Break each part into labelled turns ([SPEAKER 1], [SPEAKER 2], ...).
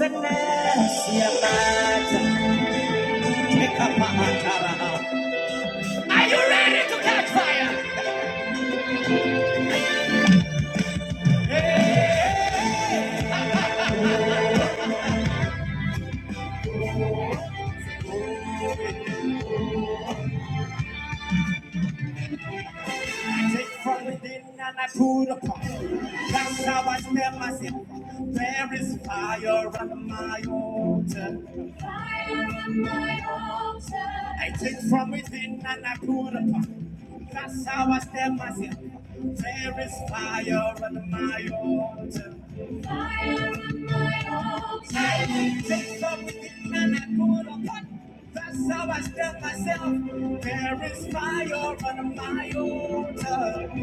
[SPEAKER 1] Are you ready to catch fire? I take from within and I put upon. That's how I spare myself. There is fire on my altar. Fire on my altar. I take from within and I put upon. That's how I spare myself. There is fire on my altar. Fire in my lungs. I take something and I put a pot. That's how I step myself. There is fire on my altar.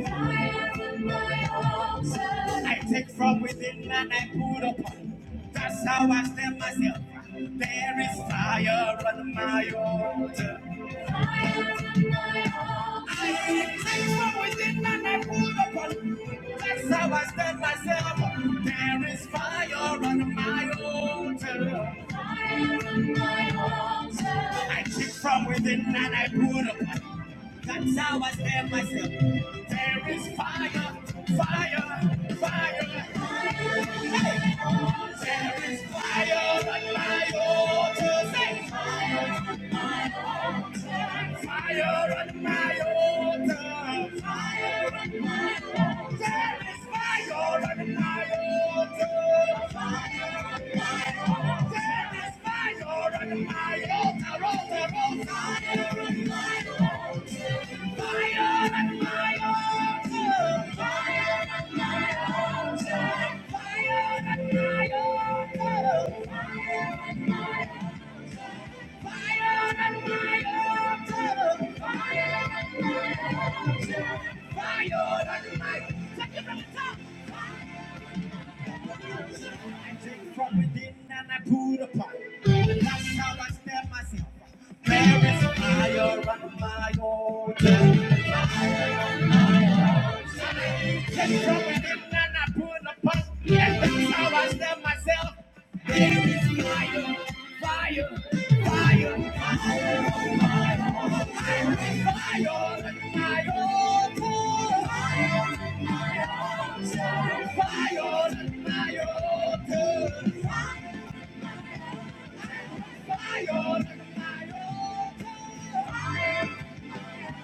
[SPEAKER 1] Fire on my altar. I take from within and I put upon. That's how I step myself. There is fire on my altar. Fire on my altar. I take from within and I put upon. That's how I stand myself. There is fire on my altar. Fire on my altar. I check from within and I put up. That's how I stand myself. There is fire, fire, fire. There is fire on my altar. Say, fire on my altar. Fire. on Fire! From within and I pull the apart. That's how I spare myself. There is fire on my altar. Just drop it in and I pull the pump. And that's how I step myself. There is fire, fire, fire, fire, fire, fire, fire, fire, fire, fire. Fire!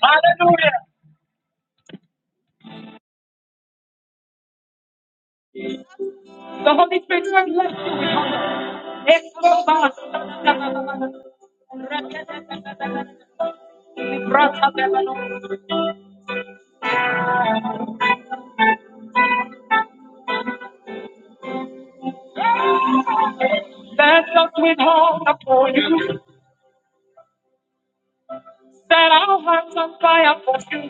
[SPEAKER 1] Hallelujah. The Holy Spirit said, Let us with hunger for you. Set our hearts on fire for you.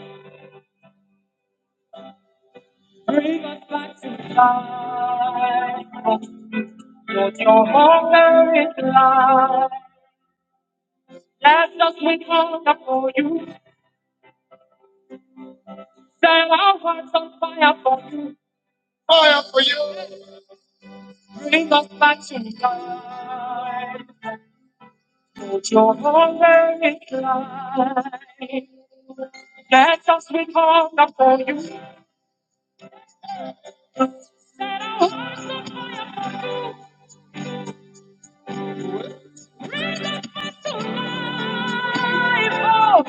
[SPEAKER 1] Bring us back to life. Lord, your hunger is life. Let us win honor for you. Set our hearts on fire for you. Fire for you. Bring us back to life. Put your holy light. Let us win honor for you. Oh,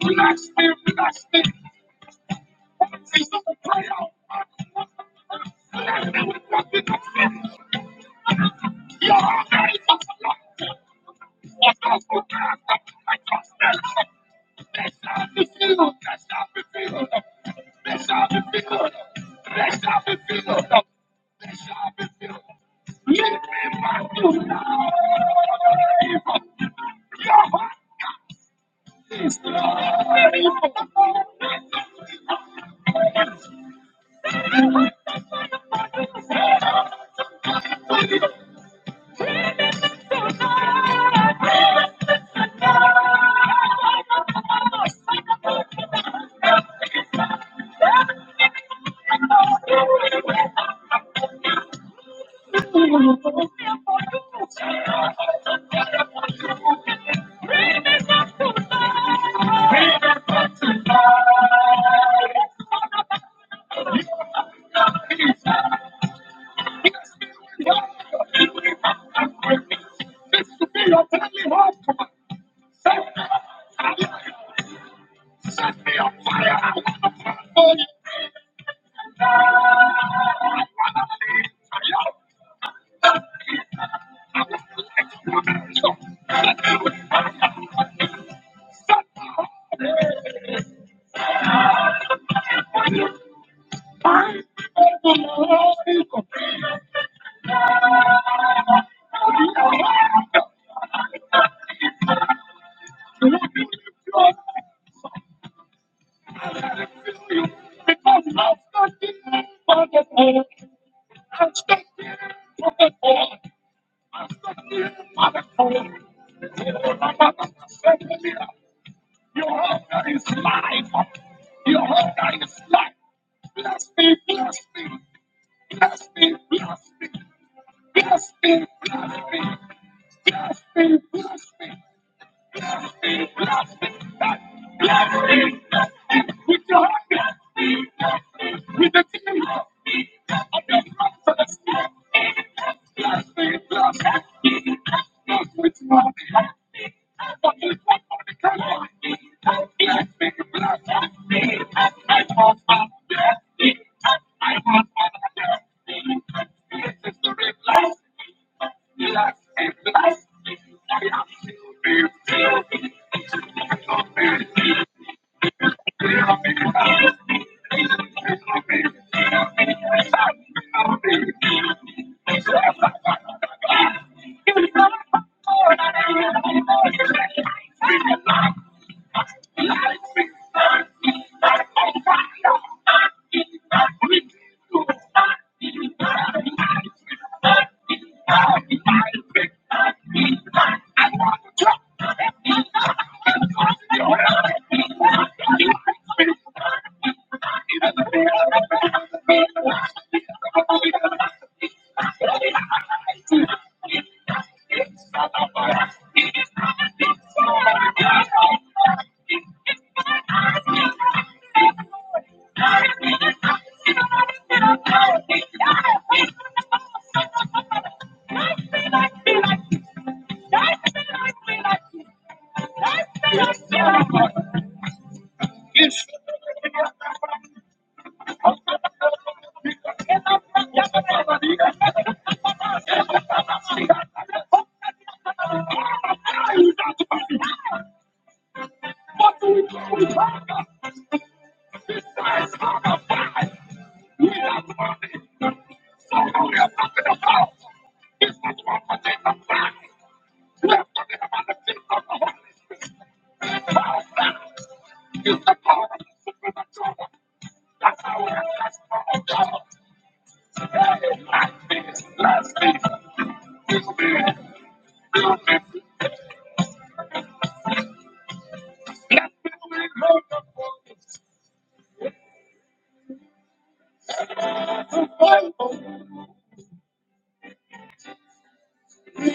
[SPEAKER 1] bless me, bless me. Jesus, Rest on the field. Rest on the field. Rest on the field. Rest on the field. Rest on the field. Let me back to Bye. Because I'm standing in for the Lord. I'm standing in for the Lord. I'm stuck for the Lord. Your hunger is life. Your hunger is life. Bless me, bless me, bless me, bless me, bless me, bless me, bless me, bless me, bless me. With your hunger, with the team.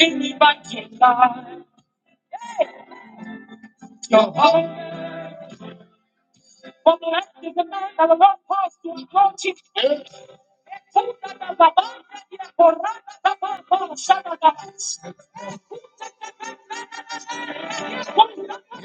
[SPEAKER 1] Anybody like your home? For the land is the land of the Lord calls to approach it.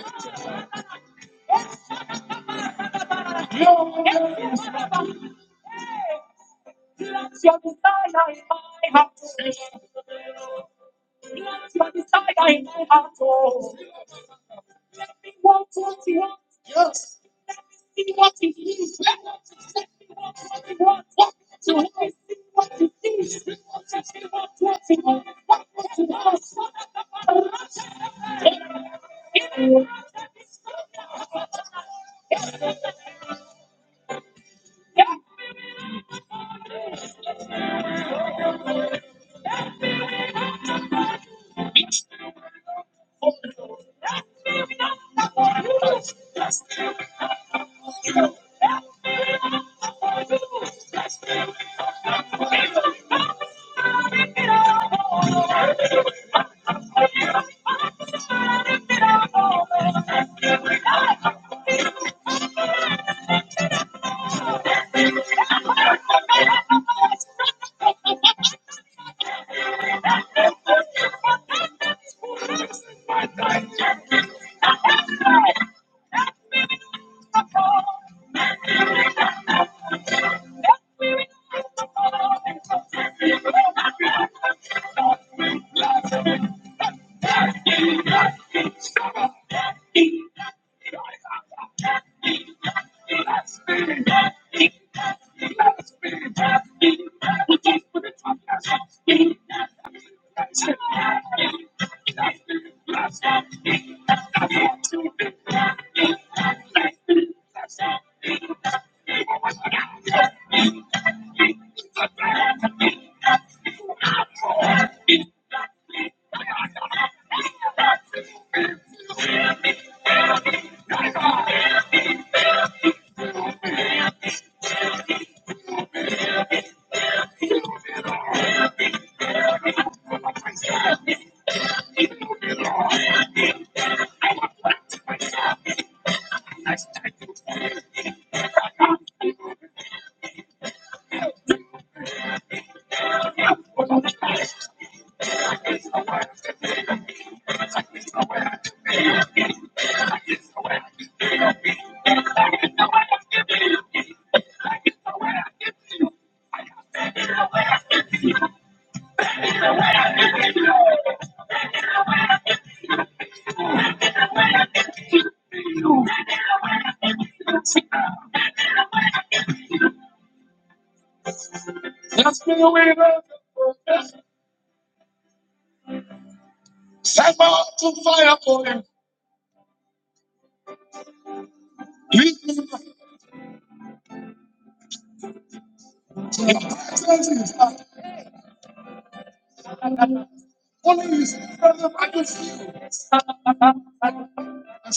[SPEAKER 1] Please, brother, I can feel it. There's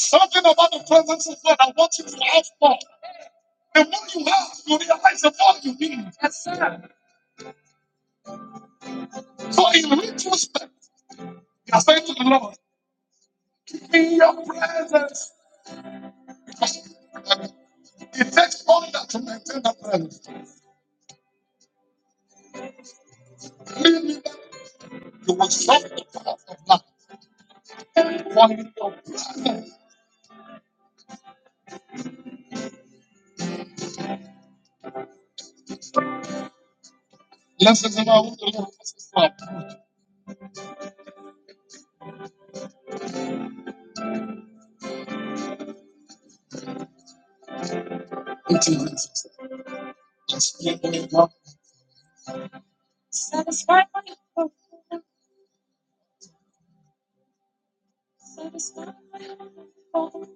[SPEAKER 1] something about the presence of God. I want you to ask for. The more you have, you realize the more you need. Yes, sir. So in retrospect, you are saying to the Lord, in your presence. Because It takes longer to maintain a presence. Believe me that you will solve the path of life. Quality of life. Let's listen to what the Lord has to It is Jesus. Let's pray to the Lord. Satisfy my hunger. Satisfy my hunger.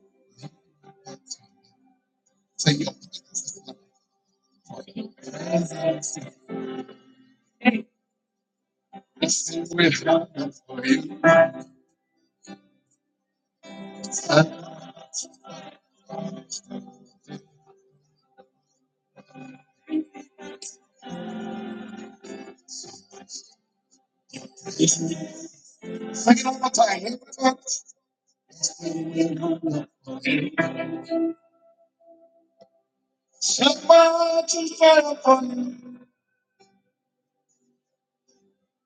[SPEAKER 1] Say your prayer. Let's sing with her and stand. Listen. Sing it one more time. Here we go. Set my heart on fire for you.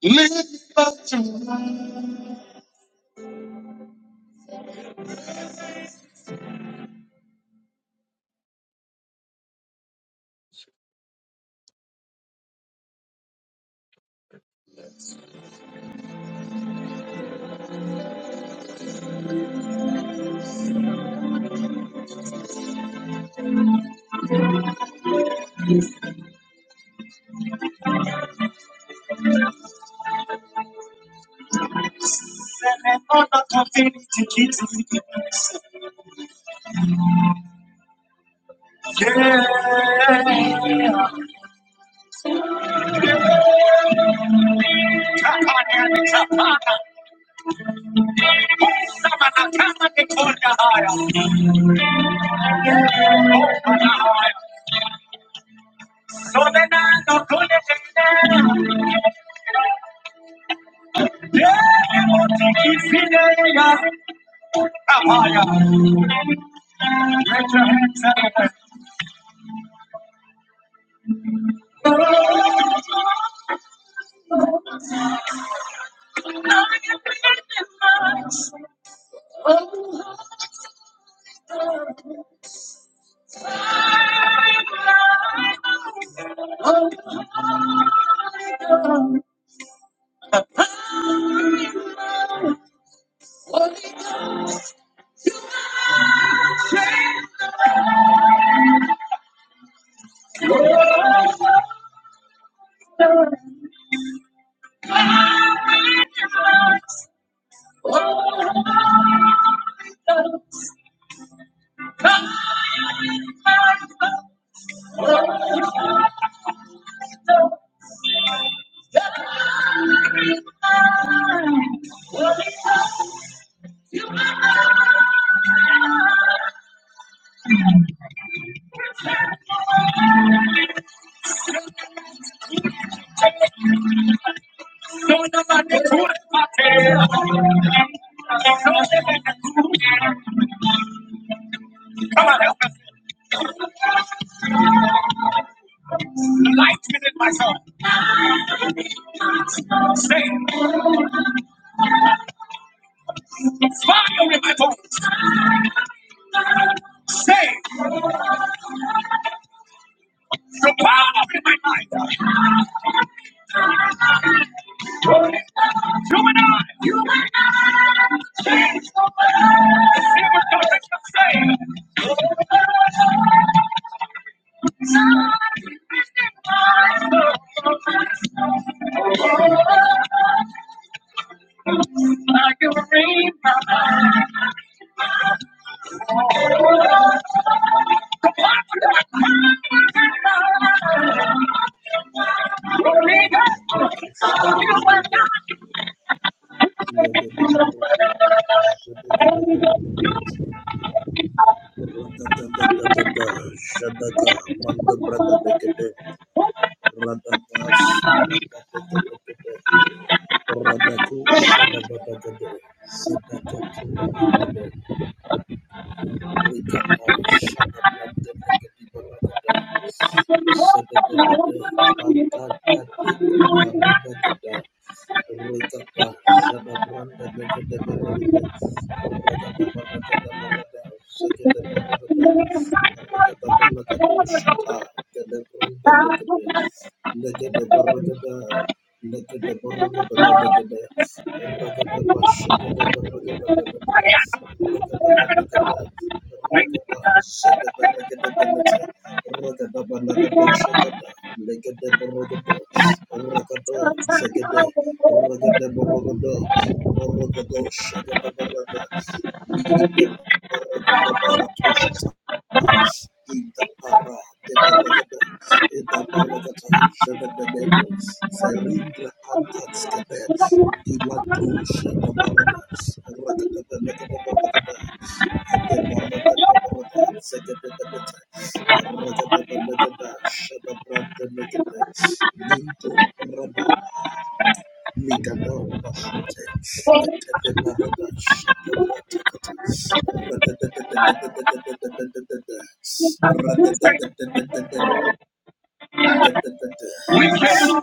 [SPEAKER 1] Lead me back to life. Thank
[SPEAKER 2] Jadaka Manda Brada Bekede Radaba Subrada Bekede Radaku Shadabadagade Zadaka Tumede Rikata Shadabrada Bekede Baragada Zadadede Bantakateku Baragada Shut up. Legede Borogada, Legede Borogada, Legede, Ragada Bashagada, Ragada Benete, Ragada Benete, Ragada Sede Beragada Benete, Ragada Banagado Shagada, Legede Borogado, Ragado Zagade, Ragada Borogado, Borogado Shagada Barada, Lida Baragada Baratushata. In Ida para de barragada, ida barragata, jada benedo, ferringra antats cape, dilato, jada barrada, ragada belegada barragada, ade barragada barrada, zegada beneta, ragada belegada, jada branda legate, minto Rada, Ligado Basute, Yetete Marada, Shata Bratakata, Radadadadadadadadadadadadada, Radadadadadadadadadadada.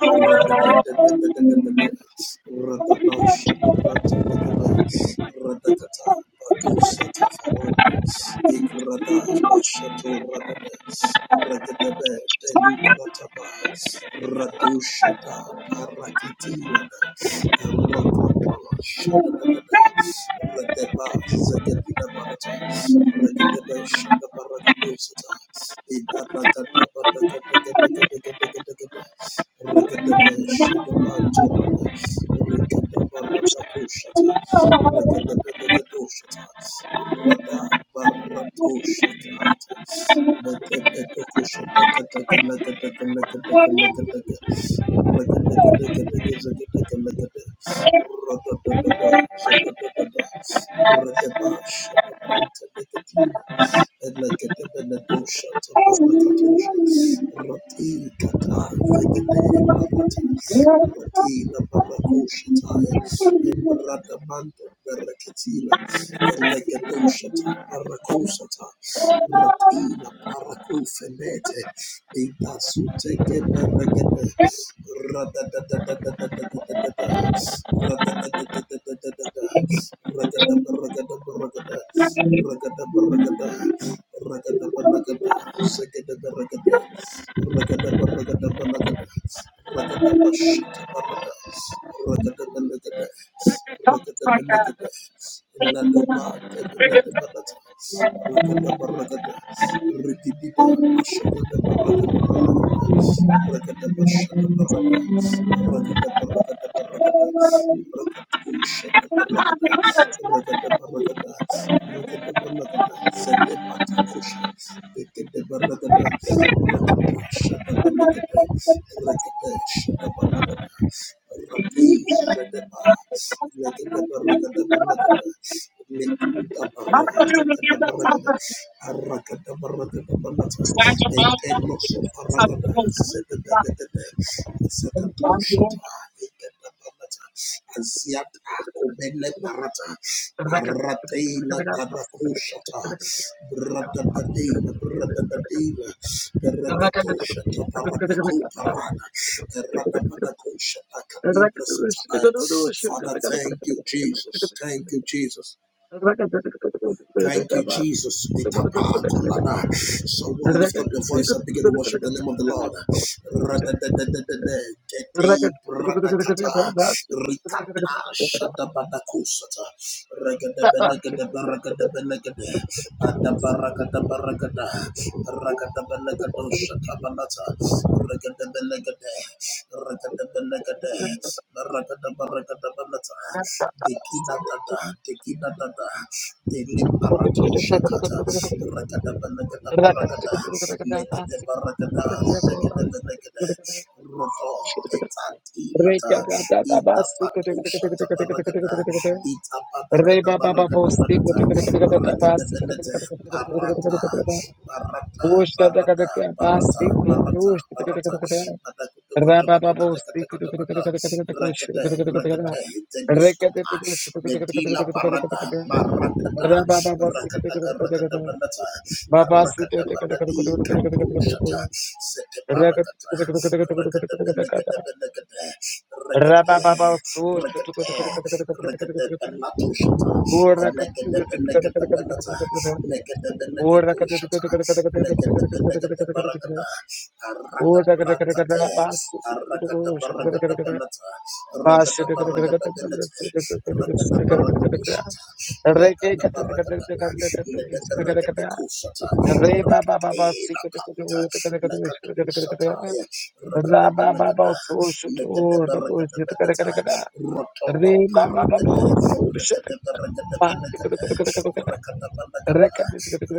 [SPEAKER 2] Ratata Ragada Elegedebeledosa tabarakatosha. Rati kata vegede barata. Rakila barakosha taya. Embrada mando bereketila. Elegedosha tabarakosa ta. Ratila barakofenete. Idasute keberegede. Radadadadadadadadadada. Radadadadadadadadada. Ragada baragada baragada. Ragada baragada. Ragada Banagada, Segada Ragada, Ragada Baragada Banagada, Ragada Bashata Barada, Ragada Banagada, Ragada Banagada, Ladoba, Debenada Banata, Ragada Baragada, Ridida, Bashata Baragada, Ragada Bashata Barada, Rakata parakata parakata. Rakatusha parakata. Rakata parakata. Rakata parakata. Zete patakusha. Dekete parakata. Rakata shata benekete. Rakata shata parakata. Rakate zete pa. Rakata parakata parakata. Lekuta parakata parakata.
[SPEAKER 1] you.
[SPEAKER 2] Father, thank you, Jesus. Thank you, Jesus. Thank you, Jesus. Itapakolana. Someone lift up the voice and begin to worship the name of the Lord. Radadadadadada. Elimparato Shakata, Rakata Banagata Paragata, Naked Paragata, Naked Benegata, Roto, Petati
[SPEAKER 1] Rababa
[SPEAKER 2] Lata, Ita Patu Shata Baragata, Ita Patagata Baragata Banata, Rakata Benete, Parata, Parata, Parata, Parata, Parata, Parata, Adakutukota, Rakata, Rakata, Teluscopa. Medila Parata, Maratata, Rakataka Rakatabanata, Rakatabanati, Kato Shata, Sete Parakata, Rakatabenekatabenekate, Rakate, Rakate, Rakatabenato Shata,
[SPEAKER 1] Ore
[SPEAKER 2] Nekatabenekatabanata, Nekatabenekato Shata, Nekatabenekatabarakata, Aratapratate, Arakatabarakatabanata, Rakatabarakatabenete, Rakadabarakadashata. Yakadabarakadana. Nedadarakadekoshata. Rakadelakata. Lakatoshataya. Rakadabanagada. Negadabaragadabanata. Rotokoparadada. Rakadabaragadabanagada.
[SPEAKER 1] Rakati
[SPEAKER 2] Rakadabanagada.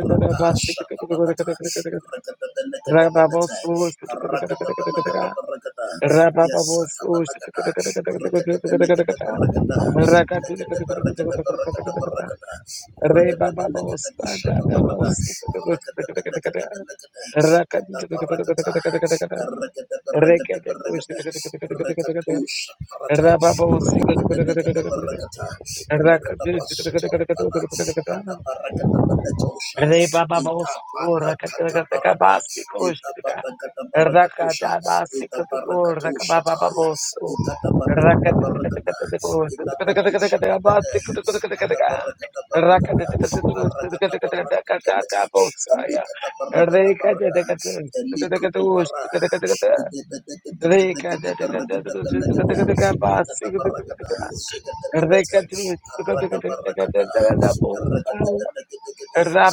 [SPEAKER 2] Radashatabanata. Rakadabanagadabanata. Rakadabanagadabaragada. Yes, Satabanagada. Rakadabanagadabaragada. Ita
[SPEAKER 1] Re baba osura katakataka basi koshika.
[SPEAKER 2] barakata barakatosha,
[SPEAKER 1] Rakata basi
[SPEAKER 2] ita
[SPEAKER 1] kutukur
[SPEAKER 2] barakatosha
[SPEAKER 1] rakababa
[SPEAKER 2] taya,
[SPEAKER 1] babosu.
[SPEAKER 2] Thank
[SPEAKER 1] Rakatakatakataka basi kutukatakataka. Rakatakatakataka bosaya. Rekatakatakataka. Rekatakatakataka basi Rekha
[SPEAKER 2] you.
[SPEAKER 1] Rabba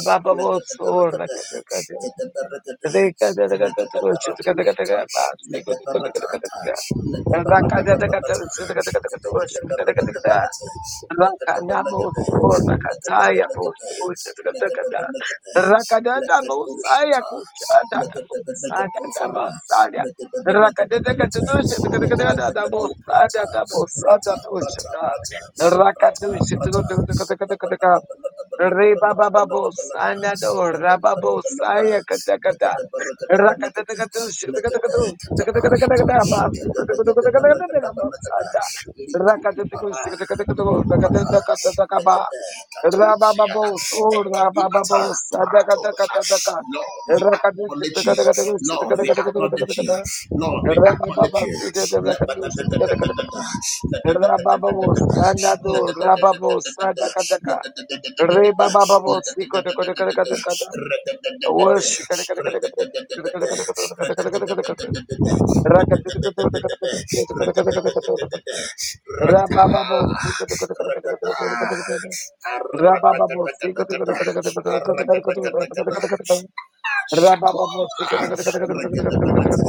[SPEAKER 1] Rakanamosora Bosoya Katakata
[SPEAKER 2] Legedebelekede,
[SPEAKER 1] Rakadana
[SPEAKER 2] lekedo
[SPEAKER 1] Mosaya
[SPEAKER 2] shata,
[SPEAKER 1] Kushada Mosada
[SPEAKER 2] legedebelekedo fara,
[SPEAKER 1] Dabasaya Rakadata
[SPEAKER 2] legedebelekedebelete,
[SPEAKER 1] Katadusha Katakata
[SPEAKER 2] legedebeledo prata,
[SPEAKER 1] Mosada
[SPEAKER 2] prata,
[SPEAKER 1] Mosada
[SPEAKER 2] prata,
[SPEAKER 1] Tushada
[SPEAKER 2] prata, prata,
[SPEAKER 1] Rakadusha
[SPEAKER 2] prata,
[SPEAKER 1] Katakataka Reba Baba
[SPEAKER 2] labalabalabalabalabalabalabalabalada,
[SPEAKER 1] Bosana do Raba
[SPEAKER 2] labalabalabalabalada,
[SPEAKER 1] Bosaya Katakata Rakadata
[SPEAKER 2] legedeberekedebelekede,
[SPEAKER 1] Katusha Katakatu Katakata
[SPEAKER 2] legedekatabarashata,
[SPEAKER 1] Katakata
[SPEAKER 2] gedebekedebelekedebelekede,
[SPEAKER 1] Katakata
[SPEAKER 2] likudubara, likudubara,
[SPEAKER 1] Rakatakatakaba.
[SPEAKER 2] legedekatoshiada,
[SPEAKER 1] Rabababos, oh Rabababos, Adakatakataka.
[SPEAKER 2] Lord, we acknowledge you. Lord, we acknowledge you.
[SPEAKER 1] Rakatakatakataka.
[SPEAKER 2] Lord, we acknowledge
[SPEAKER 1] Rabababas,
[SPEAKER 2] you. la da da da da da
[SPEAKER 1] Rakatush,
[SPEAKER 2] La-da-da-da-da-da-da-da. da
[SPEAKER 1] Rabababos, Angado, Rababos, Adakataka.
[SPEAKER 2] la
[SPEAKER 1] Rebababos,
[SPEAKER 2] da da da da da da la da da da da da da
[SPEAKER 1] Sikotakatakatakata.
[SPEAKER 2] la da da
[SPEAKER 1] Worship.
[SPEAKER 2] da da da da da Ra-da-da-da-da-da-da.
[SPEAKER 1] Rakatakatakataka.
[SPEAKER 2] Ra-da-da-da-da-da-da-da. Ra-da-da-da-da-da-da-da. Ra-da-da-da-da-da-da.
[SPEAKER 1] Rababa
[SPEAKER 2] Ra-da. da da da da Arra-da-da-da-da-da-da. Arra-da-da-da-da-da. Shakula. Rakadabelete.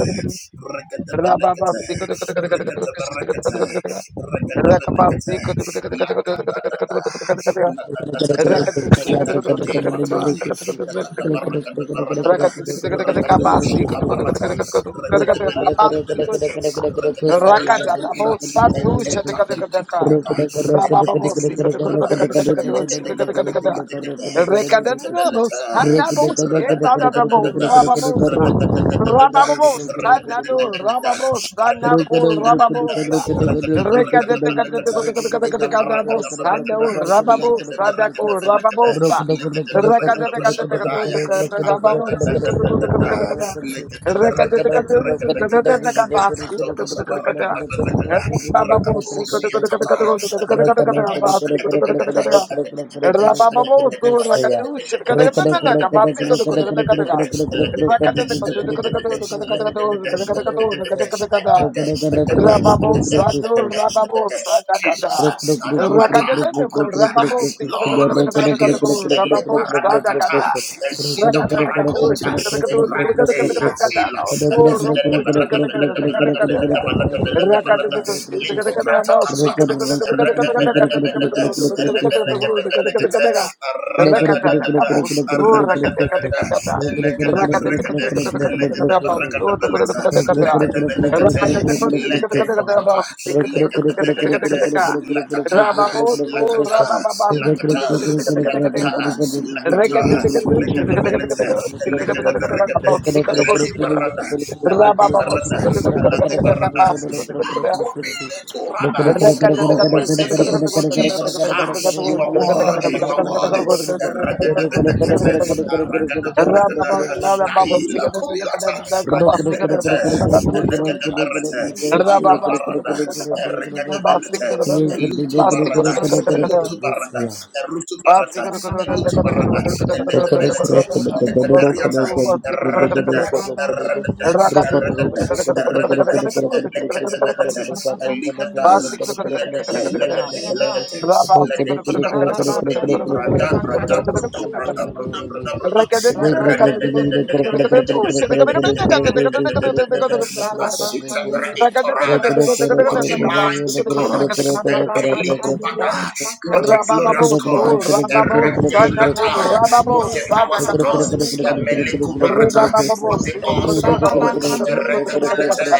[SPEAKER 2] Rakadabelekete. Rakadaberekete. Rakadabelekete. La da da da da. La da
[SPEAKER 3] Rock
[SPEAKER 2] da da da. da da Dakate mataya.
[SPEAKER 1] Rekadete
[SPEAKER 2] Dakadabarakadabarakada. Rakadosh kabarata. Rakadabelekadabelete. Rakadabelekatusha. Eteta tititatata. Etetikilikitada. Elekedegedigidigidegede. Etebelete. Look
[SPEAKER 3] Rock,
[SPEAKER 1] Rakatete
[SPEAKER 2] at the Lekadabarakadakarakatakada. Ekatokasabarakadabarakada. Rakatosiyatata. Atatatata. Atatatata. Atatatata.
[SPEAKER 3] rock,
[SPEAKER 1] Rababosa do
[SPEAKER 2] Atatatata.
[SPEAKER 1] Rababosa da
[SPEAKER 2] Jesus,
[SPEAKER 1] Kada.
[SPEAKER 2] Adamata,
[SPEAKER 1] Rakadadeko Rababosa
[SPEAKER 2] Lord, we thank
[SPEAKER 1] Rababosa da
[SPEAKER 2] you.
[SPEAKER 1] Kada. Rababos,
[SPEAKER 2] Eshita parakota. Ebrante hasila. Defendete belete belete belete belete belete belete belete. Lito prata kasata. Erete belete belete. Elete legete belegete. Arradadadadada. Arradadadadada. Elegete beregete. Elegete
[SPEAKER 3] you.
[SPEAKER 2] beregete belete.
[SPEAKER 3] Thank
[SPEAKER 2] Lekete, leketokota, lekete, lekete, lakata, lakata,
[SPEAKER 1] rabababas,
[SPEAKER 2] lakata, lakata, lakata,
[SPEAKER 1] Plastic,
[SPEAKER 2] lekete, belete, lekete, berekete, anadi barada, anadi barada, anadi barada. Kubilituradas. Oh, my
[SPEAKER 4] Bakhandiri
[SPEAKER 2] Savior, Jesus,
[SPEAKER 4] Brakatas
[SPEAKER 2] Ah, you are
[SPEAKER 4] Sekirvari
[SPEAKER 2] worthy, you are worthy.
[SPEAKER 4] Baba Khandiri Brakatas Sekirvari
[SPEAKER 3] you. Thank
[SPEAKER 4] Baba Khandiri Brakatas Sekirvari Baba Khandiri Brakatas Sekirvari
[SPEAKER 3] you.
[SPEAKER 1] Thank you.
[SPEAKER 4] Baba Khandiri
[SPEAKER 3] Rock,
[SPEAKER 4] Brakatas Sekirvari Baba Khandiri Brakatas Sekirvari Baba Khandiri
[SPEAKER 2] Rakata,
[SPEAKER 4] Brakatas
[SPEAKER 2] rakata, lekata, lekata, elitata, lekata, lekata,
[SPEAKER 4] Sekirvari
[SPEAKER 2] lekata, ledetina,
[SPEAKER 4] Rababakandere
[SPEAKER 2] elibra, da, bra, da,
[SPEAKER 4] brakata
[SPEAKER 2] bro, do, bra, da, bro, do,
[SPEAKER 4] sekerabaya.
[SPEAKER 2] bra, da, bro, do.
[SPEAKER 4] Rabakandere brakata sekerabaya.
[SPEAKER 2] Asita, bra,
[SPEAKER 4] Ribababakandere
[SPEAKER 2] itorada.
[SPEAKER 4] brakata
[SPEAKER 2] What a
[SPEAKER 4] sekerabaya.
[SPEAKER 2] mighty God. A
[SPEAKER 4] Rabababakandere
[SPEAKER 2] pelikubata. What a
[SPEAKER 4] brakata
[SPEAKER 2] glorious God.
[SPEAKER 1] Rabababosu,
[SPEAKER 4] sekerabaya.
[SPEAKER 2] A
[SPEAKER 1] Rababosa,
[SPEAKER 2] rade
[SPEAKER 1] Natu,
[SPEAKER 2] lataya. What
[SPEAKER 4] Ribabakandere
[SPEAKER 2] a
[SPEAKER 1] Rababosa,
[SPEAKER 2] powerful
[SPEAKER 4] brakata
[SPEAKER 1] Zakatu,
[SPEAKER 2] God. A
[SPEAKER 4] sekerabaya.
[SPEAKER 2] melikubarata. What
[SPEAKER 1] Rabababosi,
[SPEAKER 2] an
[SPEAKER 1] go
[SPEAKER 2] awesome God.
[SPEAKER 4] Ribababakandere brakata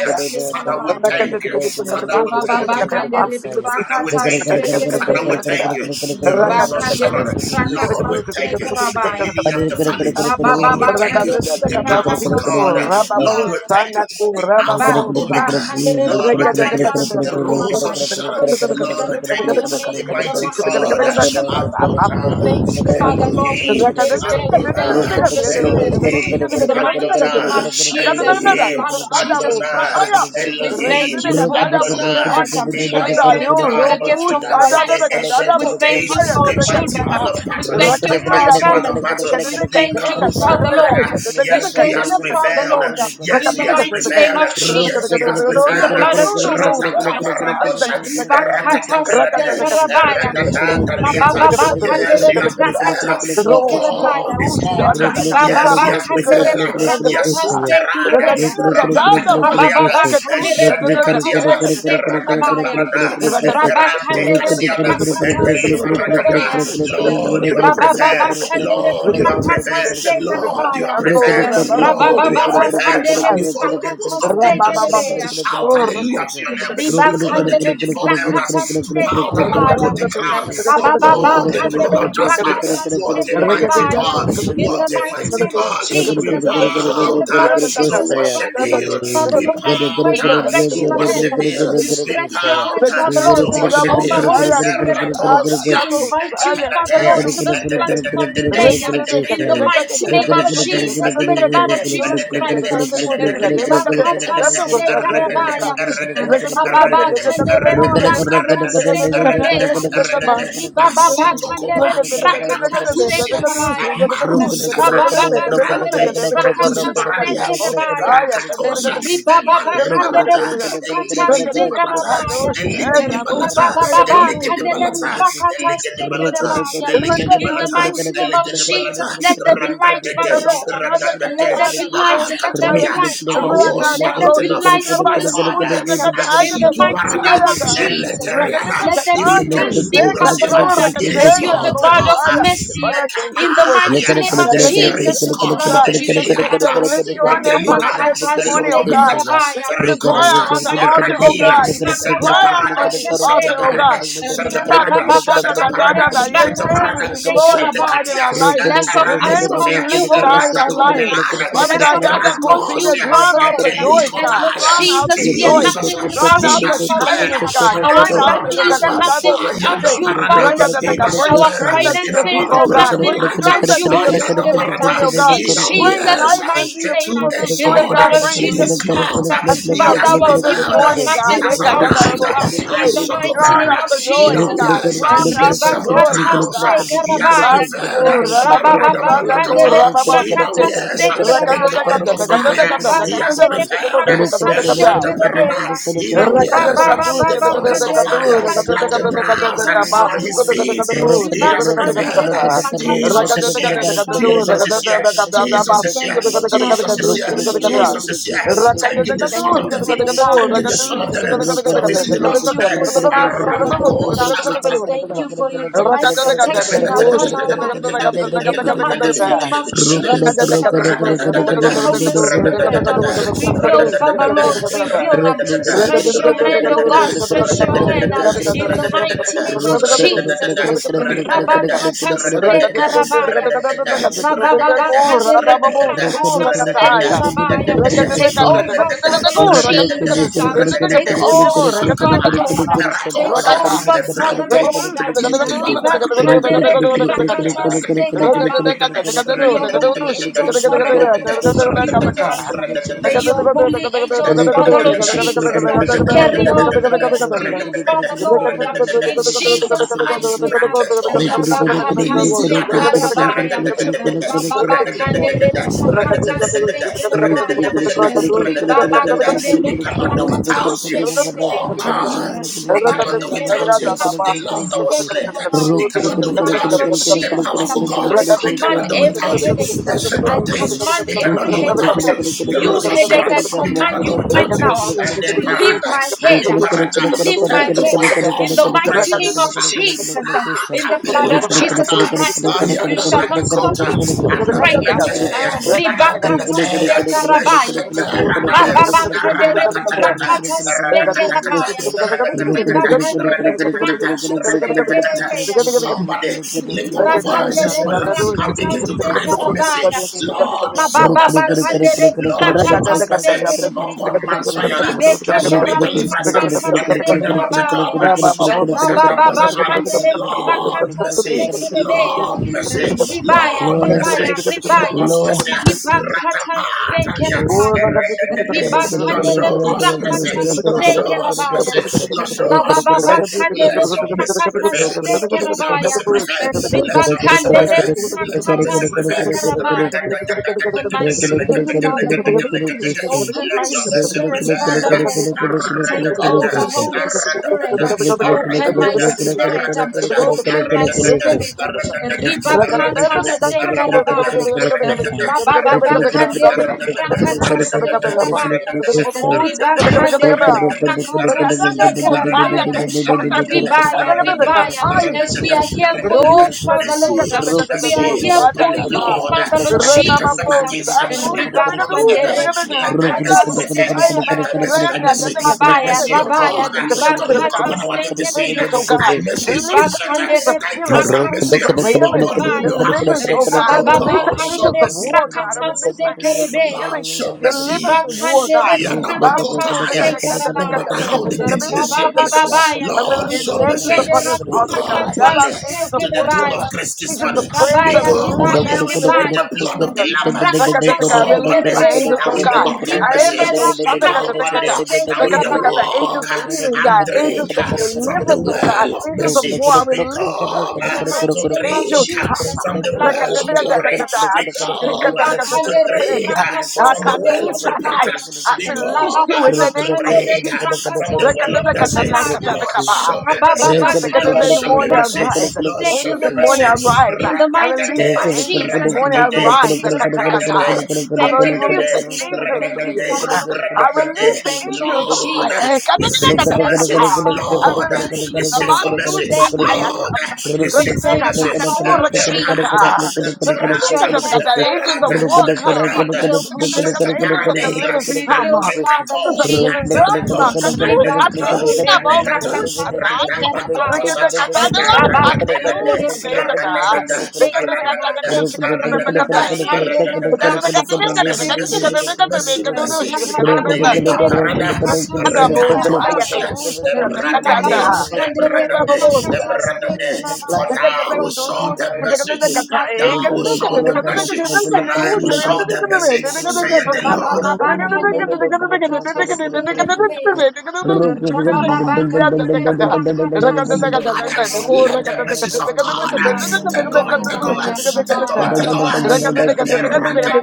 [SPEAKER 2] Father, we
[SPEAKER 4] sekerabaya.
[SPEAKER 2] thank you. Father, we thank you.
[SPEAKER 4] Rabababakandere
[SPEAKER 2] Father, we
[SPEAKER 4] brakata
[SPEAKER 2] thank you. Father, we
[SPEAKER 4] sekerabaya.
[SPEAKER 2] thank you. The rose of
[SPEAKER 4] Ribakandere
[SPEAKER 2] Sharon, Lord,
[SPEAKER 4] prakata
[SPEAKER 2] we thank you. The
[SPEAKER 4] sekarabaya.
[SPEAKER 2] lily of the valley, Lord, we thank you.
[SPEAKER 4] Rabababakandere
[SPEAKER 2] The powerful
[SPEAKER 4] prakata
[SPEAKER 2] God, Lord, we
[SPEAKER 4] sekarabaya.
[SPEAKER 2] thank you. The
[SPEAKER 3] Rock
[SPEAKER 4] Riba,
[SPEAKER 2] Alpha
[SPEAKER 4] riba,
[SPEAKER 2] Omega,
[SPEAKER 4] kandere
[SPEAKER 2] Lord, we
[SPEAKER 1] Rakanda
[SPEAKER 2] thank you.
[SPEAKER 4] prakata
[SPEAKER 2] The rose of
[SPEAKER 4] sekarabaya.
[SPEAKER 2] Sharon,
[SPEAKER 4] We
[SPEAKER 2] Lord, we thank
[SPEAKER 4] glorify
[SPEAKER 2] you.
[SPEAKER 4] your
[SPEAKER 2] The
[SPEAKER 4] name in the
[SPEAKER 2] mighty
[SPEAKER 4] mighty name
[SPEAKER 2] God,
[SPEAKER 4] of Jesus.
[SPEAKER 2] Adonai,
[SPEAKER 4] We thank you, Father Lord, for
[SPEAKER 2] Elohim,
[SPEAKER 4] today's day. We thank you,
[SPEAKER 2] Adonai,
[SPEAKER 4] Holy Spirit,
[SPEAKER 2] Elohim,
[SPEAKER 4] in the mighty name of
[SPEAKER 2] Adonai,
[SPEAKER 4] Jesus, in the
[SPEAKER 2] Elohim,
[SPEAKER 4] blood of Jesus Christ.
[SPEAKER 2] Adonai,
[SPEAKER 4] We thank
[SPEAKER 2] Elohim,
[SPEAKER 3] Rock,
[SPEAKER 4] you, Holy
[SPEAKER 2] Adonai,
[SPEAKER 4] Spirit.
[SPEAKER 2] the
[SPEAKER 4] We
[SPEAKER 2] Lion the
[SPEAKER 4] thank you for
[SPEAKER 2] tribe
[SPEAKER 4] the
[SPEAKER 2] of
[SPEAKER 4] gift of
[SPEAKER 2] Judah,
[SPEAKER 4] our
[SPEAKER 2] the
[SPEAKER 4] lives.
[SPEAKER 2] ancient
[SPEAKER 4] We
[SPEAKER 2] of
[SPEAKER 4] thank
[SPEAKER 2] days,
[SPEAKER 4] you for
[SPEAKER 2] the
[SPEAKER 4] our
[SPEAKER 2] mighty
[SPEAKER 4] children.
[SPEAKER 2] man of
[SPEAKER 4] We
[SPEAKER 2] battle,
[SPEAKER 4] thank you
[SPEAKER 2] the
[SPEAKER 4] for our
[SPEAKER 2] mighty
[SPEAKER 4] family
[SPEAKER 2] man of
[SPEAKER 4] family.
[SPEAKER 2] battle,
[SPEAKER 4] We
[SPEAKER 2] the
[SPEAKER 4] thank you, Father Lord.
[SPEAKER 2] Karusapara.
[SPEAKER 4] We
[SPEAKER 2] Yes, he
[SPEAKER 4] thank
[SPEAKER 2] has
[SPEAKER 4] you, Father
[SPEAKER 1] boss,
[SPEAKER 2] prevailed.
[SPEAKER 4] Lord,
[SPEAKER 1] Rakata
[SPEAKER 2] Yes,
[SPEAKER 4] in
[SPEAKER 2] he
[SPEAKER 4] the
[SPEAKER 2] has
[SPEAKER 4] mighty name
[SPEAKER 2] prevailed.
[SPEAKER 4] of
[SPEAKER 2] Yes,
[SPEAKER 4] Jesus,
[SPEAKER 2] he has
[SPEAKER 4] in the
[SPEAKER 2] prevailed.
[SPEAKER 4] blood of Jesus Christ.
[SPEAKER 2] Ratataparados, ratatapelete,
[SPEAKER 4] Ribakatastekerabaya,
[SPEAKER 2] ratatataliata. Yes, he has prevailed upon
[SPEAKER 4] rabababakaderebrakatastekerabaia,
[SPEAKER 2] this altar. Yes, he has prevailed.
[SPEAKER 3] Rock
[SPEAKER 2] Yasunterada,
[SPEAKER 4] ribababakaderebrakatastekerabeia,
[SPEAKER 2] rapataka paliada, eshadekatiada,
[SPEAKER 4] rabababakaderebrakatastekerabaia.
[SPEAKER 2] radakapalada, Eperante
[SPEAKER 4] Rabakandere
[SPEAKER 2] Casiana, and
[SPEAKER 4] brakata
[SPEAKER 2] Deliveragada.
[SPEAKER 4] sekelebeya.
[SPEAKER 2] Lord, you have prevailed.
[SPEAKER 4] Ribabababakandere
[SPEAKER 2] Lord, you have
[SPEAKER 4] brakata
[SPEAKER 2] prevailed. Lord, you
[SPEAKER 4] sekarabaya.
[SPEAKER 2] have prevailed. Lord, we have prevailed.
[SPEAKER 4] Rababababakandere
[SPEAKER 2] We follow the
[SPEAKER 4] brakata
[SPEAKER 2] host of
[SPEAKER 1] Rabba
[SPEAKER 2] angels to
[SPEAKER 4] sekelebeya.
[SPEAKER 2] shout hallelujah to your name. We follow the
[SPEAKER 4] Ribakandere
[SPEAKER 2] 24 elders
[SPEAKER 4] brakata
[SPEAKER 2] to bow down our
[SPEAKER 4] sekerabaya.
[SPEAKER 2] golden crown upon the throne
[SPEAKER 4] Rabababakandere
[SPEAKER 2] of Jasper.
[SPEAKER 4] brakata
[SPEAKER 2] What a mighty
[SPEAKER 4] sekerabaya.
[SPEAKER 2] God!
[SPEAKER 4] In
[SPEAKER 2] What
[SPEAKER 4] the
[SPEAKER 2] a
[SPEAKER 4] mighty
[SPEAKER 2] mighty
[SPEAKER 4] name of
[SPEAKER 2] God!
[SPEAKER 3] Saya, Guru
[SPEAKER 2] We
[SPEAKER 4] Jesus,
[SPEAKER 3] guru
[SPEAKER 4] um,
[SPEAKER 3] guru guru guru guru
[SPEAKER 4] in
[SPEAKER 2] bow
[SPEAKER 3] guru
[SPEAKER 4] the
[SPEAKER 3] guru
[SPEAKER 2] down
[SPEAKER 4] blood of
[SPEAKER 3] guru guru
[SPEAKER 2] to
[SPEAKER 4] Jesus
[SPEAKER 3] saya.
[SPEAKER 2] worship
[SPEAKER 4] Christ, um,
[SPEAKER 2] you.
[SPEAKER 4] Father
[SPEAKER 2] We
[SPEAKER 4] Lord, I
[SPEAKER 2] bow
[SPEAKER 3] Guru guru
[SPEAKER 4] pray you
[SPEAKER 3] guru
[SPEAKER 2] down
[SPEAKER 3] guru
[SPEAKER 4] stretch
[SPEAKER 2] to
[SPEAKER 3] guru
[SPEAKER 4] your
[SPEAKER 3] guru
[SPEAKER 4] hand.
[SPEAKER 2] worship
[SPEAKER 4] um,
[SPEAKER 3] guru
[SPEAKER 2] you.
[SPEAKER 4] You
[SPEAKER 2] We
[SPEAKER 4] stretch your
[SPEAKER 2] bow
[SPEAKER 4] hand,
[SPEAKER 2] down
[SPEAKER 4] Father
[SPEAKER 2] to
[SPEAKER 4] Lord. Take
[SPEAKER 2] worship
[SPEAKER 4] over,
[SPEAKER 2] you.
[SPEAKER 4] Holy
[SPEAKER 3] guru
[SPEAKER 4] Spirit.
[SPEAKER 3] guru
[SPEAKER 4] um, We
[SPEAKER 3] guru
[SPEAKER 2] Eratosia,
[SPEAKER 4] invite you,
[SPEAKER 3] Rock
[SPEAKER 4] Father
[SPEAKER 2] etepenate,
[SPEAKER 4] Lord, to this platform
[SPEAKER 1] Oh,
[SPEAKER 2] etetetete, etetetete, etetetete,
[SPEAKER 4] today. um, In the mighty name of Jesus, in the blood of Jesus Christ. um, Ribakata sekerabaya. Rababa kandere brakata
[SPEAKER 2] etetetete,
[SPEAKER 4] sekerebeya. Ribababa
[SPEAKER 2] Asitokopa,
[SPEAKER 4] kandere brakata
[SPEAKER 2] Capatusia,
[SPEAKER 4] sekerebaya.
[SPEAKER 2] Amarusafa,
[SPEAKER 4] Rabababa kandere
[SPEAKER 2] Brante, Katuzu
[SPEAKER 4] brakata
[SPEAKER 2] Baradia,
[SPEAKER 4] sekerebaya.
[SPEAKER 2] Rakatosha, and
[SPEAKER 4] Ribababa
[SPEAKER 2] Mane
[SPEAKER 4] kandere
[SPEAKER 2] Barata,
[SPEAKER 4] brakata
[SPEAKER 2] Elikiti Balata,
[SPEAKER 4] sekerebaya.
[SPEAKER 2] Elikiti Balata,
[SPEAKER 4] Rabababa
[SPEAKER 2] Elikiti
[SPEAKER 4] kandere
[SPEAKER 2] Balata,
[SPEAKER 4] brakata
[SPEAKER 3] Rock
[SPEAKER 2] Elikiti Balata,
[SPEAKER 4] sekerebaya.
[SPEAKER 2] Elikiti
[SPEAKER 4] In the
[SPEAKER 2] Balata,
[SPEAKER 4] mighty name of
[SPEAKER 2] Elikiti Balata,
[SPEAKER 4] Jesus, let there be light,
[SPEAKER 2] Ratatete,
[SPEAKER 4] Father
[SPEAKER 1] But
[SPEAKER 4] Lord.
[SPEAKER 2] Ratatete,
[SPEAKER 4] Let there be light,
[SPEAKER 2] Ah,
[SPEAKER 4] let there be
[SPEAKER 2] Katomia,
[SPEAKER 4] light.
[SPEAKER 2] our wars
[SPEAKER 4] Let
[SPEAKER 2] are not
[SPEAKER 4] there be
[SPEAKER 2] enough.
[SPEAKER 4] light,
[SPEAKER 2] My
[SPEAKER 4] Holy
[SPEAKER 2] father,
[SPEAKER 4] Spirit, um, in the
[SPEAKER 2] Asitu
[SPEAKER 4] mighty
[SPEAKER 2] Barada,
[SPEAKER 4] name of Jesus. um,
[SPEAKER 2] Eleteriana,
[SPEAKER 4] Let there
[SPEAKER 2] if
[SPEAKER 4] be
[SPEAKER 2] he came with
[SPEAKER 4] mercy,
[SPEAKER 2] gold or
[SPEAKER 4] Father
[SPEAKER 2] silver,
[SPEAKER 4] Lord, um,
[SPEAKER 2] it is
[SPEAKER 4] as you are the
[SPEAKER 2] not
[SPEAKER 4] God of
[SPEAKER 2] enough.
[SPEAKER 4] mercy,
[SPEAKER 1] I
[SPEAKER 4] um,
[SPEAKER 1] came
[SPEAKER 2] Mekapa.
[SPEAKER 1] to
[SPEAKER 4] in the
[SPEAKER 3] Look,
[SPEAKER 1] worship
[SPEAKER 4] mighty
[SPEAKER 1] you,
[SPEAKER 4] name
[SPEAKER 1] God. I
[SPEAKER 4] of
[SPEAKER 1] came to
[SPEAKER 4] Jesus, in
[SPEAKER 1] praise
[SPEAKER 4] the
[SPEAKER 2] Everisco,
[SPEAKER 1] you,
[SPEAKER 4] blood of
[SPEAKER 1] God. We
[SPEAKER 4] Jesus
[SPEAKER 1] came to
[SPEAKER 4] Christ.
[SPEAKER 2] Eteliata,
[SPEAKER 1] lift
[SPEAKER 4] um,
[SPEAKER 1] your name
[SPEAKER 2] Mateligada,
[SPEAKER 1] higher
[SPEAKER 4] Rabakata
[SPEAKER 1] this morning, oh God.
[SPEAKER 2] Elocominata,
[SPEAKER 1] We
[SPEAKER 4] Sekarabaya,
[SPEAKER 1] came to cry
[SPEAKER 2] Vericosca,
[SPEAKER 1] out on the altar, oh
[SPEAKER 4] Rabakandere
[SPEAKER 2] Eradila,
[SPEAKER 1] God. We came to
[SPEAKER 4] Rakata
[SPEAKER 1] cry out
[SPEAKER 2] Seteparada,
[SPEAKER 1] on the altar, oh
[SPEAKER 4] Sekarabeya,
[SPEAKER 2] Seteparada,
[SPEAKER 1] God. We cannot
[SPEAKER 2] Seteparada,
[SPEAKER 1] do
[SPEAKER 4] Ribabakandere
[SPEAKER 1] shadakadadada. Your
[SPEAKER 4] Rakata
[SPEAKER 1] name will
[SPEAKER 2] Seteparada,
[SPEAKER 1] be glorified in
[SPEAKER 4] Sekarabaya.
[SPEAKER 2] Seteparada,
[SPEAKER 1] our life.
[SPEAKER 4] Less of
[SPEAKER 1] Your
[SPEAKER 2] tarame.
[SPEAKER 1] name
[SPEAKER 4] us,
[SPEAKER 1] will
[SPEAKER 4] more of
[SPEAKER 1] be
[SPEAKER 2] Sintofia,
[SPEAKER 4] you,
[SPEAKER 1] lifted
[SPEAKER 4] Holy
[SPEAKER 1] high in our
[SPEAKER 4] Spirit.
[SPEAKER 1] life.
[SPEAKER 4] Um,
[SPEAKER 2] Ratacompelada,
[SPEAKER 1] Father
[SPEAKER 4] Less
[SPEAKER 1] God,
[SPEAKER 4] of us,
[SPEAKER 1] Dada
[SPEAKER 4] more of you,
[SPEAKER 1] Kosita,
[SPEAKER 2] Kratosia,
[SPEAKER 1] drown
[SPEAKER 4] Father
[SPEAKER 1] out
[SPEAKER 4] Lord.
[SPEAKER 1] the
[SPEAKER 3] Rock,
[SPEAKER 4] Um,
[SPEAKER 1] noise,
[SPEAKER 4] As
[SPEAKER 1] God.
[SPEAKER 4] Lord
[SPEAKER 2] Etelicotaya,
[SPEAKER 1] Drown out
[SPEAKER 4] Jesus,
[SPEAKER 1] the
[SPEAKER 4] we are
[SPEAKER 1] noise.
[SPEAKER 2] Jesus,
[SPEAKER 4] nothing
[SPEAKER 1] Drown
[SPEAKER 4] without
[SPEAKER 2] he
[SPEAKER 1] out
[SPEAKER 4] you,
[SPEAKER 2] that
[SPEAKER 1] the
[SPEAKER 4] Father Lord.
[SPEAKER 1] tiredness,
[SPEAKER 4] Um,
[SPEAKER 2] sitteth
[SPEAKER 1] God.
[SPEAKER 2] on the
[SPEAKER 4] Our
[SPEAKER 1] Drown
[SPEAKER 2] throne
[SPEAKER 1] out
[SPEAKER 2] of
[SPEAKER 1] the
[SPEAKER 4] families are
[SPEAKER 2] Jasper,
[SPEAKER 1] Dada
[SPEAKER 4] nothing without
[SPEAKER 2] Ayana
[SPEAKER 4] you,
[SPEAKER 2] Parana,
[SPEAKER 4] Father Lord. Um,
[SPEAKER 2] he
[SPEAKER 1] Rakadadaka.
[SPEAKER 2] that
[SPEAKER 1] Bring
[SPEAKER 4] Our
[SPEAKER 2] sitteth
[SPEAKER 1] strength unto
[SPEAKER 2] in
[SPEAKER 1] your
[SPEAKER 2] an
[SPEAKER 4] finances
[SPEAKER 1] people, oh
[SPEAKER 4] are
[SPEAKER 1] God.
[SPEAKER 2] unapproachable
[SPEAKER 4] nothing
[SPEAKER 1] Bring
[SPEAKER 2] light,
[SPEAKER 4] without
[SPEAKER 1] strength
[SPEAKER 4] you,
[SPEAKER 1] unto your
[SPEAKER 4] Holy
[SPEAKER 2] Ayana
[SPEAKER 1] people this
[SPEAKER 4] Spirit. Um,
[SPEAKER 2] Parata,
[SPEAKER 1] morning, oh God.
[SPEAKER 4] In
[SPEAKER 2] he that
[SPEAKER 1] Bring
[SPEAKER 4] Jesus'
[SPEAKER 2] wears
[SPEAKER 1] life
[SPEAKER 2] uh,
[SPEAKER 1] unto
[SPEAKER 4] mighty
[SPEAKER 2] the
[SPEAKER 1] your
[SPEAKER 4] name, um,
[SPEAKER 1] people
[SPEAKER 2] two-edged
[SPEAKER 1] this
[SPEAKER 4] in the
[SPEAKER 1] morning,
[SPEAKER 2] sword uh,
[SPEAKER 1] God.
[SPEAKER 4] blood of
[SPEAKER 1] Bring
[SPEAKER 2] in
[SPEAKER 4] Jesus
[SPEAKER 2] his
[SPEAKER 1] life
[SPEAKER 4] Christ,
[SPEAKER 2] mouth,
[SPEAKER 4] um,
[SPEAKER 2] uh,
[SPEAKER 1] unto
[SPEAKER 2] he
[SPEAKER 1] your
[SPEAKER 4] Father,
[SPEAKER 2] has
[SPEAKER 4] our
[SPEAKER 1] people this
[SPEAKER 4] people
[SPEAKER 2] prevailed.
[SPEAKER 4] are
[SPEAKER 2] uh,
[SPEAKER 1] morning,
[SPEAKER 2] He
[SPEAKER 1] God.
[SPEAKER 4] nothing
[SPEAKER 2] has
[SPEAKER 4] without
[SPEAKER 2] arrived.
[SPEAKER 4] you.
[SPEAKER 2] uh,
[SPEAKER 4] um, In
[SPEAKER 2] as
[SPEAKER 1] Ekadadadabosite.
[SPEAKER 4] the mighty
[SPEAKER 1] Drown
[SPEAKER 4] name
[SPEAKER 2] Shokoperada.
[SPEAKER 1] out
[SPEAKER 4] of
[SPEAKER 1] the
[SPEAKER 3] Rock
[SPEAKER 2] He that
[SPEAKER 1] noise,
[SPEAKER 4] Jesus. um,
[SPEAKER 1] God.
[SPEAKER 2] wears uh,
[SPEAKER 1] Drown
[SPEAKER 2] the
[SPEAKER 1] out the
[SPEAKER 2] seven
[SPEAKER 1] noise,
[SPEAKER 4] Ribakata
[SPEAKER 1] oh
[SPEAKER 2] crowns, uh,
[SPEAKER 1] God.
[SPEAKER 2] he has
[SPEAKER 4] sekarabaya
[SPEAKER 2] prevailed.
[SPEAKER 1] Basiko
[SPEAKER 2] uh,
[SPEAKER 1] rababo sada ko
[SPEAKER 4] Rababakandere
[SPEAKER 2] Aradapalakata. He that
[SPEAKER 4] prakata
[SPEAKER 1] rababasite.
[SPEAKER 2] wears uh, the
[SPEAKER 4] sekerabaya.
[SPEAKER 2] garment of fire, he has
[SPEAKER 4] Ribakandere
[SPEAKER 2] prevailed.
[SPEAKER 4] prakata
[SPEAKER 2] uh,
[SPEAKER 1] Rakadadakadadakadadakadadakadadakadadakadadakadadakadada.
[SPEAKER 2] Eshadaperada.
[SPEAKER 4] sekerebeya.
[SPEAKER 2] He that
[SPEAKER 1] Rakadaka
[SPEAKER 2] wears the furnace of
[SPEAKER 4] Rabababakandere
[SPEAKER 2] fire like a
[SPEAKER 4] prakata
[SPEAKER 2] brass on
[SPEAKER 4] sekerabaya.
[SPEAKER 2] his feet. He has
[SPEAKER 4] Ribakandere
[SPEAKER 2] prepared.
[SPEAKER 4] prakata
[SPEAKER 2] Jesus is here.
[SPEAKER 4] sekerabaya.
[SPEAKER 2] Jesus is here.
[SPEAKER 4] We
[SPEAKER 2] Jesus is
[SPEAKER 4] thank
[SPEAKER 2] here.
[SPEAKER 4] you,
[SPEAKER 2] Jesus
[SPEAKER 4] Father.
[SPEAKER 2] is
[SPEAKER 4] We
[SPEAKER 2] here.
[SPEAKER 4] thank you, Holy
[SPEAKER 2] Jesus is here.
[SPEAKER 4] Spirit.
[SPEAKER 2] Thank you,
[SPEAKER 4] We
[SPEAKER 2] the
[SPEAKER 4] thank
[SPEAKER 2] Son of
[SPEAKER 4] you for
[SPEAKER 2] David.
[SPEAKER 4] your love,
[SPEAKER 2] Thank
[SPEAKER 4] Lord
[SPEAKER 2] you, the Son of
[SPEAKER 4] Jesus.
[SPEAKER 2] David, for
[SPEAKER 4] We
[SPEAKER 2] visiting
[SPEAKER 4] thank
[SPEAKER 2] us
[SPEAKER 4] you
[SPEAKER 2] today.
[SPEAKER 4] for your love, Father Lord. We thank you for your divine protection upon our lives. In the mighty name of Jesus, we thank you, Holy Spirit. Reveal, Father Lord, reveal.
[SPEAKER 1] Rakata
[SPEAKER 4] Stretch your hand, oh God, stretch your hand up. In the mighty name of Jesus. Rabakata steka Rabaya. Rabababakande reprakata steka Rabaya. Take over,
[SPEAKER 3] Rook
[SPEAKER 4] Father Lord Jesus. uh, Take over, Father
[SPEAKER 2] Shakapa.
[SPEAKER 4] Lord. uh, Take
[SPEAKER 2] Peratosia,
[SPEAKER 4] over, Father
[SPEAKER 2] Evrante,
[SPEAKER 4] Lord.
[SPEAKER 2] Katiliki
[SPEAKER 4] uh, Ribakhandere brakata sekarabaya. May your holy angels, Father Lord, uh, be with us. um,
[SPEAKER 1] Thank
[SPEAKER 4] May your holy angels, Father Lord Jesus, uh, carry our prayers to you, Father Lord. uh, In
[SPEAKER 2] Shut up,
[SPEAKER 4] Jesus' mighty name. uh,
[SPEAKER 2] Bracketoya,
[SPEAKER 4] Rabakata
[SPEAKER 2] Ladder,
[SPEAKER 4] sekarabaya. Rababakandere brakata
[SPEAKER 3] Rook,
[SPEAKER 4] sekarabaya. Ribaba kandere
[SPEAKER 2] we cannot do
[SPEAKER 4] prakata
[SPEAKER 2] without you. Oh
[SPEAKER 4] sekerebeya.
[SPEAKER 2] God. God, we
[SPEAKER 4] Raba
[SPEAKER 2] cannot do
[SPEAKER 4] kandere
[SPEAKER 2] without you. The
[SPEAKER 4] prakata
[SPEAKER 2] lamb that was slain,
[SPEAKER 4] sekerabaya.
[SPEAKER 2] we cannot do without
[SPEAKER 4] Father
[SPEAKER 2] you.
[SPEAKER 4] Lord
[SPEAKER 2] The
[SPEAKER 1] you.
[SPEAKER 4] Jesus, um,
[SPEAKER 2] powerful God,
[SPEAKER 4] I
[SPEAKER 2] we
[SPEAKER 4] command
[SPEAKER 2] cannot do
[SPEAKER 4] every
[SPEAKER 2] without you.
[SPEAKER 4] headache.
[SPEAKER 2] The
[SPEAKER 4] um,
[SPEAKER 2] ancient
[SPEAKER 4] I
[SPEAKER 2] of days,
[SPEAKER 4] command
[SPEAKER 2] we cannot
[SPEAKER 4] every
[SPEAKER 2] do without
[SPEAKER 4] headache. um,
[SPEAKER 2] you. The
[SPEAKER 4] You
[SPEAKER 2] rose of
[SPEAKER 4] headache,
[SPEAKER 2] Sharon,
[SPEAKER 4] I
[SPEAKER 2] we
[SPEAKER 4] command
[SPEAKER 2] cannot
[SPEAKER 4] you
[SPEAKER 2] do without
[SPEAKER 4] right
[SPEAKER 2] you.
[SPEAKER 4] now um,
[SPEAKER 2] And the
[SPEAKER 4] to leave
[SPEAKER 2] parada,
[SPEAKER 4] my
[SPEAKER 2] and
[SPEAKER 4] head,
[SPEAKER 2] the
[SPEAKER 4] um, to
[SPEAKER 2] parada.
[SPEAKER 4] leave my
[SPEAKER 2] Thank you
[SPEAKER 4] head.
[SPEAKER 2] for
[SPEAKER 4] um,
[SPEAKER 2] your
[SPEAKER 3] Kusa,
[SPEAKER 4] In the
[SPEAKER 2] awesome
[SPEAKER 4] mighty name
[SPEAKER 2] presence.
[SPEAKER 4] of Jesus, um, in the blood
[SPEAKER 2] Capella
[SPEAKER 4] of Jesus
[SPEAKER 2] Darata,
[SPEAKER 4] Christ, um, you
[SPEAKER 2] Ayana
[SPEAKER 4] shall not stop
[SPEAKER 2] Manacota,
[SPEAKER 4] me to
[SPEAKER 2] Anna
[SPEAKER 4] pray. um,
[SPEAKER 2] Benatea,
[SPEAKER 4] uh,
[SPEAKER 2] Anna
[SPEAKER 4] Ribakata
[SPEAKER 2] Benatea,
[SPEAKER 4] Sekarabaya.
[SPEAKER 2] Shetta rada,
[SPEAKER 4] Rababakandere
[SPEAKER 2] Radakatakata,
[SPEAKER 1] Rakata
[SPEAKER 4] Rakata
[SPEAKER 1] Rakata
[SPEAKER 2] Radakatakata,
[SPEAKER 4] Spekerabaya.
[SPEAKER 2] Radakatakata,
[SPEAKER 4] Ribakandere
[SPEAKER 2] Radakatakata,
[SPEAKER 4] Rakata
[SPEAKER 2] Radakatakata.
[SPEAKER 4] Spekerabaya.
[SPEAKER 2] Somebody lift up your voices,
[SPEAKER 4] Ribakandere
[SPEAKER 2] this and
[SPEAKER 4] prakata
[SPEAKER 2] begin to cry for mercy.
[SPEAKER 4] karabaya, rabaya.
[SPEAKER 2] Lord, show
[SPEAKER 3] Rook
[SPEAKER 2] us
[SPEAKER 3] rook rook rook
[SPEAKER 4] Rabababakandere
[SPEAKER 2] mercy.
[SPEAKER 3] rook rook
[SPEAKER 2] Lord,
[SPEAKER 3] rook rook
[SPEAKER 2] show
[SPEAKER 3] rook
[SPEAKER 4] prakata
[SPEAKER 2] us
[SPEAKER 3] rook rook rook
[SPEAKER 2] mercy
[SPEAKER 4] steka
[SPEAKER 3] rook rook
[SPEAKER 4] rabaya.
[SPEAKER 2] upon
[SPEAKER 3] rook rook
[SPEAKER 2] Mount Zion.
[SPEAKER 3] question.
[SPEAKER 2] That shall
[SPEAKER 3] Rook
[SPEAKER 4] Ribekendera
[SPEAKER 2] be
[SPEAKER 3] rook rook
[SPEAKER 2] deliverance
[SPEAKER 3] rook rook
[SPEAKER 4] prakata
[SPEAKER 3] rook
[SPEAKER 2] and the
[SPEAKER 3] rook rook
[SPEAKER 4] steka
[SPEAKER 2] children
[SPEAKER 3] rook
[SPEAKER 2] of
[SPEAKER 3] rook rook
[SPEAKER 2] Jacob
[SPEAKER 4] rabaya.
[SPEAKER 2] uh,
[SPEAKER 3] rook rook rook
[SPEAKER 2] shall
[SPEAKER 3] rook rook
[SPEAKER 2] possess
[SPEAKER 3] rook
[SPEAKER 2] the
[SPEAKER 3] rook
[SPEAKER 2] possession.
[SPEAKER 4] Rabababakandere
[SPEAKER 2] Lord,
[SPEAKER 4] prakata
[SPEAKER 2] mercy.
[SPEAKER 4] steka
[SPEAKER 3] rook rook
[SPEAKER 2] Lord,
[SPEAKER 3] rook
[SPEAKER 2] mercy.
[SPEAKER 3] rook.
[SPEAKER 4] Ribaya,
[SPEAKER 2] Lord,
[SPEAKER 3] Lord,
[SPEAKER 2] mercy.
[SPEAKER 4] ribaya,
[SPEAKER 2] Show
[SPEAKER 4] ribaya.
[SPEAKER 2] us
[SPEAKER 3] Lord,
[SPEAKER 2] mercy.
[SPEAKER 4] ribakataste steka
[SPEAKER 2] Ratapatalia.
[SPEAKER 3] Rook
[SPEAKER 4] rabaya.
[SPEAKER 2] Erededede.
[SPEAKER 1] Thank
[SPEAKER 3] rook rook
[SPEAKER 2] Lord,
[SPEAKER 3] rook
[SPEAKER 4] Ribakandere
[SPEAKER 2] show
[SPEAKER 3] rook
[SPEAKER 2] us
[SPEAKER 3] rook
[SPEAKER 2] mercy.
[SPEAKER 3] rook rook
[SPEAKER 4] prakata
[SPEAKER 2] Lord,
[SPEAKER 3] rook
[SPEAKER 2] show
[SPEAKER 4] steka
[SPEAKER 3] rook
[SPEAKER 2] us
[SPEAKER 3] rook rook
[SPEAKER 4] rabaya.
[SPEAKER 2] mercy. Lord, show us mercy.
[SPEAKER 4] Rabababakandere
[SPEAKER 2] Let your
[SPEAKER 3] question.
[SPEAKER 2] mercy
[SPEAKER 4] prakata
[SPEAKER 2] prevail.
[SPEAKER 3] Rook rook
[SPEAKER 4] steka
[SPEAKER 2] Let your mercy prevail.
[SPEAKER 1] you
[SPEAKER 2] Let your
[SPEAKER 1] i
[SPEAKER 2] mercy
[SPEAKER 4] Ribakandere
[SPEAKER 2] prevail. Let your
[SPEAKER 4] prakata
[SPEAKER 2] mercy prevail. Let
[SPEAKER 4] sekarabaya. Open my spirit, Father Lord. Open my
[SPEAKER 2] your mercy
[SPEAKER 4] spirit, Father Lord. Take over, Holy
[SPEAKER 3] Kushi.
[SPEAKER 4] Spirit. Open my spirit. Open my spirit.
[SPEAKER 3] Rock
[SPEAKER 4] Ribakata sekarabaya. Rabababakandere prakata sekarabaya. Ribakandere prakata
[SPEAKER 2] prevail.
[SPEAKER 4] sekarabaya.
[SPEAKER 1] acusada, acusada,
[SPEAKER 4] Ribaya,
[SPEAKER 1] que me
[SPEAKER 4] Ribaya, as we
[SPEAKER 1] capaz.
[SPEAKER 4] are here
[SPEAKER 1] Jesus,
[SPEAKER 4] for you,
[SPEAKER 1] oh God,
[SPEAKER 4] Father
[SPEAKER 1] release the
[SPEAKER 4] Lord.
[SPEAKER 2] Mercy,
[SPEAKER 4] uh, We are
[SPEAKER 2] mercy,
[SPEAKER 4] here
[SPEAKER 2] that
[SPEAKER 4] for
[SPEAKER 2] the
[SPEAKER 4] you,
[SPEAKER 2] blood uh,
[SPEAKER 4] Father Lord
[SPEAKER 2] that speaketh
[SPEAKER 4] Jesus.
[SPEAKER 2] better
[SPEAKER 4] um,
[SPEAKER 2] things uh, than the blood of Abel.
[SPEAKER 4] Ribakandere
[SPEAKER 2] Let thy
[SPEAKER 4] Brakata
[SPEAKER 2] mercy prevail. Let thy
[SPEAKER 4] Stekerabaya,
[SPEAKER 2] mercy, thy mercy, thy
[SPEAKER 4] Rabaya,
[SPEAKER 2] mercy, O
[SPEAKER 4] Rabaya, Rabaya,
[SPEAKER 2] God, uh, don't look
[SPEAKER 4] Ribakata
[SPEAKER 2] upon our daily sin. uh,
[SPEAKER 4] Stekerabaya.
[SPEAKER 2] Thy mercy is sufficient. uh,
[SPEAKER 1] angels
[SPEAKER 4] Ribakandere
[SPEAKER 1] of
[SPEAKER 2] Thy
[SPEAKER 3] Rook
[SPEAKER 1] healing,
[SPEAKER 2] grace
[SPEAKER 1] the
[SPEAKER 2] and
[SPEAKER 4] Brakata
[SPEAKER 2] mercy
[SPEAKER 1] angels
[SPEAKER 2] uh,
[SPEAKER 1] of healing,
[SPEAKER 2] upon whom you
[SPEAKER 4] Stekerabaya,
[SPEAKER 2] have
[SPEAKER 1] deliverance,
[SPEAKER 2] mercy.
[SPEAKER 1] oh God,
[SPEAKER 2] O
[SPEAKER 1] release the
[SPEAKER 2] God, show
[SPEAKER 1] angels
[SPEAKER 4] Rabababakandere
[SPEAKER 1] of
[SPEAKER 2] mercy
[SPEAKER 1] war, God, I
[SPEAKER 4] Brakata
[SPEAKER 1] release my angels of
[SPEAKER 4] Stekerabaya,
[SPEAKER 2] Lord,
[SPEAKER 1] healing,
[SPEAKER 2] show
[SPEAKER 1] deliverance
[SPEAKER 2] mercy.
[SPEAKER 1] of war,
[SPEAKER 4] Ribakandere
[SPEAKER 1] God.
[SPEAKER 4] Brakata
[SPEAKER 2] Ayanamakotaya. No
[SPEAKER 4] Stekerabaya.
[SPEAKER 2] matter how the date the sin is,
[SPEAKER 4] Rabababaya,
[SPEAKER 1] I mean,
[SPEAKER 2] Lord,
[SPEAKER 1] release the
[SPEAKER 2] show mercy.
[SPEAKER 1] angels
[SPEAKER 4] Rikele
[SPEAKER 1] upon this
[SPEAKER 2] We
[SPEAKER 1] altar, God.
[SPEAKER 2] come
[SPEAKER 1] That
[SPEAKER 4] Raprakatas
[SPEAKER 2] boldly
[SPEAKER 1] about the angels of
[SPEAKER 2] to the throne
[SPEAKER 1] worship,
[SPEAKER 4] Sekerebaya,
[SPEAKER 2] of grace this
[SPEAKER 1] angels of
[SPEAKER 2] morning.
[SPEAKER 1] praise.
[SPEAKER 2] We
[SPEAKER 1] I
[SPEAKER 4] Rabaya
[SPEAKER 3] Rock,
[SPEAKER 2] come
[SPEAKER 1] release
[SPEAKER 4] Ribaya
[SPEAKER 1] you
[SPEAKER 2] boldly
[SPEAKER 1] in the
[SPEAKER 2] with
[SPEAKER 1] name
[SPEAKER 2] the
[SPEAKER 4] Ribaya,
[SPEAKER 1] of
[SPEAKER 2] blood of the
[SPEAKER 1] Jesus.
[SPEAKER 2] Lamb. We
[SPEAKER 1] Takatataka,
[SPEAKER 4] Riprakatas
[SPEAKER 1] I
[SPEAKER 2] come
[SPEAKER 1] release
[SPEAKER 2] boldly
[SPEAKER 1] my
[SPEAKER 4] Sekerebaya,
[SPEAKER 1] angels,
[SPEAKER 2] that we
[SPEAKER 1] oh
[SPEAKER 2] may
[SPEAKER 1] God.
[SPEAKER 2] obtain
[SPEAKER 1] I
[SPEAKER 4] Rikele
[SPEAKER 1] enter
[SPEAKER 2] mercy.
[SPEAKER 1] those
[SPEAKER 2] We come
[SPEAKER 1] shabakatatakata.
[SPEAKER 4] Raprakatas
[SPEAKER 2] boldly that we may
[SPEAKER 1] Takatataka,
[SPEAKER 4] Sekerabaya,
[SPEAKER 2] walk
[SPEAKER 1] Angels of healing,
[SPEAKER 2] and
[SPEAKER 1] God.
[SPEAKER 2] drink
[SPEAKER 1] Angels of
[SPEAKER 2] from the
[SPEAKER 1] deliverance, oh God.
[SPEAKER 2] well of mercy
[SPEAKER 1] Angels of
[SPEAKER 2] mercy.
[SPEAKER 1] war, I
[SPEAKER 2] We
[SPEAKER 1] release God.
[SPEAKER 2] come
[SPEAKER 4] In
[SPEAKER 2] uh,
[SPEAKER 4] the
[SPEAKER 1] Angels,
[SPEAKER 2] to
[SPEAKER 4] mighty name of
[SPEAKER 2] drink
[SPEAKER 1] angels
[SPEAKER 2] uh,
[SPEAKER 4] Jesus,
[SPEAKER 1] come.
[SPEAKER 4] in
[SPEAKER 2] from
[SPEAKER 4] the
[SPEAKER 2] the
[SPEAKER 4] blood of
[SPEAKER 2] well of
[SPEAKER 4] Jesus
[SPEAKER 2] glory.
[SPEAKER 1] Takatatakatakata.
[SPEAKER 4] Christ,
[SPEAKER 2] We come uh,
[SPEAKER 1] Takatatakatakata.
[SPEAKER 2] to
[SPEAKER 4] Ribakandere
[SPEAKER 2] drink uh, from the
[SPEAKER 4] Brakatas
[SPEAKER 2] well of
[SPEAKER 4] Teke
[SPEAKER 1] Takatatakatakata.
[SPEAKER 4] Rabaya,
[SPEAKER 2] repentance.
[SPEAKER 1] I
[SPEAKER 2] We
[SPEAKER 1] release
[SPEAKER 2] come
[SPEAKER 1] you
[SPEAKER 2] uh,
[SPEAKER 1] in the
[SPEAKER 2] to
[SPEAKER 1] name of
[SPEAKER 4] Rabababakandere
[SPEAKER 2] drink uh,
[SPEAKER 1] Jesus.
[SPEAKER 2] from the
[SPEAKER 4] Brakatas
[SPEAKER 2] well of
[SPEAKER 4] Teke
[SPEAKER 2] mercy.
[SPEAKER 4] Rabaya,
[SPEAKER 2] Lord,
[SPEAKER 1] Rekadadakatatakatataka.
[SPEAKER 2] show me mercy.
[SPEAKER 1] Angels,
[SPEAKER 2] Lord,
[SPEAKER 1] rekadada in the
[SPEAKER 4] Rabababakandere
[SPEAKER 2] show me
[SPEAKER 1] morning I
[SPEAKER 2] mercy.
[SPEAKER 4] Brakatas
[SPEAKER 1] rise.
[SPEAKER 2] Lord, show
[SPEAKER 4] Teke
[SPEAKER 1] Angels
[SPEAKER 2] me
[SPEAKER 1] in the morning I
[SPEAKER 4] Rabaya.
[SPEAKER 2] mercy.
[SPEAKER 1] rise.
[SPEAKER 4] In the
[SPEAKER 1] I
[SPEAKER 4] mighty
[SPEAKER 3] Rook,
[SPEAKER 1] release
[SPEAKER 4] name
[SPEAKER 2] Ratatade,
[SPEAKER 1] my
[SPEAKER 4] of
[SPEAKER 1] angels in the
[SPEAKER 4] Jesus, in
[SPEAKER 1] morning
[SPEAKER 4] the
[SPEAKER 1] I
[SPEAKER 4] blood
[SPEAKER 2] ratatade,
[SPEAKER 4] of
[SPEAKER 1] rise.
[SPEAKER 4] Jesus Christ,
[SPEAKER 1] Rekatakata.
[SPEAKER 2] ratatade,
[SPEAKER 4] we
[SPEAKER 1] I
[SPEAKER 4] thank you, Holy
[SPEAKER 1] release
[SPEAKER 2] ratatade,
[SPEAKER 1] the
[SPEAKER 4] Spirit. We
[SPEAKER 1] angels
[SPEAKER 4] thank you,
[SPEAKER 1] of
[SPEAKER 4] Father
[SPEAKER 1] fire.
[SPEAKER 4] Lord.
[SPEAKER 1] I
[SPEAKER 4] We
[SPEAKER 1] release the
[SPEAKER 4] thank you,
[SPEAKER 1] angels
[SPEAKER 4] Lord
[SPEAKER 1] of
[SPEAKER 2] Lord,
[SPEAKER 1] fire.
[SPEAKER 4] Jesus.
[SPEAKER 2] we seek
[SPEAKER 4] We
[SPEAKER 2] for
[SPEAKER 4] thank
[SPEAKER 2] mercy.
[SPEAKER 4] you,
[SPEAKER 1] Rekadadakatatakatakata.
[SPEAKER 4] Father.
[SPEAKER 1] I
[SPEAKER 4] We
[SPEAKER 2] Lord,
[SPEAKER 4] thank
[SPEAKER 1] release
[SPEAKER 4] you,
[SPEAKER 2] we
[SPEAKER 1] the
[SPEAKER 2] seek
[SPEAKER 1] man
[SPEAKER 2] for
[SPEAKER 4] Father.
[SPEAKER 1] do
[SPEAKER 4] We
[SPEAKER 2] mercy.
[SPEAKER 4] thank you,
[SPEAKER 2] Lord,
[SPEAKER 4] Lord.
[SPEAKER 2] we
[SPEAKER 4] We
[SPEAKER 2] seek for
[SPEAKER 4] thank you,
[SPEAKER 2] mercy.
[SPEAKER 4] Father Lord Jesus.
[SPEAKER 2] Eperata,
[SPEAKER 4] Stretch your
[SPEAKER 2] eperata,
[SPEAKER 4] hand,
[SPEAKER 1] The
[SPEAKER 4] Father
[SPEAKER 1] angels of
[SPEAKER 2] eperata,
[SPEAKER 4] Lord.
[SPEAKER 1] war
[SPEAKER 3] Rock
[SPEAKER 1] come.
[SPEAKER 2] eperata.
[SPEAKER 4] Reveal, Holy
[SPEAKER 1] Rekadadakata. The angels
[SPEAKER 4] Spirit.
[SPEAKER 1] of
[SPEAKER 2] Shekaparadela,
[SPEAKER 1] deliverance
[SPEAKER 4] Reveal,
[SPEAKER 1] come
[SPEAKER 4] Father
[SPEAKER 2] atekato,
[SPEAKER 4] Lord
[SPEAKER 1] of healing
[SPEAKER 4] Jesus.
[SPEAKER 2] atekato,
[SPEAKER 1] grandma katus at
[SPEAKER 2] atekato,
[SPEAKER 4] Ribakande
[SPEAKER 1] ella
[SPEAKER 2] atekato.
[SPEAKER 1] balsus
[SPEAKER 4] rebrakata
[SPEAKER 1] at aya
[SPEAKER 2] Ratapato
[SPEAKER 1] rika
[SPEAKER 4] segarabaya.
[SPEAKER 1] de
[SPEAKER 2] kosata,
[SPEAKER 1] katadalus
[SPEAKER 5] right?
[SPEAKER 2] Father,
[SPEAKER 1] at
[SPEAKER 4] Rababakande
[SPEAKER 1] katus at ella da
[SPEAKER 4] rebrakata
[SPEAKER 1] de kata de kata
[SPEAKER 4] segarabaya.
[SPEAKER 1] de kata de kata de
[SPEAKER 4] Ribakande
[SPEAKER 1] kata de
[SPEAKER 4] rebrakata
[SPEAKER 1] kata de kata de kata de kata de
[SPEAKER 2] mercy,
[SPEAKER 1] kata
[SPEAKER 2] mercy,
[SPEAKER 1] de
[SPEAKER 4] segarabaya.
[SPEAKER 1] kata de
[SPEAKER 2] mercy,
[SPEAKER 1] kata de
[SPEAKER 2] mercy.
[SPEAKER 1] shika
[SPEAKER 3] Look
[SPEAKER 6] Mama,
[SPEAKER 4] Rababakande
[SPEAKER 2] Adelike
[SPEAKER 3] at
[SPEAKER 2] parada,
[SPEAKER 4] rebrakata segarabaya.
[SPEAKER 2] rekatoshia, ebradade,
[SPEAKER 6] thank you, Lord Jesus.
[SPEAKER 4] Ribababakandere
[SPEAKER 2] ebradade,
[SPEAKER 4] prakata
[SPEAKER 6] Thank you
[SPEAKER 2] ebradade.
[SPEAKER 6] for
[SPEAKER 2] For
[SPEAKER 1] Rakata
[SPEAKER 4] sekerabaya.
[SPEAKER 6] blessing.
[SPEAKER 2] thou will show
[SPEAKER 6] Thank
[SPEAKER 2] the
[SPEAKER 6] you for
[SPEAKER 2] mercy,
[SPEAKER 6] keeping. me.
[SPEAKER 2] and thou will
[SPEAKER 4] Ribakandere
[SPEAKER 2] show the mercy,
[SPEAKER 4] prakata
[SPEAKER 2] and I will show the
[SPEAKER 4] sekerabaya.
[SPEAKER 2] mercy, saying the
[SPEAKER 6] Come on,
[SPEAKER 2] Lord.
[SPEAKER 6] mama, mama, mama, mama,
[SPEAKER 4] Rababababakandere
[SPEAKER 3] the
[SPEAKER 4] prakata
[SPEAKER 3] Thank
[SPEAKER 4] sekerabaya.
[SPEAKER 6] mama,
[SPEAKER 4] Rabababakandere prakata
[SPEAKER 2] God.
[SPEAKER 4] sekerabaya.
[SPEAKER 2] Let the message of God
[SPEAKER 6] mama,
[SPEAKER 4] Riba
[SPEAKER 2] uh,
[SPEAKER 6] mama,
[SPEAKER 2] take
[SPEAKER 4] kande
[SPEAKER 2] over,
[SPEAKER 6] mama,
[SPEAKER 2] take
[SPEAKER 6] mama.
[SPEAKER 2] over,
[SPEAKER 4] rebaya,
[SPEAKER 2] take
[SPEAKER 4] rabaya,
[SPEAKER 2] over, take over.
[SPEAKER 4] rabaya.
[SPEAKER 2] Eh, eh,
[SPEAKER 4] Riba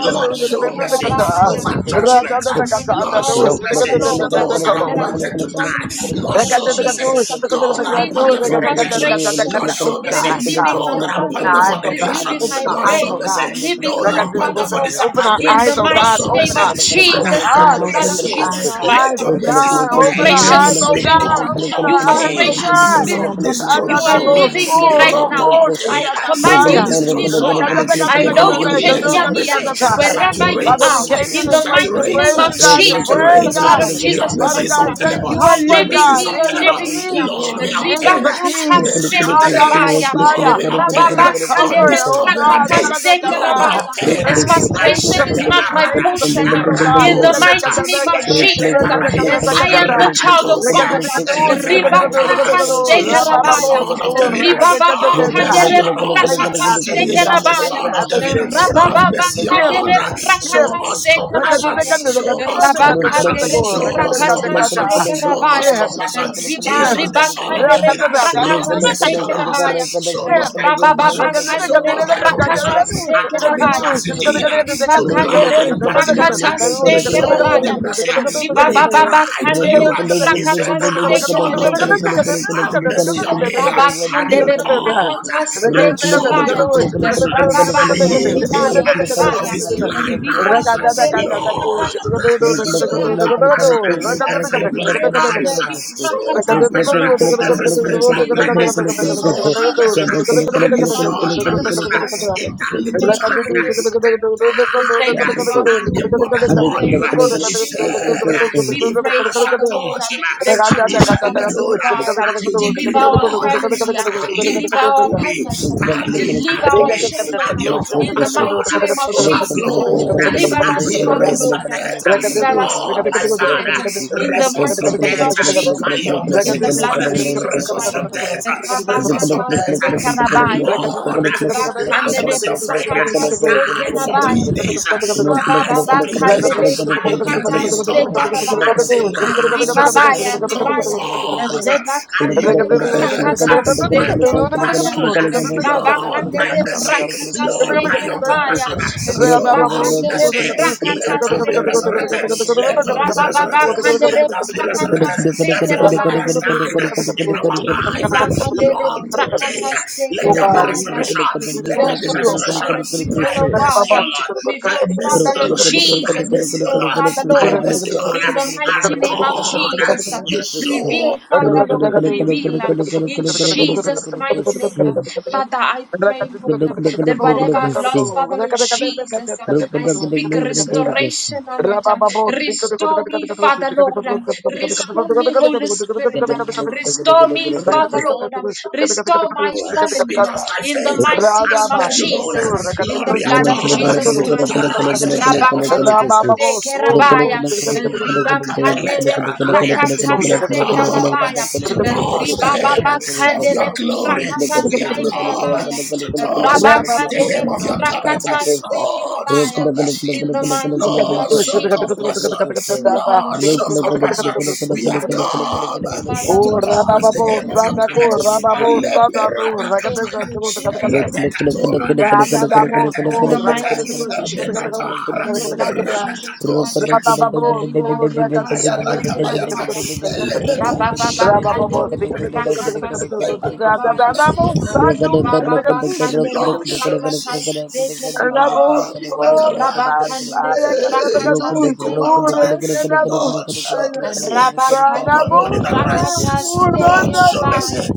[SPEAKER 2] Lord, show mercy
[SPEAKER 4] rabaya.
[SPEAKER 2] over judgment.
[SPEAKER 4] Every
[SPEAKER 2] Uh,
[SPEAKER 3] you.
[SPEAKER 4] demonic
[SPEAKER 2] Lord,
[SPEAKER 3] Rock,
[SPEAKER 2] show
[SPEAKER 4] powers,
[SPEAKER 2] mercy.
[SPEAKER 4] Father Lord, uh,
[SPEAKER 2] Those that are
[SPEAKER 4] that are
[SPEAKER 2] appointed to die,
[SPEAKER 4] controlling me,
[SPEAKER 2] Lord,
[SPEAKER 1] Open
[SPEAKER 4] Father
[SPEAKER 1] our
[SPEAKER 4] Lord
[SPEAKER 2] show
[SPEAKER 1] eyes, God.
[SPEAKER 2] mercy.
[SPEAKER 4] Jesus, um,
[SPEAKER 2] Those
[SPEAKER 4] to
[SPEAKER 2] that are
[SPEAKER 4] lead me
[SPEAKER 2] appointed
[SPEAKER 4] to
[SPEAKER 2] for
[SPEAKER 1] Open
[SPEAKER 2] rejection,
[SPEAKER 4] frustration.
[SPEAKER 2] Lord,
[SPEAKER 4] um,
[SPEAKER 2] show
[SPEAKER 4] It is
[SPEAKER 2] mercy.
[SPEAKER 4] leaving
[SPEAKER 2] Those
[SPEAKER 4] my
[SPEAKER 2] that are
[SPEAKER 4] body,
[SPEAKER 1] our
[SPEAKER 2] appointed for
[SPEAKER 1] eyes,
[SPEAKER 4] it
[SPEAKER 1] oh
[SPEAKER 4] is
[SPEAKER 1] God.
[SPEAKER 2] neglection,
[SPEAKER 4] leaving my
[SPEAKER 1] Open our
[SPEAKER 2] Lord,
[SPEAKER 1] eyes,
[SPEAKER 4] brain,
[SPEAKER 2] show
[SPEAKER 1] oh God. Open our eyes, oh
[SPEAKER 4] it
[SPEAKER 2] mercy.
[SPEAKER 1] God.
[SPEAKER 4] is leaving
[SPEAKER 2] Those
[SPEAKER 4] me,
[SPEAKER 2] that are
[SPEAKER 4] Father
[SPEAKER 2] appointed for
[SPEAKER 4] Lord, uh,
[SPEAKER 1] Open our
[SPEAKER 4] in
[SPEAKER 2] disappointment,
[SPEAKER 1] eyes,
[SPEAKER 4] the
[SPEAKER 1] oh
[SPEAKER 2] Lord,
[SPEAKER 1] God.
[SPEAKER 4] mighty
[SPEAKER 2] show
[SPEAKER 1] Open
[SPEAKER 4] name
[SPEAKER 2] mercy.
[SPEAKER 4] of
[SPEAKER 1] our eyes, oh
[SPEAKER 2] Father,
[SPEAKER 6] Yes,
[SPEAKER 4] Jesus,
[SPEAKER 1] God.
[SPEAKER 4] in
[SPEAKER 2] have
[SPEAKER 6] God,
[SPEAKER 4] the blood
[SPEAKER 6] open
[SPEAKER 4] of
[SPEAKER 6] my
[SPEAKER 2] mercy.
[SPEAKER 1] Open
[SPEAKER 6] eyes
[SPEAKER 4] Jesus
[SPEAKER 1] our
[SPEAKER 6] up
[SPEAKER 2] Let let
[SPEAKER 4] Christ.
[SPEAKER 1] eyes,
[SPEAKER 2] your
[SPEAKER 1] oh
[SPEAKER 2] mercy
[SPEAKER 4] You
[SPEAKER 1] God.
[SPEAKER 2] spread
[SPEAKER 6] in
[SPEAKER 1] Open
[SPEAKER 6] the
[SPEAKER 4] frustration
[SPEAKER 6] name of
[SPEAKER 3] Thank
[SPEAKER 2] We
[SPEAKER 4] spirit,
[SPEAKER 6] Jesus.
[SPEAKER 2] come
[SPEAKER 4] um,
[SPEAKER 2] to
[SPEAKER 4] you
[SPEAKER 1] our eyes,
[SPEAKER 2] obtain
[SPEAKER 4] frustration
[SPEAKER 6] Come on,
[SPEAKER 2] from
[SPEAKER 6] mama.
[SPEAKER 4] spirit, um,
[SPEAKER 2] this throne
[SPEAKER 4] you are
[SPEAKER 2] zone.
[SPEAKER 4] leaving me
[SPEAKER 2] We
[SPEAKER 4] right
[SPEAKER 2] come
[SPEAKER 4] now.
[SPEAKER 2] to obtain
[SPEAKER 4] I command
[SPEAKER 2] from
[SPEAKER 4] you to
[SPEAKER 2] this throne
[SPEAKER 4] leave me.
[SPEAKER 2] zone.
[SPEAKER 4] um, I know
[SPEAKER 2] Lord,
[SPEAKER 4] you can
[SPEAKER 2] let
[SPEAKER 1] oh
[SPEAKER 4] hear
[SPEAKER 2] your
[SPEAKER 4] me um,
[SPEAKER 2] mercy
[SPEAKER 1] God.
[SPEAKER 4] wherever you
[SPEAKER 2] saturate,
[SPEAKER 1] Father, we
[SPEAKER 4] are.
[SPEAKER 1] came to
[SPEAKER 4] In
[SPEAKER 1] this
[SPEAKER 4] the
[SPEAKER 1] place to
[SPEAKER 4] mighty
[SPEAKER 2] saturate,
[SPEAKER 4] name
[SPEAKER 1] praise
[SPEAKER 4] of
[SPEAKER 1] you, God, to
[SPEAKER 4] Jesus,
[SPEAKER 1] pray,
[SPEAKER 4] in
[SPEAKER 2] saturate.
[SPEAKER 4] the blood of
[SPEAKER 1] God.
[SPEAKER 2] Your
[SPEAKER 4] Jesus
[SPEAKER 2] mercy
[SPEAKER 1] Father
[SPEAKER 2] is
[SPEAKER 4] Christ,
[SPEAKER 1] God,
[SPEAKER 4] um,
[SPEAKER 1] bring
[SPEAKER 2] obtainable.
[SPEAKER 4] you are
[SPEAKER 2] Your
[SPEAKER 1] comfort,
[SPEAKER 4] leaving
[SPEAKER 2] mercy
[SPEAKER 1] God.
[SPEAKER 2] is
[SPEAKER 4] me. You are
[SPEAKER 1] Angels of
[SPEAKER 2] obtainable.
[SPEAKER 4] leaving me.
[SPEAKER 1] peace.
[SPEAKER 4] um,
[SPEAKER 2] Lord, we
[SPEAKER 1] Angels
[SPEAKER 2] obtain
[SPEAKER 1] of
[SPEAKER 4] Ribakata
[SPEAKER 1] peace.
[SPEAKER 2] mercy today.
[SPEAKER 4] sekerabaya,
[SPEAKER 2] Lord,
[SPEAKER 1] Andabusaya.
[SPEAKER 2] we obtain
[SPEAKER 1] Angels of
[SPEAKER 2] on
[SPEAKER 4] rababakandere
[SPEAKER 1] comfort.
[SPEAKER 2] this
[SPEAKER 3] you.
[SPEAKER 1] Oh
[SPEAKER 2] covenant
[SPEAKER 1] God.
[SPEAKER 4] brakata
[SPEAKER 2] day.
[SPEAKER 1] Yakadakata.
[SPEAKER 2] Lord, we
[SPEAKER 4] sekerabaya.
[SPEAKER 3] Thank
[SPEAKER 2] obtain uh,
[SPEAKER 4] As
[SPEAKER 1] Release
[SPEAKER 2] and
[SPEAKER 1] angels
[SPEAKER 4] frustration
[SPEAKER 2] set
[SPEAKER 1] of
[SPEAKER 4] is
[SPEAKER 2] the
[SPEAKER 1] peace.
[SPEAKER 4] not my
[SPEAKER 2] parada,
[SPEAKER 1] Angels of
[SPEAKER 4] portion, um,
[SPEAKER 1] peace. Oh God.
[SPEAKER 4] in
[SPEAKER 2] arato
[SPEAKER 4] the
[SPEAKER 2] shata,
[SPEAKER 4] mighty name of
[SPEAKER 1] Yakadakadakadusha.
[SPEAKER 2] ekete
[SPEAKER 4] Jesus. um,
[SPEAKER 2] paradia,
[SPEAKER 4] As I am
[SPEAKER 1] Yakadakadakadakada.
[SPEAKER 4] the child of
[SPEAKER 2] rakatosia,
[SPEAKER 4] God, um,
[SPEAKER 1] Yakadakadusha.
[SPEAKER 2] eleveranata,
[SPEAKER 4] Ribakata
[SPEAKER 1] Yakadakadakadakadakada.
[SPEAKER 2] Jesus, the
[SPEAKER 4] Sekarabaya,
[SPEAKER 2] son of
[SPEAKER 1] Rabababusu.
[SPEAKER 2] David,
[SPEAKER 4] Ribababa
[SPEAKER 2] uh, have
[SPEAKER 1] Yakadakadakada.
[SPEAKER 2] mercy
[SPEAKER 4] Kandere
[SPEAKER 2] on us.
[SPEAKER 1] Change
[SPEAKER 2] uh,
[SPEAKER 1] the
[SPEAKER 4] Brakata
[SPEAKER 1] atmosphere,
[SPEAKER 2] Jesus,
[SPEAKER 1] God.
[SPEAKER 2] the
[SPEAKER 1] Change
[SPEAKER 4] Sekarabaya,
[SPEAKER 2] son
[SPEAKER 1] the
[SPEAKER 2] of David,
[SPEAKER 1] atmosphere.
[SPEAKER 2] uh,
[SPEAKER 1] Shift
[SPEAKER 2] have
[SPEAKER 1] it.
[SPEAKER 2] mercy
[SPEAKER 1] Shift
[SPEAKER 4] Rabababakandere
[SPEAKER 2] on
[SPEAKER 1] it.
[SPEAKER 2] us. uh, Show
[SPEAKER 4] brakata
[SPEAKER 2] us
[SPEAKER 4] steke
[SPEAKER 1] Shift
[SPEAKER 2] compassion,
[SPEAKER 4] rabaya.
[SPEAKER 2] show us compassion,
[SPEAKER 4] Rabakandere
[SPEAKER 3] you. Rock
[SPEAKER 2] show us
[SPEAKER 4] brakata
[SPEAKER 1] it.
[SPEAKER 2] compassion,
[SPEAKER 4] steke
[SPEAKER 2] show
[SPEAKER 4] rabaya.
[SPEAKER 2] us
[SPEAKER 1] Shift.
[SPEAKER 2] compassion.
[SPEAKER 4] Riba
[SPEAKER 1] Yes.
[SPEAKER 2] Jesus, the son of
[SPEAKER 4] ribakandere
[SPEAKER 2] David, uh, have
[SPEAKER 4] brakata
[SPEAKER 2] mercy on
[SPEAKER 4] steke
[SPEAKER 2] us. uh,
[SPEAKER 4] rabaya.
[SPEAKER 2] Show Show us thy compassion. Show
[SPEAKER 4] Rabababakandere
[SPEAKER 2] us thy compassion
[SPEAKER 4] brakata steke
[SPEAKER 2] according to
[SPEAKER 4] rabaya.
[SPEAKER 2] as you did uh, to
[SPEAKER 4] Ribakandere
[SPEAKER 2] blind Bartimaeus. uh,
[SPEAKER 4] brakata
[SPEAKER 2] You
[SPEAKER 4] steke
[SPEAKER 2] showed him
[SPEAKER 4] rabaya.
[SPEAKER 2] mercy uh, when he cried to you.
[SPEAKER 4] Ribabababakandere
[SPEAKER 2] uh, He said,
[SPEAKER 4] brakata
[SPEAKER 2] Thou
[SPEAKER 4] steke
[SPEAKER 2] son of
[SPEAKER 4] rebela.
[SPEAKER 2] David, uh, have mercy on me.
[SPEAKER 3] Thank
[SPEAKER 2] uh, And you
[SPEAKER 4] Rabakandere
[SPEAKER 2] turned uh,
[SPEAKER 4] brakatas de
[SPEAKER 2] and showed your
[SPEAKER 4] karabaya,
[SPEAKER 2] compassion uh, and
[SPEAKER 4] rababaya,
[SPEAKER 2] healed him
[SPEAKER 4] ribaya,
[SPEAKER 2] uh, of
[SPEAKER 4] ribaya,
[SPEAKER 2] his blind eyes.
[SPEAKER 4] ribakandere
[SPEAKER 2] Lord,
[SPEAKER 4] brakatas
[SPEAKER 2] uh,
[SPEAKER 4] de
[SPEAKER 2] show
[SPEAKER 4] karabaya.
[SPEAKER 2] compassion every blind
[SPEAKER 4] Ribakanerebaya,
[SPEAKER 2] eyes,
[SPEAKER 1] Rakadada
[SPEAKER 2] show
[SPEAKER 1] Thank
[SPEAKER 4] ribrakatas de
[SPEAKER 2] compassion, every
[SPEAKER 4] karabaya.
[SPEAKER 2] spiritual
[SPEAKER 4] In the
[SPEAKER 2] blindness,
[SPEAKER 4] mighty name of
[SPEAKER 2] show compassion,
[SPEAKER 4] Jesus, in
[SPEAKER 2] and
[SPEAKER 4] the
[SPEAKER 2] you
[SPEAKER 4] blood of
[SPEAKER 2] showed
[SPEAKER 4] Jesus
[SPEAKER 2] compassion
[SPEAKER 4] Christ,
[SPEAKER 2] in that
[SPEAKER 4] we
[SPEAKER 2] little
[SPEAKER 4] thank you,
[SPEAKER 2] child
[SPEAKER 4] Holy
[SPEAKER 2] that
[SPEAKER 4] Spirit. We
[SPEAKER 2] died,
[SPEAKER 4] thank you, Father
[SPEAKER 2] and the
[SPEAKER 4] Lord.
[SPEAKER 2] mother
[SPEAKER 4] We
[SPEAKER 2] called
[SPEAKER 4] thank
[SPEAKER 2] you.
[SPEAKER 4] you, Lord
[SPEAKER 2] He said,
[SPEAKER 4] Jesus. We
[SPEAKER 2] If
[SPEAKER 4] pray,
[SPEAKER 2] thou shalt
[SPEAKER 4] Father Lord,
[SPEAKER 2] touch
[SPEAKER 4] um,
[SPEAKER 2] him,
[SPEAKER 4] that you
[SPEAKER 2] and he shall be
[SPEAKER 4] deliver
[SPEAKER 2] made
[SPEAKER 4] us, oh
[SPEAKER 2] whole,
[SPEAKER 4] God. um,
[SPEAKER 2] and you
[SPEAKER 4] Deliver
[SPEAKER 2] decree the
[SPEAKER 4] our
[SPEAKER 2] word,
[SPEAKER 4] family. um, Deliver
[SPEAKER 2] Talita
[SPEAKER 4] our
[SPEAKER 2] Kubi,
[SPEAKER 4] partners. um,
[SPEAKER 2] Talita
[SPEAKER 4] Deliver our
[SPEAKER 2] Kubi,
[SPEAKER 4] children.
[SPEAKER 2] and
[SPEAKER 4] um,
[SPEAKER 2] your
[SPEAKER 4] In the
[SPEAKER 3] you.
[SPEAKER 2] compassion
[SPEAKER 4] mighty mighty name of
[SPEAKER 3] Thank
[SPEAKER 4] Jesus.
[SPEAKER 2] overflowed,
[SPEAKER 4] Deliver
[SPEAKER 2] and he
[SPEAKER 4] us, Father
[SPEAKER 1] you.
[SPEAKER 2] raised from
[SPEAKER 4] Lord.
[SPEAKER 2] death.
[SPEAKER 4] Deliver
[SPEAKER 1] Regadedush,
[SPEAKER 4] us,
[SPEAKER 2] Lord,
[SPEAKER 4] Holy
[SPEAKER 2] my
[SPEAKER 4] Spirit.
[SPEAKER 2] Father,
[SPEAKER 4] In the
[SPEAKER 2] Resource
[SPEAKER 4] mighty
[SPEAKER 2] from
[SPEAKER 4] name
[SPEAKER 2] death
[SPEAKER 4] of
[SPEAKER 2] uh, by
[SPEAKER 4] Jesus.
[SPEAKER 2] your mercy
[SPEAKER 4] In the
[SPEAKER 2] this
[SPEAKER 4] blood
[SPEAKER 2] morning.
[SPEAKER 4] of Jesus
[SPEAKER 2] Resource from death.
[SPEAKER 4] Christ.
[SPEAKER 2] uh, Resource from
[SPEAKER 4] Rabakata
[SPEAKER 2] death. uh, And
[SPEAKER 4] sekarabai.
[SPEAKER 2] Lord, uh,
[SPEAKER 4] Ribakandere
[SPEAKER 2] Lazarus, your friend, uh,
[SPEAKER 4] brakata
[SPEAKER 2] died for three
[SPEAKER 4] sekerabaya.
[SPEAKER 2] days. uh, Died for
[SPEAKER 4] Rababa
[SPEAKER 2] three days. uh,
[SPEAKER 4] kandere
[SPEAKER 2] And you came
[SPEAKER 4] rakata
[SPEAKER 2] to his tomb uh,
[SPEAKER 4] sekarabaya.
[SPEAKER 2] and said, Lazarus, uh,
[SPEAKER 4] Ribabaya
[SPEAKER 2] come
[SPEAKER 4] ribaya.
[SPEAKER 2] forth.
[SPEAKER 3] you.
[SPEAKER 2] uh,
[SPEAKER 4] Reba
[SPEAKER 3] Rock
[SPEAKER 2] And you
[SPEAKER 4] kandere
[SPEAKER 2] wept
[SPEAKER 4] rakata
[SPEAKER 2] uh, by
[SPEAKER 4] sekarabaya.
[SPEAKER 2] compassion. uh, Lord, by
[SPEAKER 4] Rabakandere
[SPEAKER 2] mercy.
[SPEAKER 4] rakata
[SPEAKER 2] Lord, by your
[SPEAKER 1] Regadedush,
[SPEAKER 4] sekarabaya.
[SPEAKER 2] compassion. uh,
[SPEAKER 1] Oh God,
[SPEAKER 2] Show us
[SPEAKER 4] Ribakandere
[SPEAKER 2] mercy.
[SPEAKER 4] rakata
[SPEAKER 2] Let us be resurrected.
[SPEAKER 4] sekarabaya.
[SPEAKER 2] Let us be
[SPEAKER 4] Rababa
[SPEAKER 2] resurrected.
[SPEAKER 4] kandere
[SPEAKER 2] Let us be
[SPEAKER 4] rakata
[SPEAKER 2] resurrected. Everything that has
[SPEAKER 4] sekarabaya.
[SPEAKER 2] died in our life,
[SPEAKER 4] Ribakandere
[SPEAKER 2] Lord, today,
[SPEAKER 4] brakata
[SPEAKER 2] let there be
[SPEAKER 1] we
[SPEAKER 4] sekarabaya.
[SPEAKER 1] thank
[SPEAKER 2] resurrection.
[SPEAKER 1] you, we
[SPEAKER 2] Let
[SPEAKER 4] Prevail,
[SPEAKER 2] there be
[SPEAKER 1] bless you,
[SPEAKER 4] Holy
[SPEAKER 1] oh
[SPEAKER 2] resurrection.
[SPEAKER 4] Spirit, prevail,
[SPEAKER 2] By
[SPEAKER 4] O God.
[SPEAKER 2] mercy, O
[SPEAKER 1] God.
[SPEAKER 2] Lord. By
[SPEAKER 4] Prevail,
[SPEAKER 3] Rook
[SPEAKER 2] mercy,
[SPEAKER 4] Father,
[SPEAKER 2] O
[SPEAKER 4] Lord
[SPEAKER 2] Lord. By
[SPEAKER 4] Jesus.
[SPEAKER 2] mercy, O
[SPEAKER 4] Prevail,
[SPEAKER 2] Lord.
[SPEAKER 4] Father,
[SPEAKER 2] By
[SPEAKER 4] Lord.
[SPEAKER 2] mercy, Lord.
[SPEAKER 4] In the
[SPEAKER 2] And
[SPEAKER 4] mighty name of
[SPEAKER 2] God,
[SPEAKER 4] Jesus.
[SPEAKER 2] you saw
[SPEAKER 4] Prevail, Father, Lord. Prevail. In Jesus' mighty name. Father, I pray, Lord, that whatever I've lost, Father, Lord Jesus, I speak restoration on
[SPEAKER 1] Rabba
[SPEAKER 4] it. Restore me, Father, Lord. restore Restore me, Holy Spirit. Restore me, Father Lord. Restore my family
[SPEAKER 2] because thy
[SPEAKER 4] in the
[SPEAKER 2] faith
[SPEAKER 4] mighty
[SPEAKER 2] has
[SPEAKER 4] name of
[SPEAKER 2] made you whole.
[SPEAKER 4] Jesus, in
[SPEAKER 2] Lord,
[SPEAKER 4] the
[SPEAKER 2] we
[SPEAKER 3] Look!
[SPEAKER 2] have
[SPEAKER 4] blood of
[SPEAKER 2] come
[SPEAKER 4] Jesus
[SPEAKER 2] to
[SPEAKER 4] Christ.
[SPEAKER 2] touch the hem of your
[SPEAKER 4] Rabakata
[SPEAKER 2] garments.
[SPEAKER 4] seke rabaya, ribakandere prakata
[SPEAKER 2] We have
[SPEAKER 4] seke
[SPEAKER 2] come
[SPEAKER 4] rabaya,
[SPEAKER 2] to touch the hem of
[SPEAKER 4] ribababakandere
[SPEAKER 2] your glory.
[SPEAKER 4] prakata
[SPEAKER 2] We have
[SPEAKER 4] seke
[SPEAKER 2] come
[SPEAKER 4] rabaya,
[SPEAKER 2] to touch the
[SPEAKER 4] rabakandere
[SPEAKER 2] hem of your covenant.
[SPEAKER 4] prakata seke
[SPEAKER 2] Lord,
[SPEAKER 4] rabaya,
[SPEAKER 2] show mercy.
[SPEAKER 4] in the
[SPEAKER 1] Oh,
[SPEAKER 4] mighty name of
[SPEAKER 2] Lord, show
[SPEAKER 4] Jesus,
[SPEAKER 2] compassion.
[SPEAKER 4] in the blood of
[SPEAKER 2] Lord, show
[SPEAKER 4] Jesus
[SPEAKER 2] compassion.
[SPEAKER 4] Christ.
[SPEAKER 2] We have
[SPEAKER 4] We thank
[SPEAKER 2] come
[SPEAKER 4] you, Father,
[SPEAKER 2] to
[SPEAKER 4] Holy
[SPEAKER 2] touch the
[SPEAKER 4] Spirit.
[SPEAKER 2] hem of your
[SPEAKER 4] We
[SPEAKER 2] covenant.
[SPEAKER 4] thank you, Father, Lord. We thank you, Lord
[SPEAKER 3] Rock
[SPEAKER 4] Jesus. We thank you, Lord. In the mighty name of Jesus, in the blood of Jesus Christ, Ribakata
[SPEAKER 2] Ayadakabayata.
[SPEAKER 4] Sekerabaya, the
[SPEAKER 2] Elebeku.
[SPEAKER 4] Rabababakandere Prakata Sekerabaya, the Ribababakandere
[SPEAKER 2] Lord, mercy.
[SPEAKER 4] Prakata
[SPEAKER 1] Rabosaya
[SPEAKER 4] Sekerabaya,
[SPEAKER 2] Ah,
[SPEAKER 4] the
[SPEAKER 2] Minakabaya.
[SPEAKER 4] Rabakandere
[SPEAKER 2] Hey,
[SPEAKER 4] Prakata
[SPEAKER 1] Katakatus,
[SPEAKER 2] Maliko Barata.
[SPEAKER 1] Uren
[SPEAKER 4] Sekerabaya.
[SPEAKER 1] and Abus,
[SPEAKER 2] Lord, show mercy upon
[SPEAKER 4] Rabakandere
[SPEAKER 2] money that rise.
[SPEAKER 1] Ranabosa,
[SPEAKER 4] prakatas teke
[SPEAKER 2] Lord, show
[SPEAKER 1] Uranatus,
[SPEAKER 2] mercy
[SPEAKER 4] rabaya.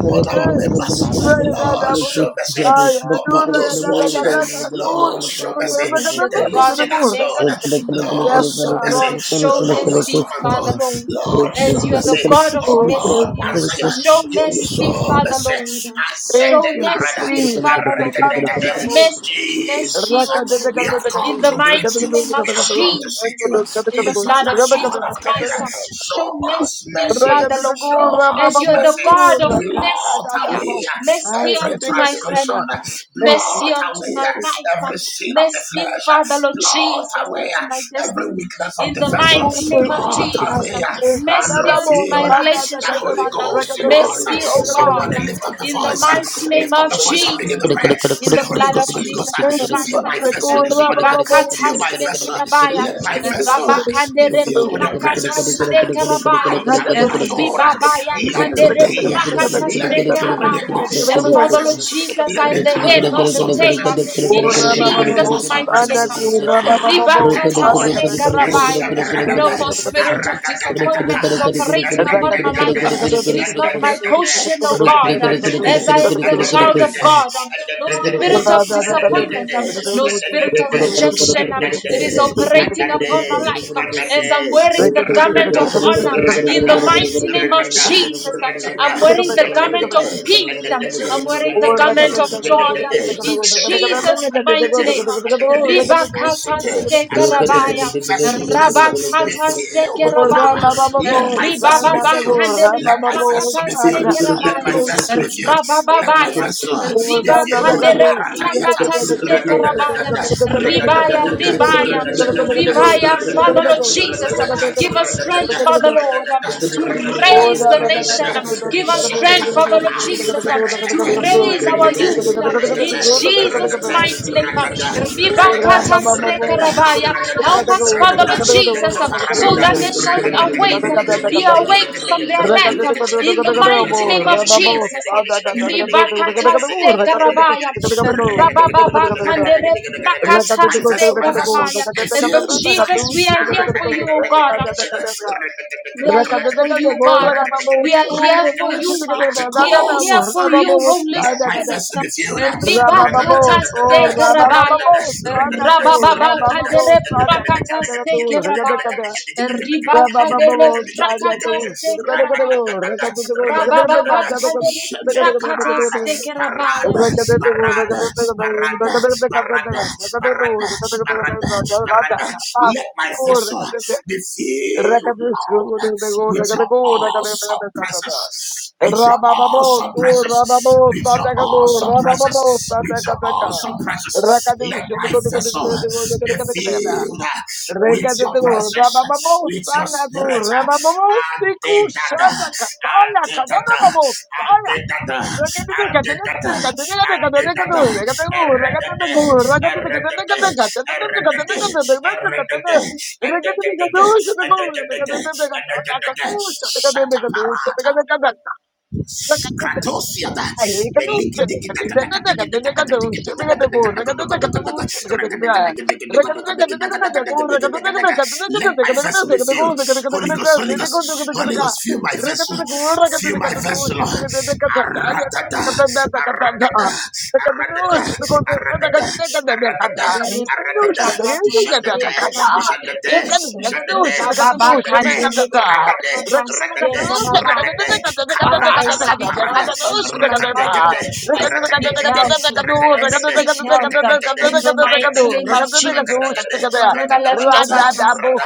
[SPEAKER 3] Thank
[SPEAKER 2] our
[SPEAKER 4] Yes,
[SPEAKER 2] members.
[SPEAKER 4] Father Lord,
[SPEAKER 1] Rayadataya,
[SPEAKER 2] Lord, show mercy upon
[SPEAKER 4] my
[SPEAKER 2] those watching.
[SPEAKER 4] spiritual life.
[SPEAKER 1] Nurayadakatus,
[SPEAKER 2] Lord, show mercy.
[SPEAKER 4] As you are the
[SPEAKER 2] The
[SPEAKER 4] God of
[SPEAKER 2] listeners, Lord.
[SPEAKER 4] mercy,
[SPEAKER 1] Yes,
[SPEAKER 2] Lord, show
[SPEAKER 1] God.
[SPEAKER 2] mercy.
[SPEAKER 4] Lord, show
[SPEAKER 2] Those that will just
[SPEAKER 4] mercy,
[SPEAKER 2] come and go.
[SPEAKER 4] Father Lord,
[SPEAKER 2] Lord, show
[SPEAKER 4] as you are the
[SPEAKER 2] mercy
[SPEAKER 4] God of
[SPEAKER 1] Oh, thank
[SPEAKER 2] upon
[SPEAKER 4] mercy.
[SPEAKER 1] you,
[SPEAKER 2] Messiah.
[SPEAKER 1] Jesus.
[SPEAKER 4] Show
[SPEAKER 2] You will
[SPEAKER 4] mercy,
[SPEAKER 2] show
[SPEAKER 4] Father
[SPEAKER 2] mercy.
[SPEAKER 4] Lord.
[SPEAKER 2] I said
[SPEAKER 1] Thank
[SPEAKER 2] the
[SPEAKER 4] Show
[SPEAKER 1] you,
[SPEAKER 2] parada.
[SPEAKER 4] mercy,
[SPEAKER 1] Jesus.
[SPEAKER 4] Father Lord.
[SPEAKER 1] Atatabo.
[SPEAKER 4] Mercy, mercy,
[SPEAKER 2] Jesus.
[SPEAKER 4] O Lord.
[SPEAKER 2] We have come
[SPEAKER 4] In
[SPEAKER 1] Rakadadakadakadakadus,
[SPEAKER 4] the
[SPEAKER 2] to greet
[SPEAKER 4] mighty
[SPEAKER 2] you.
[SPEAKER 4] name of
[SPEAKER 2] We have
[SPEAKER 1] rakadakadakadakadakadus,
[SPEAKER 2] come to seek
[SPEAKER 4] Jesus,
[SPEAKER 2] you.
[SPEAKER 4] in the
[SPEAKER 1] rakadakadakadakadus,
[SPEAKER 2] Jesus,
[SPEAKER 4] blood
[SPEAKER 2] the
[SPEAKER 4] of
[SPEAKER 2] Son
[SPEAKER 4] Jesus
[SPEAKER 2] of David,
[SPEAKER 4] Christ,
[SPEAKER 1] rakadakadakadakadus,
[SPEAKER 4] show
[SPEAKER 2] show
[SPEAKER 1] Thank
[SPEAKER 2] us
[SPEAKER 4] mercy,
[SPEAKER 2] mercy.
[SPEAKER 4] Father Lord,
[SPEAKER 2] Show
[SPEAKER 4] as
[SPEAKER 2] us
[SPEAKER 4] you are the God
[SPEAKER 2] mercy.
[SPEAKER 4] of
[SPEAKER 2] Blot
[SPEAKER 4] mercy.
[SPEAKER 2] away
[SPEAKER 4] Mercy
[SPEAKER 2] every
[SPEAKER 4] unto my
[SPEAKER 2] transgression.
[SPEAKER 1] you.
[SPEAKER 4] family.
[SPEAKER 2] Blot
[SPEAKER 4] Mercy unto
[SPEAKER 2] away
[SPEAKER 4] my life.
[SPEAKER 2] every sin of the
[SPEAKER 4] Mercy, Father
[SPEAKER 2] flesh.
[SPEAKER 4] Lord
[SPEAKER 2] Blot
[SPEAKER 4] Jesus,
[SPEAKER 2] away
[SPEAKER 4] unto my
[SPEAKER 2] every
[SPEAKER 4] destiny
[SPEAKER 2] weakness of
[SPEAKER 4] in
[SPEAKER 2] the
[SPEAKER 4] the
[SPEAKER 2] vessel.
[SPEAKER 1] Oh,
[SPEAKER 4] mighty name
[SPEAKER 1] thank
[SPEAKER 4] of
[SPEAKER 1] you,
[SPEAKER 2] Blot
[SPEAKER 4] Jesus.
[SPEAKER 1] Father.
[SPEAKER 2] away
[SPEAKER 3] you.
[SPEAKER 1] Thank
[SPEAKER 2] and
[SPEAKER 4] Mercy unto my
[SPEAKER 2] reveal the
[SPEAKER 4] relationship,
[SPEAKER 2] Holy
[SPEAKER 4] Father.
[SPEAKER 2] Ghost in us.
[SPEAKER 4] Mercy, O God,
[SPEAKER 2] Somebody lift up the
[SPEAKER 4] in the
[SPEAKER 2] voice.
[SPEAKER 4] mighty name
[SPEAKER 2] Lift up
[SPEAKER 4] of
[SPEAKER 2] the voice and
[SPEAKER 3] Ruk
[SPEAKER 2] begin to
[SPEAKER 4] Jesus,
[SPEAKER 2] pray.
[SPEAKER 4] in
[SPEAKER 2] Say,
[SPEAKER 4] the
[SPEAKER 2] Holy
[SPEAKER 4] blood of
[SPEAKER 2] Ghost, Holy
[SPEAKER 4] Jesus
[SPEAKER 2] Ghost.
[SPEAKER 1] Thank you,
[SPEAKER 4] Christ.
[SPEAKER 2] Fill my vessel this morning. uh,
[SPEAKER 4] Ribakata
[SPEAKER 2] Fill my vessel.
[SPEAKER 4] sekerabaya,
[SPEAKER 2] Let my vessel uh, be
[SPEAKER 4] rabakandere
[SPEAKER 2] filled with the
[SPEAKER 4] brakata
[SPEAKER 2] presence. I
[SPEAKER 4] sekerabaya,
[SPEAKER 2] come in at
[SPEAKER 4] ribabaya
[SPEAKER 2] Let
[SPEAKER 4] kandere
[SPEAKER 2] today, uh,
[SPEAKER 4] brakata
[SPEAKER 2] let me carry the
[SPEAKER 4] sekerabaya. As
[SPEAKER 2] awesome
[SPEAKER 4] Father, Lord
[SPEAKER 2] presence.
[SPEAKER 4] Jesus,
[SPEAKER 2] Let
[SPEAKER 4] I am
[SPEAKER 2] me
[SPEAKER 4] the
[SPEAKER 1] Father.
[SPEAKER 2] carry
[SPEAKER 4] head,
[SPEAKER 2] the
[SPEAKER 4] not the
[SPEAKER 2] awesome
[SPEAKER 4] tail.
[SPEAKER 2] presence.
[SPEAKER 4] In
[SPEAKER 2] Let
[SPEAKER 1] Rekete
[SPEAKER 2] me carry the
[SPEAKER 4] Jesus'
[SPEAKER 2] awesome
[SPEAKER 4] mighty name.
[SPEAKER 2] presence. Ah, kakatoy.
[SPEAKER 4] Ribakatastekarabaya. No
[SPEAKER 2] Eshabaradada.
[SPEAKER 4] more spirit of disappointment is
[SPEAKER 2] Aragadadadada.
[SPEAKER 4] operating upon my life.
[SPEAKER 2] Adadadada.
[SPEAKER 4] It is not my portion, O God, as I am the child of God. No
[SPEAKER 3] Thank
[SPEAKER 4] spirit of
[SPEAKER 2] I
[SPEAKER 4] disappointment, no spirit of rejection. It is operating upon my life as I'm wearing the garment of honor in the mighty name of Jesus. I'm wearing the garment of peace. I'm wearing the garment of joy in Jesus' mighty name. Ribakata
[SPEAKER 2] said, I said,
[SPEAKER 4] Sekerabaya.
[SPEAKER 2] vessel, vessel, be
[SPEAKER 4] Rabakata
[SPEAKER 2] filled with
[SPEAKER 1] Ora
[SPEAKER 2] power.
[SPEAKER 4] Sekerabaya.
[SPEAKER 1] baba
[SPEAKER 2] Let
[SPEAKER 1] babos,
[SPEAKER 2] my vessel be
[SPEAKER 1] ana da
[SPEAKER 2] filled.
[SPEAKER 1] gorra
[SPEAKER 4] Ribababakandere
[SPEAKER 2] Let
[SPEAKER 1] baba
[SPEAKER 2] my
[SPEAKER 1] babos,
[SPEAKER 4] Brakata
[SPEAKER 2] vessel be
[SPEAKER 1] ana
[SPEAKER 2] filled.
[SPEAKER 1] da
[SPEAKER 2] Let
[SPEAKER 4] Sekerabaya.
[SPEAKER 2] my
[SPEAKER 1] babos.
[SPEAKER 2] vessel be
[SPEAKER 3] you.
[SPEAKER 2] filled. Let my
[SPEAKER 3] Thank
[SPEAKER 4] Rabababaya.
[SPEAKER 2] vessel.
[SPEAKER 1] ora
[SPEAKER 2] They
[SPEAKER 1] da da
[SPEAKER 2] feel
[SPEAKER 1] da
[SPEAKER 2] the field
[SPEAKER 1] da.
[SPEAKER 2] of
[SPEAKER 4] Ribakandere
[SPEAKER 1] ora
[SPEAKER 2] maratayata.
[SPEAKER 4] Brakata Sekerabaya.
[SPEAKER 2] Ra-da-da-da-da-da.
[SPEAKER 4] Ribaya,
[SPEAKER 2] Ra-da-da-da-da-da.
[SPEAKER 4] Ribaya,
[SPEAKER 2] Ra-da-da-da-da-da.
[SPEAKER 4] Ribaya, Father
[SPEAKER 2] Ra-da-da-da.
[SPEAKER 4] Lord Jesus.
[SPEAKER 2] Ra-da-da-da.
[SPEAKER 4] Give us strength,
[SPEAKER 2] Ra-da-da-da.
[SPEAKER 4] Father Lord,
[SPEAKER 2] Ra-da-da-da.
[SPEAKER 4] to
[SPEAKER 2] Ra-da-da-da.
[SPEAKER 4] raise the nation.
[SPEAKER 2] Ra-da-da-da.
[SPEAKER 4] Give us strength, Father Lord Jesus, uh, to
[SPEAKER 2] Berekete,
[SPEAKER 4] raise our
[SPEAKER 2] berekete,
[SPEAKER 4] youth uh, in
[SPEAKER 2] berekete,
[SPEAKER 4] Jesus'
[SPEAKER 1] da
[SPEAKER 2] berekete,
[SPEAKER 1] da
[SPEAKER 4] mighty name. uh,
[SPEAKER 2] radada, radada,
[SPEAKER 4] Ribakata
[SPEAKER 2] radada,
[SPEAKER 4] Sekarabaya.
[SPEAKER 2] radada,
[SPEAKER 4] Help us, Father
[SPEAKER 2] radada,
[SPEAKER 4] Lord Jesus,
[SPEAKER 2] deke
[SPEAKER 4] uh, so
[SPEAKER 1] da.
[SPEAKER 2] paranada, rakata,
[SPEAKER 1] ora
[SPEAKER 4] that they shall awake, uh,
[SPEAKER 2] rakata,
[SPEAKER 4] be
[SPEAKER 1] Oh,
[SPEAKER 4] awake from their nap uh,
[SPEAKER 1] Rabababos,
[SPEAKER 4] in the mighty name of Jesus. uh, Ribakata Sekarabaya.
[SPEAKER 2] rakata, rakata,
[SPEAKER 4] Rabababa
[SPEAKER 2] rakata,
[SPEAKER 4] Kandere
[SPEAKER 2] rakata, rakata,
[SPEAKER 4] Rakata
[SPEAKER 2] my vessel, my vessel,
[SPEAKER 4] Sekarabaya.
[SPEAKER 2] be
[SPEAKER 4] As
[SPEAKER 2] filled
[SPEAKER 4] Lord
[SPEAKER 2] with
[SPEAKER 4] Jesus, we are
[SPEAKER 2] fire.
[SPEAKER 4] here for you, O God. um, we are here for you, God. We are here for you.
[SPEAKER 2] Like a
[SPEAKER 4] We are
[SPEAKER 2] coals
[SPEAKER 4] here
[SPEAKER 2] of
[SPEAKER 4] for
[SPEAKER 2] fire,
[SPEAKER 4] you, Holy
[SPEAKER 2] let my
[SPEAKER 4] Spirit.
[SPEAKER 2] vessel be filled.
[SPEAKER 4] Ribakata seke rabaya. Rabababakandere prakata seke rabaya. Ribakandere
[SPEAKER 1] Rababos,
[SPEAKER 4] prakata seke rabaya. Rabababakandere
[SPEAKER 2] Shut up,
[SPEAKER 4] prakata
[SPEAKER 2] parada.
[SPEAKER 4] seke rabaya.
[SPEAKER 2] Parada, parada, parada, parada, parada, parada, parada. Let my vessel be filled, Lord, with your awesome presence, with your awesome presence, with your awesome presence, with your awesome awesome presence. Let my vessel be filled uh, with your
[SPEAKER 1] Rekatatabos,
[SPEAKER 2] presence, uh, with your spirit.
[SPEAKER 1] Sanabu,
[SPEAKER 2] uh,
[SPEAKER 1] Rababos, Siku,
[SPEAKER 2] Adedada,
[SPEAKER 1] Shanda, Kataya,
[SPEAKER 2] adedada,
[SPEAKER 1] Kadanabos, Saya,
[SPEAKER 2] adedada, adedada, adedada, eregede, eregede, eregede, eregede, edededede, edededede, edededede,
[SPEAKER 1] Recatetica,
[SPEAKER 2] Kratosiata,
[SPEAKER 1] Rekadus,
[SPEAKER 2] Meliki Dikitaka. let my vessel be filled. Holy Ghost, Holy Ghost, Holy Ghost, fill my vessel, fill my vessel. Aradada, aradada, aradada, aradada, aradada,
[SPEAKER 4] Ere
[SPEAKER 2] aradada,
[SPEAKER 4] prakata seke rabaya.
[SPEAKER 2] jadada, jadada, Jadade, Jadade, Ragade,
[SPEAKER 1] Rakadusha,
[SPEAKER 2] Ragade,
[SPEAKER 4] Ribababakandiribrakatasvekarabaya.
[SPEAKER 2] Ragade,
[SPEAKER 4] Father, I
[SPEAKER 2] Karata
[SPEAKER 4] speak
[SPEAKER 2] Kaparada,
[SPEAKER 4] health unto my body.
[SPEAKER 2] Rakadegade,
[SPEAKER 4] I speak
[SPEAKER 2] Rakadegade,
[SPEAKER 4] health. I
[SPEAKER 2] Rakadegade,
[SPEAKER 4] speak health
[SPEAKER 2] Rakadegade,
[SPEAKER 4] in the mighty name
[SPEAKER 2] Rakadegade,
[SPEAKER 4] of Jesus.
[SPEAKER 2] Rakadegade,
[SPEAKER 4] Whatever
[SPEAKER 2] Rakadabalata,
[SPEAKER 4] leftovers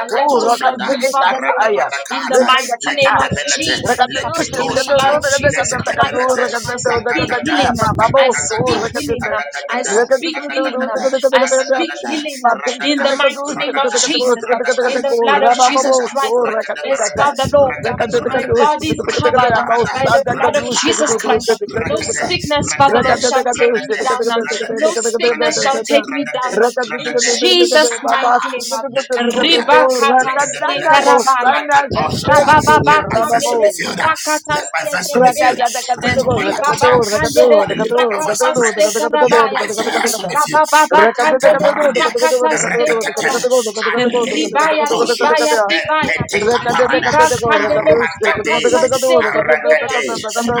[SPEAKER 4] are left on my womb, Father Lord, in the
[SPEAKER 2] Radabalakata,
[SPEAKER 4] mighty name of
[SPEAKER 2] Lekadebelete,
[SPEAKER 4] Jesus, in the
[SPEAKER 2] Leketoshata,
[SPEAKER 4] blood of Jesus Christ,
[SPEAKER 2] Lekadebelete,
[SPEAKER 4] I
[SPEAKER 2] da da
[SPEAKER 4] speak
[SPEAKER 2] da da
[SPEAKER 4] healing.
[SPEAKER 2] da da
[SPEAKER 4] I
[SPEAKER 2] da da
[SPEAKER 4] speak healing.
[SPEAKER 2] da da da
[SPEAKER 4] I
[SPEAKER 2] da da
[SPEAKER 4] speak
[SPEAKER 2] da da da
[SPEAKER 4] healing.
[SPEAKER 2] da
[SPEAKER 4] I
[SPEAKER 2] da
[SPEAKER 4] speak
[SPEAKER 2] Ragada,
[SPEAKER 4] healing
[SPEAKER 1] Ba-
[SPEAKER 4] uh,
[SPEAKER 1] kung siya
[SPEAKER 4] in the
[SPEAKER 1] kata- kata-
[SPEAKER 4] mighty name
[SPEAKER 1] kata-
[SPEAKER 4] of
[SPEAKER 2] ragada,
[SPEAKER 1] kata- kata- kata- kata-
[SPEAKER 2] ragada,
[SPEAKER 4] Jesus, uh,
[SPEAKER 1] kata- kata- kata- kata-
[SPEAKER 2] ragada,
[SPEAKER 1] kata-
[SPEAKER 4] in the blood of
[SPEAKER 1] kata-
[SPEAKER 2] ragada,
[SPEAKER 4] Jesus
[SPEAKER 2] ragada,
[SPEAKER 4] Christ. uh,
[SPEAKER 1] kata- kata-
[SPEAKER 4] As
[SPEAKER 2] ragada,
[SPEAKER 1] kata-
[SPEAKER 4] Father Lord, uh,
[SPEAKER 1] Rakadaka
[SPEAKER 2] ragada,
[SPEAKER 4] my body is
[SPEAKER 2] ragada,
[SPEAKER 4] covered uh,
[SPEAKER 2] ragada,
[SPEAKER 4] by the blood
[SPEAKER 2] ragada,
[SPEAKER 4] of Jesus
[SPEAKER 2] ragada,
[SPEAKER 4] Christ. uh, No
[SPEAKER 2] Rakade,
[SPEAKER 4] sickness, Father
[SPEAKER 2] Rakade,
[SPEAKER 4] Lord, shall take me
[SPEAKER 2] Radade,
[SPEAKER 4] down. um,
[SPEAKER 2] Radade,
[SPEAKER 4] No sickness
[SPEAKER 2] Radade,
[SPEAKER 4] shall take me
[SPEAKER 2] Radade,
[SPEAKER 4] down. um, In
[SPEAKER 2] Radade,
[SPEAKER 4] Jesus'
[SPEAKER 2] Shata,
[SPEAKER 4] mighty name. um,
[SPEAKER 2] Mekatoriana,
[SPEAKER 4] Ribakata
[SPEAKER 2] Rakade Belade,
[SPEAKER 4] sekarabaya.
[SPEAKER 2] Rakatoshata. Let my vessel be
[SPEAKER 4] Rabababakandere
[SPEAKER 2] filled.
[SPEAKER 4] brakata
[SPEAKER 2] Let my vessel be filled.
[SPEAKER 4] sekelebeya.
[SPEAKER 2] Retobalakota.
[SPEAKER 4] Ribabakandere
[SPEAKER 2] Somebody lift up your voice
[SPEAKER 4] brakata
[SPEAKER 2] and pray. Let
[SPEAKER 4] sekarabaya.
[SPEAKER 2] my vessel be filled.
[SPEAKER 4] Rabababa kandele
[SPEAKER 2] Akatabarabia.
[SPEAKER 4] brakata sekerabaya.
[SPEAKER 2] Rakate.
[SPEAKER 4] Ribaya,
[SPEAKER 2] Tekatoshia,
[SPEAKER 4] ribaya, ribaya.
[SPEAKER 1] Rekadete
[SPEAKER 2] Epetekaparada,
[SPEAKER 4] Riba kandele
[SPEAKER 2] Aratade,
[SPEAKER 4] brakata sekerebeya.
[SPEAKER 2] Aratade,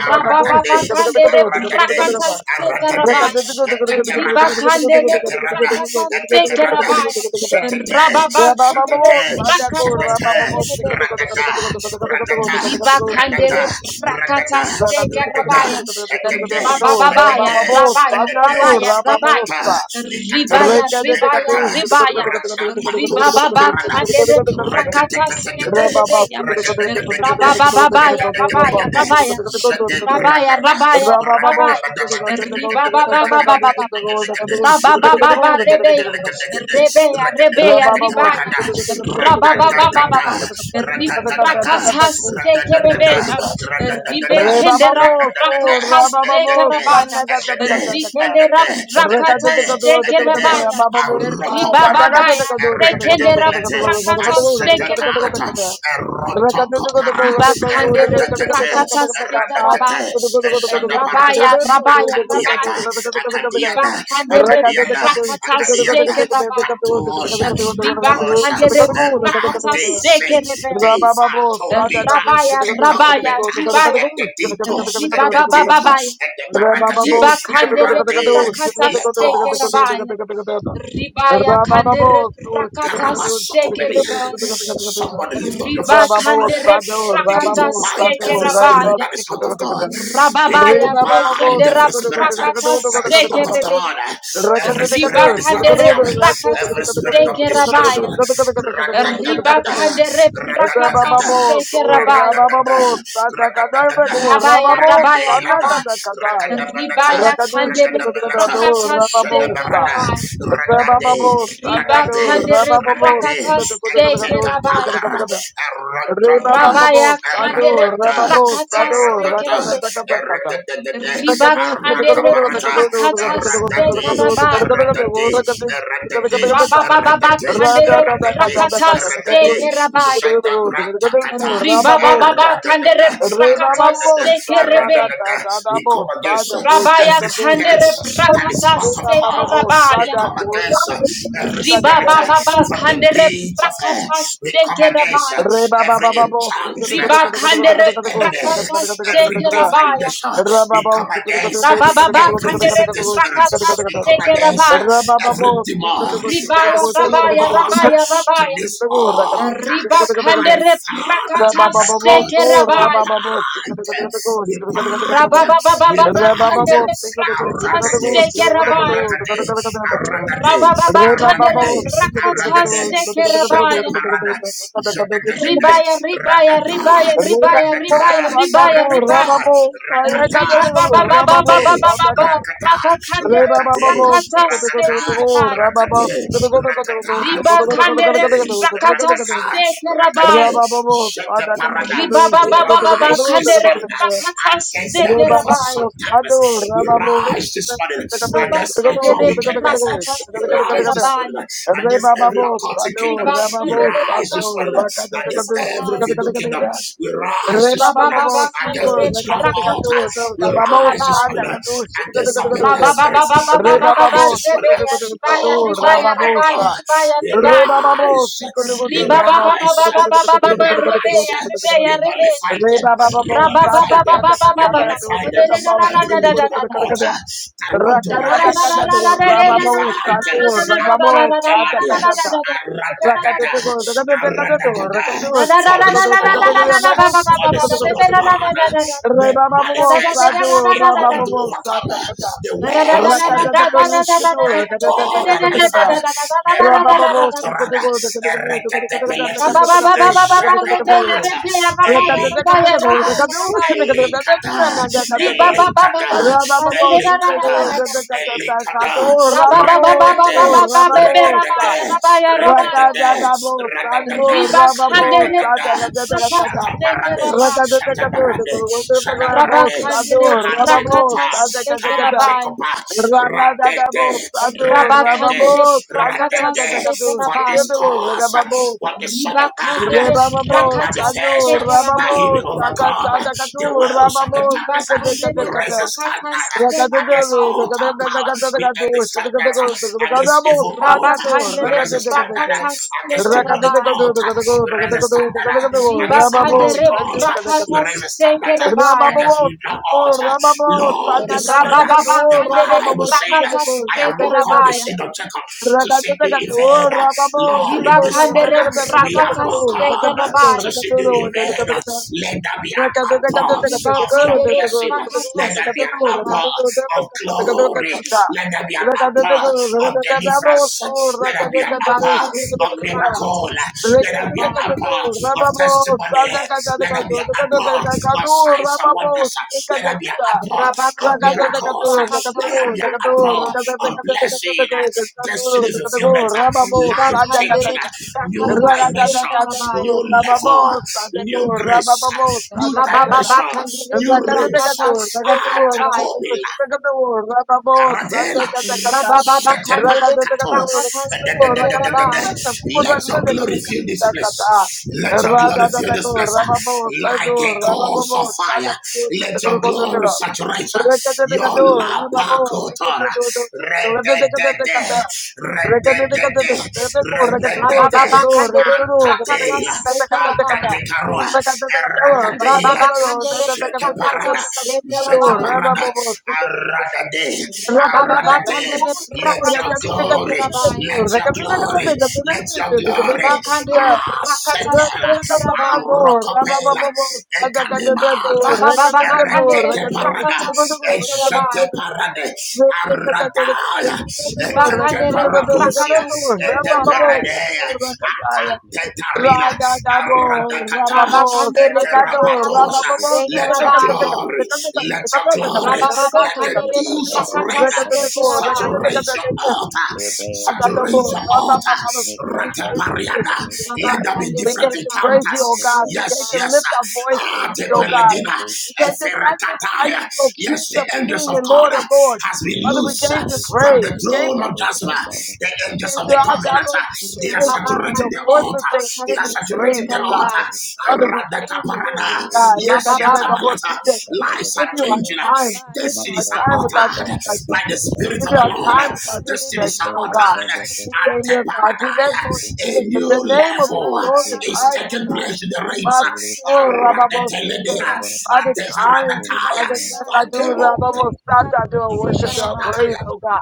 [SPEAKER 2] Aratade,
[SPEAKER 4] Rabababa kandele
[SPEAKER 2] Aratade,
[SPEAKER 4] brakata
[SPEAKER 2] Aratade,
[SPEAKER 4] sekerabaya. Riba
[SPEAKER 2] Ekaterada,
[SPEAKER 4] kandele
[SPEAKER 2] Ekaterada,
[SPEAKER 4] brakata
[SPEAKER 2] Ekaterada,
[SPEAKER 4] sekerabaya.
[SPEAKER 2] Shatate,
[SPEAKER 4] Rababa kandele
[SPEAKER 2] Shatate,
[SPEAKER 4] brakata
[SPEAKER 2] Shatate,
[SPEAKER 4] sekerebeya.
[SPEAKER 2] Radada, Radada, Radada,
[SPEAKER 4] Ribakandere prakata
[SPEAKER 2] Radada,
[SPEAKER 4] steke rabaya.
[SPEAKER 2] Radada, Ikata,
[SPEAKER 4] Rabababaya, rabaya, rabaya, rabaya.
[SPEAKER 2] ikata,
[SPEAKER 4] Ribaya, ribaya,
[SPEAKER 2] ikata,
[SPEAKER 4] ribaya.
[SPEAKER 2] rakapato soparada,
[SPEAKER 4] Ribababakandere prakata
[SPEAKER 2] rekatekateke,
[SPEAKER 4] steke rebeya.
[SPEAKER 1] Rababos,
[SPEAKER 2] rekatekateke,
[SPEAKER 4] Rababababaya, rabaya,
[SPEAKER 2] rekatekateke,
[SPEAKER 4] rabaya.
[SPEAKER 2] zede
[SPEAKER 4] Rabaya,
[SPEAKER 2] bradada,
[SPEAKER 4] rabaya,
[SPEAKER 2] bradada
[SPEAKER 4] rabaya.
[SPEAKER 2] bada bada gede gede bada gede gede gede
[SPEAKER 4] Ribabababababa.
[SPEAKER 2] gede gede, regede
[SPEAKER 4] Rabababa
[SPEAKER 2] gede gede gede
[SPEAKER 4] rebeya.
[SPEAKER 2] gede gede,
[SPEAKER 4] Rebeya,
[SPEAKER 2] regede
[SPEAKER 4] Rebeya,
[SPEAKER 2] gede gede
[SPEAKER 4] Ribaya,
[SPEAKER 2] barada. Ra-da-da-da-da.
[SPEAKER 4] Rabababababa,
[SPEAKER 2] Ra-da-da-da-da.
[SPEAKER 4] Ribrakatas
[SPEAKER 2] Ra-da-da-da-da.
[SPEAKER 4] Sekerebeya,
[SPEAKER 2] Ra-da-da-da-da.
[SPEAKER 4] Ribekendera
[SPEAKER 2] Ra-da-da-da-da.
[SPEAKER 4] Brakatas
[SPEAKER 2] da da da
[SPEAKER 4] Sekerabaya,
[SPEAKER 2] And-da-da.
[SPEAKER 4] Rikendera
[SPEAKER 2] And-da-da. And-da-da.
[SPEAKER 4] Brakatas
[SPEAKER 2] And-da-da.
[SPEAKER 4] Sekerabaya,
[SPEAKER 2] Arotoparada.
[SPEAKER 4] Ribababaya, Rekendera
[SPEAKER 2] Erekadepelete.
[SPEAKER 4] Brakatas Sekerebeya.
[SPEAKER 2] Asetekata.
[SPEAKER 1] Rababo,
[SPEAKER 2] Erotokopara.
[SPEAKER 4] Ribakandere
[SPEAKER 2] Erekadete.
[SPEAKER 4] prakata
[SPEAKER 2] Erekadete.
[SPEAKER 4] sekarabaya.
[SPEAKER 2] Eshadaparata.
[SPEAKER 4] Rabaya, rabaya, rabaya.
[SPEAKER 2] Akatiata. Akatiata.
[SPEAKER 4] Ribakandere
[SPEAKER 2] Akatiata.
[SPEAKER 4] prakata
[SPEAKER 2] Akatiata.
[SPEAKER 4] sekarabaya.
[SPEAKER 2] Katosha, Katosha,
[SPEAKER 4] Ribakandere prakata
[SPEAKER 2] Padese,
[SPEAKER 4] sekerebaya.
[SPEAKER 2] Deva Tobita,
[SPEAKER 4] Rabaya, rabaya,
[SPEAKER 2] Ketobita, and
[SPEAKER 4] ribaya.
[SPEAKER 2] the Dito, and the
[SPEAKER 1] Father,
[SPEAKER 2] Dito,
[SPEAKER 4] Ribabababaya.
[SPEAKER 2] and the Paracate,
[SPEAKER 4] Ribakandere
[SPEAKER 2] and Rade,
[SPEAKER 4] prakata
[SPEAKER 2] letosita.
[SPEAKER 4] sekerabaya. Ribaya kandere prakata
[SPEAKER 2] Karabasokobeli.
[SPEAKER 4] sekerebaya.
[SPEAKER 2] Somebody lift up your voice this morning.
[SPEAKER 4] Ribakandere
[SPEAKER 2] Begin
[SPEAKER 4] prakata
[SPEAKER 2] to bind every spirit
[SPEAKER 4] sekerabaya.
[SPEAKER 2] that is not of God. Begin
[SPEAKER 4] Rababaya
[SPEAKER 2] to bind
[SPEAKER 4] rekendera
[SPEAKER 2] every spirit uh,
[SPEAKER 4] prakata
[SPEAKER 2] that is not of God.
[SPEAKER 4] sekerebaya.
[SPEAKER 2] uh, Every spirit that is not of
[SPEAKER 4] Ribakandere
[SPEAKER 2] Yahweh.
[SPEAKER 4] prakata
[SPEAKER 2] Every spirit of destruction.
[SPEAKER 4] sekerabaya.
[SPEAKER 2] Ra-da-da-da-da.
[SPEAKER 4] Ribakandere prakata
[SPEAKER 2] Ra-da-da-da-da.
[SPEAKER 1] Rababos, oh,
[SPEAKER 4] sekerabaya.
[SPEAKER 2] Ra-da-da-da-da.
[SPEAKER 1] Rababos, Sandakadaka,
[SPEAKER 2] Ra-da-da-da-da.
[SPEAKER 4] Rabaya,
[SPEAKER 1] Rababos,
[SPEAKER 4] rabaya, rabaya.
[SPEAKER 1] Sandakadakataya.
[SPEAKER 2] Ra-da-da-da-da.
[SPEAKER 4] Ribaya
[SPEAKER 1] Rakadish,
[SPEAKER 4] kandere
[SPEAKER 2] Ra-da-da-da-da. Ra-da-da-da-da.
[SPEAKER 4] prakata
[SPEAKER 1] Rababos, Rababos,
[SPEAKER 2] Shadabarada.
[SPEAKER 4] sekerabaya.
[SPEAKER 2] Ra-da-da.
[SPEAKER 1] Rababos, Anadu,
[SPEAKER 2] Radade,
[SPEAKER 4] Ribakandere
[SPEAKER 1] Rababos,
[SPEAKER 2] Radade,
[SPEAKER 4] prakata sekerabaya.
[SPEAKER 2] Etekapar, Eratata,
[SPEAKER 1] Rebababos,
[SPEAKER 4] Rabaya kandere
[SPEAKER 1] Adu,
[SPEAKER 2] Eratata,
[SPEAKER 1] Rababos,
[SPEAKER 4] prakata
[SPEAKER 1] Adu,
[SPEAKER 2] Eratata,
[SPEAKER 4] sekelebe.
[SPEAKER 1] Rakadakadakata.
[SPEAKER 2] Eratata,
[SPEAKER 4] Riba
[SPEAKER 1] Rakadish, Rakadish,
[SPEAKER 4] kandere
[SPEAKER 2] Arataparata,
[SPEAKER 1] Rakadish,
[SPEAKER 4] prakata
[SPEAKER 1] Rakadish,
[SPEAKER 2] Eratade,
[SPEAKER 1] Rakadish,
[SPEAKER 4] sekarabaya.
[SPEAKER 1] Rakadish,
[SPEAKER 2] Eratade,
[SPEAKER 1] Rakadish,
[SPEAKER 2] Eratade,
[SPEAKER 1] Rakadish,
[SPEAKER 4] Rabababa
[SPEAKER 1] Re
[SPEAKER 2] Eratade,
[SPEAKER 4] kandere
[SPEAKER 2] Eratade,
[SPEAKER 4] prakata
[SPEAKER 2] Eratade,
[SPEAKER 4] sekerabaya.
[SPEAKER 2] Shadabratakata,
[SPEAKER 4] Ribababa kandere
[SPEAKER 2] Eratata,
[SPEAKER 4] prakata
[SPEAKER 2] Eratata,
[SPEAKER 4] sekerebe.
[SPEAKER 2] Eratata. We come against
[SPEAKER 4] Rabaya
[SPEAKER 2] every spirit
[SPEAKER 4] kandere
[SPEAKER 2] that is
[SPEAKER 4] prakata
[SPEAKER 2] not of God. We
[SPEAKER 4] sekarabaya.
[SPEAKER 2] come against uh, every spirit uh,
[SPEAKER 4] Ribababa
[SPEAKER 2] from the
[SPEAKER 4] kandere
[SPEAKER 2] pit of hell.
[SPEAKER 4] prakata
[SPEAKER 2] We come against uh,
[SPEAKER 4] sekerabaya.
[SPEAKER 2] every enchantment
[SPEAKER 4] Riba
[SPEAKER 2] uh, of
[SPEAKER 4] kandere
[SPEAKER 2] the enemy,
[SPEAKER 4] prakata
[SPEAKER 2] every
[SPEAKER 4] sekerabaya.
[SPEAKER 2] divination. We come against uh,
[SPEAKER 4] Rababa
[SPEAKER 2] every
[SPEAKER 4] kandere
[SPEAKER 2] visiting spirit.
[SPEAKER 4] rakata
[SPEAKER 2] We come
[SPEAKER 4] seke
[SPEAKER 2] against uh,
[SPEAKER 4] rabaya.
[SPEAKER 2] every demon that
[SPEAKER 4] Ribaya
[SPEAKER 2] has followed
[SPEAKER 4] rabaya
[SPEAKER 2] us uh,
[SPEAKER 4] rabaya
[SPEAKER 2] to
[SPEAKER 4] rabaya.
[SPEAKER 2] this altar.
[SPEAKER 4] Riba
[SPEAKER 2] My
[SPEAKER 4] kandere
[SPEAKER 2] Father
[SPEAKER 4] rakata
[SPEAKER 2] and my
[SPEAKER 1] Rababo,
[SPEAKER 2] God,
[SPEAKER 4] seke
[SPEAKER 2] we
[SPEAKER 4] rabaya.
[SPEAKER 2] bind, uh, we bind,
[SPEAKER 4] Rababa
[SPEAKER 2] we bind
[SPEAKER 4] kandere rakata
[SPEAKER 2] Aradade,
[SPEAKER 4] seke rabaya.
[SPEAKER 2] Aradade, Aradade,
[SPEAKER 4] Rababa kandere
[SPEAKER 2] Aradade,
[SPEAKER 4] rakata
[SPEAKER 2] Aradade,
[SPEAKER 4] seke
[SPEAKER 2] Shete
[SPEAKER 4] rabaya.
[SPEAKER 2] Parada, Shete de de,
[SPEAKER 4] Ribaya ribaya
[SPEAKER 2] Radada,
[SPEAKER 4] ribaya ribaya ribaya
[SPEAKER 2] Radada,
[SPEAKER 4] ribaya ribaya.
[SPEAKER 2] Radada, Rakata,
[SPEAKER 4] Ribaba baba baba
[SPEAKER 2] Rakate,
[SPEAKER 4] baba baba.
[SPEAKER 2] Rakata,
[SPEAKER 4] Rabakandere
[SPEAKER 2] Rakate,
[SPEAKER 4] rakata
[SPEAKER 2] Rakata,
[SPEAKER 4] seke rabaya.
[SPEAKER 2] Rakate, Rakata,
[SPEAKER 4] Riba kandere
[SPEAKER 2] Rakate,
[SPEAKER 4] prakata
[SPEAKER 2] Rakata,
[SPEAKER 4] steke
[SPEAKER 2] Rakate,
[SPEAKER 4] rabaya.
[SPEAKER 1] Rababo,
[SPEAKER 2] Shete Parada.
[SPEAKER 4] Riba ba
[SPEAKER 2] We
[SPEAKER 4] ba ba ba ba
[SPEAKER 2] rise this
[SPEAKER 4] kandere
[SPEAKER 2] morning
[SPEAKER 4] prakata
[SPEAKER 2] against
[SPEAKER 4] steke
[SPEAKER 2] every forces
[SPEAKER 4] rabaya.
[SPEAKER 2] of darkness. We rise this morning
[SPEAKER 4] Raba
[SPEAKER 2] against spiritual
[SPEAKER 4] kandere
[SPEAKER 2] wickedness.
[SPEAKER 4] prakata
[SPEAKER 2] We
[SPEAKER 4] steke
[SPEAKER 2] rise this
[SPEAKER 4] rabaya.
[SPEAKER 2] morning against every occultic kingdom.
[SPEAKER 4] Riba
[SPEAKER 2] We
[SPEAKER 4] kandere
[SPEAKER 2] rise this morning
[SPEAKER 4] prakata steke
[SPEAKER 2] against every
[SPEAKER 4] rabaya.
[SPEAKER 2] evil kingdom. We rise this
[SPEAKER 4] Raba
[SPEAKER 2] morning
[SPEAKER 4] ba ba
[SPEAKER 1] Rebababo,
[SPEAKER 2] against
[SPEAKER 1] Siko,
[SPEAKER 4] kandere
[SPEAKER 2] witchcraft
[SPEAKER 4] prakata
[SPEAKER 2] altar.
[SPEAKER 1] Rekatekato,
[SPEAKER 2] We
[SPEAKER 4] steke
[SPEAKER 1] Kababo,
[SPEAKER 2] rise this
[SPEAKER 4] rabaya.
[SPEAKER 1] Sada,
[SPEAKER 2] morning
[SPEAKER 1] Katu,
[SPEAKER 2] against submitted
[SPEAKER 4] Raba
[SPEAKER 1] Shukatakato,
[SPEAKER 4] ba ba ba ba
[SPEAKER 2] spirits. We
[SPEAKER 4] ba ba ba ba
[SPEAKER 2] rise
[SPEAKER 1] Rebababo,
[SPEAKER 2] this morning.
[SPEAKER 4] rebe
[SPEAKER 1] Siko,
[SPEAKER 4] ribaya
[SPEAKER 2] Oh God,
[SPEAKER 4] ribaya
[SPEAKER 2] my
[SPEAKER 4] ribaya
[SPEAKER 2] God,
[SPEAKER 1] Rababosa,
[SPEAKER 4] ribaya
[SPEAKER 2] we
[SPEAKER 4] ribaya
[SPEAKER 1] Rebababo,
[SPEAKER 2] rise,
[SPEAKER 1] Siko, Siko,
[SPEAKER 2] we
[SPEAKER 4] Riba ba ba ba ba
[SPEAKER 2] rise,
[SPEAKER 4] ba ba ba ba
[SPEAKER 2] we
[SPEAKER 4] ba
[SPEAKER 2] rise,
[SPEAKER 4] rebeya rebeya
[SPEAKER 2] we
[SPEAKER 4] rebeya.
[SPEAKER 2] nullify them, we
[SPEAKER 1] Rebababo,
[SPEAKER 4] Raba ba ba
[SPEAKER 1] Sada,
[SPEAKER 2] nullify
[SPEAKER 4] ba ba
[SPEAKER 2] them,
[SPEAKER 4] ba
[SPEAKER 2] we
[SPEAKER 4] ba ba ba
[SPEAKER 1] Katakatabo,
[SPEAKER 4] ba
[SPEAKER 2] nullify
[SPEAKER 4] ba
[SPEAKER 2] them.
[SPEAKER 4] na na na
[SPEAKER 2] Every
[SPEAKER 4] na na na
[SPEAKER 1] Siko,
[SPEAKER 2] witchcraft
[SPEAKER 4] na.
[SPEAKER 2] altar I want to
[SPEAKER 4] Ra ra ra
[SPEAKER 2] rise.
[SPEAKER 4] ra
[SPEAKER 1] Rakata,
[SPEAKER 4] ra ra
[SPEAKER 2] We
[SPEAKER 4] re re na na na
[SPEAKER 1] Rababo,
[SPEAKER 2] nullify them.
[SPEAKER 1] Sato,
[SPEAKER 4] na na na na ba ba ra
[SPEAKER 1] Rababo,
[SPEAKER 4] ra ra ra
[SPEAKER 1] Sada,
[SPEAKER 2] Akateladia.
[SPEAKER 4] ra ra
[SPEAKER 1] Katata.
[SPEAKER 4] ra ra.
[SPEAKER 1] Rababos,
[SPEAKER 2] Aradadada. Aradadada.
[SPEAKER 4] Ra ra ra ra ra ra ra
[SPEAKER 2] For this
[SPEAKER 4] ra
[SPEAKER 2] cause,
[SPEAKER 4] ra ba ba ba
[SPEAKER 2] for
[SPEAKER 4] ba
[SPEAKER 2] the
[SPEAKER 4] ba ba
[SPEAKER 2] Son
[SPEAKER 4] be
[SPEAKER 2] of
[SPEAKER 4] na na na na
[SPEAKER 2] Man,
[SPEAKER 4] na na.
[SPEAKER 2] made
[SPEAKER 4] Ra ra ra ra
[SPEAKER 2] manifest uh,
[SPEAKER 4] ra
[SPEAKER 2] in
[SPEAKER 4] ra ra ra ra.
[SPEAKER 2] order to overcome uh, the
[SPEAKER 4] Ra ra ra ra ra ra ra ra ra ra. Re re re re
[SPEAKER 2] wells of
[SPEAKER 4] re
[SPEAKER 2] the
[SPEAKER 4] re re re
[SPEAKER 2] darkness. My God and my Father,
[SPEAKER 4] re re re re re.
[SPEAKER 2] Merabatorana, Erekatepeleta,
[SPEAKER 4] Rabakhandere
[SPEAKER 2] Ejadabata, Elikata, Elikata, Elikata, Elikata, Elikata, Radadada, Radadada, Radadada,
[SPEAKER 1] Rakadadabo Sando
[SPEAKER 2] Radadada,
[SPEAKER 1] Rababo
[SPEAKER 2] Radadada,
[SPEAKER 1] Sadakadakata
[SPEAKER 2] Shata Barade, Shata
[SPEAKER 1] Rakadakadabo
[SPEAKER 2] Barade, Shata Barade,
[SPEAKER 1] Sando
[SPEAKER 2] Kaate
[SPEAKER 1] Rababo
[SPEAKER 2] Kopa,
[SPEAKER 1] Sadakadakata
[SPEAKER 2] Kaate Kopa, Radede,
[SPEAKER 1] Rakadadabo Sando
[SPEAKER 2] Radede,
[SPEAKER 1] Rababo
[SPEAKER 2] Radede,
[SPEAKER 1] Sadakadakatu
[SPEAKER 2] for this cause, uh,
[SPEAKER 1] Rababo
[SPEAKER 2] what the Son of Man uh, made
[SPEAKER 1] Rebabo
[SPEAKER 2] manifest,
[SPEAKER 1] Sando
[SPEAKER 2] uh, that he
[SPEAKER 1] Rababo
[SPEAKER 2] will overcome uh,
[SPEAKER 1] Sakatadakatu
[SPEAKER 2] the wills of the
[SPEAKER 1] Rababo
[SPEAKER 2] darkness. uh, We
[SPEAKER 4] Ribakhandere
[SPEAKER 2] raise
[SPEAKER 1] Sikadakata
[SPEAKER 2] a
[SPEAKER 4] prakata
[SPEAKER 2] standard uh, against
[SPEAKER 4] stekarabai.
[SPEAKER 2] all power. We end the standard uh, against evil altar. We
[SPEAKER 4] Rabakhandere
[SPEAKER 2] raise a standard
[SPEAKER 4] prakata
[SPEAKER 2] against demonic
[SPEAKER 4] stekarabai.
[SPEAKER 2] altar. We raise a standard uh, against a cultic
[SPEAKER 4] Ribakhandere
[SPEAKER 2] altar. We
[SPEAKER 4] prakata
[SPEAKER 2] raise a standard uh,
[SPEAKER 4] stekarabai.
[SPEAKER 2] against legal altar. Lord, this morning, uh, the
[SPEAKER 4] Rabababakhandere
[SPEAKER 2] Bible saying, uh,
[SPEAKER 4] prakata
[SPEAKER 2] I have not come the
[SPEAKER 4] stekarabai.
[SPEAKER 2] seed of Jacob to seek the event. uh, Lord, in this morning,
[SPEAKER 4] Ribakandere
[SPEAKER 2] uh, we have
[SPEAKER 4] prakata
[SPEAKER 2] not come uh,
[SPEAKER 4] stekarabai.
[SPEAKER 2] to seek the event. uh,
[SPEAKER 1] Rababos,
[SPEAKER 2] Let there be an outpour of your
[SPEAKER 4] Ribakhandere
[SPEAKER 2] blessing. uh,
[SPEAKER 4] prakata
[SPEAKER 2] Let there be an outpour
[SPEAKER 4] stekarabai.
[SPEAKER 2] of glory. Let there be an outpour of deliverance. Let there be an upper
[SPEAKER 4] Ribakhandere
[SPEAKER 2] of
[SPEAKER 1] Rakadaka
[SPEAKER 4] prakata
[SPEAKER 2] miracle. Let there be an
[SPEAKER 4] stekarabai.
[SPEAKER 2] upper of
[SPEAKER 1] Rababos,
[SPEAKER 2] testimony. Let there be
[SPEAKER 1] Sandakatakato,
[SPEAKER 2] an
[SPEAKER 1] the
[SPEAKER 2] upper of
[SPEAKER 1] Katakato,
[SPEAKER 2] signs and
[SPEAKER 1] Rababos,
[SPEAKER 2] wonders.
[SPEAKER 1] the
[SPEAKER 2] Let there be an
[SPEAKER 1] Katakata,
[SPEAKER 2] upper of
[SPEAKER 4] Rabakhandere
[SPEAKER 1] Rakatakato,
[SPEAKER 2] miracles.
[SPEAKER 1] the
[SPEAKER 4] prakata
[SPEAKER 2] Let there
[SPEAKER 1] Katato,
[SPEAKER 2] be
[SPEAKER 1] the
[SPEAKER 2] an
[SPEAKER 1] Kato, the
[SPEAKER 2] upper
[SPEAKER 4] stekarabai.
[SPEAKER 2] of
[SPEAKER 1] Katakatako,
[SPEAKER 2] blessing,
[SPEAKER 1] the Kato,
[SPEAKER 2] destiny
[SPEAKER 1] the Katako,
[SPEAKER 2] fulfillment,
[SPEAKER 1] Rababos,
[SPEAKER 4] Riba
[SPEAKER 2] life changing,
[SPEAKER 4] kandere
[SPEAKER 1] Sandakataka,
[SPEAKER 2] new
[SPEAKER 4] rakata
[SPEAKER 2] dimension,
[SPEAKER 4] steke
[SPEAKER 1] Rakatakatato,
[SPEAKER 4] rabai.
[SPEAKER 2] new level,
[SPEAKER 1] Rababos, Sadako,
[SPEAKER 2] new grace,
[SPEAKER 1] Rababos,
[SPEAKER 2] new
[SPEAKER 1] Sadakata.
[SPEAKER 4] Rababa
[SPEAKER 2] dimension,
[SPEAKER 4] kandere
[SPEAKER 2] new range.
[SPEAKER 4] rakata
[SPEAKER 1] Rakatatakatur,
[SPEAKER 4] steke
[SPEAKER 2] Ah,
[SPEAKER 1] rakatur,
[SPEAKER 4] rabai.
[SPEAKER 1] rakatur,
[SPEAKER 2] Takomila,
[SPEAKER 1] sitakatur, rakabos,
[SPEAKER 2] Karadela.
[SPEAKER 1] andakatakata.
[SPEAKER 4] Rababa kandere
[SPEAKER 2] Shetepakato.
[SPEAKER 1] Rakatakatur,
[SPEAKER 4] rakata
[SPEAKER 2] de
[SPEAKER 1] rakatatur,
[SPEAKER 4] steke rabai.
[SPEAKER 2] de
[SPEAKER 1] rakatatur,
[SPEAKER 2] Let your glory fill this
[SPEAKER 1] purakmadakatakata.
[SPEAKER 2] place. Let your glory fill this
[SPEAKER 1] Radadatakur,
[SPEAKER 2] place
[SPEAKER 1] rababos,
[SPEAKER 2] like a
[SPEAKER 1] tadur,
[SPEAKER 2] course of
[SPEAKER 1] rababos,
[SPEAKER 2] fire.
[SPEAKER 1] radakatur,
[SPEAKER 2] Let your glory
[SPEAKER 1] tatakurukotatara.
[SPEAKER 2] saturate
[SPEAKER 1] Rekatete
[SPEAKER 2] your lapa kotora. Red, red, Red, red, red, red,
[SPEAKER 4] Rababa
[SPEAKER 2] Rededede,
[SPEAKER 4] kandere rakata
[SPEAKER 2] Antadela,
[SPEAKER 4] steke rabai.
[SPEAKER 2] Antadekarua, Eradadela,
[SPEAKER 4] Ribaba kandere rakata
[SPEAKER 2] Jekeparada,
[SPEAKER 4] steke rabai.
[SPEAKER 2] Jekeparada, Aradade,
[SPEAKER 4] Rababa
[SPEAKER 2] Aradade.
[SPEAKER 4] kandere
[SPEAKER 2] Let
[SPEAKER 4] rakata
[SPEAKER 2] your
[SPEAKER 4] steke
[SPEAKER 2] glory,
[SPEAKER 4] rabai.
[SPEAKER 2] let your glory, let your
[SPEAKER 4] Riba
[SPEAKER 2] glory,
[SPEAKER 4] kandere
[SPEAKER 2] Ah,
[SPEAKER 1] Yes,
[SPEAKER 4] rakata
[SPEAKER 2] Setela,
[SPEAKER 4] steke rabai.
[SPEAKER 2] Arokopela, Ekanimata,
[SPEAKER 4] Rababa kandere
[SPEAKER 2] Eredeke
[SPEAKER 4] rakata
[SPEAKER 2] Parada,
[SPEAKER 4] steke rabai.
[SPEAKER 2] Eshete Parade, Aradaya, Ekete
[SPEAKER 4] Ribakandere brakata
[SPEAKER 2] Paracusia, Ete
[SPEAKER 4] stekerabai.
[SPEAKER 2] Peradea, Akate Tarila, Aradakata,
[SPEAKER 4] Rabakandere
[SPEAKER 2] Ete
[SPEAKER 4] brakata
[SPEAKER 2] Rapatosha. Let your
[SPEAKER 4] stekerabaya.
[SPEAKER 2] glory, let your glory, like a
[SPEAKER 4] Rabababakandere
[SPEAKER 2] dews of
[SPEAKER 4] brakata
[SPEAKER 2] rain, so
[SPEAKER 4] stekerabai.
[SPEAKER 2] Saturate your altar.
[SPEAKER 1] we came to
[SPEAKER 2] Saturate your altar.
[SPEAKER 1] worship
[SPEAKER 2] Rakapariana.
[SPEAKER 1] you, oh
[SPEAKER 2] Let
[SPEAKER 1] God.
[SPEAKER 2] there be
[SPEAKER 1] We
[SPEAKER 4] Rabakandere
[SPEAKER 2] different
[SPEAKER 1] came to praise you,
[SPEAKER 4] brakata
[SPEAKER 1] oh
[SPEAKER 2] encounters.
[SPEAKER 1] God. We came
[SPEAKER 2] Yes,
[SPEAKER 4] stekerabai.
[SPEAKER 1] to
[SPEAKER 2] yes.
[SPEAKER 1] lift our voice
[SPEAKER 2] Ah,
[SPEAKER 1] to
[SPEAKER 2] the
[SPEAKER 1] you, oh God.
[SPEAKER 2] Paladina.
[SPEAKER 1] We came to magnify
[SPEAKER 2] Eferakataya.
[SPEAKER 1] you, O King
[SPEAKER 2] Yes, the
[SPEAKER 1] of
[SPEAKER 2] angels
[SPEAKER 1] Kings
[SPEAKER 2] of
[SPEAKER 1] and
[SPEAKER 2] God
[SPEAKER 1] Lord
[SPEAKER 2] uh,
[SPEAKER 1] of Lords.
[SPEAKER 2] has been
[SPEAKER 1] Father, we
[SPEAKER 2] loose uh,
[SPEAKER 1] came to
[SPEAKER 2] from
[SPEAKER 1] pray.
[SPEAKER 2] the
[SPEAKER 1] We came
[SPEAKER 2] throne
[SPEAKER 1] to
[SPEAKER 2] of Jasper.
[SPEAKER 1] worship.
[SPEAKER 2] The
[SPEAKER 1] We
[SPEAKER 2] angels
[SPEAKER 1] came
[SPEAKER 2] of
[SPEAKER 1] to
[SPEAKER 2] the
[SPEAKER 1] our
[SPEAKER 2] covenant.
[SPEAKER 1] Bible
[SPEAKER 2] uh,
[SPEAKER 1] to
[SPEAKER 2] They are
[SPEAKER 1] enter into
[SPEAKER 2] saturating
[SPEAKER 1] your
[SPEAKER 2] the
[SPEAKER 4] Rababakandere
[SPEAKER 1] courts of
[SPEAKER 2] altar. They are
[SPEAKER 4] brakata
[SPEAKER 1] thanksgiving and
[SPEAKER 2] saturating in
[SPEAKER 1] praise,
[SPEAKER 2] the
[SPEAKER 1] oh God.
[SPEAKER 2] altar.
[SPEAKER 4] stekerabai.
[SPEAKER 1] Father, we came here,
[SPEAKER 2] Radakaparada.
[SPEAKER 1] Father God. We
[SPEAKER 2] Yes, Yakabalata.
[SPEAKER 1] came
[SPEAKER 4] Rabababakandere
[SPEAKER 1] to
[SPEAKER 2] Lives
[SPEAKER 1] give
[SPEAKER 2] are
[SPEAKER 4] brakata
[SPEAKER 1] you our
[SPEAKER 2] changing.
[SPEAKER 1] time, to
[SPEAKER 4] stekerabaya.
[SPEAKER 1] give you our
[SPEAKER 2] Destinies are
[SPEAKER 1] time without
[SPEAKER 2] altered by
[SPEAKER 1] distraction.
[SPEAKER 2] the Spirit
[SPEAKER 1] Give
[SPEAKER 2] of the
[SPEAKER 1] us
[SPEAKER 2] Lord.
[SPEAKER 1] time without
[SPEAKER 4] Ribababakandere
[SPEAKER 2] Destinies
[SPEAKER 1] distraction,
[SPEAKER 2] are
[SPEAKER 1] oh
[SPEAKER 4] brakata
[SPEAKER 1] God.
[SPEAKER 2] altered
[SPEAKER 1] We
[SPEAKER 2] at
[SPEAKER 1] came
[SPEAKER 4] stekerebe.
[SPEAKER 2] the
[SPEAKER 1] here, God, to that most
[SPEAKER 2] paradise. A
[SPEAKER 1] thing, that your
[SPEAKER 2] new
[SPEAKER 1] name will be
[SPEAKER 2] level is
[SPEAKER 1] glorified, oh
[SPEAKER 2] taking
[SPEAKER 1] God.
[SPEAKER 4] Rababababakandere
[SPEAKER 2] place in the realms.
[SPEAKER 1] Father,
[SPEAKER 4] brakata
[SPEAKER 1] Father,
[SPEAKER 4] stekerabai.
[SPEAKER 2] Radeteledia. At
[SPEAKER 1] if
[SPEAKER 2] the
[SPEAKER 1] you honor you,
[SPEAKER 4] Riba
[SPEAKER 2] Varadakaya.
[SPEAKER 1] Father, yes,
[SPEAKER 4] riba
[SPEAKER 1] I do,
[SPEAKER 4] riba
[SPEAKER 2] Vakemo
[SPEAKER 4] kande
[SPEAKER 1] Rababosata, I
[SPEAKER 4] rakata
[SPEAKER 1] do a worship, I
[SPEAKER 4] sekarabai.
[SPEAKER 1] praise, oh God.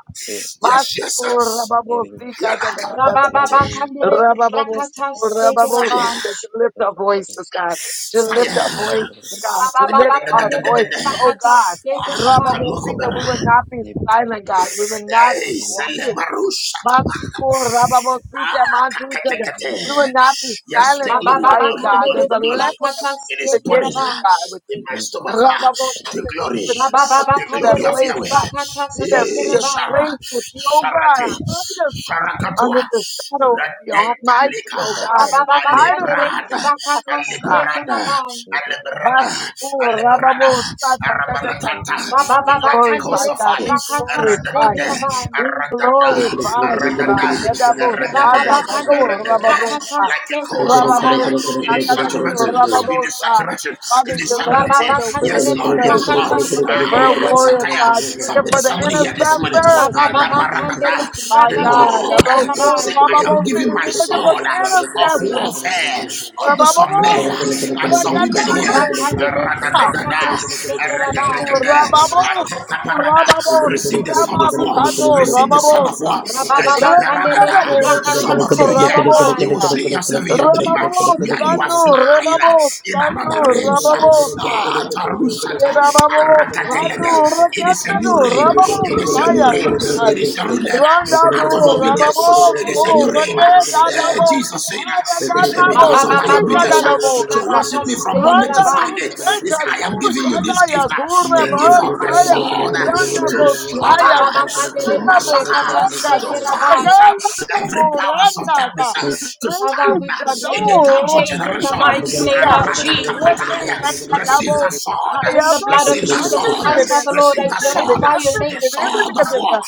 [SPEAKER 2] Yes,
[SPEAKER 1] Masiku
[SPEAKER 2] yes.
[SPEAKER 1] rababosika, da, da, da, da, da, da.
[SPEAKER 4] Rababa kandere brakata
[SPEAKER 1] Rababosiku,
[SPEAKER 4] sekarabai.
[SPEAKER 2] Fire,
[SPEAKER 1] rababosika. To lift our voices, God. To lift our
[SPEAKER 2] fire.
[SPEAKER 1] voices, God. To
[SPEAKER 4] Rababa
[SPEAKER 1] lift our
[SPEAKER 4] kandere
[SPEAKER 1] voices, oh
[SPEAKER 4] brakata
[SPEAKER 1] God.
[SPEAKER 4] sekarabai.
[SPEAKER 1] Rababosita, we will not be silent, God. We will not be
[SPEAKER 2] Hey,
[SPEAKER 1] quiet.
[SPEAKER 2] Celebarushaka.
[SPEAKER 1] Masiko Rababosita,
[SPEAKER 2] Ah,
[SPEAKER 1] Mantuta,
[SPEAKER 2] kakatekate.
[SPEAKER 1] We will not be
[SPEAKER 2] Yes, the
[SPEAKER 1] silent or
[SPEAKER 2] glory, the
[SPEAKER 4] Rababa
[SPEAKER 1] quiet,
[SPEAKER 2] glory, the
[SPEAKER 1] God.
[SPEAKER 2] glory,
[SPEAKER 4] kandere
[SPEAKER 1] There's a
[SPEAKER 2] the glory.
[SPEAKER 1] level that
[SPEAKER 4] brakata
[SPEAKER 1] we
[SPEAKER 2] It
[SPEAKER 1] need
[SPEAKER 2] is
[SPEAKER 1] to get
[SPEAKER 2] burning
[SPEAKER 1] to,
[SPEAKER 4] sekarabai.
[SPEAKER 2] ah,
[SPEAKER 1] God, with
[SPEAKER 2] in
[SPEAKER 1] you.
[SPEAKER 2] my stomach. Ah, the
[SPEAKER 1] Rababosita, that you
[SPEAKER 2] glory,
[SPEAKER 1] would take us
[SPEAKER 4] Rababa
[SPEAKER 2] the
[SPEAKER 1] to that
[SPEAKER 2] glory
[SPEAKER 4] kandere
[SPEAKER 2] of
[SPEAKER 1] place,
[SPEAKER 2] Yahweh.
[SPEAKER 1] God.
[SPEAKER 4] brakata
[SPEAKER 1] To that
[SPEAKER 2] Eh,
[SPEAKER 1] secret
[SPEAKER 4] sekarabai.
[SPEAKER 2] Shara,
[SPEAKER 1] place with you, oh
[SPEAKER 2] Sharate,
[SPEAKER 1] God. Hide us
[SPEAKER 2] Sharakatua,
[SPEAKER 1] under the shadow of the
[SPEAKER 2] Radeta
[SPEAKER 1] Almighty,
[SPEAKER 2] lika,
[SPEAKER 1] oh God.
[SPEAKER 4] Rababa
[SPEAKER 1] Hide us
[SPEAKER 4] kandere
[SPEAKER 1] under
[SPEAKER 2] Alebrada,
[SPEAKER 1] the shadow,
[SPEAKER 4] brakata
[SPEAKER 1] oh God.
[SPEAKER 2] Alebrada,
[SPEAKER 4] sekarabai.
[SPEAKER 2] Alebrada,
[SPEAKER 1] Basiku
[SPEAKER 2] Alebrada,
[SPEAKER 1] Rababo Sata Katakata.
[SPEAKER 2] Arabalatata,
[SPEAKER 1] Be
[SPEAKER 2] in
[SPEAKER 4] Rababa
[SPEAKER 2] like a course
[SPEAKER 4] kandere
[SPEAKER 1] glorified,
[SPEAKER 2] of
[SPEAKER 1] God.
[SPEAKER 2] fire.
[SPEAKER 1] Be
[SPEAKER 4] brakata
[SPEAKER 1] glorified.
[SPEAKER 4] sekarabai.
[SPEAKER 1] Be glorified,
[SPEAKER 2] Aradada, aradada,
[SPEAKER 1] God. Dadabo
[SPEAKER 2] aradada,
[SPEAKER 1] Sada,
[SPEAKER 4] Ribaba kandere
[SPEAKER 1] Dago
[SPEAKER 2] aradada.
[SPEAKER 1] Rababo
[SPEAKER 4] brakata
[SPEAKER 1] Sa.
[SPEAKER 2] Like a course of
[SPEAKER 4] sekarabai.
[SPEAKER 1] Rababo
[SPEAKER 2] fire, it
[SPEAKER 1] Sita,
[SPEAKER 2] is
[SPEAKER 1] Dago
[SPEAKER 2] saturated,
[SPEAKER 3] you.
[SPEAKER 2] it
[SPEAKER 1] Rababo
[SPEAKER 2] is saturated,
[SPEAKER 1] Father,
[SPEAKER 2] it is
[SPEAKER 1] you're looking for
[SPEAKER 2] saturated.
[SPEAKER 1] the
[SPEAKER 3] Thank
[SPEAKER 2] Yes,
[SPEAKER 4] Ribababakandere
[SPEAKER 2] Lord,
[SPEAKER 1] worshipers.
[SPEAKER 2] yes,
[SPEAKER 1] You're
[SPEAKER 2] Lord.
[SPEAKER 4] brakata
[SPEAKER 1] looking for the prayer
[SPEAKER 4] sekerebe.
[SPEAKER 2] Ah,
[SPEAKER 1] warriors,
[SPEAKER 2] satire.
[SPEAKER 1] God. You're looking
[SPEAKER 2] Somebody,
[SPEAKER 1] for the
[SPEAKER 2] somebody here this morning.
[SPEAKER 1] intercessors.
[SPEAKER 4] Rabababakandere
[SPEAKER 2] Adaparadada.
[SPEAKER 1] My
[SPEAKER 2] The
[SPEAKER 4] brakata
[SPEAKER 1] God,
[SPEAKER 2] Lord
[SPEAKER 1] Rababo Sa,
[SPEAKER 2] said,
[SPEAKER 4] sekerabaya.
[SPEAKER 2] I am
[SPEAKER 1] Rababo
[SPEAKER 2] giving
[SPEAKER 1] Sita,
[SPEAKER 2] my
[SPEAKER 1] you're looking for
[SPEAKER 2] sword
[SPEAKER 1] the
[SPEAKER 2] ah, of
[SPEAKER 1] intercessors.
[SPEAKER 2] warfare unto
[SPEAKER 1] Rababo
[SPEAKER 2] some men ah,
[SPEAKER 1] Sa,
[SPEAKER 2] and some women here.
[SPEAKER 4] Ribakandere brakata
[SPEAKER 2] Aradadadada,
[SPEAKER 4] sekerabaya.
[SPEAKER 1] Rababosa,
[SPEAKER 2] Atekeparada. Receive the
[SPEAKER 1] Rababosita
[SPEAKER 2] sword of war.
[SPEAKER 1] Masato,
[SPEAKER 2] Receive the sword of
[SPEAKER 1] Rababosa,
[SPEAKER 2] war.
[SPEAKER 4] Rabababakandere
[SPEAKER 2] Ekeperadada.
[SPEAKER 4] brakata
[SPEAKER 2] Some of
[SPEAKER 1] Rabanabosiku,
[SPEAKER 2] you here,
[SPEAKER 4] sekerabaya.
[SPEAKER 2] you will
[SPEAKER 1] Rababosa,
[SPEAKER 2] see yourself in your dream uh, where you are
[SPEAKER 1] Rababosando,
[SPEAKER 2] flying uh,
[SPEAKER 1] Rababosando,
[SPEAKER 2] in
[SPEAKER 1] Rababosa, no,
[SPEAKER 2] another realm.
[SPEAKER 1] Rababosa,
[SPEAKER 2] Ah, Tarushata.
[SPEAKER 1] Rebabo Sanu
[SPEAKER 2] Arakadelede. It is a
[SPEAKER 1] Rakatado
[SPEAKER 2] new realm.
[SPEAKER 1] Rababo
[SPEAKER 2] It is a new realm.
[SPEAKER 1] Sayakatai
[SPEAKER 2] It is a new realm uh,
[SPEAKER 1] Randado
[SPEAKER 2] out of obedience.
[SPEAKER 1] Rababo
[SPEAKER 2] It is a new realm. uh. Eh,
[SPEAKER 1] Rakedadabo
[SPEAKER 3] you.
[SPEAKER 2] Jesus said, uh, He said, because of
[SPEAKER 1] Ayakanabo
[SPEAKER 2] of my
[SPEAKER 3] Thank
[SPEAKER 2] obedience uh,
[SPEAKER 4] Rabababakandere
[SPEAKER 1] Ikadanabo
[SPEAKER 2] to
[SPEAKER 4] brakata
[SPEAKER 2] worship me from Monday to
[SPEAKER 1] Randado
[SPEAKER 4] sekerabaya.
[SPEAKER 2] Friday. He said, I
[SPEAKER 1] Chekadu
[SPEAKER 2] am giving you this gift,
[SPEAKER 1] Sadaya
[SPEAKER 2] uh, the gift
[SPEAKER 1] Kuraba
[SPEAKER 2] of my
[SPEAKER 1] Saya
[SPEAKER 2] sword uh, to
[SPEAKER 1] Randabo Saya
[SPEAKER 2] slaughter,
[SPEAKER 4] Rabababakandere
[SPEAKER 2] to
[SPEAKER 1] Churanabo
[SPEAKER 4] brakata
[SPEAKER 2] massacre, to
[SPEAKER 1] Sekadu
[SPEAKER 2] fight
[SPEAKER 4] sekerabaya.
[SPEAKER 2] uh, every
[SPEAKER 1] Rakadabo
[SPEAKER 2] powers of darkness,
[SPEAKER 1] Randada
[SPEAKER 2] uh, to
[SPEAKER 4] Father,
[SPEAKER 2] stand
[SPEAKER 4] we
[SPEAKER 2] uh,
[SPEAKER 1] Rindikado
[SPEAKER 4] break
[SPEAKER 2] in the
[SPEAKER 4] every
[SPEAKER 2] gap for
[SPEAKER 4] chains in the
[SPEAKER 2] generation. uh,
[SPEAKER 4] mighty name of
[SPEAKER 1] Rokusataya
[SPEAKER 4] Jesus.
[SPEAKER 2] Aratakapatai. Receive
[SPEAKER 1] Rekikatadabo
[SPEAKER 2] the sword, uh,
[SPEAKER 4] In
[SPEAKER 1] या
[SPEAKER 4] the blood
[SPEAKER 1] तो
[SPEAKER 4] of
[SPEAKER 2] receive the
[SPEAKER 4] Jesus
[SPEAKER 1] कंधे
[SPEAKER 2] sword,
[SPEAKER 1] से
[SPEAKER 2] uh,
[SPEAKER 4] Christ,
[SPEAKER 1] लेते हैं,
[SPEAKER 4] Father
[SPEAKER 1] कहते
[SPEAKER 4] Lord,
[SPEAKER 2] receive
[SPEAKER 4] I
[SPEAKER 2] the
[SPEAKER 1] कंधे से
[SPEAKER 2] sword,
[SPEAKER 1] लेते,
[SPEAKER 2] uh,
[SPEAKER 4] glorify your
[SPEAKER 1] कंधे से
[SPEAKER 2] the
[SPEAKER 4] name.
[SPEAKER 1] लेते, ऐसे से
[SPEAKER 2] sword of
[SPEAKER 1] करते
[SPEAKER 2] war.
[SPEAKER 1] क्या?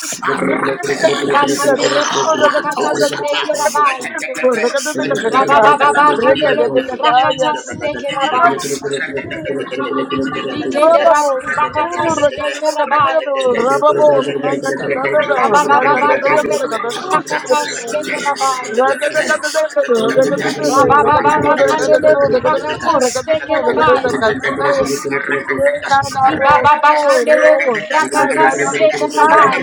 [SPEAKER 1] मैंने भी कंधे से
[SPEAKER 2] Aratena.
[SPEAKER 1] करते थे,
[SPEAKER 4] Ribakandere
[SPEAKER 1] कहते
[SPEAKER 2] Ah,
[SPEAKER 1] वो रे कंधे
[SPEAKER 4] prakata
[SPEAKER 1] से करते, वो
[SPEAKER 4] steke
[SPEAKER 1] रे कंधे
[SPEAKER 4] rabai.
[SPEAKER 1] से करते, वो
[SPEAKER 2] Patoshata.
[SPEAKER 1] रे कंधे से करते, आ,
[SPEAKER 4] Rabababa
[SPEAKER 1] रे के
[SPEAKER 4] kandere
[SPEAKER 1] दे दे कहता या
[SPEAKER 4] prakata
[SPEAKER 1] तू शराबा
[SPEAKER 4] stekerabaya.
[SPEAKER 1] बहुत
[SPEAKER 3] you.
[SPEAKER 1] रबा
[SPEAKER 4] Rikendera
[SPEAKER 1] बहुत
[SPEAKER 4] prakata
[SPEAKER 1] और रे कंधे
[SPEAKER 4] steke
[SPEAKER 1] से करते
[SPEAKER 4] rabai.
[SPEAKER 1] कहते वो
[SPEAKER 3] Thank
[SPEAKER 1] रबा बहुत आजा कहता दे दे रे
[SPEAKER 4] Rabababa
[SPEAKER 1] कंधे से करते दे
[SPEAKER 4] kandere
[SPEAKER 1] कहते तू
[SPEAKER 4] prakata
[SPEAKER 1] शराबा कहते
[SPEAKER 4] steke rabai.
[SPEAKER 1] रे कंधे कहते दे दे रे कंधे दे दे रे कंधे
[SPEAKER 4] Rabababa
[SPEAKER 1] दे दे कहते
[SPEAKER 4] kandere
[SPEAKER 1] कहते कहते
[SPEAKER 4] prakata
[SPEAKER 1] वो रे कंधे
[SPEAKER 4] steke
[SPEAKER 1] दे दे
[SPEAKER 4] rabai.
[SPEAKER 1] कहते
[SPEAKER 2] Thank
[SPEAKER 1] कहता Father,
[SPEAKER 4] Ribababa kandere prakata steke rabai.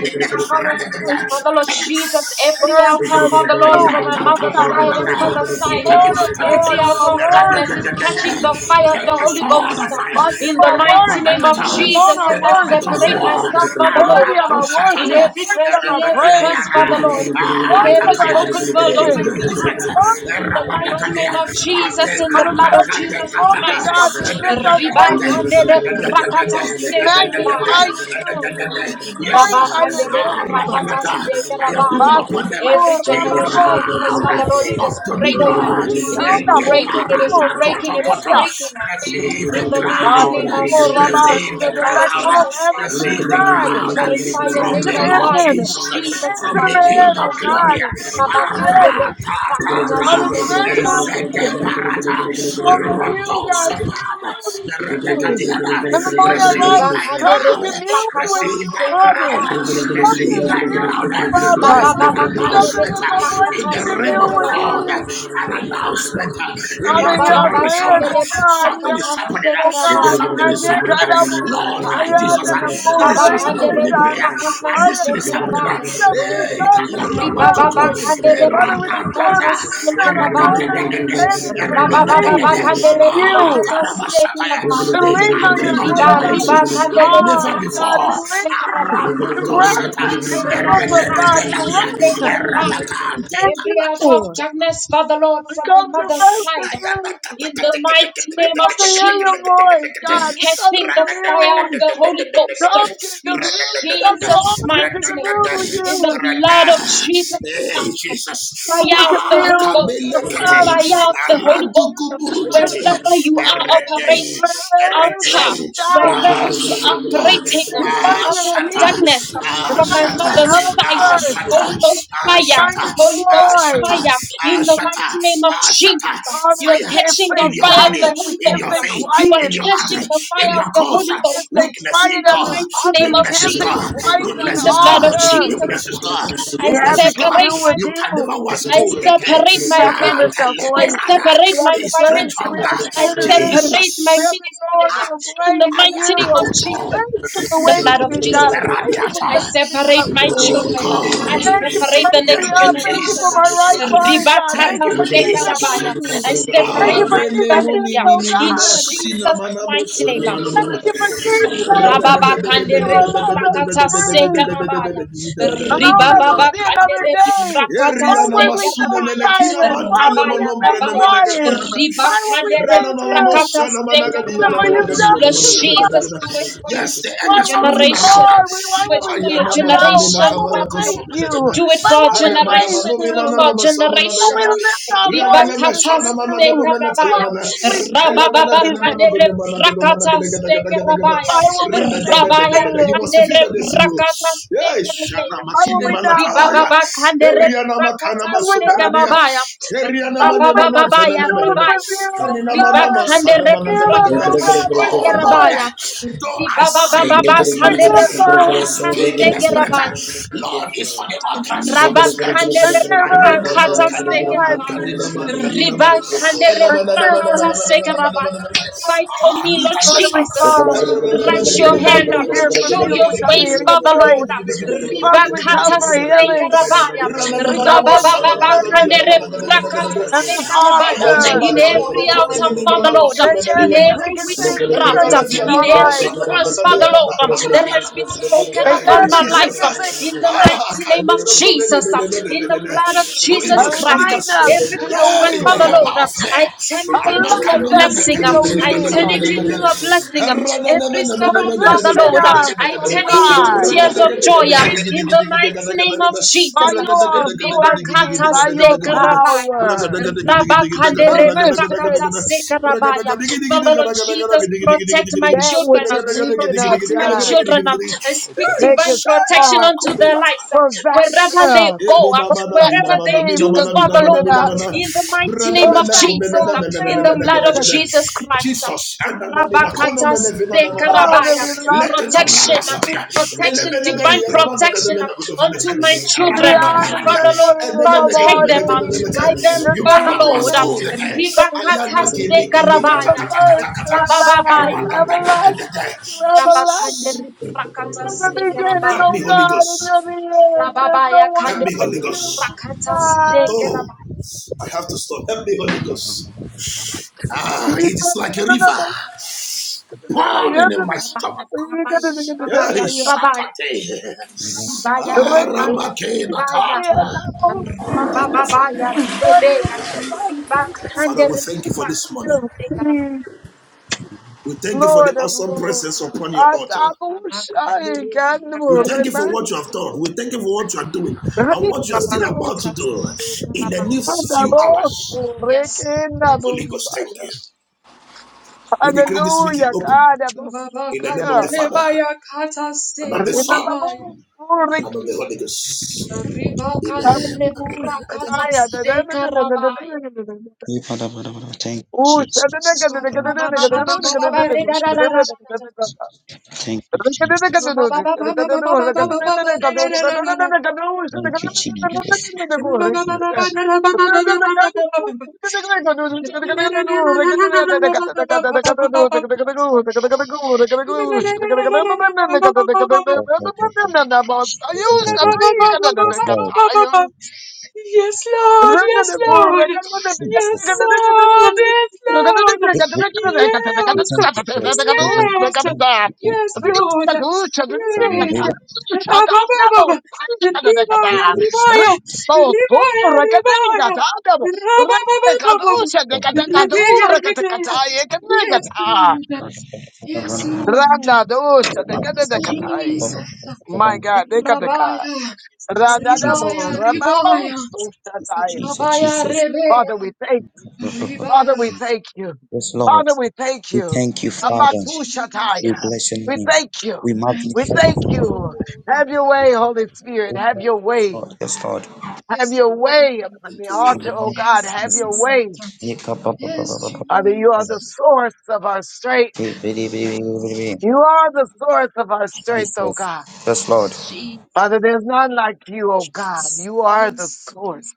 [SPEAKER 1] we
[SPEAKER 4] Father Lord
[SPEAKER 2] it.
[SPEAKER 4] Jesus, every altar,
[SPEAKER 1] worship
[SPEAKER 4] Father Lord,
[SPEAKER 1] you,
[SPEAKER 4] from my
[SPEAKER 1] King
[SPEAKER 4] mother's
[SPEAKER 1] of
[SPEAKER 4] side and
[SPEAKER 2] Ayatakaparadada.
[SPEAKER 1] Kings,
[SPEAKER 4] father's side, uh,
[SPEAKER 2] Take
[SPEAKER 1] Lord
[SPEAKER 2] it,
[SPEAKER 1] of
[SPEAKER 2] take it.
[SPEAKER 4] every
[SPEAKER 1] Lords. You
[SPEAKER 4] altar
[SPEAKER 1] are
[SPEAKER 4] of darkness is
[SPEAKER 1] worthy.
[SPEAKER 2] Eradadadadada.
[SPEAKER 4] catching the fire of
[SPEAKER 2] Take
[SPEAKER 4] the
[SPEAKER 2] the
[SPEAKER 4] Holy
[SPEAKER 2] sword
[SPEAKER 4] Ghost.
[SPEAKER 2] of
[SPEAKER 4] uh,
[SPEAKER 2] fire.
[SPEAKER 1] Father, you
[SPEAKER 4] In the
[SPEAKER 1] are
[SPEAKER 4] mighty name of
[SPEAKER 1] worthy.
[SPEAKER 2] Arapadakata.
[SPEAKER 1] You alone
[SPEAKER 4] Jesus,
[SPEAKER 1] are
[SPEAKER 2] The
[SPEAKER 4] as I
[SPEAKER 2] garment of
[SPEAKER 1] worthy.
[SPEAKER 4] separate
[SPEAKER 2] war.
[SPEAKER 4] myself, Father Lord,
[SPEAKER 1] Worthy of
[SPEAKER 4] uh,
[SPEAKER 2] Arato
[SPEAKER 1] our
[SPEAKER 4] in
[SPEAKER 1] worship,
[SPEAKER 2] shatalia.
[SPEAKER 4] every
[SPEAKER 1] worthy
[SPEAKER 4] curse,
[SPEAKER 1] of
[SPEAKER 4] in
[SPEAKER 1] our
[SPEAKER 4] every
[SPEAKER 1] praise,
[SPEAKER 4] curse,
[SPEAKER 2] Rebeteliana.
[SPEAKER 4] Father Lord,
[SPEAKER 2] Ah,
[SPEAKER 4] in
[SPEAKER 1] worthy
[SPEAKER 4] every
[SPEAKER 1] of our
[SPEAKER 2] Takaya.
[SPEAKER 4] spoken word
[SPEAKER 2] Hey,
[SPEAKER 4] on
[SPEAKER 1] thanksgiving,
[SPEAKER 4] my
[SPEAKER 2] today is different.
[SPEAKER 4] behalf, uh,
[SPEAKER 1] worthy
[SPEAKER 2] Eh,
[SPEAKER 1] to
[SPEAKER 4] in the
[SPEAKER 1] be
[SPEAKER 4] mighty
[SPEAKER 1] praised.
[SPEAKER 4] name
[SPEAKER 2] Rabadakadea.
[SPEAKER 4] of
[SPEAKER 2] Ah,
[SPEAKER 4] Jesus,
[SPEAKER 2] de-
[SPEAKER 4] in the
[SPEAKER 1] Father,
[SPEAKER 2] ka-
[SPEAKER 1] we
[SPEAKER 4] blood
[SPEAKER 2] ta-
[SPEAKER 4] of
[SPEAKER 1] come to
[SPEAKER 2] ka-
[SPEAKER 1] this
[SPEAKER 2] de-
[SPEAKER 4] Jesus
[SPEAKER 2] ka- ta- ka.
[SPEAKER 1] altar,
[SPEAKER 4] Christ.
[SPEAKER 1] God,
[SPEAKER 4] um,
[SPEAKER 1] to
[SPEAKER 2] Eh, de-
[SPEAKER 1] lift
[SPEAKER 2] de-
[SPEAKER 1] our
[SPEAKER 2] de- de- de.
[SPEAKER 1] voices to
[SPEAKER 2] Eh,
[SPEAKER 4] Ribakandere
[SPEAKER 2] de-
[SPEAKER 1] you,
[SPEAKER 2] de- de- de-
[SPEAKER 4] prakata
[SPEAKER 2] de.
[SPEAKER 1] to
[SPEAKER 2] Eh, de- de- de- de.
[SPEAKER 4] setarabaya.
[SPEAKER 1] magnify
[SPEAKER 2] Eh, de-
[SPEAKER 1] you,
[SPEAKER 2] de- de- de.
[SPEAKER 1] to
[SPEAKER 2] Yes.
[SPEAKER 1] glorify your
[SPEAKER 4] Rabakandere
[SPEAKER 2] Ah,
[SPEAKER 1] name.
[SPEAKER 4] Krakata
[SPEAKER 2] Rabalata.
[SPEAKER 4] Steke
[SPEAKER 2] I am putting
[SPEAKER 4] Rabaya.
[SPEAKER 1] Rabasika, to
[SPEAKER 2] upon them
[SPEAKER 4] Every
[SPEAKER 2] a
[SPEAKER 4] generational curse,
[SPEAKER 2] crown
[SPEAKER 4] Father Lord, it
[SPEAKER 2] of
[SPEAKER 4] is breaking up.
[SPEAKER 2] dominion.
[SPEAKER 4] It is breaking, it is breaking, it is
[SPEAKER 2] Ekeparatakotokoto.
[SPEAKER 4] breaking up.
[SPEAKER 2] Receive
[SPEAKER 4] In
[SPEAKER 2] the
[SPEAKER 4] the mighty
[SPEAKER 2] crown,
[SPEAKER 4] name of Jesus,
[SPEAKER 2] receive
[SPEAKER 4] in
[SPEAKER 2] the
[SPEAKER 4] the blood of
[SPEAKER 1] let go
[SPEAKER 2] crown,
[SPEAKER 1] of
[SPEAKER 4] Jesus Christ.
[SPEAKER 1] everything,
[SPEAKER 2] receive the
[SPEAKER 4] We
[SPEAKER 1] God.
[SPEAKER 2] crown
[SPEAKER 4] clarify your
[SPEAKER 2] from
[SPEAKER 4] name,
[SPEAKER 2] the
[SPEAKER 4] O
[SPEAKER 1] enter
[SPEAKER 2] Lord
[SPEAKER 4] God,
[SPEAKER 1] in.
[SPEAKER 4] in
[SPEAKER 2] Jesus,
[SPEAKER 4] Jesus'
[SPEAKER 2] from
[SPEAKER 1] enter
[SPEAKER 2] the
[SPEAKER 4] mighty
[SPEAKER 2] King
[SPEAKER 1] in,
[SPEAKER 4] name.
[SPEAKER 2] of
[SPEAKER 1] oh
[SPEAKER 2] Glory.
[SPEAKER 1] God. Enter
[SPEAKER 3] you.
[SPEAKER 1] in.
[SPEAKER 4] Rabakandere
[SPEAKER 2] Aratata,
[SPEAKER 4] Krakata
[SPEAKER 1] Father, to
[SPEAKER 4] Steke
[SPEAKER 1] enter
[SPEAKER 4] Rabaya.
[SPEAKER 1] in
[SPEAKER 2] ezekeparata,
[SPEAKER 1] along with you,
[SPEAKER 3] Thank
[SPEAKER 1] God, to
[SPEAKER 2] rodosepada,
[SPEAKER 1] commune with you.
[SPEAKER 2] meredekadiada.
[SPEAKER 1] In the morning I
[SPEAKER 2] Receive
[SPEAKER 1] rise,
[SPEAKER 2] thy
[SPEAKER 1] we come to
[SPEAKER 4] Ribakandere
[SPEAKER 2] crown,
[SPEAKER 1] commune
[SPEAKER 4] Krakata
[SPEAKER 1] with you,
[SPEAKER 2] receive thy
[SPEAKER 4] Steke
[SPEAKER 1] Father.
[SPEAKER 2] crown,
[SPEAKER 4] Rabaya.
[SPEAKER 1] We come to
[SPEAKER 2] receive
[SPEAKER 4] Jesus.
[SPEAKER 2] thy
[SPEAKER 1] commune with
[SPEAKER 2] crown,
[SPEAKER 1] you, Abba.
[SPEAKER 2] Yes, an
[SPEAKER 1] We come to
[SPEAKER 4] Rabababakandere
[SPEAKER 2] announcement
[SPEAKER 1] lift our
[SPEAKER 2] uh, in
[SPEAKER 1] voices
[SPEAKER 4] Krakata
[SPEAKER 2] the
[SPEAKER 1] to
[SPEAKER 2] realm
[SPEAKER 1] commune
[SPEAKER 2] of
[SPEAKER 4] Steke
[SPEAKER 1] with
[SPEAKER 2] God,
[SPEAKER 4] Rabaya.
[SPEAKER 2] uh,
[SPEAKER 1] you.
[SPEAKER 2] an announcement uh, in
[SPEAKER 1] Father,
[SPEAKER 2] your
[SPEAKER 1] hear our
[SPEAKER 2] generation.
[SPEAKER 1] prayers,
[SPEAKER 2] uh,
[SPEAKER 4] Rababakandere
[SPEAKER 1] oh God, hear
[SPEAKER 2] Something
[SPEAKER 1] our
[SPEAKER 4] prakata
[SPEAKER 2] is happening.
[SPEAKER 1] worship,
[SPEAKER 2] uh,
[SPEAKER 1] oh
[SPEAKER 4] sekerabai.
[SPEAKER 1] God. I
[SPEAKER 2] Something is
[SPEAKER 1] hear
[SPEAKER 2] happening. uh,
[SPEAKER 1] kind of
[SPEAKER 2] Lord,
[SPEAKER 1] I
[SPEAKER 2] hi,
[SPEAKER 1] ask
[SPEAKER 2] Jesus. uh,
[SPEAKER 1] and the
[SPEAKER 2] This
[SPEAKER 1] more
[SPEAKER 2] is just an
[SPEAKER 1] ring this
[SPEAKER 4] Rabakandere
[SPEAKER 2] opening
[SPEAKER 1] time.
[SPEAKER 2] prayer,
[SPEAKER 4] prakata
[SPEAKER 2] and this
[SPEAKER 1] I
[SPEAKER 2] thing is happening. uh,
[SPEAKER 4] sekerabai.
[SPEAKER 2] Hey, Kayanamakoto, eh,
[SPEAKER 4] Ribababakandere
[SPEAKER 1] Father, we don't come
[SPEAKER 4] prakata
[SPEAKER 2] ra-da-da-da.
[SPEAKER 1] to lean on our
[SPEAKER 4] sekerabai.
[SPEAKER 1] own understanding, but to lean on
[SPEAKER 4] Rabababakandere
[SPEAKER 2] Ah,
[SPEAKER 1] you
[SPEAKER 4] prakata
[SPEAKER 2] tarabashakaya.
[SPEAKER 4] sekerabai.
[SPEAKER 1] to
[SPEAKER 2] The
[SPEAKER 1] lean on your
[SPEAKER 2] gathering of the
[SPEAKER 4] Riba riba
[SPEAKER 2] mighty
[SPEAKER 1] everlasting
[SPEAKER 2] like
[SPEAKER 4] kandere
[SPEAKER 2] never
[SPEAKER 1] arms, God,
[SPEAKER 4] prakata
[SPEAKER 1] to
[SPEAKER 2] before.
[SPEAKER 1] lean,
[SPEAKER 4] sekerabai.
[SPEAKER 1] to
[SPEAKER 2] Arapato
[SPEAKER 1] rest
[SPEAKER 2] sata.
[SPEAKER 1] in your
[SPEAKER 4] Rikenderap
[SPEAKER 1] bosom, God, to
[SPEAKER 4] rakantas
[SPEAKER 2] Eradadadadada.
[SPEAKER 1] rest
[SPEAKER 4] tekarabai.
[SPEAKER 2] Eradakante
[SPEAKER 4] Every
[SPEAKER 1] in
[SPEAKER 4] altar of
[SPEAKER 1] you.
[SPEAKER 4] darkness, Father Lord,
[SPEAKER 1] We
[SPEAKER 4] from my
[SPEAKER 1] come to
[SPEAKER 4] mother's
[SPEAKER 1] rest in
[SPEAKER 4] side,
[SPEAKER 1] you.
[SPEAKER 4] in the mighty
[SPEAKER 1] We
[SPEAKER 4] name of
[SPEAKER 1] come to hear your
[SPEAKER 4] Jesus,
[SPEAKER 1] voice,
[SPEAKER 4] it is
[SPEAKER 1] God. We come to
[SPEAKER 4] catching the fire of
[SPEAKER 1] commune.
[SPEAKER 4] the Holy
[SPEAKER 1] We
[SPEAKER 4] Ghost
[SPEAKER 1] come to
[SPEAKER 4] in
[SPEAKER 1] commune. We come to the
[SPEAKER 4] Jesus'
[SPEAKER 1] altar to
[SPEAKER 4] mighty name,
[SPEAKER 1] commune with
[SPEAKER 4] in the
[SPEAKER 1] you.
[SPEAKER 4] blood of Jesus
[SPEAKER 2] Hey,
[SPEAKER 4] Christ,
[SPEAKER 2] Jesus.
[SPEAKER 4] fire
[SPEAKER 1] We
[SPEAKER 4] of the
[SPEAKER 2] Ah,
[SPEAKER 4] Holy
[SPEAKER 1] commune with
[SPEAKER 4] Ghost,
[SPEAKER 1] our
[SPEAKER 2] Kamelekete.
[SPEAKER 1] Father.
[SPEAKER 4] fire of the Holy
[SPEAKER 1] We
[SPEAKER 4] Ghost,
[SPEAKER 1] commune with Him.
[SPEAKER 2] Araduguburutute.
[SPEAKER 1] We
[SPEAKER 4] wherever you are
[SPEAKER 2] Erede.
[SPEAKER 4] operating,
[SPEAKER 1] Lay
[SPEAKER 2] Erede.
[SPEAKER 4] altar,
[SPEAKER 1] everything
[SPEAKER 4] wherever
[SPEAKER 1] down.
[SPEAKER 2] Ah,
[SPEAKER 4] you are
[SPEAKER 2] shatter.
[SPEAKER 4] operating
[SPEAKER 2] Ah,
[SPEAKER 1] Define
[SPEAKER 4] out
[SPEAKER 1] your
[SPEAKER 4] of
[SPEAKER 2] shatter.
[SPEAKER 1] peace.
[SPEAKER 4] darkness um,
[SPEAKER 2] Ah,
[SPEAKER 4] from my
[SPEAKER 1] Define your
[SPEAKER 2] shatter.
[SPEAKER 4] mother's side.
[SPEAKER 2] Ah,
[SPEAKER 4] um,
[SPEAKER 1] comfort.
[SPEAKER 4] Holy
[SPEAKER 2] shatter.
[SPEAKER 4] Ghost fire,
[SPEAKER 1] Define
[SPEAKER 2] Ashata,
[SPEAKER 1] your
[SPEAKER 4] Holy Ghost
[SPEAKER 2] ashata,
[SPEAKER 1] joy.
[SPEAKER 4] fire, in the
[SPEAKER 2] ashata,
[SPEAKER 4] mighty name of Jesus.
[SPEAKER 2] ashata.
[SPEAKER 4] um,
[SPEAKER 1] Father,
[SPEAKER 4] You are
[SPEAKER 1] we
[SPEAKER 2] Fire
[SPEAKER 1] can't
[SPEAKER 4] catching the
[SPEAKER 1] stay
[SPEAKER 2] in your
[SPEAKER 4] fire of
[SPEAKER 2] body,
[SPEAKER 4] the
[SPEAKER 1] silent. We
[SPEAKER 4] Holy
[SPEAKER 2] in
[SPEAKER 1] can't
[SPEAKER 4] Ghost.
[SPEAKER 2] your
[SPEAKER 1] stay
[SPEAKER 4] um, You
[SPEAKER 2] veins,
[SPEAKER 4] are
[SPEAKER 2] in
[SPEAKER 1] quiet.
[SPEAKER 2] your
[SPEAKER 4] catching
[SPEAKER 2] artery,
[SPEAKER 4] the
[SPEAKER 2] in
[SPEAKER 4] fire of
[SPEAKER 2] your
[SPEAKER 4] the
[SPEAKER 2] course.
[SPEAKER 4] Holy
[SPEAKER 1] We can't
[SPEAKER 4] Ghost um,
[SPEAKER 1] stay
[SPEAKER 2] Weakness is
[SPEAKER 4] in
[SPEAKER 1] quiet
[SPEAKER 4] the
[SPEAKER 1] on
[SPEAKER 2] God.
[SPEAKER 1] this
[SPEAKER 4] mighty
[SPEAKER 1] altar.
[SPEAKER 4] name of
[SPEAKER 1] We
[SPEAKER 2] Weakness
[SPEAKER 1] can't
[SPEAKER 2] is
[SPEAKER 1] stay
[SPEAKER 4] Jesus.
[SPEAKER 2] God.
[SPEAKER 4] um,
[SPEAKER 1] quiet on
[SPEAKER 4] In
[SPEAKER 2] Weakness
[SPEAKER 1] the
[SPEAKER 4] the
[SPEAKER 2] is
[SPEAKER 4] blood of
[SPEAKER 2] God.
[SPEAKER 1] altar.
[SPEAKER 4] Jesus
[SPEAKER 2] Weakness is
[SPEAKER 4] Christ,
[SPEAKER 2] God.
[SPEAKER 4] um, I
[SPEAKER 1] We have
[SPEAKER 2] Weakness
[SPEAKER 1] to
[SPEAKER 2] is God.
[SPEAKER 4] separate
[SPEAKER 1] commune with
[SPEAKER 2] You can
[SPEAKER 4] myself.
[SPEAKER 1] you.
[SPEAKER 2] never
[SPEAKER 4] um,
[SPEAKER 2] was
[SPEAKER 4] I
[SPEAKER 2] cold again.
[SPEAKER 4] separate
[SPEAKER 1] We
[SPEAKER 4] my
[SPEAKER 1] have to
[SPEAKER 2] Ah,
[SPEAKER 4] marriage.
[SPEAKER 1] lift
[SPEAKER 4] um,
[SPEAKER 1] our
[SPEAKER 4] I
[SPEAKER 1] voice.
[SPEAKER 2] teleperada.
[SPEAKER 1] We
[SPEAKER 4] separate my
[SPEAKER 1] have
[SPEAKER 2] A
[SPEAKER 1] to praise
[SPEAKER 2] strange
[SPEAKER 1] you.
[SPEAKER 4] finances.
[SPEAKER 1] We
[SPEAKER 2] hunger.
[SPEAKER 4] um,
[SPEAKER 1] have to
[SPEAKER 4] I
[SPEAKER 1] enter in.
[SPEAKER 4] separate my
[SPEAKER 1] We have
[SPEAKER 2] Jesus.
[SPEAKER 1] to go
[SPEAKER 4] ministry
[SPEAKER 1] into
[SPEAKER 2] Ah,
[SPEAKER 4] um,
[SPEAKER 1] a
[SPEAKER 4] in
[SPEAKER 1] break
[SPEAKER 4] the
[SPEAKER 1] with
[SPEAKER 4] mighty
[SPEAKER 2] I am
[SPEAKER 4] name
[SPEAKER 2] a
[SPEAKER 1] you.
[SPEAKER 4] of Jesus
[SPEAKER 2] coton.
[SPEAKER 1] Thank you for
[SPEAKER 4] the blood
[SPEAKER 1] waking
[SPEAKER 4] of
[SPEAKER 1] me,
[SPEAKER 4] Jesus Christ.
[SPEAKER 1] God. Thank you for
[SPEAKER 4] I
[SPEAKER 1] waking me
[SPEAKER 4] separate
[SPEAKER 1] up.
[SPEAKER 4] my
[SPEAKER 2] Oh
[SPEAKER 4] children. I
[SPEAKER 2] God.
[SPEAKER 1] Thank you for
[SPEAKER 4] separate the
[SPEAKER 1] waking me
[SPEAKER 2] Thank
[SPEAKER 4] next
[SPEAKER 2] you,
[SPEAKER 1] up. Thank you
[SPEAKER 4] generation.
[SPEAKER 1] for my
[SPEAKER 2] Jesus.
[SPEAKER 1] right mind, God. Thank
[SPEAKER 4] Ribakata
[SPEAKER 2] Thank
[SPEAKER 1] you
[SPEAKER 2] you,
[SPEAKER 1] for keeping
[SPEAKER 4] sekarabaya.
[SPEAKER 1] me.
[SPEAKER 4] I
[SPEAKER 2] Jesus.
[SPEAKER 1] Thank you
[SPEAKER 4] separate
[SPEAKER 1] for
[SPEAKER 4] my
[SPEAKER 2] Amen.
[SPEAKER 1] keeping me,
[SPEAKER 4] family
[SPEAKER 2] Muni
[SPEAKER 1] oh
[SPEAKER 2] mini ni
[SPEAKER 4] in
[SPEAKER 1] God. Thank
[SPEAKER 2] masina
[SPEAKER 4] Jesus'
[SPEAKER 2] mana
[SPEAKER 4] mighty
[SPEAKER 2] mosa na
[SPEAKER 4] name.
[SPEAKER 2] mana mana ma.
[SPEAKER 1] you for keeping us.
[SPEAKER 4] Rababa
[SPEAKER 1] You
[SPEAKER 4] kandere
[SPEAKER 1] allowed us to
[SPEAKER 4] rakata
[SPEAKER 1] breathe,
[SPEAKER 4] sekarabaya.
[SPEAKER 1] allowed us to
[SPEAKER 4] Ribababa
[SPEAKER 1] see another
[SPEAKER 4] kandere
[SPEAKER 1] day.
[SPEAKER 4] rakata
[SPEAKER 1] Why
[SPEAKER 2] Eria na
[SPEAKER 1] would we stay
[SPEAKER 2] masune mene
[SPEAKER 4] sekarabaya.
[SPEAKER 2] kina
[SPEAKER 1] silent?
[SPEAKER 2] manta
[SPEAKER 1] Why
[SPEAKER 2] le
[SPEAKER 1] would we
[SPEAKER 4] Rabaya
[SPEAKER 1] stay
[SPEAKER 2] monombre ne
[SPEAKER 4] rabaya.
[SPEAKER 2] mene gadia
[SPEAKER 1] quiet?
[SPEAKER 2] na na.
[SPEAKER 1] Why would we
[SPEAKER 4] Ribakandere
[SPEAKER 1] stay
[SPEAKER 2] Rana mana
[SPEAKER 1] mute?
[SPEAKER 4] rakata
[SPEAKER 2] mosa na mana gadia na
[SPEAKER 1] But
[SPEAKER 4] sekarabaya.
[SPEAKER 2] mana
[SPEAKER 1] you've
[SPEAKER 2] gadia
[SPEAKER 1] done
[SPEAKER 2] na
[SPEAKER 4] Lord
[SPEAKER 2] mana
[SPEAKER 1] too
[SPEAKER 2] gada gada
[SPEAKER 4] Jesus,
[SPEAKER 2] gada.
[SPEAKER 1] much.
[SPEAKER 4] do it for your
[SPEAKER 2] Yes, the
[SPEAKER 1] Why
[SPEAKER 2] angels are
[SPEAKER 1] won't we
[SPEAKER 2] moving
[SPEAKER 4] generation.
[SPEAKER 1] call?
[SPEAKER 2] around.
[SPEAKER 1] We-
[SPEAKER 4] Do
[SPEAKER 1] Why won't
[SPEAKER 4] it
[SPEAKER 1] we
[SPEAKER 4] for your
[SPEAKER 2] Ayana
[SPEAKER 1] shout it out?
[SPEAKER 2] makamena
[SPEAKER 1] Why
[SPEAKER 4] generation,
[SPEAKER 1] won't we
[SPEAKER 2] kamana
[SPEAKER 4] Father
[SPEAKER 1] praise
[SPEAKER 4] Lord.
[SPEAKER 2] kosomena
[SPEAKER 1] you?
[SPEAKER 2] dana.
[SPEAKER 4] Do it
[SPEAKER 1] Why
[SPEAKER 4] for our
[SPEAKER 1] won't we
[SPEAKER 2] Hala mana
[SPEAKER 1] praise
[SPEAKER 4] generation. Do
[SPEAKER 2] manomena
[SPEAKER 4] it for
[SPEAKER 2] nana
[SPEAKER 1] you?
[SPEAKER 4] our
[SPEAKER 2] masamana
[SPEAKER 1] Why won't
[SPEAKER 4] generation.
[SPEAKER 1] we
[SPEAKER 2] dayana.
[SPEAKER 1] lift our
[SPEAKER 2] Rana leme
[SPEAKER 1] voices
[SPEAKER 4] Ribakata
[SPEAKER 1] to
[SPEAKER 2] shana mana gada
[SPEAKER 1] you?
[SPEAKER 2] mana
[SPEAKER 1] Why
[SPEAKER 4] sekarabaya.
[SPEAKER 2] tayana na.
[SPEAKER 1] won't we say
[SPEAKER 2] Hala mana
[SPEAKER 4] Rabababa
[SPEAKER 2] gada
[SPEAKER 1] silent?
[SPEAKER 2] mana
[SPEAKER 4] kandere
[SPEAKER 2] gada mana gada mana
[SPEAKER 4] rakata
[SPEAKER 2] gada gada gada gada gada.
[SPEAKER 1] Why
[SPEAKER 4] sekarabaya.
[SPEAKER 1] won't we
[SPEAKER 2] Rada da
[SPEAKER 1] stay
[SPEAKER 2] da da
[SPEAKER 4] Rabaya
[SPEAKER 2] You
[SPEAKER 1] silent?
[SPEAKER 2] must feel
[SPEAKER 4] kandere
[SPEAKER 2] that this in you.
[SPEAKER 4] brakata
[SPEAKER 2] Hey,
[SPEAKER 4] steke deya.
[SPEAKER 2] shana
[SPEAKER 1] Why won't
[SPEAKER 2] makini
[SPEAKER 1] we not
[SPEAKER 2] manataya.
[SPEAKER 4] Ribababa
[SPEAKER 1] worship you?
[SPEAKER 4] kandere
[SPEAKER 2] Eriana makana
[SPEAKER 4] brakata
[SPEAKER 1] Why won't we
[SPEAKER 4] steke
[SPEAKER 1] not,
[SPEAKER 2] masoberadia.
[SPEAKER 4] babaya.
[SPEAKER 2] Eriana
[SPEAKER 1] why
[SPEAKER 2] mane
[SPEAKER 1] won't we
[SPEAKER 2] manom
[SPEAKER 1] not
[SPEAKER 4] Rababababaya
[SPEAKER 2] fenana
[SPEAKER 1] commune
[SPEAKER 2] medene.
[SPEAKER 1] with
[SPEAKER 4] rabaya.
[SPEAKER 1] you, oh
[SPEAKER 2] Hanina mana
[SPEAKER 1] God?
[SPEAKER 2] masana
[SPEAKER 4] Ribakandere
[SPEAKER 2] mana
[SPEAKER 1] Forgive
[SPEAKER 2] gada
[SPEAKER 1] us,
[SPEAKER 2] gada.
[SPEAKER 1] oh
[SPEAKER 4] brakata
[SPEAKER 1] God,
[SPEAKER 4] steke
[SPEAKER 2] Oh
[SPEAKER 3] you.
[SPEAKER 1] forgive
[SPEAKER 2] Lord,
[SPEAKER 1] us,
[SPEAKER 4] rabaya.
[SPEAKER 2] though I
[SPEAKER 3] Thank
[SPEAKER 2] sing in
[SPEAKER 4] Ribababababa
[SPEAKER 2] the spirit
[SPEAKER 4] kandere
[SPEAKER 1] forgive
[SPEAKER 2] and I
[SPEAKER 1] us,
[SPEAKER 4] brakata
[SPEAKER 2] speak in the
[SPEAKER 4] steke
[SPEAKER 2] spirit,
[SPEAKER 4] rabaya.
[SPEAKER 2] Lord, it's for the utterances of the spirit.
[SPEAKER 4] Rabakandere
[SPEAKER 1] forgive us,
[SPEAKER 2] Aninama,
[SPEAKER 1] oh
[SPEAKER 4] Rakata
[SPEAKER 1] God,
[SPEAKER 2] kaninama,
[SPEAKER 4] Sekarabaya.
[SPEAKER 2] kaninama,
[SPEAKER 4] Ribakandere
[SPEAKER 1] forgive
[SPEAKER 4] Rakata
[SPEAKER 1] us,
[SPEAKER 4] Sekarabaya.
[SPEAKER 2] kaninama.
[SPEAKER 4] Fight for
[SPEAKER 2] Ah,
[SPEAKER 4] me,
[SPEAKER 2] new
[SPEAKER 4] Lord
[SPEAKER 1] Father,
[SPEAKER 2] dimension.
[SPEAKER 1] we
[SPEAKER 4] Jesus.
[SPEAKER 1] come.
[SPEAKER 4] Stretch your
[SPEAKER 1] We come
[SPEAKER 4] hand
[SPEAKER 1] to
[SPEAKER 4] up.
[SPEAKER 1] hear from
[SPEAKER 4] Show
[SPEAKER 1] you.
[SPEAKER 4] your
[SPEAKER 1] We come to hear
[SPEAKER 4] face,
[SPEAKER 1] your
[SPEAKER 4] Father Lord.
[SPEAKER 1] voice. Father, we come
[SPEAKER 4] Ribakata
[SPEAKER 1] for healing.
[SPEAKER 4] Sekarabaya.
[SPEAKER 1] We come for deliverance.
[SPEAKER 4] Rabababakandere Rakata
[SPEAKER 1] And this
[SPEAKER 4] Sekarabaya.
[SPEAKER 1] altar,
[SPEAKER 4] In every altar, Father Lord.
[SPEAKER 3] you.
[SPEAKER 1] make
[SPEAKER 4] In
[SPEAKER 1] every
[SPEAKER 4] every
[SPEAKER 1] crooked thing
[SPEAKER 3] Thank
[SPEAKER 1] straight
[SPEAKER 4] witchcraft.
[SPEAKER 1] in
[SPEAKER 4] In
[SPEAKER 1] our
[SPEAKER 4] every
[SPEAKER 1] life.
[SPEAKER 4] curse, Father
[SPEAKER 2] Ayana
[SPEAKER 4] Lord. That has been spoken
[SPEAKER 1] Make
[SPEAKER 4] upon
[SPEAKER 2] Hey,
[SPEAKER 4] my
[SPEAKER 1] every
[SPEAKER 2] Jesus.
[SPEAKER 4] life
[SPEAKER 1] crooked thing
[SPEAKER 4] in the
[SPEAKER 1] straight.
[SPEAKER 2] Ah,
[SPEAKER 4] mighty name of
[SPEAKER 2] kanendo komene
[SPEAKER 4] Jesus,
[SPEAKER 2] ne
[SPEAKER 4] uh,
[SPEAKER 2] ne ne ne
[SPEAKER 4] in
[SPEAKER 2] ne
[SPEAKER 4] the
[SPEAKER 2] ne ne.
[SPEAKER 4] blood of
[SPEAKER 2] Holy
[SPEAKER 4] Jesus
[SPEAKER 2] Ghost, Holy
[SPEAKER 4] Christ. uh,
[SPEAKER 2] Ghost.
[SPEAKER 1] Align us
[SPEAKER 4] Every
[SPEAKER 1] to
[SPEAKER 4] curse
[SPEAKER 1] your
[SPEAKER 2] Yeah,
[SPEAKER 4] word,
[SPEAKER 2] the
[SPEAKER 4] Father
[SPEAKER 2] helper
[SPEAKER 1] will.
[SPEAKER 4] Lord, uh,
[SPEAKER 2] of
[SPEAKER 4] I
[SPEAKER 2] men.
[SPEAKER 4] turn it
[SPEAKER 2] I'm not
[SPEAKER 4] into a
[SPEAKER 1] Align us
[SPEAKER 2] kanomene
[SPEAKER 4] blessing.
[SPEAKER 1] to
[SPEAKER 4] uh,
[SPEAKER 2] kete de
[SPEAKER 1] your
[SPEAKER 2] la ga
[SPEAKER 4] I
[SPEAKER 2] da
[SPEAKER 4] turn
[SPEAKER 2] ga da
[SPEAKER 4] it
[SPEAKER 1] will.
[SPEAKER 2] ga da
[SPEAKER 4] into
[SPEAKER 2] ga.
[SPEAKER 4] a blessing. um,
[SPEAKER 2] Herra na na
[SPEAKER 4] Every
[SPEAKER 2] na na na
[SPEAKER 4] sorrow,
[SPEAKER 2] na na ga
[SPEAKER 4] Father
[SPEAKER 2] da ga
[SPEAKER 1] Position
[SPEAKER 2] da
[SPEAKER 4] Lord,
[SPEAKER 2] ga
[SPEAKER 4] uh,
[SPEAKER 2] da
[SPEAKER 1] us,
[SPEAKER 2] ga
[SPEAKER 4] I
[SPEAKER 2] da ga
[SPEAKER 1] oh
[SPEAKER 2] da.
[SPEAKER 4] turn it into
[SPEAKER 2] Ra ga
[SPEAKER 1] God,
[SPEAKER 4] tears
[SPEAKER 2] da
[SPEAKER 4] of
[SPEAKER 2] ga da ga
[SPEAKER 4] joy
[SPEAKER 2] da
[SPEAKER 4] uh,
[SPEAKER 2] ga digi
[SPEAKER 4] in
[SPEAKER 2] digi
[SPEAKER 4] the
[SPEAKER 2] digi da ga
[SPEAKER 4] mighty
[SPEAKER 2] da ga da
[SPEAKER 4] name
[SPEAKER 2] ga
[SPEAKER 4] of
[SPEAKER 2] da.
[SPEAKER 1] by
[SPEAKER 4] Jesus.
[SPEAKER 2] Ra
[SPEAKER 4] uh,
[SPEAKER 2] ga da ga
[SPEAKER 1] your
[SPEAKER 2] da ga da ga digi digi
[SPEAKER 1] authority,
[SPEAKER 4] Ribakata
[SPEAKER 2] da ga
[SPEAKER 1] by
[SPEAKER 2] da ga da
[SPEAKER 1] your
[SPEAKER 2] ga da ga da.
[SPEAKER 4] Sekarabaya.
[SPEAKER 2] Ra ga da ga
[SPEAKER 1] power.
[SPEAKER 2] da ga digi digi da ga da ga da
[SPEAKER 4] Rabakandere
[SPEAKER 2] ga da ga da ga da
[SPEAKER 1] Position
[SPEAKER 4] Brakata
[SPEAKER 2] ga da. Ra ga da
[SPEAKER 4] Sekarabaya.
[SPEAKER 2] ga digi digi da
[SPEAKER 4] Father
[SPEAKER 2] ga
[SPEAKER 4] Lord
[SPEAKER 2] da ga da ga da ga
[SPEAKER 4] Jesus,
[SPEAKER 2] digi digi digi
[SPEAKER 4] protect my
[SPEAKER 2] digi digi.
[SPEAKER 1] that which
[SPEAKER 4] children.
[SPEAKER 2] Ra
[SPEAKER 4] uh,
[SPEAKER 2] ga
[SPEAKER 1] is
[SPEAKER 2] da ga da ga
[SPEAKER 1] weak in
[SPEAKER 2] digi digi
[SPEAKER 4] Protect
[SPEAKER 2] da
[SPEAKER 1] us,
[SPEAKER 2] ga
[SPEAKER 4] my
[SPEAKER 2] da ga
[SPEAKER 1] God.
[SPEAKER 2] da ga digi
[SPEAKER 4] children.
[SPEAKER 2] digi digi.
[SPEAKER 4] I speak
[SPEAKER 1] Make
[SPEAKER 4] divine
[SPEAKER 1] us
[SPEAKER 4] protection
[SPEAKER 1] strong.
[SPEAKER 4] unto their lives uh,
[SPEAKER 1] Perfect
[SPEAKER 4] wherever they
[SPEAKER 1] us.
[SPEAKER 4] go, uh,
[SPEAKER 1] Perfect
[SPEAKER 4] wherever
[SPEAKER 1] the
[SPEAKER 4] they
[SPEAKER 1] things
[SPEAKER 4] do, Father
[SPEAKER 1] concerning
[SPEAKER 4] Lord, uh,
[SPEAKER 1] us.
[SPEAKER 4] in the mighty name of
[SPEAKER 1] Perfect
[SPEAKER 4] Jesus,
[SPEAKER 1] those
[SPEAKER 4] uh, in the blood of
[SPEAKER 1] things.
[SPEAKER 4] Jesus Christ. uh,
[SPEAKER 2] Jesus,
[SPEAKER 4] Rabakata
[SPEAKER 1] Father,
[SPEAKER 4] Sekarabaya.
[SPEAKER 1] we love
[SPEAKER 2] let the
[SPEAKER 1] you.
[SPEAKER 4] Protection,
[SPEAKER 2] Cabranda
[SPEAKER 4] um,
[SPEAKER 2] Satia,
[SPEAKER 4] protection,
[SPEAKER 2] Elemenagadi,
[SPEAKER 4] divine
[SPEAKER 2] and
[SPEAKER 4] protection um, unto my children.
[SPEAKER 1] We
[SPEAKER 4] um,
[SPEAKER 1] honor
[SPEAKER 2] Ratakapaladia,
[SPEAKER 1] your
[SPEAKER 4] Father Lord,
[SPEAKER 1] name
[SPEAKER 2] and the
[SPEAKER 1] above
[SPEAKER 4] protect
[SPEAKER 1] all
[SPEAKER 4] them, um,
[SPEAKER 1] names.
[SPEAKER 2] Menegadamelegameleta.
[SPEAKER 4] guide them,
[SPEAKER 1] Your
[SPEAKER 2] You
[SPEAKER 4] Father
[SPEAKER 2] cannot
[SPEAKER 1] name
[SPEAKER 2] was
[SPEAKER 4] Lord.
[SPEAKER 1] remains
[SPEAKER 2] called
[SPEAKER 4] um,
[SPEAKER 2] again.
[SPEAKER 1] the same.
[SPEAKER 4] Ribakata
[SPEAKER 2] Ayana
[SPEAKER 1] You're the
[SPEAKER 4] Sekarabaya.
[SPEAKER 1] first and
[SPEAKER 2] Kinikatakatakata,
[SPEAKER 1] the
[SPEAKER 4] Rabababaya.
[SPEAKER 1] last,
[SPEAKER 3] you.
[SPEAKER 2] Aradadadadadada.
[SPEAKER 1] everlasting to
[SPEAKER 2] Jesus,
[SPEAKER 4] Rabakandere
[SPEAKER 3] The
[SPEAKER 1] everlasting.
[SPEAKER 4] brakata
[SPEAKER 1] You're the beginning,
[SPEAKER 2] help
[SPEAKER 4] sekerabaya.
[SPEAKER 1] oh
[SPEAKER 2] me, Holy
[SPEAKER 1] God, and
[SPEAKER 2] Ghost.
[SPEAKER 1] you're the end. There's no
[SPEAKER 4] Rababaya
[SPEAKER 1] one
[SPEAKER 2] Help me,
[SPEAKER 4] kandere
[SPEAKER 1] like
[SPEAKER 2] Holy
[SPEAKER 1] you,
[SPEAKER 2] Ghost.
[SPEAKER 4] brakata
[SPEAKER 1] God.
[SPEAKER 2] Oh,
[SPEAKER 4] sekerabaya.
[SPEAKER 2] I Ah, it is like a river
[SPEAKER 1] You're
[SPEAKER 2] pounding
[SPEAKER 1] Lord
[SPEAKER 2] in my stomach.
[SPEAKER 4] Rabaya, rabaya, rabaya,
[SPEAKER 2] Hey,
[SPEAKER 4] rabaya.
[SPEAKER 2] shakate.
[SPEAKER 4] Ribaya,
[SPEAKER 2] Ah,
[SPEAKER 4] ribaya,
[SPEAKER 2] ramake
[SPEAKER 4] ribaya.
[SPEAKER 2] nakata. Thank you, Father.
[SPEAKER 4] Rabababaya, lebeya. Ribakandere brakata sekerabaya.
[SPEAKER 2] We thank you for the
[SPEAKER 1] of
[SPEAKER 2] awesome presence
[SPEAKER 1] Lords,
[SPEAKER 2] upon your
[SPEAKER 1] I
[SPEAKER 2] altar.
[SPEAKER 1] double reban,
[SPEAKER 4] Rabakandere
[SPEAKER 1] God, no,
[SPEAKER 2] We thank
[SPEAKER 4] brakata
[SPEAKER 2] you for
[SPEAKER 1] remind
[SPEAKER 2] what you have done.
[SPEAKER 1] me.
[SPEAKER 2] We
[SPEAKER 4] sekerabaya.
[SPEAKER 2] thank you for what you are doing and what you are still about
[SPEAKER 4] Rabakata
[SPEAKER 2] to do in the
[SPEAKER 4] sekerabaya.
[SPEAKER 2] next few hours.
[SPEAKER 4] Yes, yes,
[SPEAKER 2] Holy
[SPEAKER 4] Lord.
[SPEAKER 2] Ghost, thank you. We decree this meeting
[SPEAKER 1] Hallelujah,
[SPEAKER 2] open
[SPEAKER 4] Baba
[SPEAKER 2] in the name of the
[SPEAKER 1] God,
[SPEAKER 4] Rabakandere
[SPEAKER 2] Father
[SPEAKER 4] kata
[SPEAKER 2] and of the Son
[SPEAKER 4] sekarabai.
[SPEAKER 2] and of
[SPEAKER 1] Messiah.
[SPEAKER 2] the Holy Ghost.
[SPEAKER 1] Ayush,
[SPEAKER 2] Amen
[SPEAKER 4] Ribakandere
[SPEAKER 2] and amen. Thank
[SPEAKER 4] prakata
[SPEAKER 2] you, Jesus.
[SPEAKER 4] sekarabai. Yes, Lord, yes, Lord, yes, Lord, yes, Lord, yes, yes, yes, Lord, yes, Rabba, Rabba, Rivaya, Rivaya, Rivaya, Rivaya, Rabba, Rabba, Rebea, Rebea, yes, Lord, yes, Lord, yes, Jesus,
[SPEAKER 1] my God, Dekateka.
[SPEAKER 4] Rabaya. Ribaya, Ribaya, Rabaya, Rebaya,
[SPEAKER 1] Father, we thank you. Father,
[SPEAKER 4] Ribaya.
[SPEAKER 1] we thank you. Father, we thank you.
[SPEAKER 4] I thank you,
[SPEAKER 1] Abakushataya.
[SPEAKER 4] Jesus.
[SPEAKER 1] We thank you.
[SPEAKER 4] I Thank
[SPEAKER 1] We
[SPEAKER 4] you,
[SPEAKER 1] thank
[SPEAKER 4] Father
[SPEAKER 1] you.
[SPEAKER 4] Lord.
[SPEAKER 1] Have your way, Holy Spirit. Have
[SPEAKER 4] Mm.
[SPEAKER 1] your way. Have
[SPEAKER 4] Yes,
[SPEAKER 1] your
[SPEAKER 4] Lord.
[SPEAKER 1] way upon the
[SPEAKER 2] Thank you, Lord.
[SPEAKER 1] altar, oh God.
[SPEAKER 4] Yes,
[SPEAKER 1] Have your way.
[SPEAKER 4] Lord. Yes,
[SPEAKER 1] Father, you are the
[SPEAKER 4] Jesus.
[SPEAKER 1] source of our strength. You are the source of our strength, oh God.
[SPEAKER 4] Yes, Jesus.
[SPEAKER 1] Father, there's none like you, oh God. You are the
[SPEAKER 4] Yes, God.
[SPEAKER 1] source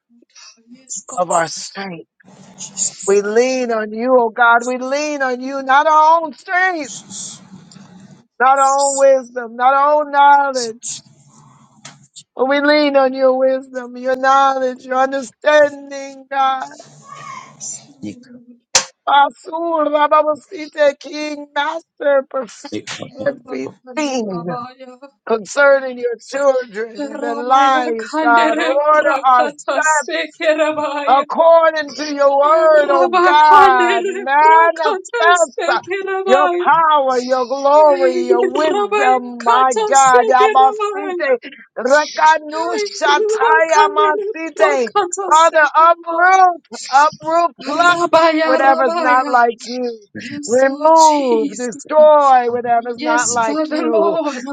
[SPEAKER 4] Yes,
[SPEAKER 1] of
[SPEAKER 4] God.
[SPEAKER 1] our strength. We lean on you, oh God. We lean on you, not our own strength. not our own
[SPEAKER 4] Jesus.
[SPEAKER 1] wisdom, not our own knowledge. But we lean on your wisdom, your knowledge, your understanding, God.
[SPEAKER 4] Yes, Lord.
[SPEAKER 1] Basur, Rababasite, King, Master, perfect
[SPEAKER 4] Rabba kande
[SPEAKER 1] everything
[SPEAKER 4] rabaya,
[SPEAKER 1] concerning your children and their
[SPEAKER 4] rabaya
[SPEAKER 1] lives,
[SPEAKER 4] kande
[SPEAKER 1] God. Order our
[SPEAKER 4] rebrakata
[SPEAKER 1] steps.
[SPEAKER 4] seke rabaya.
[SPEAKER 1] according to your word, oh God.
[SPEAKER 4] Rabakanere prakatas
[SPEAKER 1] Manifest your
[SPEAKER 4] sekeravaya.
[SPEAKER 1] power, your glory, your
[SPEAKER 4] Rabaya
[SPEAKER 1] wisdom, my
[SPEAKER 4] katas
[SPEAKER 1] God. Amasite,
[SPEAKER 4] sekeravaya.
[SPEAKER 1] Rekanushataya
[SPEAKER 4] Rabakanere
[SPEAKER 1] Masite.
[SPEAKER 4] prakatas
[SPEAKER 1] Father,
[SPEAKER 4] sekeravaya.
[SPEAKER 1] uproot, uproot, pluck
[SPEAKER 4] Rabaya,
[SPEAKER 1] whatever's not
[SPEAKER 4] rabaya.
[SPEAKER 1] like you.
[SPEAKER 4] Yes, Lord
[SPEAKER 1] Remove,
[SPEAKER 4] Jesus.
[SPEAKER 1] destroy whatever's not
[SPEAKER 4] Yes,
[SPEAKER 1] like
[SPEAKER 4] Father
[SPEAKER 1] you.
[SPEAKER 4] Lord.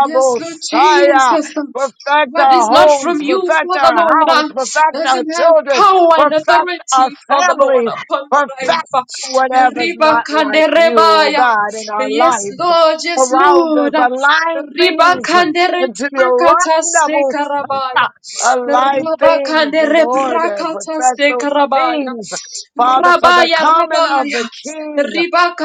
[SPEAKER 4] Yes, Lord Jesus.
[SPEAKER 1] perfect
[SPEAKER 4] What
[SPEAKER 1] our
[SPEAKER 4] is not from
[SPEAKER 1] homes,
[SPEAKER 4] you,
[SPEAKER 1] perfect
[SPEAKER 4] Father
[SPEAKER 1] our
[SPEAKER 4] Lord,
[SPEAKER 1] house,
[SPEAKER 4] uh,
[SPEAKER 1] perfect our
[SPEAKER 4] doesn't have
[SPEAKER 1] children,
[SPEAKER 4] power and
[SPEAKER 1] perfect our
[SPEAKER 4] authority, Father Lord,
[SPEAKER 1] families,
[SPEAKER 4] upon my life.
[SPEAKER 1] perfect
[SPEAKER 4] Uh,
[SPEAKER 1] whatever's
[SPEAKER 4] Riba
[SPEAKER 1] not like you, oh
[SPEAKER 4] kanderebaya.
[SPEAKER 1] God, in our
[SPEAKER 4] Yes,
[SPEAKER 1] lives
[SPEAKER 4] Lord. Yes,
[SPEAKER 1] around us,
[SPEAKER 4] Lord. Uh,
[SPEAKER 1] align
[SPEAKER 4] Riba
[SPEAKER 1] things into your
[SPEAKER 4] kanderebrakata
[SPEAKER 1] wonderful
[SPEAKER 4] stekarabaya.
[SPEAKER 1] fire, align
[SPEAKER 4] Rabba
[SPEAKER 1] things in order,
[SPEAKER 4] kanderebrakata
[SPEAKER 1] protect those
[SPEAKER 4] stekarabaya.
[SPEAKER 1] things, Father, for the
[SPEAKER 4] Rabaya
[SPEAKER 1] coming of
[SPEAKER 4] Rabaya
[SPEAKER 1] the King,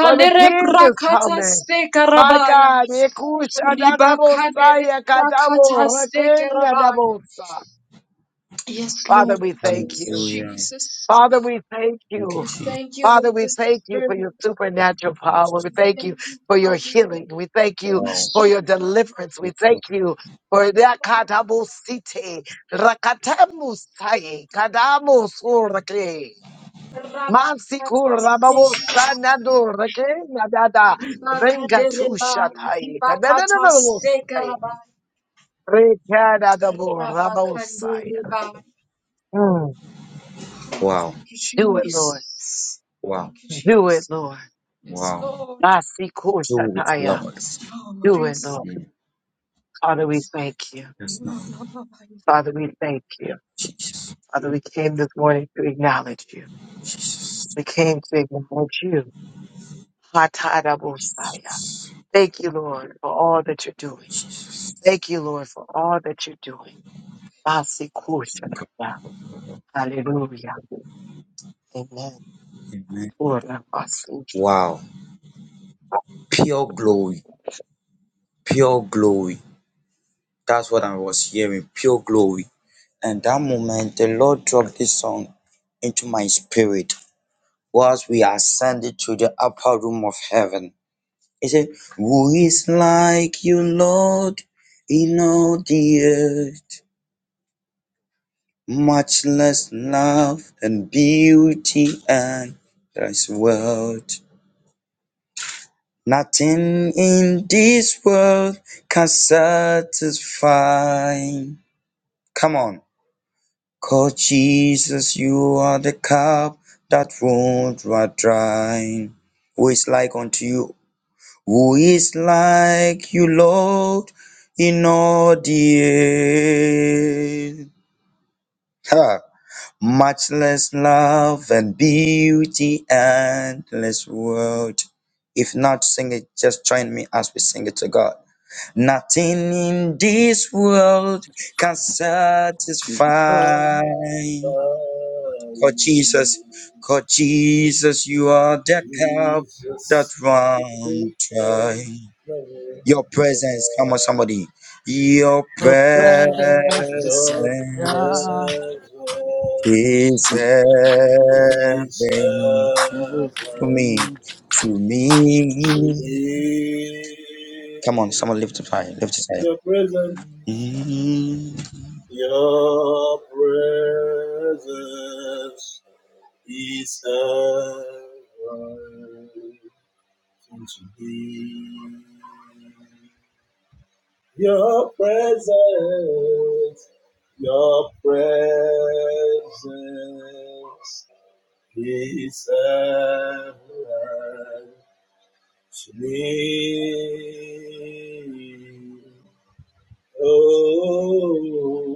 [SPEAKER 1] for the King is
[SPEAKER 4] Brakata
[SPEAKER 1] coming.
[SPEAKER 4] Steka
[SPEAKER 1] My
[SPEAKER 4] Rabaya
[SPEAKER 1] God, Ikusha
[SPEAKER 4] Ribakandere
[SPEAKER 1] dadabosaya kadabo
[SPEAKER 4] Brakata Steka
[SPEAKER 1] rakenya
[SPEAKER 4] Rabaya
[SPEAKER 1] dabosa.
[SPEAKER 4] Yes,
[SPEAKER 1] Father,
[SPEAKER 4] Lord,
[SPEAKER 1] we thank
[SPEAKER 4] yes,
[SPEAKER 1] you.
[SPEAKER 4] Jesus.
[SPEAKER 1] Father, we thank you.
[SPEAKER 4] We thank you,
[SPEAKER 1] Father,
[SPEAKER 4] Holy
[SPEAKER 1] we thank you for your
[SPEAKER 4] Spirit.
[SPEAKER 1] supernatural power. We
[SPEAKER 4] We
[SPEAKER 1] thank
[SPEAKER 4] thank
[SPEAKER 1] you
[SPEAKER 4] you,
[SPEAKER 1] for your
[SPEAKER 4] Father
[SPEAKER 1] healing.
[SPEAKER 4] Lord.
[SPEAKER 1] We thank you
[SPEAKER 4] In
[SPEAKER 1] for your
[SPEAKER 4] Jesus'
[SPEAKER 1] deliverance. We
[SPEAKER 4] mighty
[SPEAKER 1] thank
[SPEAKER 4] name,
[SPEAKER 1] you for
[SPEAKER 4] we
[SPEAKER 1] that
[SPEAKER 4] thank you,
[SPEAKER 1] katabusite,
[SPEAKER 4] Father.
[SPEAKER 1] rakatemusai, kadamusurake,
[SPEAKER 4] Rabakata
[SPEAKER 1] mansikur
[SPEAKER 4] Steka Rabaya
[SPEAKER 1] rababusanado, rake, nadada,
[SPEAKER 4] Ribakandere Baya
[SPEAKER 1] rengatushatai,
[SPEAKER 4] Ribakata Steka
[SPEAKER 1] kadadadadabusai,
[SPEAKER 4] Rabaya
[SPEAKER 1] rekadadabur rabusai.
[SPEAKER 4] Rabakandereba.
[SPEAKER 1] Mm,
[SPEAKER 4] Oh, thank you,
[SPEAKER 1] Do it, Lord.
[SPEAKER 4] Jesus. Thank you,
[SPEAKER 1] Do it,
[SPEAKER 4] Jesus.
[SPEAKER 1] Lord.
[SPEAKER 4] Yes, Lord.
[SPEAKER 1] Nasikoshataya.
[SPEAKER 4] Yes, Lord.
[SPEAKER 1] Do it,
[SPEAKER 4] Yes.
[SPEAKER 1] Lord. Father, we thank you.
[SPEAKER 4] Lord.
[SPEAKER 1] Father, we thank you. Father, we came this morning to acknowledge you. We came to acknowledge you. Hatadabosaya. Thank you, Lord, for all that you're doing. Thank you, Lord, for all that you're doing. Nasikoshataya. Hallelujah. Amen.
[SPEAKER 7] Amen.
[SPEAKER 1] Lord, I bless you.
[SPEAKER 7] Wow. Pure glory. Pure glory. That's what I was hearing. Pure glory. And that moment, the Lord dropped this song into my spirit whilst we ascended to the upper room of heaven. He said, Who is like you, Lord, in all the earth? Much less love and beauty and there's world." Nothing in this world can satisfy. Come on. Cause Jesus, you are the cup that won't run dry. Who is like unto you? Who is like you, Lord, in all the earth? Ha! Matchless love and beauty, endless world. If not, sing it. Just join me as we sing it to God. Nothing in this world can satisfy. God Jesus, God Jesus, you are the cup that
[SPEAKER 2] Jesus,
[SPEAKER 7] run
[SPEAKER 2] they
[SPEAKER 7] dry.
[SPEAKER 2] come the
[SPEAKER 7] Your presence, come on, somebody. Your presence.
[SPEAKER 3] praises
[SPEAKER 2] Your
[SPEAKER 3] God
[SPEAKER 2] presence,
[SPEAKER 7] He's heaven
[SPEAKER 3] within
[SPEAKER 7] to me, to me. Come on, someone lift it high, lift it high.
[SPEAKER 2] your presence,
[SPEAKER 7] Mm.
[SPEAKER 2] your presence is everything to be. Your presence, your presence Jesus, me. Oh,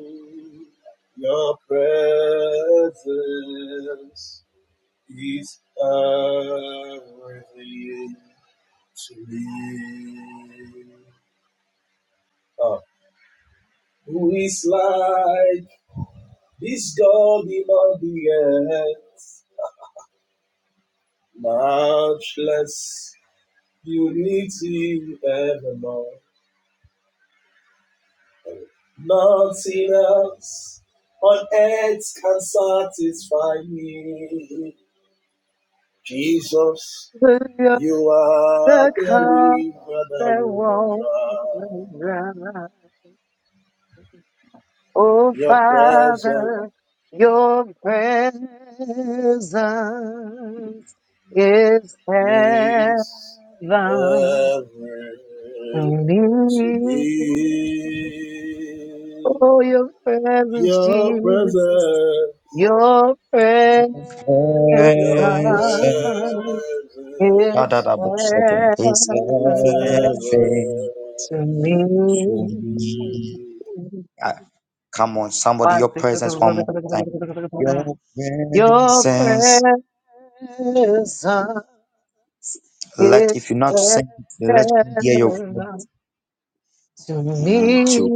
[SPEAKER 2] your presence is everything to me. Oh, who is like this God among the earth? Matchless, unity evermore. Nothing else on earth can satisfy me. Jesus, you are the river that
[SPEAKER 1] There
[SPEAKER 2] will not
[SPEAKER 1] won't be a drought. Oh,
[SPEAKER 2] Your presence
[SPEAKER 1] Father, your presence is heaven
[SPEAKER 2] is
[SPEAKER 1] to
[SPEAKER 2] everything to
[SPEAKER 1] me.
[SPEAKER 2] me.
[SPEAKER 1] Oh, your presence,
[SPEAKER 2] Your
[SPEAKER 1] Jesus,
[SPEAKER 2] presence,
[SPEAKER 1] your presence
[SPEAKER 2] your
[SPEAKER 7] Ah,
[SPEAKER 1] is
[SPEAKER 7] that
[SPEAKER 2] presence
[SPEAKER 7] about something. He's
[SPEAKER 1] heaven
[SPEAKER 2] is
[SPEAKER 7] heaven
[SPEAKER 1] to
[SPEAKER 2] everything.
[SPEAKER 7] to
[SPEAKER 1] me.
[SPEAKER 7] me. Ah, come on, somebody,
[SPEAKER 1] Why?
[SPEAKER 7] your presence one more time. Your
[SPEAKER 1] Your
[SPEAKER 7] presence.
[SPEAKER 1] presence
[SPEAKER 7] Let if
[SPEAKER 1] is
[SPEAKER 7] you're not
[SPEAKER 1] ever
[SPEAKER 7] sing, let me hear your voice.
[SPEAKER 1] to
[SPEAKER 7] Mm,
[SPEAKER 1] me.
[SPEAKER 7] too.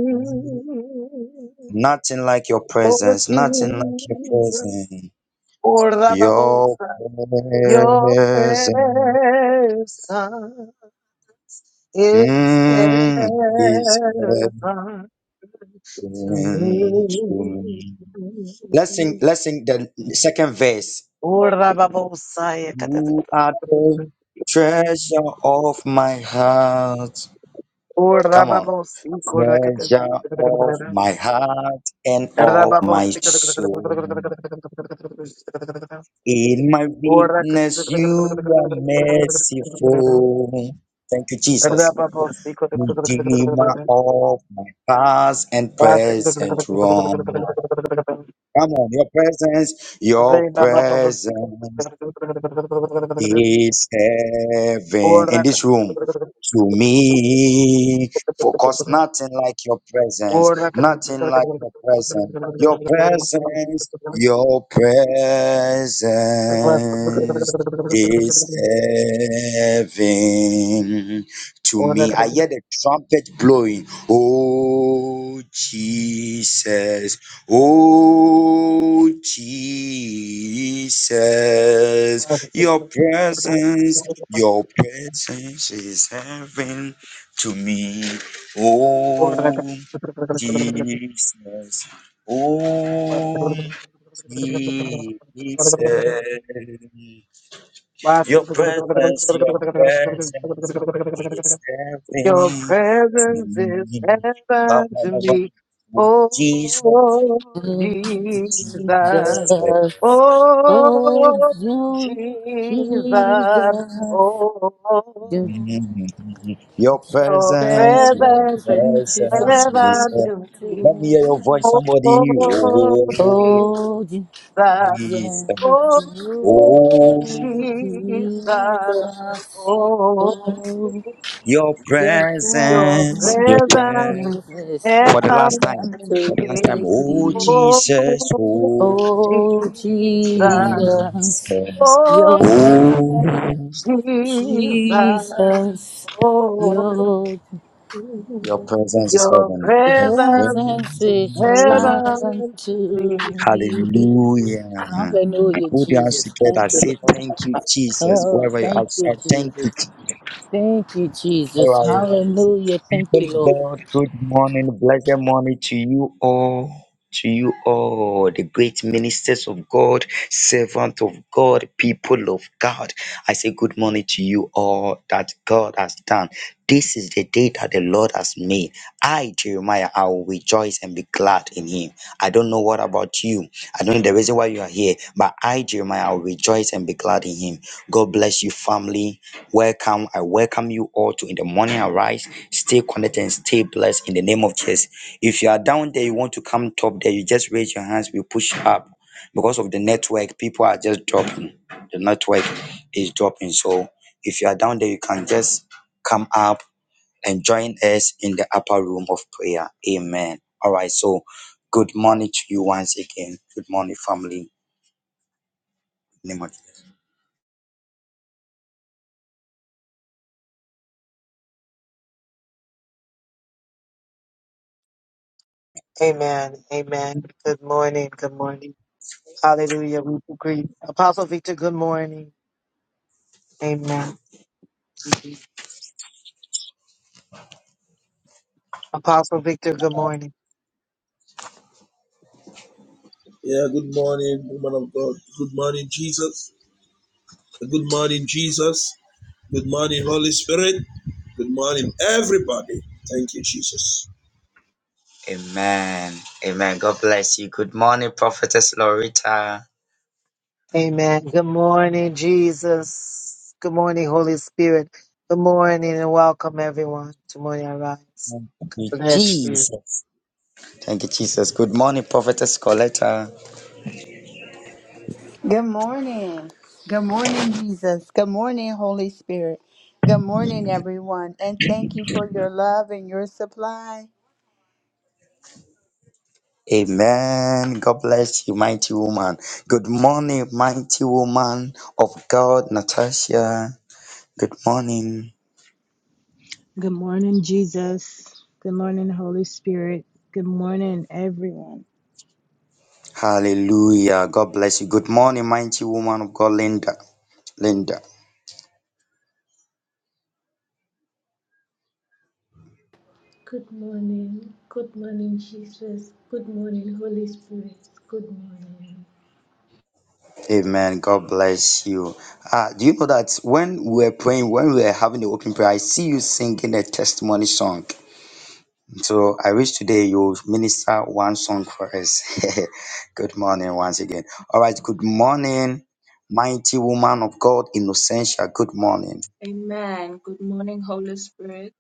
[SPEAKER 7] Nothing like your
[SPEAKER 1] Oh
[SPEAKER 7] presence. Nothing like your presence.
[SPEAKER 1] Jesus, oh
[SPEAKER 7] Your
[SPEAKER 1] Rabamosa, your
[SPEAKER 7] presence
[SPEAKER 1] presence is heaven
[SPEAKER 7] mm, is heaven
[SPEAKER 1] to
[SPEAKER 7] to me.
[SPEAKER 1] me.
[SPEAKER 7] Let's sing, let's sing the second verse.
[SPEAKER 1] Oh Rabamosa,
[SPEAKER 7] Treasure of my heart.
[SPEAKER 1] Ora
[SPEAKER 7] Come on. Treasure of my heart and of my soul. In my weakness, you are merciful. Thank you, Jesus. Redeemer of my past and present wrong. Come on, your presence, your presence is heaven in this room to me. For cause nothing like your presence, nothing like your presence, your presence, your presence is heaven to
[SPEAKER 1] Your
[SPEAKER 7] me. I hear the trumpet blowing. Oh Jesus, oh Jesus, your presence your presence is heaven to me. Oh, Jesus. Oh, Jesus. Your presence, your presence is heaven to
[SPEAKER 1] presence is
[SPEAKER 7] me.
[SPEAKER 1] heaven
[SPEAKER 7] Ba, ba,
[SPEAKER 1] to
[SPEAKER 7] ba, ba.
[SPEAKER 1] me.
[SPEAKER 7] Oh, Jesus,
[SPEAKER 1] Oh, Jesus.
[SPEAKER 7] Jesus.
[SPEAKER 3] Jesus. Oh,
[SPEAKER 1] Oh,
[SPEAKER 3] you,
[SPEAKER 1] Jesus.
[SPEAKER 3] Jesus, you
[SPEAKER 1] Oh,
[SPEAKER 7] Your
[SPEAKER 1] Your
[SPEAKER 7] presence, your
[SPEAKER 1] presence is
[SPEAKER 3] presence is like
[SPEAKER 7] presence is
[SPEAKER 1] heaven
[SPEAKER 7] heaven.
[SPEAKER 1] to
[SPEAKER 3] given
[SPEAKER 1] me.
[SPEAKER 7] Let me
[SPEAKER 3] to
[SPEAKER 7] hear your voice,
[SPEAKER 3] me.
[SPEAKER 7] somebody.
[SPEAKER 1] Oh,
[SPEAKER 7] Oh,
[SPEAKER 1] Jesus.
[SPEAKER 3] Oh, Jesus,
[SPEAKER 7] yes.
[SPEAKER 3] you,
[SPEAKER 1] Oh,
[SPEAKER 7] oh,
[SPEAKER 1] Jesus.
[SPEAKER 3] Jesus.
[SPEAKER 1] Oh,
[SPEAKER 3] Oh,
[SPEAKER 7] your
[SPEAKER 3] your
[SPEAKER 1] your
[SPEAKER 7] presence,
[SPEAKER 3] presence
[SPEAKER 7] your prayer.
[SPEAKER 1] presence is
[SPEAKER 3] is
[SPEAKER 7] For the last
[SPEAKER 1] heaven
[SPEAKER 7] time,
[SPEAKER 1] to
[SPEAKER 3] unto
[SPEAKER 7] for the last time.
[SPEAKER 1] me.
[SPEAKER 7] Oh,
[SPEAKER 3] me.
[SPEAKER 7] Jesus,
[SPEAKER 1] Oh,
[SPEAKER 7] oh,
[SPEAKER 3] Oh,
[SPEAKER 1] Jesus.
[SPEAKER 7] Jesus,
[SPEAKER 3] Jesus,
[SPEAKER 1] Oh,
[SPEAKER 3] your heaven,
[SPEAKER 7] oh,
[SPEAKER 1] Jesus.
[SPEAKER 3] Jesus,
[SPEAKER 1] Oh,
[SPEAKER 3] your
[SPEAKER 7] your presence is
[SPEAKER 1] Your
[SPEAKER 7] heaven. Your
[SPEAKER 1] presence
[SPEAKER 3] presence
[SPEAKER 1] is
[SPEAKER 3] is
[SPEAKER 7] presence, oh,
[SPEAKER 3] life
[SPEAKER 1] heaven to
[SPEAKER 3] unto
[SPEAKER 1] me.
[SPEAKER 3] me.
[SPEAKER 7] hallelujah.
[SPEAKER 3] Hallelujah,
[SPEAKER 7] Who do you have to
[SPEAKER 3] Jesus.
[SPEAKER 7] pray that?
[SPEAKER 3] Thank you,
[SPEAKER 7] Say
[SPEAKER 3] Lord.
[SPEAKER 7] thank you, Jesus.
[SPEAKER 3] Oh,
[SPEAKER 7] Wherever you are,
[SPEAKER 3] thank you,
[SPEAKER 7] shout thank you.
[SPEAKER 3] Jesus. Thank you,
[SPEAKER 7] All
[SPEAKER 3] Jesus.
[SPEAKER 7] right.
[SPEAKER 4] Jesus.
[SPEAKER 3] Hallelujah. Thank
[SPEAKER 7] People
[SPEAKER 3] you,
[SPEAKER 7] of
[SPEAKER 3] Lord.
[SPEAKER 7] God, good morning, blessed morning to you all, to you all, the great ministers of God, servant of God, people of God. I say good morning to you all that God has done. This is the day that the Lord has made. I, Jeremiah, I will rejoice and be glad in Him. I don't know what about you. I don't know the reason why you are here, but I, Jeremiah, I will rejoice and be glad in Him. God bless you, family. Welcome. I welcome you all to In the Morning Arise. Stay connected and stay blessed in the name of Jesus. If you are down there, you want to come top there, you just raise your hands. We push you up. Because of the network, people are just dropping. The network is dropping. So if you are down there, you can just come up and join us in the upper room of prayer. Amen. All right. So good morning to you once again. Good morning, family. In the name of
[SPEAKER 1] Amen. Amen. Good morning. Good morning. Hallelujah. We agree. Apostle Victor, good morning. Amen. Thank you. Apostle Victor, good morning.
[SPEAKER 2] Yeah, good morning, woman of God. Good morning, Jesus. Good morning, Jesus. Good morning, Holy Spirit. Good morning, everybody. Thank you, Jesus.
[SPEAKER 7] Amen. Amen. God bless you. Good morning, Prophetess Lorita.
[SPEAKER 1] Amen. Good morning, Jesus. Good morning, Holy Spirit. Good morning and welcome everyone to Morning Arise. God bless you.
[SPEAKER 7] Thank you, Jesus. Good morning, Prophetess Coletta.
[SPEAKER 6] Good morning. Good morning, Jesus. Good morning, Holy Spirit. Good morning, everyone. And thank you for your love and your supply.
[SPEAKER 7] Amen. God bless you, mighty woman. Good morning, mighty woman of God, Natasha. Good morning.
[SPEAKER 8] Good morning, Jesus. Good morning, Holy Spirit. Good morning, everyone.
[SPEAKER 7] Hallelujah. God bless you. Good morning, mighty woman of God, Linda. Linda.
[SPEAKER 9] Good morning. Good morning, Jesus. Good morning, Holy Spirit. Good morning.
[SPEAKER 7] Amen. God bless you. Ah, do you know that when we were praying, when we were having the open prayer, I see you singing a testimony song. So I wish today you minister one song for us. good morning once again. All right, good morning, mighty woman of God, Innocentia. Good morning.
[SPEAKER 4] Amen. Good morning, Holy Spirit.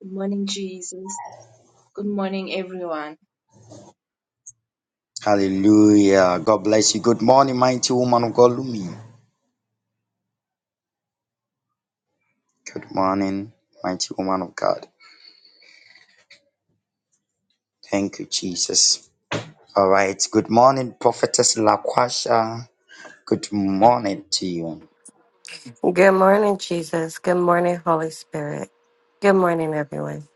[SPEAKER 4] Good morning, Jesus. Good morning, everyone.
[SPEAKER 7] Hallelujah. God bless you. Good morning, mighty woman of God, Lumi. Good morning, mighty woman of God. Thank you, Jesus. All right. Good morning, prophetess Laquasha. Good morning to you.
[SPEAKER 10] Good morning, Jesus. Good morning, Holy Spirit. Good morning, everyone.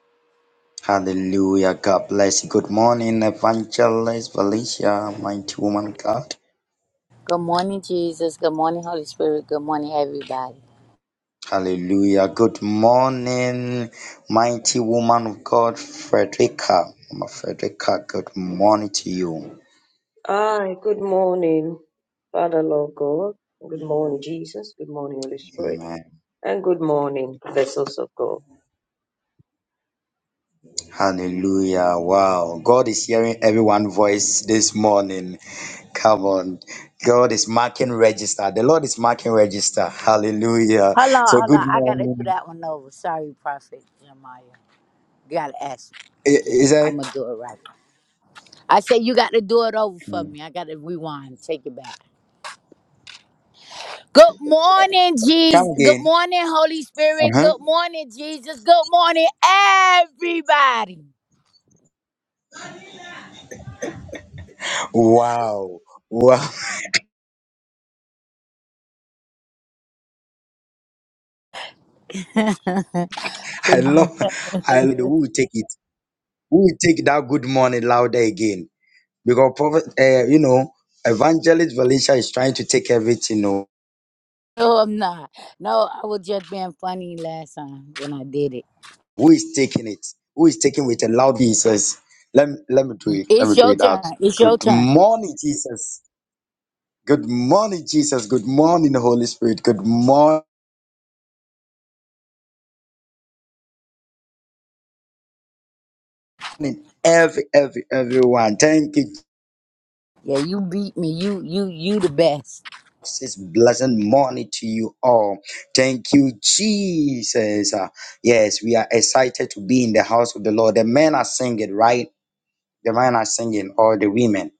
[SPEAKER 7] Hallelujah. God bless you. Good morning, evangelist Felicia, mighty woman of God.
[SPEAKER 3] Good morning, Jesus. Good morning, Holy Spirit. Good morning, everybody.
[SPEAKER 7] Hallelujah. Good morning, mighty woman of God, Frederica. Mama Frederica, good morning to you.
[SPEAKER 11] Hi, good morning, Father Lord God. Good morning, Jesus. Good morning, Holy Spirit.
[SPEAKER 7] Amen.
[SPEAKER 11] And good morning, vessels of God.
[SPEAKER 7] Hallelujah. Wow. God is hearing everyone's voice this morning. Come on. God is marking register. The Lord is marking register. Hallelujah.
[SPEAKER 3] Hold on,
[SPEAKER 7] So
[SPEAKER 3] hold
[SPEAKER 7] good
[SPEAKER 3] on. I got to do
[SPEAKER 7] morning.
[SPEAKER 3] that one over. Sorry, Prophet Jeremiah. gotta ask
[SPEAKER 7] I-
[SPEAKER 3] again.
[SPEAKER 7] Is that
[SPEAKER 3] I'm gonna do it right. I say you gotta do it over for me. I gotta rewind, take it back. Good morning,
[SPEAKER 7] come
[SPEAKER 3] Jesus. Good
[SPEAKER 7] again?
[SPEAKER 3] morning, Holy Spirit.
[SPEAKER 7] Uh-huh.
[SPEAKER 3] Good morning, Jesus. Good morning, everybody.
[SPEAKER 7] Wow. Wow.
[SPEAKER 3] no,
[SPEAKER 7] I love I love the will take it. who will take that good morning louder again? Because prophet, uh, you know, evangelist Valencia is trying to take everything. You
[SPEAKER 3] I'm not. No, I was just being funny last time when I did it.
[SPEAKER 7] who is taking it? Who is taking with a loud Jesus? Let me, let me do it. Let
[SPEAKER 3] It's
[SPEAKER 7] me do
[SPEAKER 3] your
[SPEAKER 7] it out.
[SPEAKER 3] turn. It's your
[SPEAKER 7] Good
[SPEAKER 3] turn.
[SPEAKER 7] morning, Jesus. Good morning, Jesus. Good morning, Holy Spirit. Good morning, every every everyone. Thank you. Jesus.
[SPEAKER 3] Yeah, you beat me. You, you, you the best.
[SPEAKER 7] Blessed morning to you all. Thank you, Jesus. Ah, Yes, we are excited to be in the house of the Lord. The men are singing, right? The men are singing, or the women,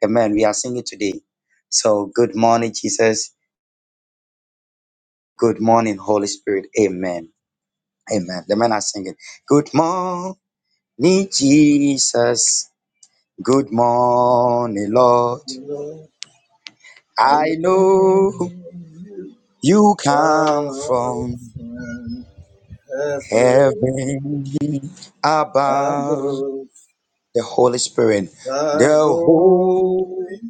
[SPEAKER 7] the men, we are singing today. So good morning, Jesus. Good morning, Holy Spirit. Amen. Amen. The men are singing, Good morning, Jesus. Good morning, Lord.
[SPEAKER 2] I
[SPEAKER 7] I
[SPEAKER 2] know
[SPEAKER 7] know
[SPEAKER 2] you
[SPEAKER 7] you come
[SPEAKER 2] are
[SPEAKER 7] from
[SPEAKER 2] from heaven
[SPEAKER 7] heaven above.
[SPEAKER 2] above.
[SPEAKER 7] The Holy Spirit,
[SPEAKER 2] Thy
[SPEAKER 7] the
[SPEAKER 2] Holy
[SPEAKER 7] Holy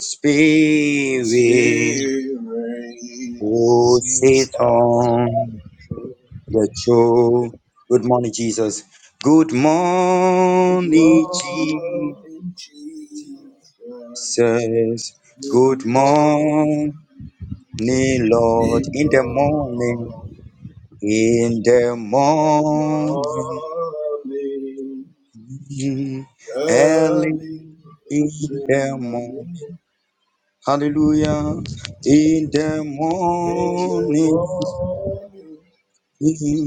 [SPEAKER 7] Spirit,
[SPEAKER 2] Spirit
[SPEAKER 7] who
[SPEAKER 2] sits
[SPEAKER 7] sits on
[SPEAKER 2] on the throne.
[SPEAKER 7] The cho. Good morning, Jesus. Good
[SPEAKER 2] Good
[SPEAKER 7] morning,
[SPEAKER 2] morning, Jesus.
[SPEAKER 7] Jesus.
[SPEAKER 2] Good
[SPEAKER 7] Good morning,
[SPEAKER 2] morning,
[SPEAKER 7] Lord. In the morning,
[SPEAKER 2] Lord.
[SPEAKER 7] in the
[SPEAKER 2] Good
[SPEAKER 7] morning,
[SPEAKER 2] morning,
[SPEAKER 7] early
[SPEAKER 2] loving
[SPEAKER 7] in
[SPEAKER 2] in the
[SPEAKER 7] the morning.
[SPEAKER 2] morning.
[SPEAKER 7] Hallelujah. In the
[SPEAKER 2] In the
[SPEAKER 7] morning,
[SPEAKER 2] morning,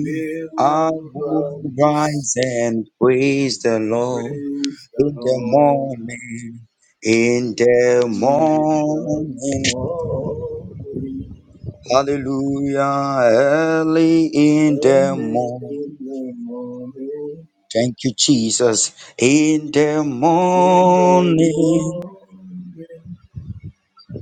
[SPEAKER 2] we
[SPEAKER 7] I
[SPEAKER 2] will
[SPEAKER 7] will
[SPEAKER 2] rise.
[SPEAKER 7] rise and praise the Lord.
[SPEAKER 2] Praise the
[SPEAKER 7] in the
[SPEAKER 2] Lord.
[SPEAKER 7] morning, in the
[SPEAKER 2] In the
[SPEAKER 7] morning,
[SPEAKER 2] morning,
[SPEAKER 7] hallelujah, early in the
[SPEAKER 2] early
[SPEAKER 7] morning.
[SPEAKER 2] in the morning.
[SPEAKER 7] Thank you, Jesus. In the
[SPEAKER 2] In the
[SPEAKER 7] morning,
[SPEAKER 2] morning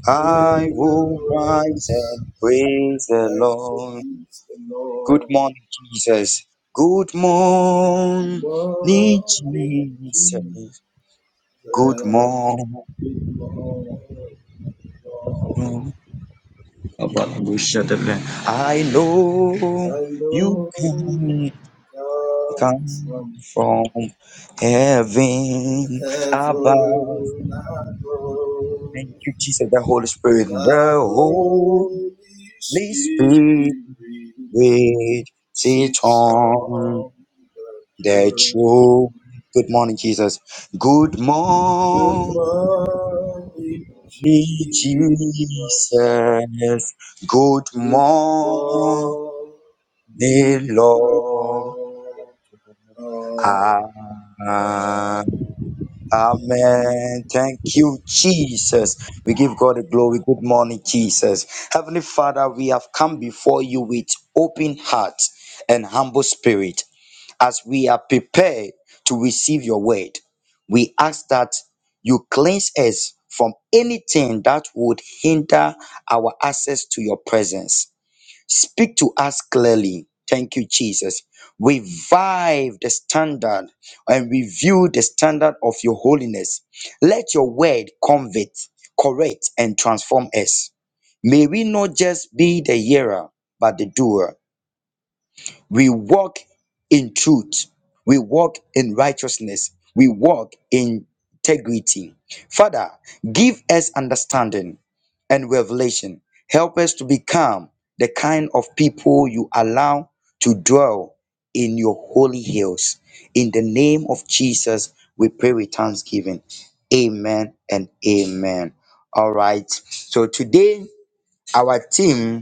[SPEAKER 2] we
[SPEAKER 7] I will
[SPEAKER 2] will
[SPEAKER 7] rise
[SPEAKER 2] rise
[SPEAKER 7] and praise the
[SPEAKER 2] and
[SPEAKER 7] Lord.
[SPEAKER 2] praise the
[SPEAKER 7] Good
[SPEAKER 2] Lord.
[SPEAKER 7] morning, Jesus. Good morning,
[SPEAKER 2] Morning,
[SPEAKER 7] Jesus. Good
[SPEAKER 2] Jesus.
[SPEAKER 7] morning.
[SPEAKER 2] Good morning, Lord.
[SPEAKER 7] I know
[SPEAKER 2] I
[SPEAKER 7] you
[SPEAKER 2] know you
[SPEAKER 7] can
[SPEAKER 2] come
[SPEAKER 7] come
[SPEAKER 2] from
[SPEAKER 7] from heaven above.
[SPEAKER 2] heaven above.
[SPEAKER 7] Thank you, Jesus, the Holy Spirit.
[SPEAKER 2] The
[SPEAKER 7] The Holy
[SPEAKER 2] Holy
[SPEAKER 7] Spirit
[SPEAKER 2] Spirit
[SPEAKER 7] sit
[SPEAKER 2] sits
[SPEAKER 7] on
[SPEAKER 2] on the
[SPEAKER 7] the
[SPEAKER 2] throne.
[SPEAKER 7] throne. Good morning, Jesus. Good
[SPEAKER 2] Good
[SPEAKER 7] morning,
[SPEAKER 2] morning, Jesus.
[SPEAKER 7] Jesus. Good
[SPEAKER 2] Good
[SPEAKER 7] morning,
[SPEAKER 2] morning,
[SPEAKER 7] Lord.
[SPEAKER 2] Lord of
[SPEAKER 7] Ah,
[SPEAKER 2] Hallelujah.
[SPEAKER 7] Amen. Thank you, Jesus. We give God the glory. Good morning, Jesus. Heavenly Father, we have come before you with open heart and humble spirit as we are prepared to receive your word. We ask that you cleanse us from anything that would hinder our access to your presence. Speak to us clearly. Thank you, Jesus. Revive the standard and review the standard of your holiness. Let your word convict, correct, and transform us. May we not just be the hearer, but the doer. We walk in truth. We walk in righteousness. We walk in integrity. Father, give us understanding and revelation. Help us to become the kind of people you allow to dwell in your holy hills. In the name of Jesus, we pray with thanksgiving. Amen and amen. All right. So today, our team.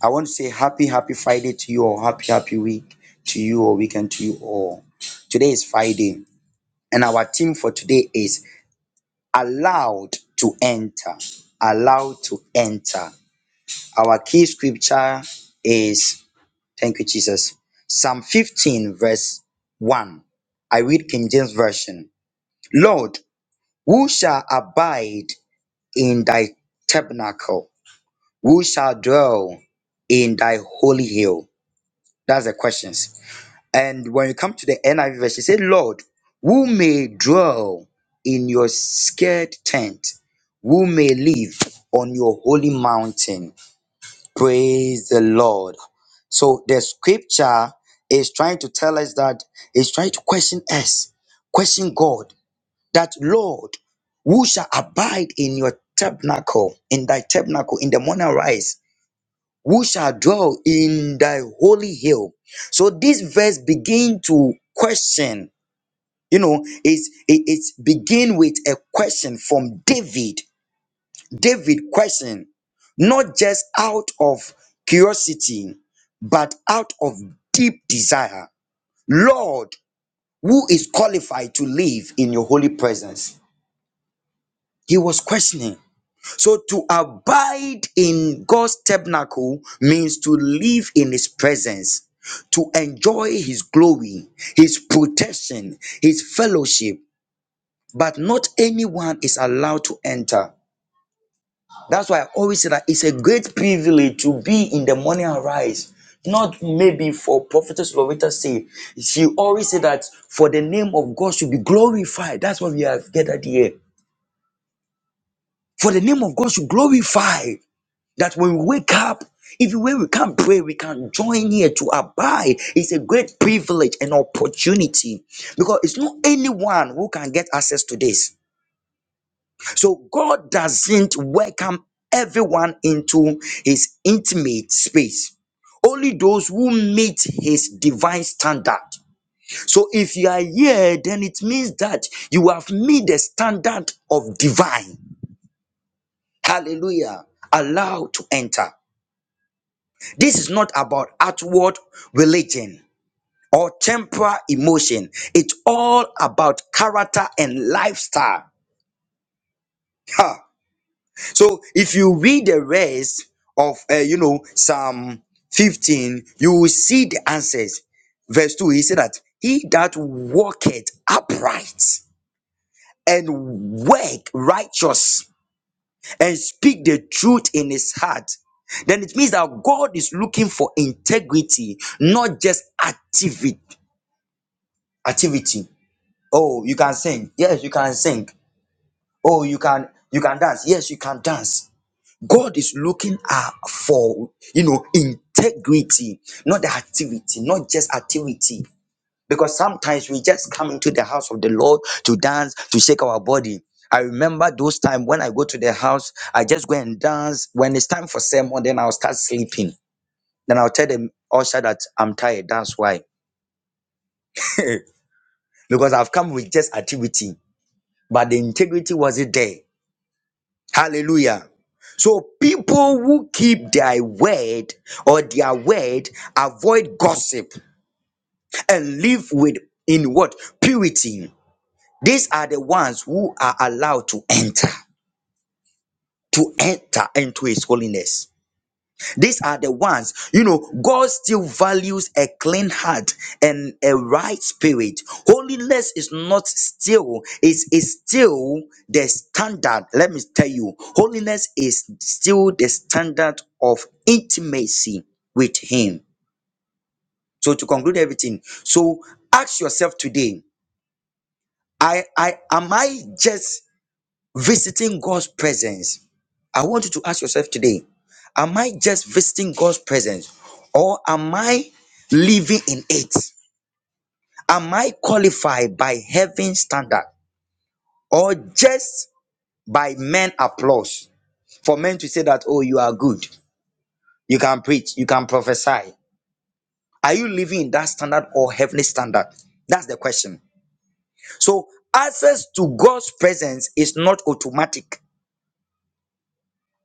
[SPEAKER 7] I want to say happy, happy Friday to you all. Happy, happy week to you or weekend to you all. Today is Friday, and our theme for today is allowed to enter. Allowed to enter. Our key scripture is, thank you, Jesus, Psalm 15, verse 1. I read King James Version. Lord, who shall abide in thy tabernacle? Who shall dwell in thy holy hill? That's the question. And when you come to the NIV verse, it said, Lord, who may dwell in your scared tent? Who may live on your holy mountain? Praise the Lord. So the scripture is trying to tell us that it's trying to question us, question God, that Lord, who shall abide in your tabernacle, in thy tabernacle, in the morning rise? who shall dwell in thy holy hill so this verse begin to question you know it's it, it's begin with a question from david david question not just out of curiosity but out of deep desire lord who is qualified to live in your holy presence he was questioning So to abide in God's tabernacle means to live in his presence, to enjoy his glory, his protection, his fellowship, but not anyone is allowed to enter. That's why I always say that it's a great privilege to be in the morning arise. Not maybe for prophetess Loretta say. She always said that for the name of God should be glorified. That's why we have gathered here. For the name of God should glorify. that when we wake up, even when we can't pray, we can join here to abide. It's a great privilege and opportunity because it's not anyone who can get access to this. So God doesn't welcome everyone into his intimate space. Only those who meet his divine standard. So if you are here, then it means that you have met the standard of divine. Hallelujah. Allowed to enter. This is not about outward religion or temporal emotion. It's all about character and lifestyle. Ha. So if you read the rest of, uh, you know, Psalm 15, you will see the answers. Verse 2, he said that he that walketh upright and work righteous and speak the truth in his heart, then it means that God is looking for integrity, not just activity activity oh you can sing yes you can sing oh you can you can dance yes you can dance god is looking at for you know integrity not the activity not just activity because sometimes we just come into the house of the lord to dance to shake our body I remember those times when I go to the house, I just go and dance. When it's time for sermon, then I'll start sleeping. Then I'll tell them usher that I'm tired. That's why. because I've come with just activity. but the integrity wasn't there. Hallelujah. So people who keep their word or their word avoid gossip and live with in what purity. These are the ones who are allowed to enter to enter into his holiness. These are the ones, you know, God still values a clean heart and a right spirit. Holiness is not still, is is still the standard. Let me tell you, holiness is still the standard of intimacy with Him. So to conclude everything, so ask yourself today, I I am I just Visiting God's presence. I want you to ask yourself today Am I just visiting God's presence or am I living in it? Am I qualified by heaven's standard or just by men applause? For men to say that, oh, you are good, you can preach, you can prophesy. Are you living in that standard or heavenly standard? That's the question. So, access to God's presence is not automatic,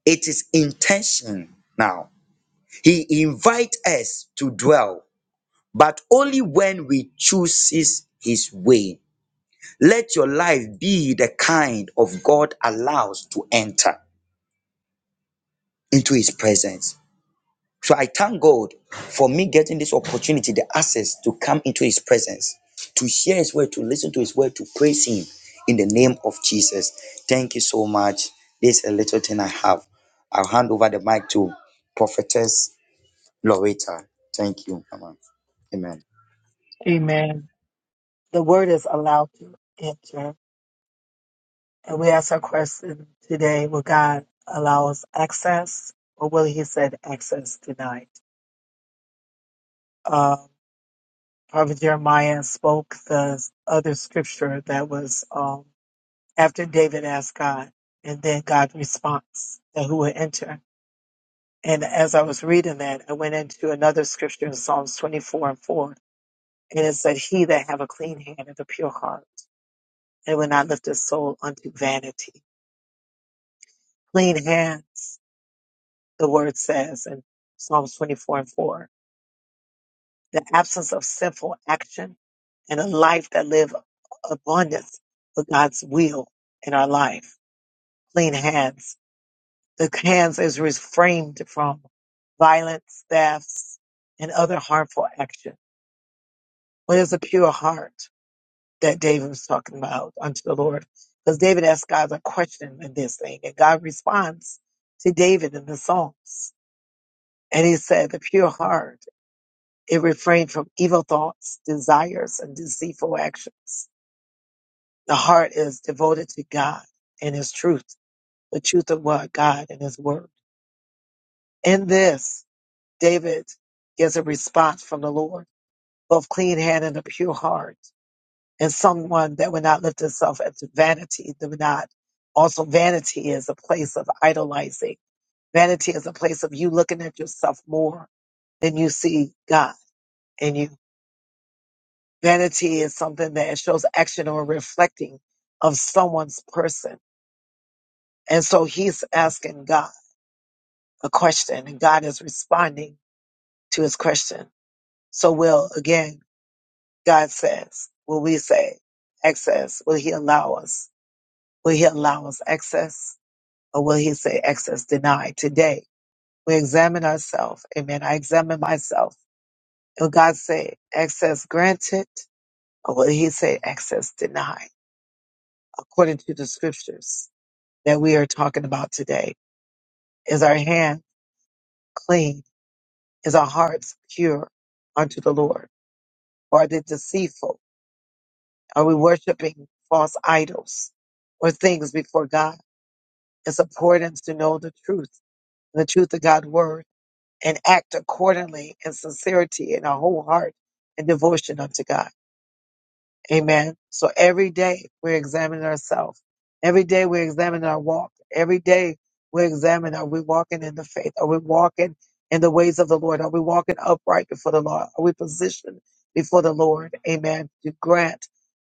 [SPEAKER 7] it is intention now. He invites us to dwell, but only when we choose his way. Let your life be the kind of God allows to enter into his presence. So I thank God for me getting this opportunity, the access to come into his presence, to share his word, to listen to his word, to praise him in the name of Jesus. Thank you so much. This is a little thing I have. I'll hand over the mic to Prophetess Loretta. Thank you, Mama. Amen.
[SPEAKER 1] Amen. The word is allowed to enter. And we ask our question today, will God allow us access or will he said access tonight? Uh, Prophet Jeremiah spoke the other scripture that was um, after David asked God and then God response that who will enter. And as I was reading that, I went into another scripture in Psalms 24 and 4. And it said, he that have a clean hand and a pure heart and will not lift his soul unto vanity. Clean hands the word says in Psalms 24 and 4. The absence of sinful action and a life that live abundance for God's will in our life. Clean hands. The hands is refrained from violence, thefts, and other harmful action. What is a pure heart that David was talking about unto the Lord? Because David asked God a question in this thing, and God responds to David in the Psalms. And he said, The pure heart It refrained from evil thoughts, desires, and deceitful actions. The heart is devoted to God and His truth, the truth of what? God and His Word. In this, David gets a response from the Lord, both clean hand and a pure heart, and someone that would not lift himself up to vanity, that would not. Also, vanity is a place of idolizing. Vanity is a place of you looking at yourself more than you see God and you. Vanity is something that shows action or reflecting of someone's person. And so he's asking God a question and God is responding to his question. So will, again, God says, will we say access? Will he allow us? Will he allow us access? Or will he say access denied? Today, we examine ourselves. Amen. I examine myself. Will God say access granted? Or will he say access denied? According to the scriptures. that we are talking about today. Is our hand clean? Is our hearts pure unto the Lord? Or are they deceitful? Are we worshiping false idols or things before God? It's important to know the truth, the truth of God's word, and act accordingly in sincerity and a whole heart and devotion unto God. Amen. So every day we're examining ourselves. Every day we're examining our walk. Every day we're examining are we walking in the faith? Are we walking in the ways of the Lord? Are we walking upright before the Lord? Are we positioned before the Lord? Amen. To grant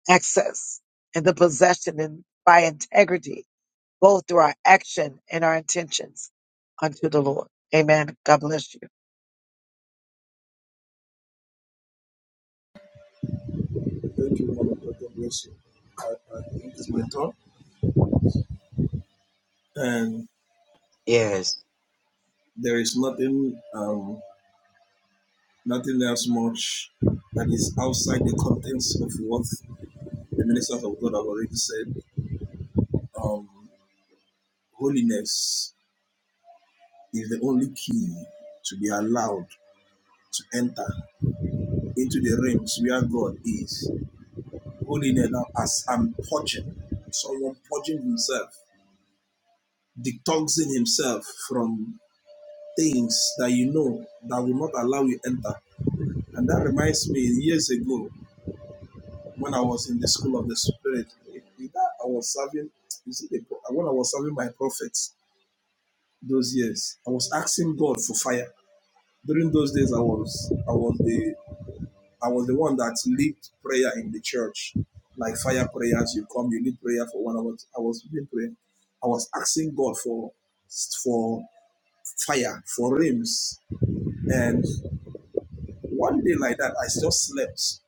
[SPEAKER 1] access and the possession and by integrity, both through our action and our intentions unto the Lord. Amen. God bless you.
[SPEAKER 2] Thank you, Mother. God God bless you. I, I think it's my turn. And
[SPEAKER 7] Yes.
[SPEAKER 2] there is nothing, um, nothing else much that is outside the contents of what the ministers of God have already said. um, holiness is the only key to be allowed to enter into the realms where God is. Holiness now as I'm purging, someone purging himself, detoxing himself from things that you know that will not allow you enter. And that reminds me years ago when I was in the school of the spirit, either I was serving, is when I was serving my prophets those years, I was asking God for fire during those days I was I was the I was the one that lead prayer in the church, like fire prayers. You come, you lead prayer for one hour. I was leading prayer. I was asking God for for fire, for rains. And one day like that, I just slept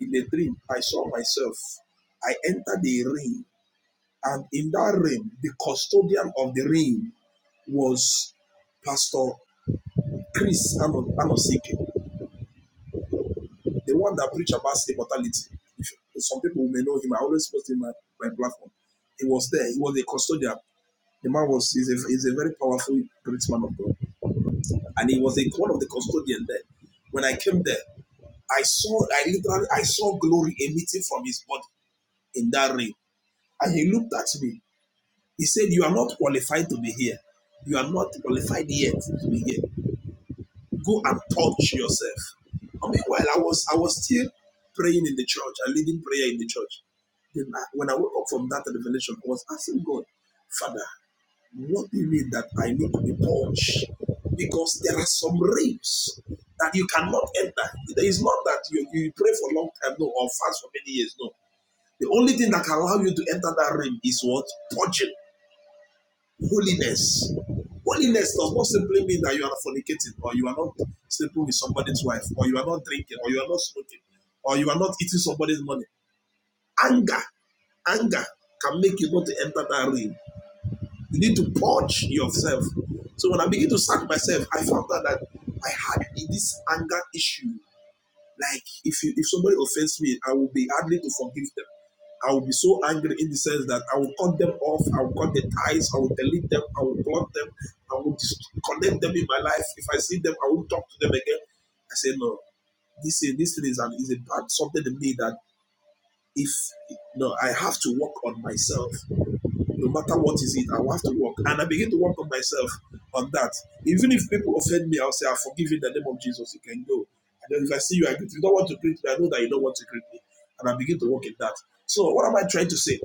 [SPEAKER 2] in a dream. I saw myself. I entered the ring, and in that ring, the custodian of the ring was Pastor Chris Anosike. the one that preached about immortality. some people may know him. I always post him on my my platform. He was there. He was a custodian. The man was he's a, he's a very powerful great man of God, and he was a, one of the custodian there. When I came there, I saw I literally I saw glory emitting from his body in that ring, and he looked at me. He said, "You are not qualified to be here. You are not qualified yet to be here." Go and touch yourself. And meanwhile, I was I was still praying in the church and leading prayer in the church. Then I, when I woke up from that revelation, I was asking God, Father, what do you mean that I need to be touched? Because there are some rooms that you cannot enter. It is not that you, you pray for a long time, no, or fast for many years, no. The only thing that can allow you to enter that room is what? Touching holiness. Holiness does not simply mean that you are fornicating or you are not sleeping with somebody's wife or you are not drinking or you are not smoking or you are not eating somebody's money. Anger, anger can make you not to enter that ring. You need to purge yourself. So when I begin to sack myself, I found out that I had this anger issue like if you if somebody offends me, I will be hardly to forgive them. I will be so angry in the sense that I will cut them off, I will cut the ties, I will delete them, I will block them, I will disconnect them in my life. If I see them, I will talk to them again. I say, no, this is this thing is an is a bad something in me that if no, I have to work on myself no matter what is it, I will have to work. And I begin to work on myself on that. Even if people offend me, I'll say, I forgive you in the name of Jesus. You can go. And then if I see you, I greet you. you don't want to greet me, I know that you don't want to greet me. And I begin to work in that. So what am I trying to say?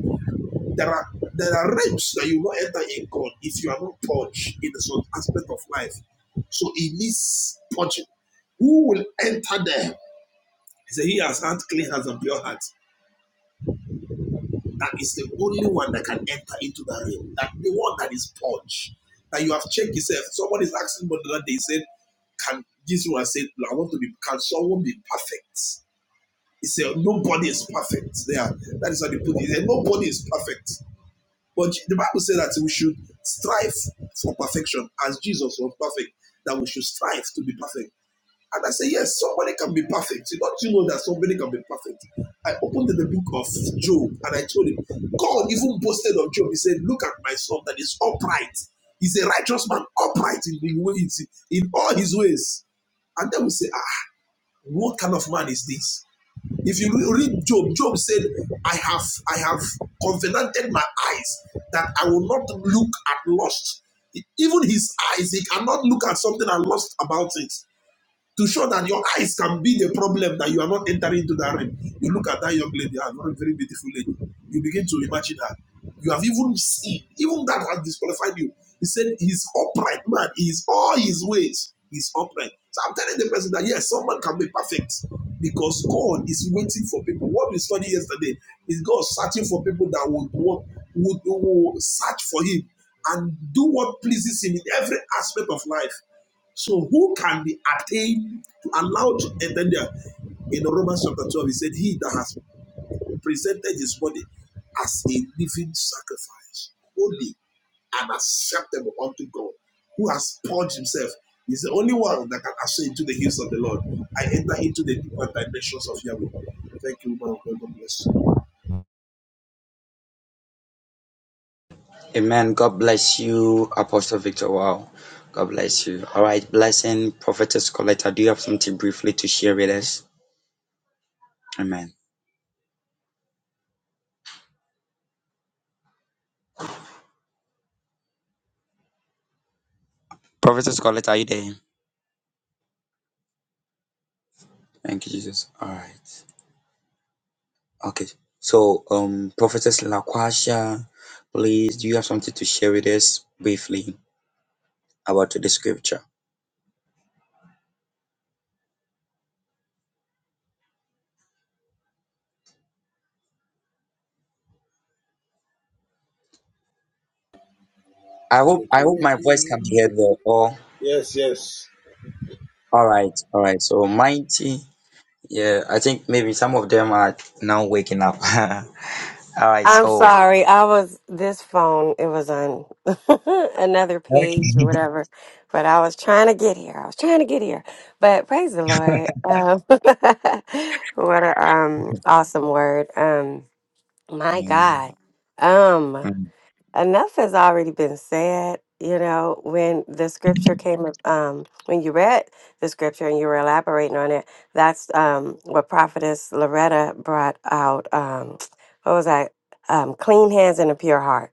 [SPEAKER 2] There are there are realms that you will not enter in God if you are not purged in some aspect of life. So it needs purging. Who will enter there? He said, He has had clean hands and pure heart that is the only one that can enter into that realm. That the one that is purged. That you have checked yourself. Someone is asking me the they said, Can this one said, no, I want to be can someone be perfect? He said, Nobody is perfect. There. That is how they put it. He said, Nobody is perfect. But the Bible says that we should strive for perfection as Jesus was perfect, that we should strive to be perfect. And I said, Yes, somebody can be perfect. Don't you know that somebody can be perfect? I opened the book of Job and I told him, God even boasted of Job. He said, Look at my son that is upright. He's a righteous man, upright in, the way, in all his ways. And then we say, Ah, what kind of man is this? If you read Job, Job said, I have I have covenanted my eyes that I will not look at lust. Even his eyes, he cannot look at something and lust about it to show that your eyes can be the problem that you are not entering into that realm. You look at that young lady, a very, beautiful lady. You begin to imagine her. You have even seen, even that has disqualified you. He said, He's upright, man. He is all his ways. He's upright. So I'm telling the person that yes, someone can be perfect because God is waiting for people. What we studied yesterday is God searching for people that would would, would, would search for Him and do what pleases Him in every aspect of life. So who can be attained to allow to enter there? In Romans chapter 12, he said, He that has presented his body as a living sacrifice, holy and acceptable unto God, who has purged himself, is the only one that can ascend into the hills of the Lord. I enter into the different dimensions of Yahweh. Oh, God bless
[SPEAKER 7] Amen. God bless you, Apostle Victor. Wow. God bless you. All right. Blessing, Prophetess Coletta. Do you have something briefly to share with us? Amen. Prophetess Coletta, are you there? Thank you, Jesus. All right. Okay. So, um, Prophetess Laquasha, please, do you have something to share with us briefly about the scripture? I
[SPEAKER 2] you.
[SPEAKER 7] hope I hope my voice can be heard well. Oh,
[SPEAKER 2] Yes, yes.
[SPEAKER 7] all right, all right. So mighty. Yeah, I think maybe some of them are now waking up. All right,
[SPEAKER 10] I'm
[SPEAKER 7] so.
[SPEAKER 10] sorry. I was, this phone, it was on another page or whatever, but I was trying to get here. I was trying to get here, but praise the Lord. Um, what a um, awesome word. Um, my
[SPEAKER 7] Mm,
[SPEAKER 10] God. Um,
[SPEAKER 7] mm.
[SPEAKER 10] enough has already been said you know when the scripture came um when you read the scripture and you were elaborating on it that's um what prophetess loretta brought out um what was i um clean hands and a pure heart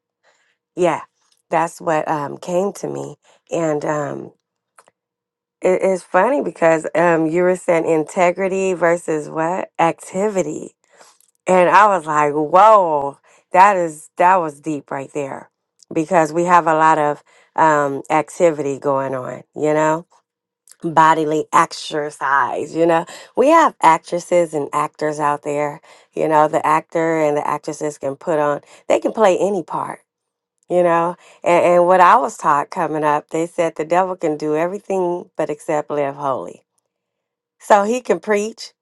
[SPEAKER 10] yeah that's what um came to me and um it- it's funny because um you were saying integrity versus what activity and I was like, whoa, that is that was deep right there. Because we have a lot of um activity going on, you know, bodily exercise, you know. We have actresses and actors out there, you know, the actor and the actresses can put on they can play any part, you know. And and what I was taught coming up, they said the devil can do everything but except live holy. So he can preach,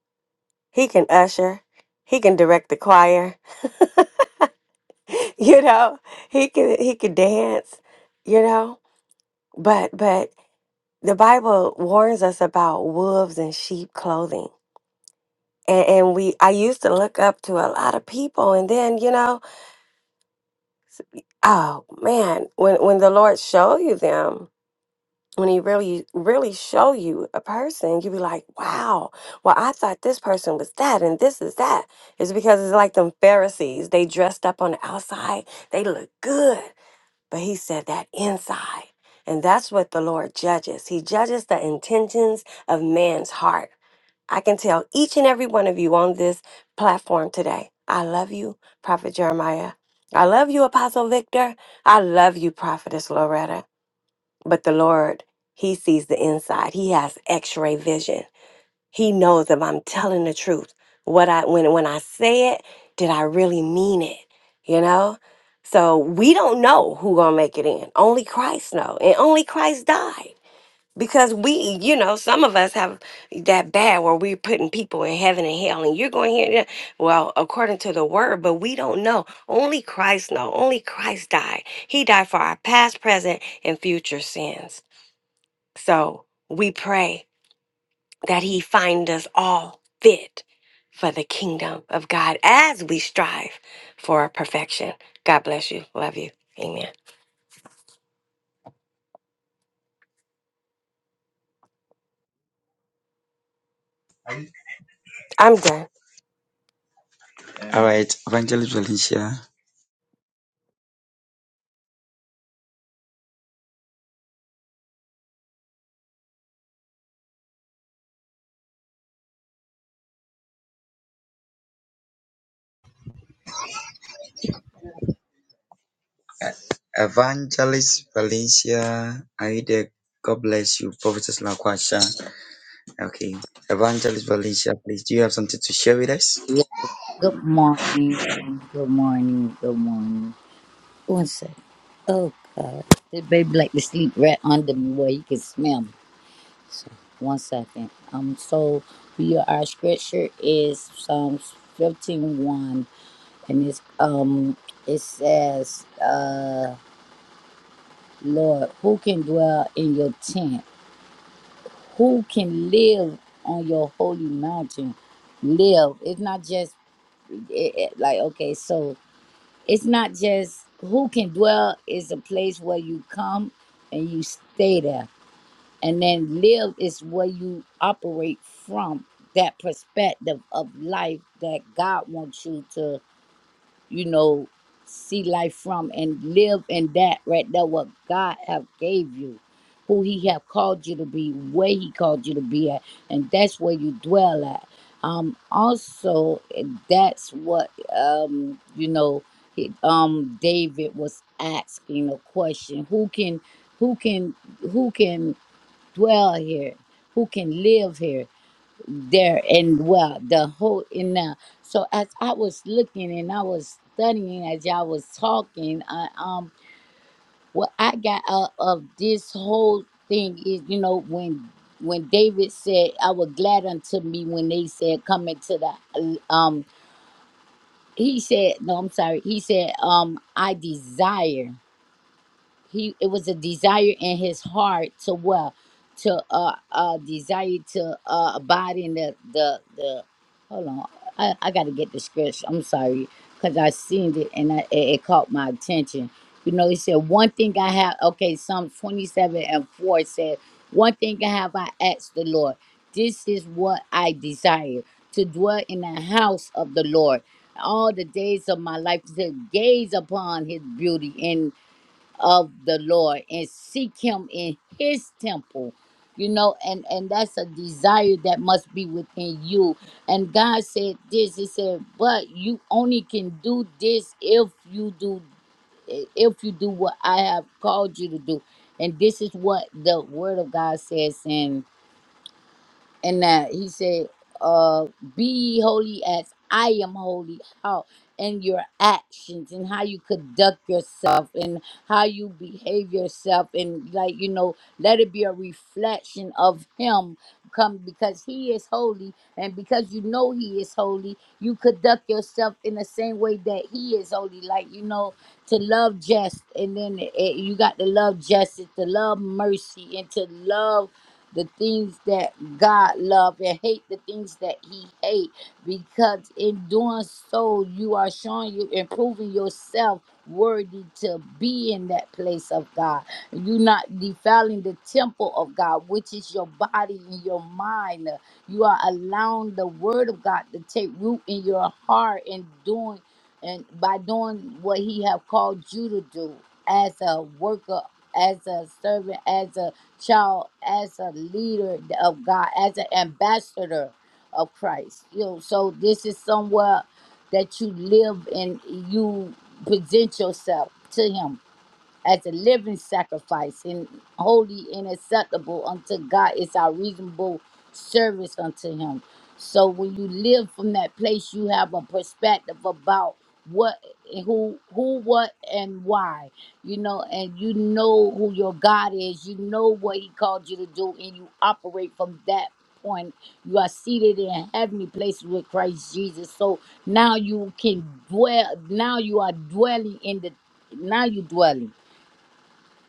[SPEAKER 10] he can usher, he can direct the choir, you know he could he could dance you know but but the bible warns us about wolves and sheep clothing and, and we i used to look up to a lot of people and then you know oh man when when the lord show you them when he really really show you a person you be like wow well i thought this person was that and this is that it's because it's like them pharisees they dressed up on the outside they look good But he said that inside. And that's what the Lord judges. He judges the intentions of man's heart. I can tell each and every one of you on this platform today I love you, Prophet Jeremiah. I love you, Apostle Victor. I love you, Prophetess Loretta. But the Lord, He sees the inside, He has x ray vision. He knows if I'm telling the truth. What I when when I say it, did I really mean it? You know? So we don't know who gonna make it in. Only Christ know. And only Christ died. Because we, you know, some of us have that bad where we're putting people in heaven and hell, and you're going here. yeah, Well, according to the word, but we don't know. Only Christ know. Only Christ died. He died for our past, present, and future sins. So we pray that he find us all fit for the kingdom of God as we strive for perfection. God bless you. Love you. Amen. I'm done.
[SPEAKER 7] All right, Evangelist Valencia. Evangelist Valencia, are you there? God bless you, Prophetess Laquasha. Okay, Evangelist Valencia, please, do you have something to share with us?
[SPEAKER 3] Yeah. Good morning. Good morning. Good morning. One sec. Oh God, this baby like to sleep right under me where he can smell me. So one second. Um, so we are, our scripture is Psalms fifteen one, and it's um it says, uh, Lord, who can dwell in your tent? Who can live on your holy mountain? Live. It's not just it, it- like okay, so it's not just who can dwell is a place where you come and you stay there and then live is where you operate from that perspective of life that god wants you to you know, see life from and live in that right there what God have gave you, who He have called you to be, where He called you to be at, and that's where you dwell at. Um, also, that's what um, you know. he- Um, David was asking a question: Who can, who can, who can dwell here? Who can live here? there and well the whole in the so as i was looking and i was studying as y'all was talking I, um what i got out of this whole thing is you know when when david said i was glad unto me when they said come into the um he said no i'm sorry he said um i desire he it was a desire in his heart to what to uh uh desire to uh abide in the the the hold on i i gotta get the scripture i'm sorry because i seen it and I, it, it caught my attention you know he said one thing i have okay psalms 27 and 4 said one thing i have i asked the lord this is what i desire to dwell in the house of the lord all the days of my life to gaze upon his beauty and of the Lord and seek him in his temple. You know, and and that's a desire that must be within you. And God said this, he said, "But you only can do this if you do if you do what I have called you to do." And this is what the word of God says in and that he said, uh, be ye holy as I am holy. How and your actions and how you conduct yourself and how you behave yourself and like you know, let it be a reflection of him come because he is holy and because you know he is holy, you conduct yourself in the same way that he is holy. Like you know, to love just, and then it, you got to love justice, to love mercy and to love the things that God love and hate the things that he hate because in doing so you are showing you improving yourself worthy to be in that place of God. You're not defiling the temple of God, which is your body and your mind. You are allowing the word of God to take root in your heart and doing and by doing what he have called you to do as a worker as a servant as a child as a leader of god as an ambassador of christ you know so this is somewhere that you live and you present yourself to him as a living sacrifice and holy and acceptable unto God is our reasonable service unto him. So when you live from that place, you have a perspective about what who who what and why you know and you know who your god is you know what he called you to do and you operate from that point you are seated in heavenly places with christ jesus so now you can dwell now you are dwelling in the now you are dwelling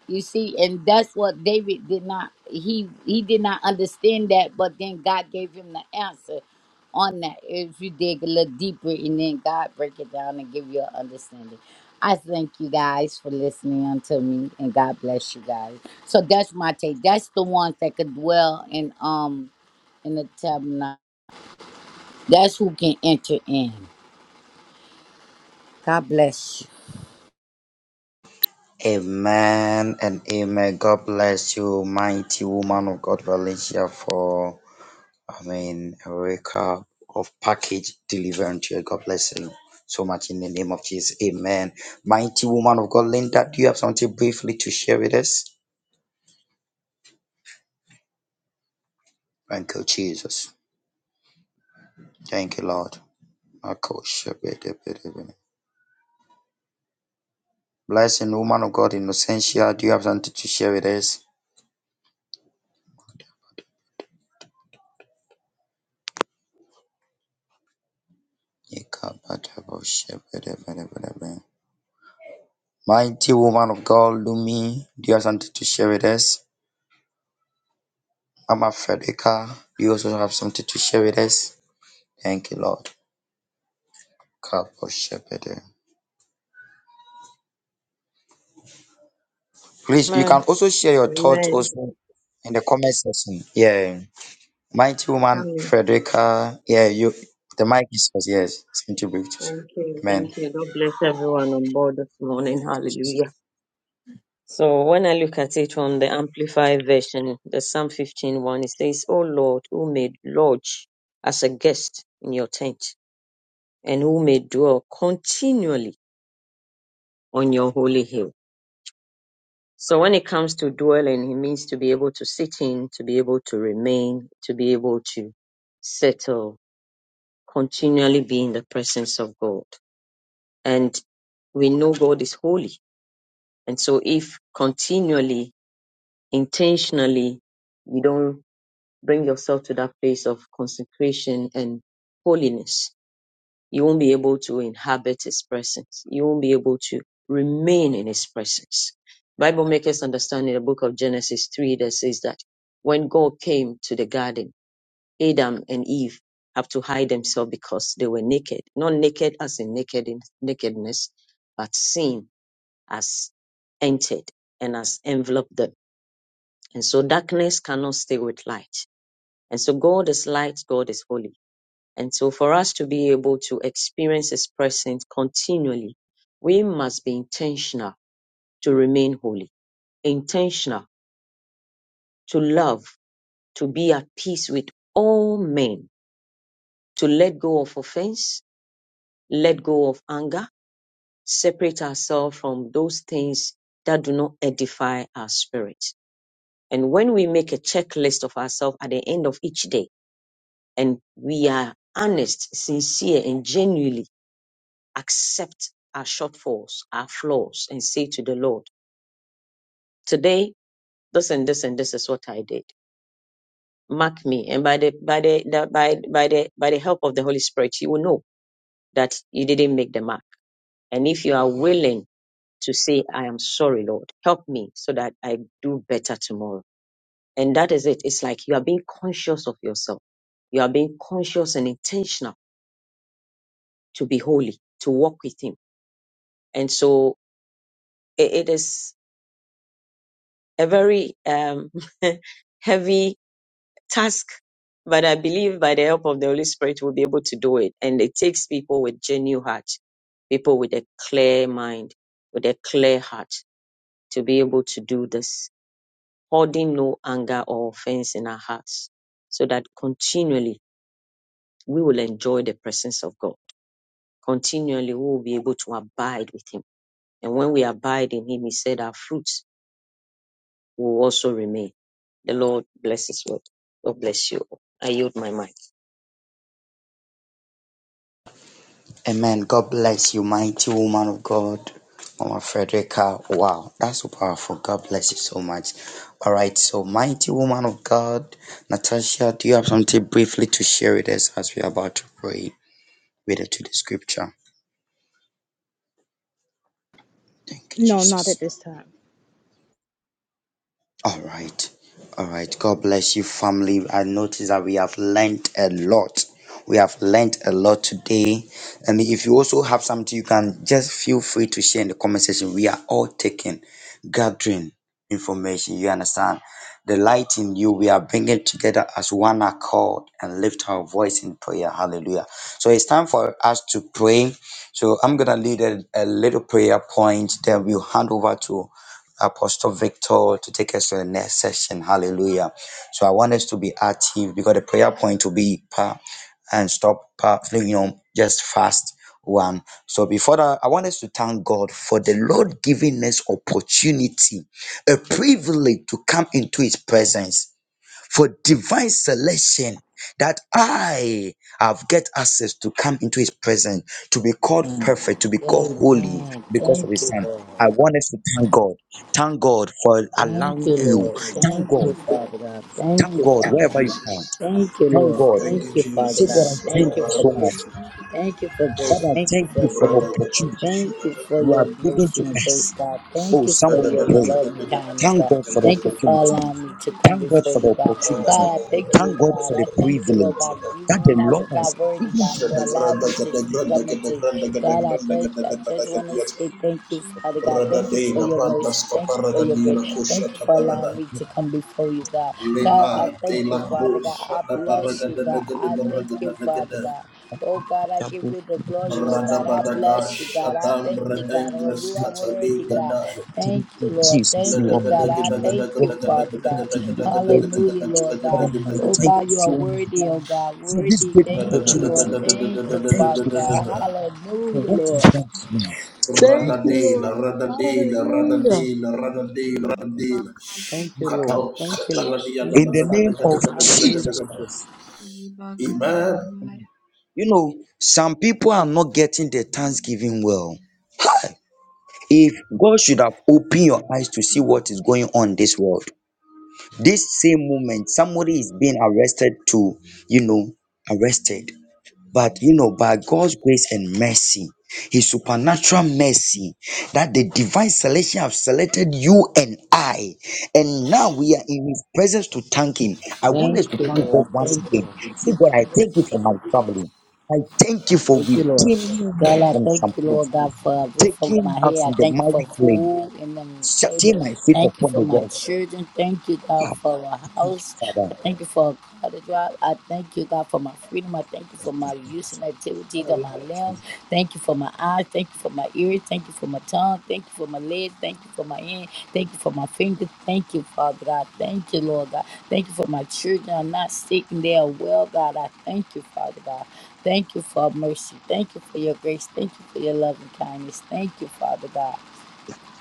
[SPEAKER 3] you see, and that's what David did not he he did not understand that, but then God gave him the answer on that. If you dig a little deeper and then God break it down and give you an understanding. I thank you guys for listening unto me and God bless you guys. So that's my take. That's the ones that could dwell in um in the tabernacle. That's who can enter in. God bless
[SPEAKER 7] Amen and amen. God bless you, mighty woman of God, Valencia, for I mean, Amen. Eureka of package delivered unto you. God bless you so much in the name of Jesus. Amen. Mighty woman of God, Linda, do you have something briefly to share with us? Thank you, Jesus. Thank you, Lord. Mako shebede bede bede. Blessing, woman of God, Innocentia, do you have something to share with us? Yekabadabo shebede bede bede bede. Mighty woman of God, Lumi, do you have something to share with us? Mama Frederica, do you also have something to share with us? Thank you, Lord. Couple shepherd. Please, you can
[SPEAKER 11] Amen.
[SPEAKER 7] also share your thoughts
[SPEAKER 11] Amen.
[SPEAKER 7] also in the comment section. Yeah. Mighty woman
[SPEAKER 11] Amen.
[SPEAKER 7] Frederica. Yeah, you the mic is yours, yes. Seem to be
[SPEAKER 11] Thank you.
[SPEAKER 7] Amen.
[SPEAKER 11] Thank you. God bless everyone on board this morning. Hallelujah. So when I look at it from the Amplified Version, the Psalm 15 one, it says, O Lord, who may lodge as a guest in your tent and who may dwell continually on your holy hill. So when it comes to dwelling, it means to be able to sit in, to be able to remain, to be able to settle, continually be in the presence of God. And we know God is holy. And so if continually, intentionally, you don't bring yourself to that place of consecration and holiness, You won't be able to inhabit his presence. You won't be able to remain in his presence. Bible makers understand in the book of Genesis 3 that says that when God came to the garden, Adam and Eve have to hide themselves because they were naked. Not naked as in naked in nakedness, but sin has entered and has enveloped them. And so darkness cannot stay with light. And so God is light, God is holy. And so, for us to be able to experience His presence continually, we must be intentional to remain holy, intentional to love, to be at peace with all men, to let go of offense, let go of anger, separate ourselves from those things that do not edify our spirit. And when we make a checklist of ourselves at the end of each day and we are honest, sincere, and genuinely accept our shortfalls, our flaws, and say to the Lord, today, this and this and this is what I did. Mark me. And by the, by the, the by, by the, by the help of the Holy Spirit, you will know that you didn't make the mark. And if you are willing to say, I am sorry, Lord, help me so that I do better tomorrow. And that is it. It's like you are being conscious of yourself. You are being conscious and intentional to be holy, to walk with Him. And so it it is." a very um, heavy task, but I believe by the help of the Holy Spirit, we'll be able to do it. And it takes people with genuine heart, people with a clear mind, with a clear heart to be able to do this, holding no anger or offense in our hearts, so that continually we will enjoy the presence of God. Continually, we will be able to abide with Him. And when we abide in Him, He said our fruits we will also remain. The Lord bless His word. God bless you. I yield my mic.
[SPEAKER 7] Amen. God bless you, mighty woman of God. Mama Frederica. Wow, that's so powerful. God bless you so much. All right, so mighty woman of God, Natasha, do you have something briefly to share with us as we are about to pray? Read it to the scripture. Thank you,
[SPEAKER 8] No, not
[SPEAKER 7] Jesus.
[SPEAKER 8] at this time.
[SPEAKER 7] All right. All right. God bless you, family. I notice that we have learned a lot. We have learned a lot today. And if you also have something, you can just feel free to share in the comment section. We are all taking, gathering information. You understand? The light in you, we are bringing together as one accord and lift our voice in prayer. Hallelujah. So it's time for us to pray. So I'm going to lead a, a little prayer point. Then we'll hand over to Apostle Victor to take us to the next session. Hallelujah. So I want us to be active because the prayer point will be pa and stop, pa, you know, just fast one. So before that, I want us to thank God for the Lord giving us opportunity, a privilege to come into his presence for divine selection that I have get access to come into his presence, to be called
[SPEAKER 3] you.
[SPEAKER 7] perfect, to be called holy
[SPEAKER 3] Amen.
[SPEAKER 7] because of
[SPEAKER 3] Thank
[SPEAKER 7] his
[SPEAKER 3] you,
[SPEAKER 7] son.
[SPEAKER 3] Lord.
[SPEAKER 7] I want us to thank God. Thank God for
[SPEAKER 3] Thank
[SPEAKER 7] allowing
[SPEAKER 3] you,
[SPEAKER 7] you.
[SPEAKER 3] Lord.
[SPEAKER 7] Thank
[SPEAKER 3] Thank
[SPEAKER 7] God.
[SPEAKER 3] you, Father God.
[SPEAKER 7] Thank
[SPEAKER 3] Thank you,
[SPEAKER 7] God
[SPEAKER 3] Father.
[SPEAKER 7] wherever you are.
[SPEAKER 2] Jesus.
[SPEAKER 3] Thank you,
[SPEAKER 7] Thank
[SPEAKER 3] Lord.
[SPEAKER 7] God.
[SPEAKER 2] Thank you,
[SPEAKER 3] Thank you, Father
[SPEAKER 7] Say, God,
[SPEAKER 3] God.
[SPEAKER 7] I
[SPEAKER 2] Jesus.
[SPEAKER 3] Thank
[SPEAKER 7] thank
[SPEAKER 3] you
[SPEAKER 7] you
[SPEAKER 3] for
[SPEAKER 7] so much.
[SPEAKER 3] mercy.
[SPEAKER 4] Thank you for
[SPEAKER 3] Thank
[SPEAKER 4] the
[SPEAKER 3] you for
[SPEAKER 7] God,
[SPEAKER 3] grace.
[SPEAKER 7] I
[SPEAKER 3] Thank you
[SPEAKER 7] thank you
[SPEAKER 3] for
[SPEAKER 7] for the
[SPEAKER 3] time.
[SPEAKER 4] opportunity.
[SPEAKER 7] opportunity
[SPEAKER 3] Thank you for
[SPEAKER 7] you
[SPEAKER 3] your
[SPEAKER 7] have given
[SPEAKER 3] mercy
[SPEAKER 7] to
[SPEAKER 3] and grace,
[SPEAKER 7] us.
[SPEAKER 4] Thank
[SPEAKER 3] God.
[SPEAKER 7] Oh,
[SPEAKER 3] Thank you for
[SPEAKER 4] you
[SPEAKER 7] somebody
[SPEAKER 4] for
[SPEAKER 3] your
[SPEAKER 7] pray.
[SPEAKER 3] love
[SPEAKER 4] answering
[SPEAKER 3] and
[SPEAKER 4] up.
[SPEAKER 3] kindness,
[SPEAKER 7] Thank
[SPEAKER 3] God.
[SPEAKER 7] God for the
[SPEAKER 3] Thank you for
[SPEAKER 7] opportunity.
[SPEAKER 3] allowing me
[SPEAKER 4] Thank
[SPEAKER 3] to
[SPEAKER 4] you
[SPEAKER 3] come
[SPEAKER 4] for
[SPEAKER 7] Thank
[SPEAKER 4] the
[SPEAKER 7] God
[SPEAKER 3] before
[SPEAKER 7] for
[SPEAKER 4] truth.
[SPEAKER 3] you,
[SPEAKER 7] the
[SPEAKER 3] God.
[SPEAKER 7] opportunity.
[SPEAKER 3] God, I
[SPEAKER 4] Thank
[SPEAKER 3] thank
[SPEAKER 7] Thank
[SPEAKER 3] you,
[SPEAKER 7] God
[SPEAKER 3] God.
[SPEAKER 7] for the
[SPEAKER 3] I thank you,
[SPEAKER 7] privilege
[SPEAKER 3] Lord God.
[SPEAKER 7] that
[SPEAKER 3] Even
[SPEAKER 7] the
[SPEAKER 3] when I was
[SPEAKER 7] Lord has
[SPEAKER 3] not worthy,
[SPEAKER 7] given to
[SPEAKER 3] God, you
[SPEAKER 7] us.
[SPEAKER 3] allowed me to come into you. God, I, thank, I just want to say
[SPEAKER 4] you
[SPEAKER 3] thank
[SPEAKER 4] for
[SPEAKER 3] you,
[SPEAKER 4] Jesus.
[SPEAKER 3] Father God. Thank you for your mercy. Thank you for your grace. Thank you for
[SPEAKER 4] Amen.
[SPEAKER 3] allowing me to come before you, God. God, I thank you, Father God. I bless you, God. I thank you, Father God. Oh God, I
[SPEAKER 7] Thank
[SPEAKER 3] give
[SPEAKER 7] you,
[SPEAKER 3] you the
[SPEAKER 4] In
[SPEAKER 3] glory, oh
[SPEAKER 4] Jesus'
[SPEAKER 3] God. I
[SPEAKER 4] mighty name.
[SPEAKER 3] bless
[SPEAKER 4] Thank
[SPEAKER 3] you,
[SPEAKER 4] you,
[SPEAKER 3] God.
[SPEAKER 4] Holy
[SPEAKER 3] I thank you,
[SPEAKER 4] Spirit.
[SPEAKER 3] God. Oh, you are worthy, God.
[SPEAKER 7] Thank
[SPEAKER 3] Thank you,
[SPEAKER 7] you,
[SPEAKER 4] Thank
[SPEAKER 3] Lord.
[SPEAKER 7] Jesus.
[SPEAKER 3] Thank
[SPEAKER 7] You
[SPEAKER 3] you,
[SPEAKER 7] are
[SPEAKER 3] God.
[SPEAKER 7] worthy.
[SPEAKER 3] I
[SPEAKER 7] You are
[SPEAKER 3] thank you,
[SPEAKER 7] worthy. You
[SPEAKER 3] Father
[SPEAKER 7] are worthy.
[SPEAKER 3] God.
[SPEAKER 7] You are worthy.
[SPEAKER 3] Hallelujah, Lord God.
[SPEAKER 7] Father, I
[SPEAKER 3] Oh
[SPEAKER 7] thank you
[SPEAKER 3] God, you are
[SPEAKER 7] so much
[SPEAKER 3] worthy, oh God.
[SPEAKER 7] for this
[SPEAKER 3] Worthy.
[SPEAKER 7] great
[SPEAKER 3] Thank you, Lord.
[SPEAKER 7] opportunity.
[SPEAKER 4] you.
[SPEAKER 3] Thank
[SPEAKER 7] I
[SPEAKER 3] you,
[SPEAKER 7] thank
[SPEAKER 3] Father
[SPEAKER 7] you,
[SPEAKER 3] God.
[SPEAKER 7] Father, for
[SPEAKER 3] Hallelujah,
[SPEAKER 4] Thank
[SPEAKER 7] what
[SPEAKER 4] you, Holy
[SPEAKER 3] Lord.
[SPEAKER 7] you've done for
[SPEAKER 4] Spirit.
[SPEAKER 7] me. We
[SPEAKER 3] Thank you,
[SPEAKER 7] will
[SPEAKER 3] Lord. Hallelujah. Thank you,
[SPEAKER 7] surely
[SPEAKER 3] Lord.
[SPEAKER 7] come.
[SPEAKER 3] Thank you, Lord. Thank
[SPEAKER 7] In
[SPEAKER 3] you,
[SPEAKER 7] the
[SPEAKER 3] Father
[SPEAKER 7] name
[SPEAKER 3] God.
[SPEAKER 7] of Jesus
[SPEAKER 3] Hallelujah.
[SPEAKER 7] Christ. You know, some people are not getting their thanksgiving well. If God should have opened your eyes to see what is going on in this world, this same moment somebody is being arrested to you know arrested but you know by god's grace and mercy his supernatural mercy that the divine selection have selected you and i and now we are in his presence to thank him i want us to thank god once again say god i thank you for my family i thank you for
[SPEAKER 3] Thank you, Lord.
[SPEAKER 7] redeeming me
[SPEAKER 3] God, I
[SPEAKER 7] from
[SPEAKER 3] thank
[SPEAKER 7] some
[SPEAKER 3] you,
[SPEAKER 7] place
[SPEAKER 3] Lord God, for a roof over
[SPEAKER 7] taking
[SPEAKER 3] my
[SPEAKER 7] out
[SPEAKER 3] head. I
[SPEAKER 7] from the
[SPEAKER 3] thank you
[SPEAKER 7] married
[SPEAKER 3] for
[SPEAKER 7] lane
[SPEAKER 3] food in the table.
[SPEAKER 7] setting my feet
[SPEAKER 3] Thank you
[SPEAKER 7] upon
[SPEAKER 3] for
[SPEAKER 7] the
[SPEAKER 3] my
[SPEAKER 7] rock
[SPEAKER 3] children. Thank you,
[SPEAKER 7] Ah,
[SPEAKER 3] God, for a house. I
[SPEAKER 7] father
[SPEAKER 3] thank you for a car to drive. I thank you, God, for my freedom. I thank you for my use and activities of my limbs. Thank you for my eyes. Thank you for my ears. Thank you for my tongue. Thank you for my legs. Thank you for my hand. Thank you for my fingers. Thank you, Father God. Thank you, Lord God. Thank you for my children. I'm not sick and they are well, God. I thank you, Father God. Thank you for mercy. Thank you for your grace. Thank you for your love and kindness. Thank you, Father God.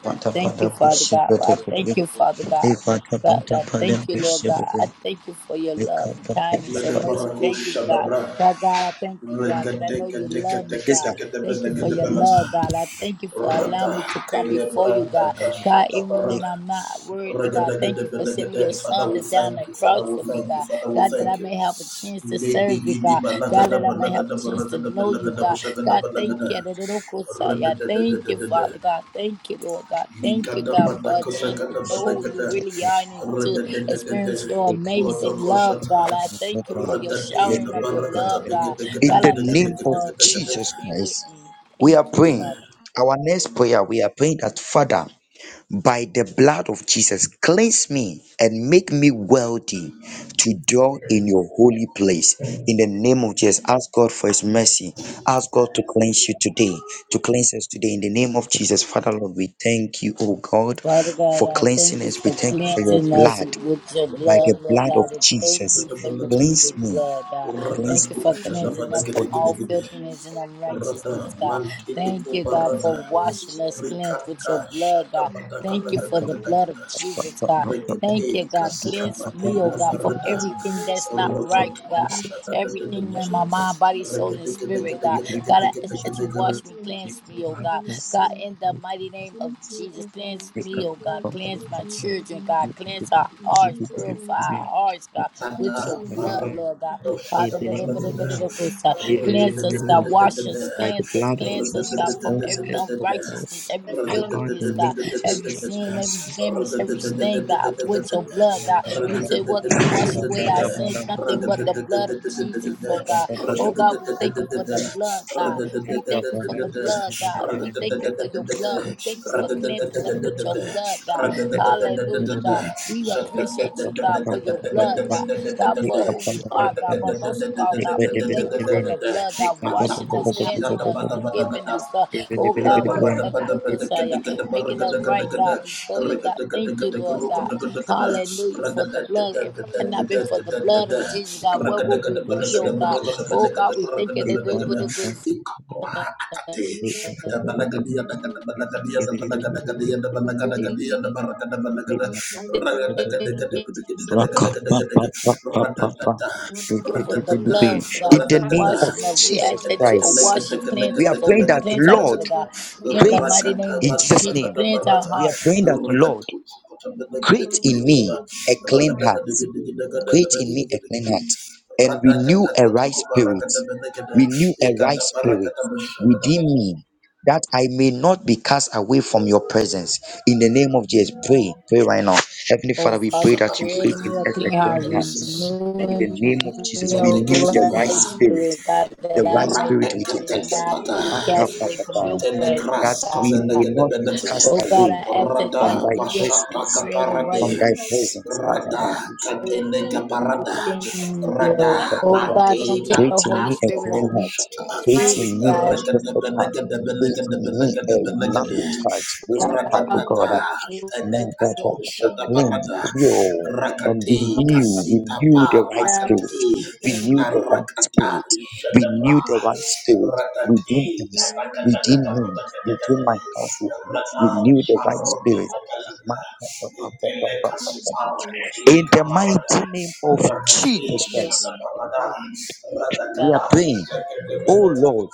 [SPEAKER 7] Pata
[SPEAKER 3] Thank
[SPEAKER 7] pada
[SPEAKER 3] you, Father
[SPEAKER 7] pushi
[SPEAKER 3] God. Well,
[SPEAKER 7] bete
[SPEAKER 3] I
[SPEAKER 7] kudiya.
[SPEAKER 3] thank you, Father
[SPEAKER 7] E
[SPEAKER 3] God.
[SPEAKER 7] pata
[SPEAKER 3] God, God, thank you,
[SPEAKER 7] push
[SPEAKER 3] Lord
[SPEAKER 7] it with it. Hey, pata pada pushi
[SPEAKER 3] God.
[SPEAKER 7] bete.
[SPEAKER 3] I thank you for your
[SPEAKER 7] Leka
[SPEAKER 3] love and
[SPEAKER 7] pata
[SPEAKER 3] kindness, your
[SPEAKER 7] pata push it with it. Lick
[SPEAKER 3] mercy. Thank you, God. God, God, I thank you, God, because I know you love me,
[SPEAKER 7] This
[SPEAKER 3] God.
[SPEAKER 7] up.
[SPEAKER 3] Thank you for your love, God. I thank you for
[SPEAKER 2] Rata
[SPEAKER 3] allowing me to come before you,
[SPEAKER 2] telebranda
[SPEAKER 3] God. God,
[SPEAKER 2] kashata
[SPEAKER 3] even when
[SPEAKER 7] Lick
[SPEAKER 2] parata.
[SPEAKER 3] I'm not worthy, God, thank you for sending
[SPEAKER 2] Ragadagadabalagada.
[SPEAKER 3] your
[SPEAKER 2] Father,
[SPEAKER 3] son
[SPEAKER 2] we
[SPEAKER 3] to down
[SPEAKER 2] thank
[SPEAKER 3] that
[SPEAKER 2] you.
[SPEAKER 3] cross
[SPEAKER 2] Father, we
[SPEAKER 3] for me,
[SPEAKER 2] thank you.
[SPEAKER 3] God.
[SPEAKER 2] Father, we
[SPEAKER 3] God, that
[SPEAKER 2] thank
[SPEAKER 3] I
[SPEAKER 2] you.
[SPEAKER 3] may have a chance to
[SPEAKER 2] Maybe
[SPEAKER 3] serve you,
[SPEAKER 2] Medigidi
[SPEAKER 3] God. God,
[SPEAKER 2] balagada
[SPEAKER 3] that I may have a
[SPEAKER 2] balagada
[SPEAKER 3] chance to
[SPEAKER 2] balagada
[SPEAKER 3] know you,
[SPEAKER 2] balagada
[SPEAKER 3] God.
[SPEAKER 2] bashagada
[SPEAKER 3] God, thank
[SPEAKER 2] balagada.
[SPEAKER 3] you. that it don't cost Yeah, Thank you,
[SPEAKER 2] Radadadadadadada.
[SPEAKER 3] Father. God, thank you, Lord. God, thank you,
[SPEAKER 2] Likada
[SPEAKER 3] God, for a
[SPEAKER 2] batako
[SPEAKER 3] chance to
[SPEAKER 2] shagada
[SPEAKER 7] push
[SPEAKER 3] know who
[SPEAKER 7] it,
[SPEAKER 3] you
[SPEAKER 2] balagada.
[SPEAKER 7] take
[SPEAKER 3] really
[SPEAKER 7] it,
[SPEAKER 3] are and to
[SPEAKER 7] and
[SPEAKER 2] Radadadadada.
[SPEAKER 3] experience your
[SPEAKER 7] lick up, up,
[SPEAKER 3] amazing
[SPEAKER 2] Rodoko
[SPEAKER 7] up,
[SPEAKER 3] love,
[SPEAKER 7] up, up,
[SPEAKER 2] shata.
[SPEAKER 3] God. I thank you for your
[SPEAKER 2] Radadina
[SPEAKER 3] showering of your
[SPEAKER 2] barakata.
[SPEAKER 3] love, God.
[SPEAKER 7] In
[SPEAKER 3] God,
[SPEAKER 7] the
[SPEAKER 3] I thank
[SPEAKER 7] name
[SPEAKER 3] you
[SPEAKER 7] of
[SPEAKER 3] for be-
[SPEAKER 7] Jesus
[SPEAKER 3] being with
[SPEAKER 7] Christ,
[SPEAKER 3] me.
[SPEAKER 7] we
[SPEAKER 3] Thank
[SPEAKER 7] are
[SPEAKER 3] you,
[SPEAKER 2] Amen.
[SPEAKER 7] praying.
[SPEAKER 3] Father.
[SPEAKER 7] Our next prayer, we are praying that Father. By the blood of Jesus, cleanse me and make me wealthy to dwell in your holy place. In the name of Jesus, ask God for his mercy. Ask God to cleanse you today, to cleanse us today. In the name of Jesus, Father Lord, we thank you, oh God,
[SPEAKER 3] Father God,
[SPEAKER 7] for
[SPEAKER 3] I
[SPEAKER 7] cleansing
[SPEAKER 3] thank you
[SPEAKER 7] us. We
[SPEAKER 3] for
[SPEAKER 7] thank you for your
[SPEAKER 3] cleansing us
[SPEAKER 7] blood.
[SPEAKER 3] with your
[SPEAKER 7] By the
[SPEAKER 3] blood, Lord
[SPEAKER 7] blood of
[SPEAKER 3] God, and thank
[SPEAKER 7] Jesus,
[SPEAKER 3] you
[SPEAKER 2] Shagada
[SPEAKER 3] for your
[SPEAKER 2] balata.
[SPEAKER 7] cleanse
[SPEAKER 3] good
[SPEAKER 7] me,
[SPEAKER 3] blood, God. Thank
[SPEAKER 7] cleanse
[SPEAKER 3] you
[SPEAKER 2] Rakatu
[SPEAKER 7] me,
[SPEAKER 3] for
[SPEAKER 4] Lord
[SPEAKER 7] and make
[SPEAKER 3] cleansing
[SPEAKER 4] Jesus,
[SPEAKER 3] us
[SPEAKER 7] us
[SPEAKER 3] from
[SPEAKER 7] holy.
[SPEAKER 3] all
[SPEAKER 4] cleanse me,
[SPEAKER 2] shadabadagadagadagada.
[SPEAKER 3] filthiness
[SPEAKER 4] cleanse
[SPEAKER 3] and
[SPEAKER 4] my heart, Lord.
[SPEAKER 2] Rada
[SPEAKER 3] unrighteousness, God.
[SPEAKER 2] mantiliko
[SPEAKER 3] Thank you, God,
[SPEAKER 4] Cleanse
[SPEAKER 3] for
[SPEAKER 2] barada.
[SPEAKER 4] me, O Lord
[SPEAKER 3] washing us
[SPEAKER 4] Jesus,
[SPEAKER 3] cleansed with
[SPEAKER 2] Rikata
[SPEAKER 3] your blood,
[SPEAKER 4] so
[SPEAKER 3] God.
[SPEAKER 4] that I can
[SPEAKER 3] Thank you
[SPEAKER 4] bring
[SPEAKER 3] for
[SPEAKER 4] the
[SPEAKER 3] the
[SPEAKER 4] work
[SPEAKER 3] blood of
[SPEAKER 2] shadabadagalagadagadagada.
[SPEAKER 3] Jesus, God.
[SPEAKER 4] of your
[SPEAKER 2] Regete
[SPEAKER 3] Thank you,
[SPEAKER 4] praise
[SPEAKER 3] God.
[SPEAKER 4] with you.
[SPEAKER 3] Cleanse
[SPEAKER 2] kaskabate
[SPEAKER 3] me, oh God, from
[SPEAKER 2] barada.
[SPEAKER 4] Praise of the
[SPEAKER 3] everything
[SPEAKER 4] Holy
[SPEAKER 3] that's not
[SPEAKER 4] Spirit
[SPEAKER 3] right,
[SPEAKER 2] Rokoto
[SPEAKER 3] God.
[SPEAKER 4] in the mighty name of
[SPEAKER 3] Everything
[SPEAKER 2] shadadadadada.
[SPEAKER 3] in my
[SPEAKER 4] Jesus.
[SPEAKER 3] mind, body,
[SPEAKER 4] Cleanse me
[SPEAKER 3] soul, and
[SPEAKER 4] from the Lord.
[SPEAKER 3] spirit, God. God, I
[SPEAKER 4] In
[SPEAKER 3] ask that you
[SPEAKER 4] Jesus'
[SPEAKER 2] Regadegadegadegadegadegadegadegada.
[SPEAKER 3] wash
[SPEAKER 4] mighty
[SPEAKER 3] me,
[SPEAKER 4] name,
[SPEAKER 3] cleanse
[SPEAKER 4] cleanse me
[SPEAKER 3] me, oh
[SPEAKER 4] from the
[SPEAKER 3] God.
[SPEAKER 4] Holy
[SPEAKER 3] God,
[SPEAKER 4] Spirit.
[SPEAKER 3] in the mighty name of
[SPEAKER 4] Cleanse me,
[SPEAKER 3] Jesus,
[SPEAKER 4] O God.
[SPEAKER 3] cleanse me, oh
[SPEAKER 4] Cleanse
[SPEAKER 3] God.
[SPEAKER 4] me,
[SPEAKER 3] Cleanse
[SPEAKER 4] cleanse
[SPEAKER 3] my
[SPEAKER 4] me from the
[SPEAKER 3] children, God.
[SPEAKER 4] Lord.
[SPEAKER 3] Cleanse our
[SPEAKER 4] In
[SPEAKER 3] hearts,
[SPEAKER 4] Jesus'
[SPEAKER 3] purify
[SPEAKER 4] mighty
[SPEAKER 3] our
[SPEAKER 4] name,
[SPEAKER 3] hearts, God, with
[SPEAKER 4] Since
[SPEAKER 3] your
[SPEAKER 2] Tata
[SPEAKER 4] my
[SPEAKER 3] blood, Lord God.
[SPEAKER 2] parado
[SPEAKER 4] um,
[SPEAKER 3] Father,
[SPEAKER 2] shata
[SPEAKER 3] da-
[SPEAKER 4] since my
[SPEAKER 2] parakada.
[SPEAKER 4] children have not received
[SPEAKER 3] cleanse
[SPEAKER 4] the
[SPEAKER 3] us, God.
[SPEAKER 4] blessing
[SPEAKER 3] Wash
[SPEAKER 2] Rudadadadadadadada.
[SPEAKER 3] us,
[SPEAKER 7] By the
[SPEAKER 3] cleanse us,
[SPEAKER 4] of
[SPEAKER 7] blood of
[SPEAKER 3] cleanse us,
[SPEAKER 4] Jesus'
[SPEAKER 3] God,
[SPEAKER 7] Jesus,
[SPEAKER 3] from
[SPEAKER 7] once
[SPEAKER 4] mighty
[SPEAKER 3] every
[SPEAKER 7] and
[SPEAKER 4] name,
[SPEAKER 7] for
[SPEAKER 2] Rudadadadadadadada.
[SPEAKER 7] all,
[SPEAKER 3] unrighteousness, every
[SPEAKER 4] that for
[SPEAKER 7] and
[SPEAKER 4] the
[SPEAKER 7] our
[SPEAKER 4] Lord,
[SPEAKER 3] filthiness, God,
[SPEAKER 7] iniquities
[SPEAKER 3] every
[SPEAKER 2] Rudadadadadadadadada.
[SPEAKER 3] sin, every
[SPEAKER 7] transgressions.
[SPEAKER 3] blemish, every stain,
[SPEAKER 2] Rudadadadadadadadada.
[SPEAKER 3] God,
[SPEAKER 4] the
[SPEAKER 3] with your
[SPEAKER 4] mighty
[SPEAKER 3] blood,
[SPEAKER 4] name of
[SPEAKER 3] God. You
[SPEAKER 4] Jesus,
[SPEAKER 3] say,
[SPEAKER 4] the
[SPEAKER 3] What can wash
[SPEAKER 4] brightest
[SPEAKER 3] away our
[SPEAKER 2] Rudadadadadadadadada.
[SPEAKER 3] sins? Nothing but the blood of Jesus, oh
[SPEAKER 2] Rudadadadadadadadada.
[SPEAKER 3] God. Oh God, we thank you for the
[SPEAKER 2] Rudadadadadadadada.
[SPEAKER 3] blood, God. We thank you for
[SPEAKER 2] Rudadadadadadadada.
[SPEAKER 3] the
[SPEAKER 2] Rather
[SPEAKER 3] blood, God. We thank you for your
[SPEAKER 4] one,
[SPEAKER 3] blood.
[SPEAKER 4] in
[SPEAKER 3] We thank you
[SPEAKER 4] Jesus'
[SPEAKER 3] for cleansing us
[SPEAKER 4] mighty
[SPEAKER 3] with your blood, God.
[SPEAKER 7] In
[SPEAKER 3] Hallelujah, God.
[SPEAKER 4] name,
[SPEAKER 3] We appreciate you, God, for your
[SPEAKER 4] thank you,
[SPEAKER 3] blood,
[SPEAKER 4] Holy
[SPEAKER 3] God.
[SPEAKER 4] Spirit,
[SPEAKER 3] God, for who you are, God. But most of
[SPEAKER 4] cleanse
[SPEAKER 3] all,
[SPEAKER 4] my
[SPEAKER 3] God, we thank you for the blood, God, washing us, cleansing us, forgiving us, God. Oh, God, we making us right,
[SPEAKER 4] name.
[SPEAKER 3] God, before you, God. Thank you, Lord,
[SPEAKER 4] Jesus, I
[SPEAKER 3] God.
[SPEAKER 4] need you, cleanse me.
[SPEAKER 3] Hallelujah for the blood. If it
[SPEAKER 4] For the
[SPEAKER 3] had not
[SPEAKER 4] Lord, I
[SPEAKER 3] been for
[SPEAKER 4] can
[SPEAKER 3] the
[SPEAKER 4] live
[SPEAKER 3] blood of Jesus, God, where would we be,
[SPEAKER 4] in
[SPEAKER 3] oh
[SPEAKER 4] the
[SPEAKER 3] God?
[SPEAKER 4] mighty
[SPEAKER 3] Oh
[SPEAKER 4] name of
[SPEAKER 3] God,
[SPEAKER 4] Jesus,
[SPEAKER 3] we thank you.
[SPEAKER 4] Rebecca,
[SPEAKER 2] Ratata,
[SPEAKER 4] and Rebecca, Sikra, Bakanda,
[SPEAKER 3] Thank
[SPEAKER 4] Rebecca,
[SPEAKER 3] you for the
[SPEAKER 4] Rabababakandere,
[SPEAKER 3] blood, God,
[SPEAKER 7] the
[SPEAKER 3] for
[SPEAKER 7] name of
[SPEAKER 3] washing us. We
[SPEAKER 4] rakatastekereba,
[SPEAKER 3] ask
[SPEAKER 7] Jesus
[SPEAKER 3] that you will
[SPEAKER 7] Christ,
[SPEAKER 3] wash us, cleanse
[SPEAKER 7] we are
[SPEAKER 3] us, so
[SPEAKER 7] praying
[SPEAKER 3] God,
[SPEAKER 7] that,
[SPEAKER 3] cleanse our
[SPEAKER 7] Lord.
[SPEAKER 3] Father
[SPEAKER 4] bakandere,
[SPEAKER 3] God. In the
[SPEAKER 7] Create
[SPEAKER 3] mighty name of
[SPEAKER 7] in
[SPEAKER 4] rakatastekereba,
[SPEAKER 7] Jesus'
[SPEAKER 3] Jesus,
[SPEAKER 7] name.
[SPEAKER 3] cleanse our
[SPEAKER 7] We are
[SPEAKER 3] hearts.
[SPEAKER 7] praying that Lord, create in me
[SPEAKER 4] rababakandere,
[SPEAKER 7] a clean heart.
[SPEAKER 4] rakatastekereba.
[SPEAKER 7] Create in me a clean heart. And renew a right spirit. Renew a right spirit within me. That I may not be cast away from your presence. In the name of Jesus, pray, pray right now. Heavenly
[SPEAKER 3] Oh
[SPEAKER 7] Father, we pray
[SPEAKER 3] Father,
[SPEAKER 7] that you
[SPEAKER 3] create
[SPEAKER 7] create
[SPEAKER 3] in me
[SPEAKER 7] in
[SPEAKER 3] a
[SPEAKER 7] us a
[SPEAKER 3] clean heart,
[SPEAKER 7] clean heart.
[SPEAKER 2] Jesus.
[SPEAKER 4] Pray
[SPEAKER 7] In the
[SPEAKER 4] that
[SPEAKER 3] renewing
[SPEAKER 4] you
[SPEAKER 7] name of Jesus,
[SPEAKER 3] me
[SPEAKER 4] cleanse me,
[SPEAKER 3] a
[SPEAKER 7] renew
[SPEAKER 4] renew
[SPEAKER 7] the
[SPEAKER 4] me,
[SPEAKER 2] Medekatina.
[SPEAKER 7] right
[SPEAKER 3] right
[SPEAKER 4] Father Lord,
[SPEAKER 7] spirit,
[SPEAKER 3] spirit, God,
[SPEAKER 7] the
[SPEAKER 3] that
[SPEAKER 7] right
[SPEAKER 3] I
[SPEAKER 4] renew
[SPEAKER 3] may
[SPEAKER 4] my
[SPEAKER 7] spirit
[SPEAKER 4] heart
[SPEAKER 7] within us.
[SPEAKER 2] Raekateke
[SPEAKER 3] not
[SPEAKER 4] in the
[SPEAKER 3] be
[SPEAKER 2] pata.
[SPEAKER 4] mighty
[SPEAKER 3] cast
[SPEAKER 4] name
[SPEAKER 3] away
[SPEAKER 4] of
[SPEAKER 3] from
[SPEAKER 4] Jesus.
[SPEAKER 3] your
[SPEAKER 7] Akapapapa, That
[SPEAKER 3] presence,
[SPEAKER 2] Telegras
[SPEAKER 3] God.
[SPEAKER 7] we may not be
[SPEAKER 2] Kavenegedebelete
[SPEAKER 7] cast
[SPEAKER 3] Oh God,
[SPEAKER 7] away
[SPEAKER 3] I ask
[SPEAKER 4] Renew
[SPEAKER 3] that
[SPEAKER 4] me,
[SPEAKER 3] God,
[SPEAKER 7] from
[SPEAKER 2] Rada
[SPEAKER 7] thy
[SPEAKER 4] Father
[SPEAKER 3] you
[SPEAKER 4] Lord,
[SPEAKER 2] Bashata
[SPEAKER 7] presence,
[SPEAKER 3] create a
[SPEAKER 7] from
[SPEAKER 3] right
[SPEAKER 2] Kaparade
[SPEAKER 4] renew
[SPEAKER 7] thy
[SPEAKER 4] my
[SPEAKER 7] presence. I
[SPEAKER 4] spirit,
[SPEAKER 7] am a
[SPEAKER 2] Rada Katene
[SPEAKER 4] and renew me,
[SPEAKER 2] Kaparada
[SPEAKER 4] Father Lord Jesus.
[SPEAKER 3] within
[SPEAKER 4] May
[SPEAKER 3] you.
[SPEAKER 2] Rada
[SPEAKER 4] nothing
[SPEAKER 3] Oh God, don't
[SPEAKER 2] Ate
[SPEAKER 4] overtake me
[SPEAKER 3] take the
[SPEAKER 4] out
[SPEAKER 7] Create
[SPEAKER 4] of
[SPEAKER 7] in
[SPEAKER 4] your
[SPEAKER 3] Holy
[SPEAKER 7] me a
[SPEAKER 2] Latato
[SPEAKER 3] Spirit of
[SPEAKER 4] presence.
[SPEAKER 7] clean heart,
[SPEAKER 3] me.
[SPEAKER 4] In
[SPEAKER 2] Kushata
[SPEAKER 4] the
[SPEAKER 7] create
[SPEAKER 4] mighty
[SPEAKER 7] in
[SPEAKER 3] Spirit,
[SPEAKER 4] name
[SPEAKER 7] me
[SPEAKER 4] of
[SPEAKER 7] a
[SPEAKER 3] God.
[SPEAKER 4] Jesus, in
[SPEAKER 7] perfect
[SPEAKER 4] the
[SPEAKER 7] heart,
[SPEAKER 4] blood of
[SPEAKER 7] create
[SPEAKER 4] Jesus
[SPEAKER 7] in
[SPEAKER 4] Christ,
[SPEAKER 7] me
[SPEAKER 4] I
[SPEAKER 7] a
[SPEAKER 4] pray.
[SPEAKER 7] knowledge
[SPEAKER 2] Regadebelegedebelegedebelegedebele
[SPEAKER 7] heart, wisdom heart, O
[SPEAKER 4] Bakhandere
[SPEAKER 7] God.
[SPEAKER 2] Ratatata,
[SPEAKER 7] Ma, ba, ba,
[SPEAKER 2] Telekato,
[SPEAKER 7] ba,
[SPEAKER 4] Sekerban.
[SPEAKER 7] Clean,
[SPEAKER 2] Shataparada,
[SPEAKER 7] pure, and
[SPEAKER 2] Rakati,
[SPEAKER 4] Baba
[SPEAKER 7] renew,
[SPEAKER 4] Khandere
[SPEAKER 7] renew the
[SPEAKER 2] Kasitapa,
[SPEAKER 7] right
[SPEAKER 4] Bakatas
[SPEAKER 3] God,
[SPEAKER 7] spirit,
[SPEAKER 2] Rakati,
[SPEAKER 4] Sekerban.
[SPEAKER 7] renew the right
[SPEAKER 2] Rakata,
[SPEAKER 7] spirit,
[SPEAKER 4] Holy
[SPEAKER 2] Shatapa,
[SPEAKER 7] renew the
[SPEAKER 4] Father,
[SPEAKER 7] right
[SPEAKER 4] Lord,
[SPEAKER 7] spirit within
[SPEAKER 2] Ratati,
[SPEAKER 7] us,
[SPEAKER 4] remove me,
[SPEAKER 2] Rakata,
[SPEAKER 4] O
[SPEAKER 7] within
[SPEAKER 4] God.
[SPEAKER 7] me, within my household.
[SPEAKER 2] Rakata,
[SPEAKER 4] In the Oba, name of
[SPEAKER 7] Renew the right
[SPEAKER 2] Rakata,
[SPEAKER 4] Jesus, in the
[SPEAKER 7] spirit.
[SPEAKER 4] blood of
[SPEAKER 7] Ma,
[SPEAKER 4] Jesus.
[SPEAKER 2] Rakata,
[SPEAKER 7] ba, ba, ba, ba, ba, ba, ba.
[SPEAKER 2] Iteleka
[SPEAKER 4] Holy
[SPEAKER 7] ba.
[SPEAKER 4] Father,
[SPEAKER 2] separa,
[SPEAKER 4] Lord, Jesus,
[SPEAKER 7] In
[SPEAKER 2] teleka
[SPEAKER 7] the
[SPEAKER 2] parada,
[SPEAKER 7] mighty name of
[SPEAKER 4] in
[SPEAKER 2] rakati
[SPEAKER 4] Jesus'
[SPEAKER 7] Jesus
[SPEAKER 4] mighty
[SPEAKER 2] shada
[SPEAKER 7] Christ,
[SPEAKER 4] name.
[SPEAKER 2] parada,
[SPEAKER 7] we
[SPEAKER 3] God.
[SPEAKER 7] are
[SPEAKER 2] radakata,
[SPEAKER 7] praying,
[SPEAKER 2] jakete
[SPEAKER 7] oh Lord,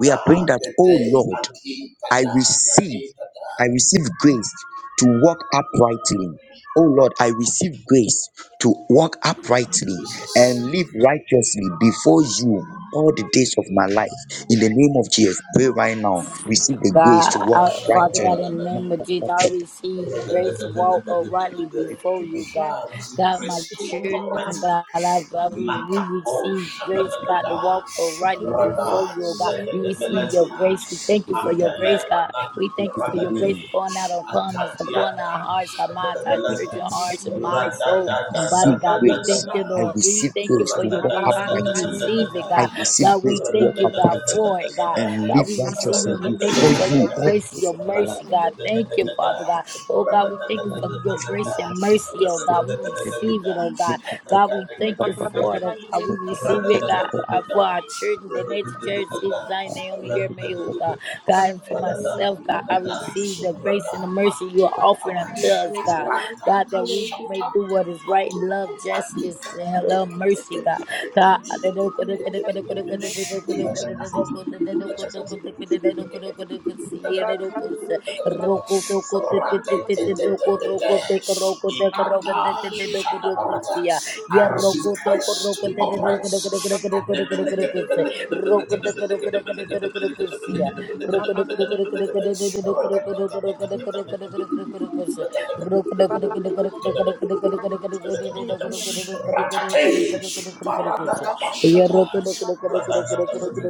[SPEAKER 7] we are praying that, oh
[SPEAKER 2] bete,
[SPEAKER 7] Lord,
[SPEAKER 2] lati
[SPEAKER 7] I
[SPEAKER 2] tada, lati
[SPEAKER 7] receive.
[SPEAKER 2] tada.
[SPEAKER 7] I receive grace to walk uprightly. Oh Lord, I receive grace to walk uprightly
[SPEAKER 2] Jesus,
[SPEAKER 7] and live righteously before you all the days of my life. In the name of Jesus, pray right now. Receive the grace
[SPEAKER 3] God,
[SPEAKER 7] to walk
[SPEAKER 3] uh,
[SPEAKER 2] bashaka
[SPEAKER 3] Father God, in the
[SPEAKER 2] balagada,
[SPEAKER 3] name of Jesus, I
[SPEAKER 7] righteously.
[SPEAKER 3] receive
[SPEAKER 2] And
[SPEAKER 3] grace to walk uprightly before you, God.
[SPEAKER 2] in
[SPEAKER 3] God,
[SPEAKER 4] Rakatas
[SPEAKER 3] my
[SPEAKER 2] grace to walk
[SPEAKER 3] children,
[SPEAKER 2] upright.
[SPEAKER 4] Sekerban.
[SPEAKER 3] God, I, I, we we receive
[SPEAKER 2] Lakabosha
[SPEAKER 3] grace, God, to walk uprightly
[SPEAKER 4] Baba
[SPEAKER 3] before
[SPEAKER 2] Rada
[SPEAKER 3] you, oh God. We
[SPEAKER 4] Khandere
[SPEAKER 3] receive your
[SPEAKER 2] zegedebeletia.
[SPEAKER 3] grace. We
[SPEAKER 4] Rakatas
[SPEAKER 3] thank you for your
[SPEAKER 4] Sekerban.
[SPEAKER 3] grace,
[SPEAKER 2] Atelema
[SPEAKER 3] God.
[SPEAKER 2] na
[SPEAKER 3] We thank you for your
[SPEAKER 2] radade.
[SPEAKER 3] grace pouring out upon us, upon
[SPEAKER 2] Akatiada
[SPEAKER 3] our hearts, our minds, our
[SPEAKER 2] zegedebeletia.
[SPEAKER 3] children,
[SPEAKER 4] Baba
[SPEAKER 3] hearts, and
[SPEAKER 4] Khandere
[SPEAKER 3] mind,
[SPEAKER 2] Rada
[SPEAKER 7] I
[SPEAKER 3] soul,
[SPEAKER 2] da da
[SPEAKER 3] and
[SPEAKER 4] Rakatas
[SPEAKER 2] da
[SPEAKER 3] body,
[SPEAKER 7] receive
[SPEAKER 3] God.
[SPEAKER 2] da
[SPEAKER 3] We
[SPEAKER 7] grace.
[SPEAKER 3] thank
[SPEAKER 4] Sekerban.
[SPEAKER 3] you,
[SPEAKER 7] I
[SPEAKER 3] Lord. We
[SPEAKER 7] receive
[SPEAKER 3] thank you
[SPEAKER 7] grace
[SPEAKER 3] for
[SPEAKER 7] to
[SPEAKER 3] your
[SPEAKER 7] walk
[SPEAKER 3] grace.
[SPEAKER 4] Baba
[SPEAKER 3] We
[SPEAKER 7] uprightly
[SPEAKER 4] Khandere
[SPEAKER 3] receive it,
[SPEAKER 7] I
[SPEAKER 3] God.
[SPEAKER 7] receive
[SPEAKER 3] God,
[SPEAKER 7] grace
[SPEAKER 3] we
[SPEAKER 7] to
[SPEAKER 3] thank
[SPEAKER 7] walk
[SPEAKER 3] you,
[SPEAKER 4] Rakatas
[SPEAKER 3] God,
[SPEAKER 7] uprightly
[SPEAKER 3] for it, God.
[SPEAKER 7] and
[SPEAKER 3] God,
[SPEAKER 7] live
[SPEAKER 3] we receive
[SPEAKER 7] righteously
[SPEAKER 3] and we
[SPEAKER 4] Rabakandere
[SPEAKER 3] thank you
[SPEAKER 7] before
[SPEAKER 3] for your
[SPEAKER 7] you all the
[SPEAKER 3] grace and
[SPEAKER 4] Rakatas
[SPEAKER 7] days
[SPEAKER 3] your
[SPEAKER 7] of my
[SPEAKER 3] mercy,
[SPEAKER 4] Tekinama
[SPEAKER 3] God. Thank you, Father
[SPEAKER 7] life.
[SPEAKER 3] God. Oh, God, we thank you for
[SPEAKER 4] Bakandere
[SPEAKER 3] your grace and
[SPEAKER 4] Rakatas
[SPEAKER 3] mercy, oh, God. We receive it, oh, God. God, we thank you for it. Oh, God,
[SPEAKER 4] Babakandere
[SPEAKER 3] we receive it, God,
[SPEAKER 4] Rakatas
[SPEAKER 3] uh, for our
[SPEAKER 4] Tekinama
[SPEAKER 3] children, the nature church, is Zion, Naomi, your oh God. God, and for
[SPEAKER 4] Bakandere
[SPEAKER 3] myself, God, I
[SPEAKER 4] Rakatas
[SPEAKER 3] receive the
[SPEAKER 4] Tekinama
[SPEAKER 3] grace and the mercy you are offering unto
[SPEAKER 4] We
[SPEAKER 3] us,
[SPEAKER 4] place on
[SPEAKER 3] God.
[SPEAKER 4] the Lord
[SPEAKER 3] God, that
[SPEAKER 4] people
[SPEAKER 3] we
[SPEAKER 4] on
[SPEAKER 3] may
[SPEAKER 4] behalf
[SPEAKER 3] do what is right and love justice and love mercy, God.
[SPEAKER 4] of my behalf in the mighty name of Jesus in the blood of Jesus Christ. Bakandere Rakatas
[SPEAKER 3] God, Roco
[SPEAKER 4] Tekinama Babakandere Rakatas Tekinama Babakandere Rakatas Tekinama Rababakandere Zikela Baba Bakandere Rakatas Zikela Baba Bakandere Rakatas Zikela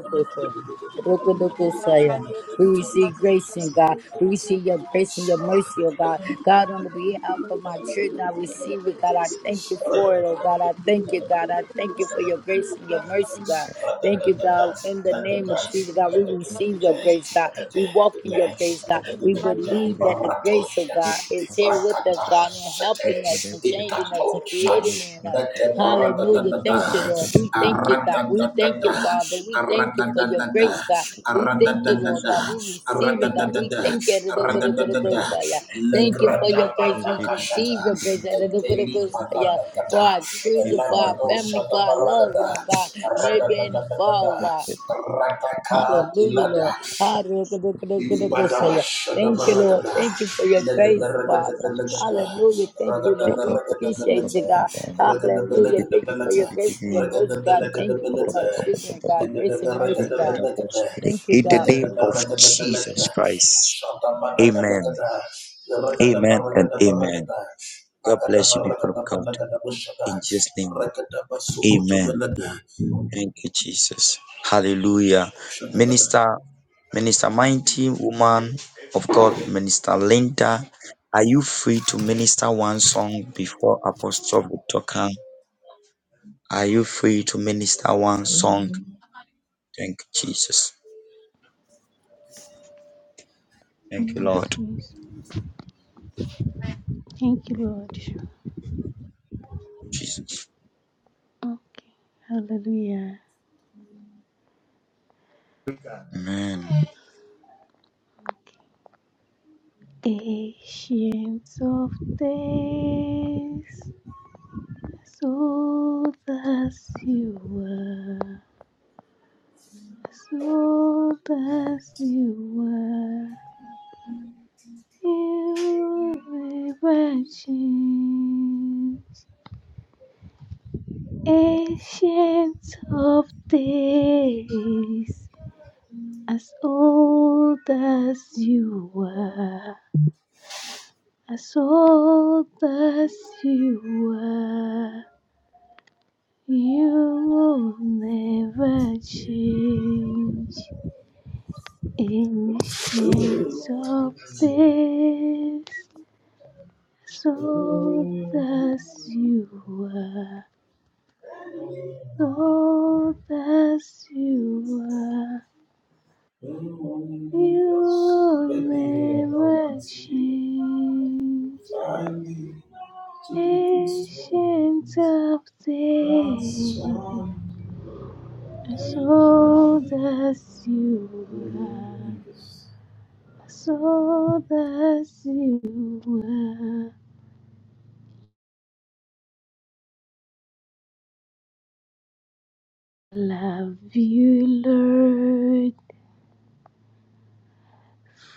[SPEAKER 4] Riba
[SPEAKER 3] Rokodokosaya.
[SPEAKER 4] Kandere
[SPEAKER 3] We receive grace
[SPEAKER 4] Rakatas
[SPEAKER 3] in God. We
[SPEAKER 4] Zikela
[SPEAKER 3] receive your grace and your mercy, oh God. God, on the behalf of my children,
[SPEAKER 4] Bakandere
[SPEAKER 3] I receive it, God.
[SPEAKER 4] Rakatas
[SPEAKER 3] I thank you
[SPEAKER 4] Zikela
[SPEAKER 3] for it, oh God. I
[SPEAKER 2] Thank
[SPEAKER 3] thank you,
[SPEAKER 2] you.
[SPEAKER 3] God.
[SPEAKER 4] Great
[SPEAKER 3] I
[SPEAKER 4] and
[SPEAKER 3] thank you for your
[SPEAKER 4] merciful God
[SPEAKER 3] grace
[SPEAKER 4] of
[SPEAKER 3] and your
[SPEAKER 4] your
[SPEAKER 3] mercy,
[SPEAKER 4] family.
[SPEAKER 3] God. Thank you,
[SPEAKER 4] In
[SPEAKER 3] God. In the
[SPEAKER 4] the name of
[SPEAKER 3] name of Jesus,
[SPEAKER 4] Jesus,
[SPEAKER 3] God, we
[SPEAKER 4] in the blood of
[SPEAKER 3] receive your
[SPEAKER 4] Jesus,
[SPEAKER 3] grace, God. We walk in your grace, God. We
[SPEAKER 4] glorify your name,
[SPEAKER 3] believe that the
[SPEAKER 4] Father.
[SPEAKER 3] grace of God is here with us, God and helping us and changing
[SPEAKER 4] Jesus-
[SPEAKER 3] us and creating in us. Hallelujah. Thank you, Lord. We thank you, God. We thank you, Father. We
[SPEAKER 2] Rather
[SPEAKER 3] thank you for your grace,
[SPEAKER 2] Aradadadada.
[SPEAKER 3] God. We thank you, Lord
[SPEAKER 2] Aradadadada.
[SPEAKER 3] God. We receive it, God. We
[SPEAKER 2] Aradadadada.
[SPEAKER 3] thank you.
[SPEAKER 7] In
[SPEAKER 2] Aradadadada.
[SPEAKER 3] Thank you for your grace. We
[SPEAKER 2] Legradabatakashata.
[SPEAKER 3] receive your grace.
[SPEAKER 2] Etelipatakata.
[SPEAKER 3] For our children, for our
[SPEAKER 2] Elabado
[SPEAKER 3] family, for our loved
[SPEAKER 2] shadabaragada.
[SPEAKER 3] one, God. Maybe in the
[SPEAKER 2] Aradadadadada.
[SPEAKER 3] fall, God.
[SPEAKER 2] Ratakati
[SPEAKER 3] Hallelujah, Lord.
[SPEAKER 2] lada.
[SPEAKER 3] Hallelujah. Thank you, Lord.
[SPEAKER 2] Ibadashadabarakada,
[SPEAKER 3] Thank you for your grace, Father.
[SPEAKER 2] ledabaragadabalagada,
[SPEAKER 3] Hallelujah. Thank you, Lord. We appreciate
[SPEAKER 2] ragadabaragadabalata,
[SPEAKER 3] you, God. Hallelujah. Thank you for
[SPEAKER 2] ragadabalagadabalata,
[SPEAKER 3] your grace and your mercy, God. Thank you for my
[SPEAKER 2] ragadabalagadabalata,
[SPEAKER 3] children, God. Grace and mercy, God.
[SPEAKER 2] ledabaragadabalagada,
[SPEAKER 3] Thank you,
[SPEAKER 7] the
[SPEAKER 3] God.
[SPEAKER 7] name of Jesus
[SPEAKER 2] legadabaragadabalagada,
[SPEAKER 7] Christ. Amen.
[SPEAKER 2] shadabadagadabalagada,
[SPEAKER 7] Amen and amen.
[SPEAKER 2] baragadabaragadabalagada,
[SPEAKER 7] God bless you, people of God.
[SPEAKER 2] bagadabaragadabalagadabushada,
[SPEAKER 7] In Jesus' name. Amen.
[SPEAKER 2] ragadabasukutubalada.
[SPEAKER 7] Thank you, Jesus. Hallelujah. Minister, Minister Mighty Woman of God, Minister Linda, are you free to minister one song before Apostle Victor come? Are you free to minister one song? Thank you, Jesus. Thank you,
[SPEAKER 9] Yes,
[SPEAKER 7] Lord.
[SPEAKER 9] please. Thank you, Lord.
[SPEAKER 7] Jesus.
[SPEAKER 9] Okay. Hallelujah.
[SPEAKER 7] Amen.
[SPEAKER 9] Ancients of days, as old as you were, as old as you were, you were a virgin. Ancient of days, as old as you were, as old as you were, you will never change. Ancient of days, as old as you were, as old as you were.
[SPEAKER 2] Oh, Jesus,
[SPEAKER 9] You
[SPEAKER 2] let me hear your love, my
[SPEAKER 9] never
[SPEAKER 2] dear.
[SPEAKER 9] change,
[SPEAKER 2] I need to be consumed.
[SPEAKER 9] ancient of days. as old as you are. as old as you are. I Love you, Lord,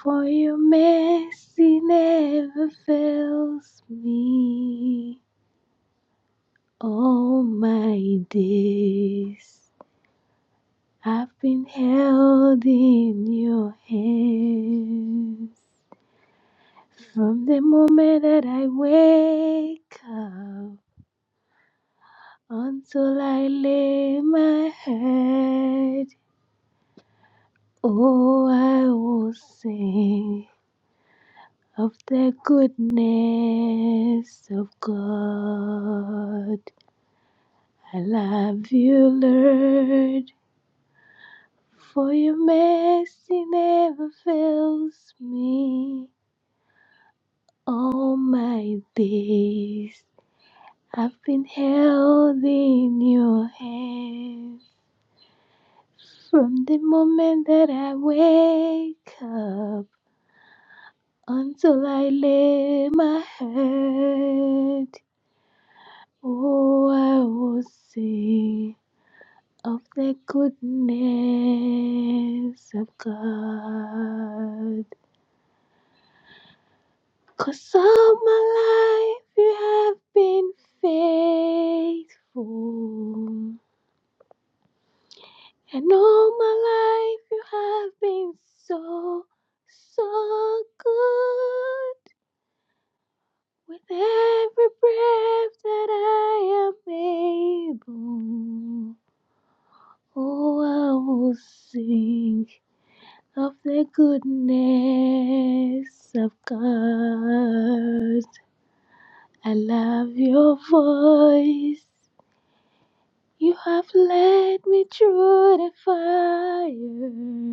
[SPEAKER 9] for your mercy never fails me all my days. I've been held in your hands from the moment that I wake up until I lay my head. Oh, I will sing of the goodness of God. I love you, Lord, for your mercy never fails me. All my days I've been held in your hands. From the moment that I wake up until I lay my head, oh, I will sing of the goodness of God. 'Cause all my life you have been faithful. And all my life you have been so, so good. With every breath that I am able, oh, I will sing of the goodness of God. I love your voice. You have led me through the fire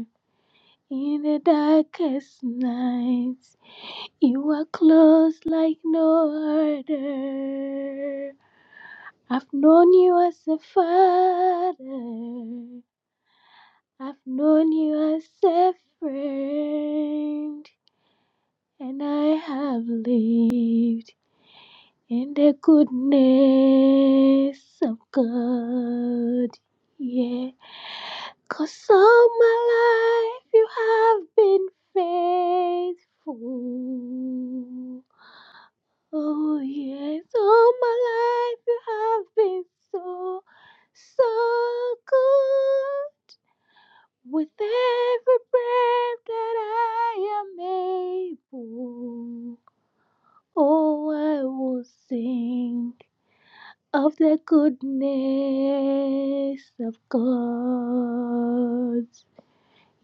[SPEAKER 9] In the darkest nights, you are close like no other. I've known you as a father, I've known you as a friend, and I have lived in the goodness of God. Yeah. Cause all my life you have been faithful. Oh yes, all my life you have been so, so good. With every breath that I am able, oh I will sing of the goodness of God.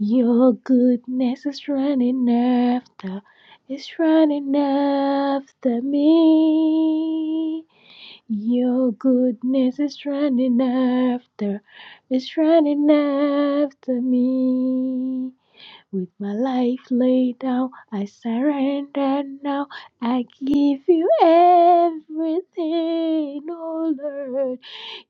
[SPEAKER 9] Your goodness is running after, is running after me. Your goodness is running after, is running after me. With my life laid down, I surrender now. I give you everything, oh Lord.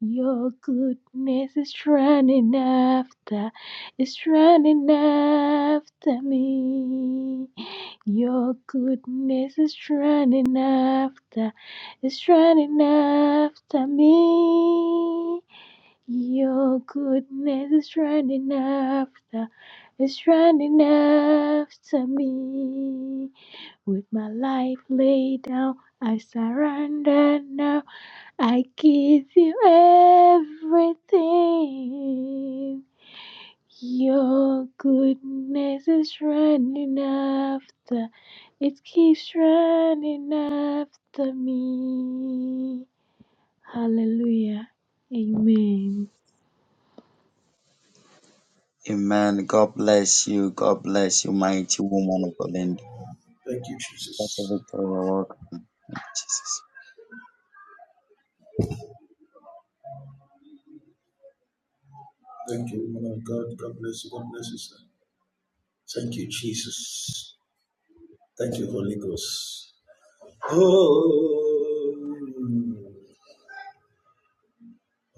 [SPEAKER 9] Your goodness is running after, it's running after me. Your goodness is running after, it's running after me. Your goodness is running after, it's running after me. With my life laid down, I surrender now. I give you everything. Your goodness is running after, it keeps running after me. Hallelujah. Amen.
[SPEAKER 7] Apostle Victor,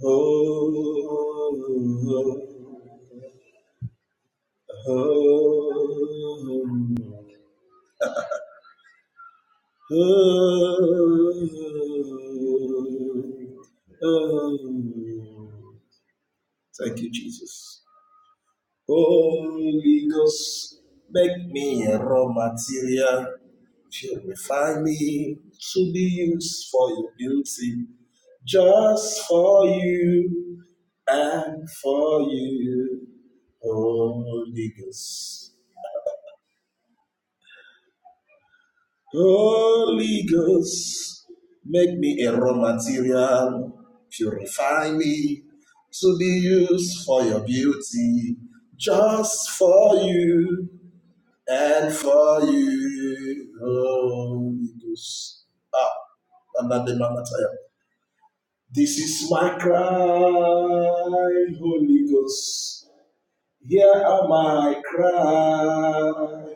[SPEAKER 2] Oh, oh, oh, oh, oh. Thank you, Jesus. Holy Ghost, make me a raw material. Purify me to be used for your beauty, just for you. and for you, Holy Ghost. Holy Ghost, make me a raw material, purify me to be used for your beauty, just for you and for you, Holy Ghost. Ah, another This is my cry, Holy Ghost. Hear my cry,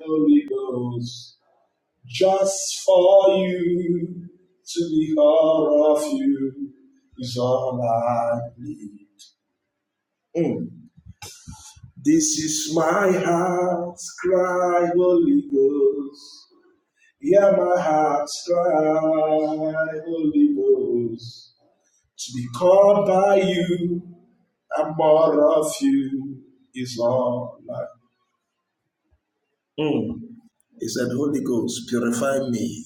[SPEAKER 2] Holy Ghost, just for you, to be all of you is all I need. Mm. This is my heart's cry, Holy Ghost. Hear my heart's cry, Holy Ghost. To be called by you and more of you is all I. need. Mm. He said, Holy Ghost, purify me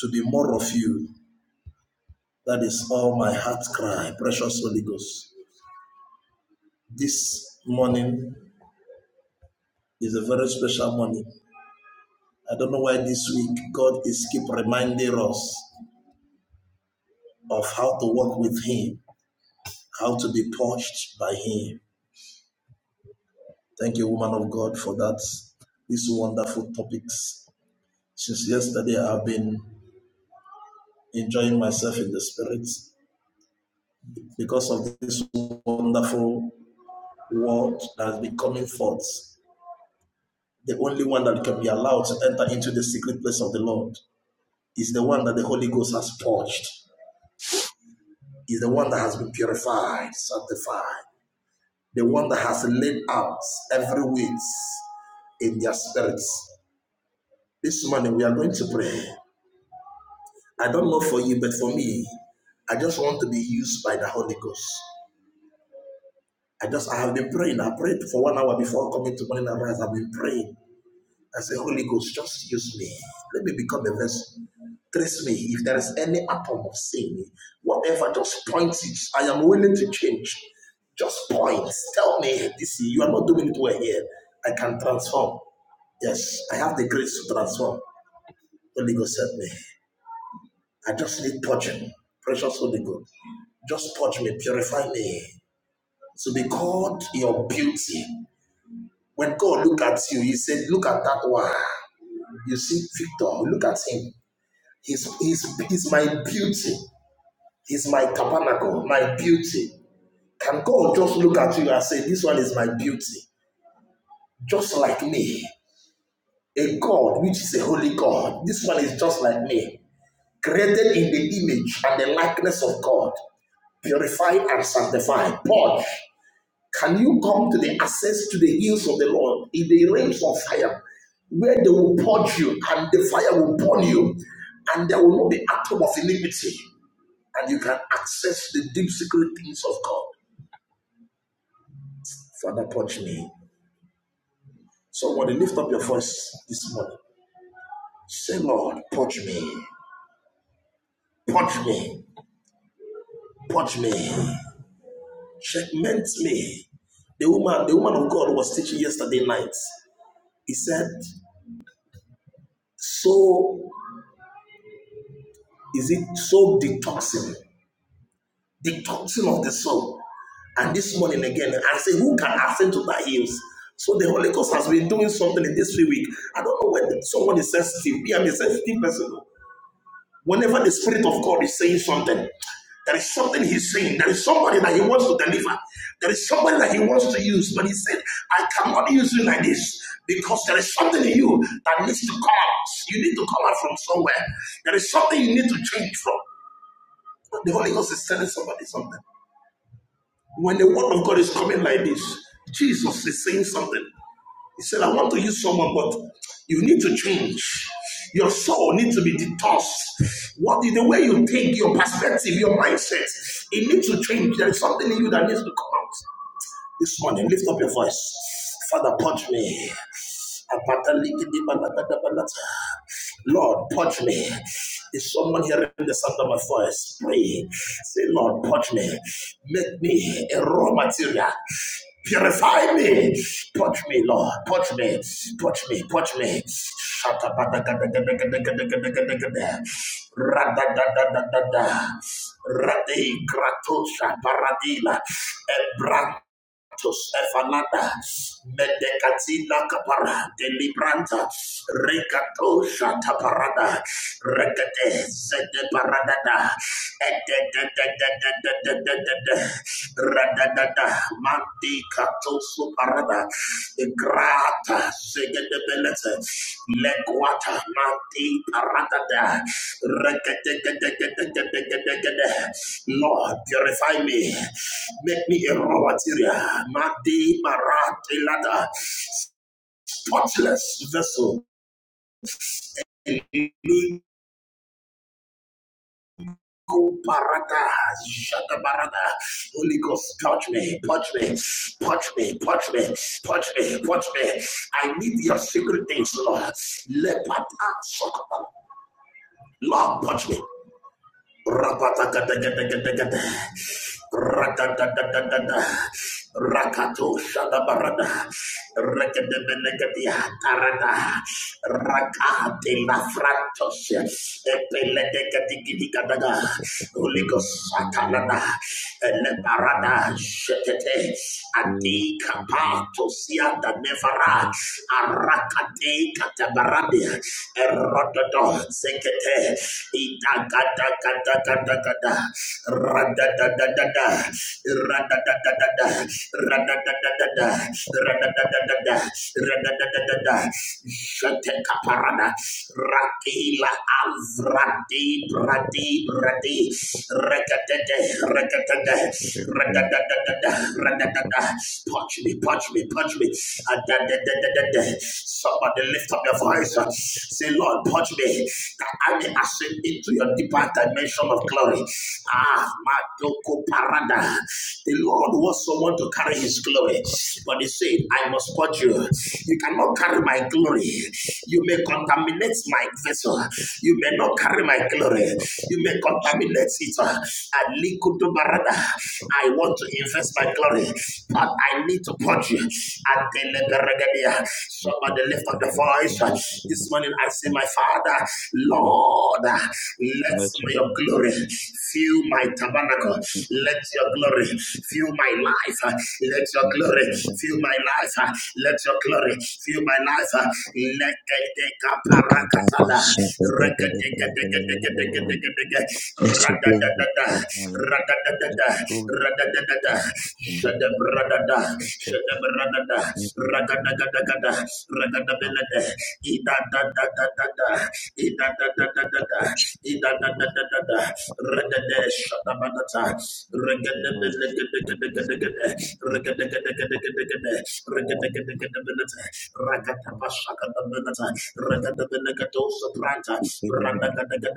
[SPEAKER 2] to be more of you. That is all my heart cry, precious Holy Ghost. This morning is a very special morning. I don't know why this week God is keep reminding us of how to walk with Him, how to be touched by Him. Thank you, woman of God, for that. These wonderful topics. Since yesterday, I've been enjoying myself in the spirit because of this wonderful word that has been coming forth, the only one that can be allowed to enter into the secret place of the Lord is the one that the Holy Ghost has purged, is the one that has been purified, sanctified, the one that has laid out every weight in their spirits. This morning we are going to pray. I don't know for you, but for me, I just want to be used by the Holy Ghost. I just I have been praying. I prayed for one hour before coming to morning arise. I've been praying. I say, Holy Ghost, just use me. Let me become a vessel. Trace me. If there is any atom of sin, whatever, just point it. I am willing to change. Just point. Tell me, this you are not doing it well here. I can transform. Yes, I have the grace to transform. Holy Ghost, help me. I just need purging. Precious Holy Ghost, just purge me, purify me. To be called your beauty. When God looked at you, He said, "Look at that one." You see Victor. Look at him. He's, he's, he's my beauty. He's my tabernacle, my beauty. Can God just look at you and say, This one is my beauty, just like me? A God which is a holy God. This one is just like me, created in the image and the likeness of God, purified and sanctified. But can you come to the access to the hills of the Lord in the realms of fire, where they will purge you and the fire will burn you, and there will not be atom of iniquity? and you can access the deep secret things of God. Father, purge me. Somebody lift up your voice this morning. Say, Lord, purge me, purge me, purge me, checkmate me. The woman, the woman of God was teaching yesterday night. He said, So is it so detoxing? the counsel of the Son. And this morning again, I say, Who can ascend to thy hills? So the Holy Ghost has been doing something in this three week. I don't know when someone is sensitive. Me, I'm a sensitive person. Whenever the Spirit of God is saying something, there is something he's saying. There is somebody that he wants to deliver. There is somebody that he wants to use. But he said, I cannot use you like this because there is something in you that needs to come out. You need to come out from somewhere. There is something you need to change from. The Holy Ghost is telling somebody something. When the word of God is coming like this, Jesus is saying something. He said, I want to use someone, but you need to change. Your soul needs to be detoxed. What is the way you think, your perspective, your mindset? It needs to change. There is something in you that needs to come out. This morning, lift up your voice. Father, punch me. Lord, punch me. Is someone hearing the sound of my voice? Pray. Say, Lord, punch me. Make me a raw material. Purify me. Punch me, Lord. Punch me. Punch me. Punch me. Shut up. Radadadadadada. Rade gratosha paradila. Ebra. Tos Evanata, Medecatila Capara, Delibranta, Recato Shataparada, Recate, Sede Paradada, Radadada, Manti Arada, Grata, Segedebelete, Leguata, Mati, Paradada, Reketeketeketeketekete. Lord, purify me. Make me a raw material. Mati, Marati, Lada, spotless vessel. Kuparata, Shatabarada. Holy Ghost, touch me, touch me, touch me, touch me, touch me, touch me. I need your secret things, Lord. Lepata, Lord, punch me. Rapatakatakatakatakata. Rakatatatatata. Rakato shadabarada. Rakadebenekatia tarada. Rakate la fratos. Epeledekatikidikadaga.
[SPEAKER 7] for
[SPEAKER 2] Holy
[SPEAKER 7] the-
[SPEAKER 2] Ghost, Satanana,
[SPEAKER 7] from the back of
[SPEAKER 2] Elebarada, Shetete,
[SPEAKER 7] the-
[SPEAKER 2] Adi Kapato, Sianda Nevara, Arakate, Katabaradia, Erododo, Zekete, Idagada, Gada, Gada, Gada, Radadadadada, Radadadadada, Radadadadada, Radadadadada, Radadadadada, Shete Kaparada, Rakila Avradi Bradi Bradi Punch me, punch me, punch me. Somebody lift up your voice. Say, Lord, punch me. That I may ascend into your deeper dimension of glory. Ah, Madoko Parada. The Lord wants someone to carry his glory. But he said, I must purge you. You cannot carry my glory. You may contaminate my vessel. You may not carry my glory. You may contaminate it. Alikudubarada. I want to invest my glory, but I need to purge you. Adeleberegedia. Somebody lift up the voice this morning and say, My Father, Lord, let
[SPEAKER 7] Let him
[SPEAKER 2] your glory fill my tabernacle. Let your glory fill my life. Let your
[SPEAKER 7] Let's go
[SPEAKER 2] glory
[SPEAKER 7] with
[SPEAKER 2] fill my life. Let your glory fill my life. Let your
[SPEAKER 7] your mind.
[SPEAKER 2] glory fill my
[SPEAKER 7] Let's
[SPEAKER 2] life.
[SPEAKER 7] go with your mind.
[SPEAKER 2] Rakadekadekadekadekadekadekadek.
[SPEAKER 7] Let's go with
[SPEAKER 2] Radadadada.
[SPEAKER 7] your mind.
[SPEAKER 2] Radadadada.
[SPEAKER 7] Let's
[SPEAKER 2] Radadadada. Shadabradada.
[SPEAKER 7] go
[SPEAKER 2] Shada
[SPEAKER 7] with
[SPEAKER 2] bara da da, ragada da da da da, ragada da da. Ita da da da da da, ita da da da da da, ita da da da da da. Ragada shada bara da,
[SPEAKER 7] your
[SPEAKER 2] ragada da
[SPEAKER 7] mind.
[SPEAKER 2] da da da da da, ragada da da da da da da, ragada da da da da da da. Ragada bashada bara da, ragada da da da da da da, ragada da da da da da da, ragada da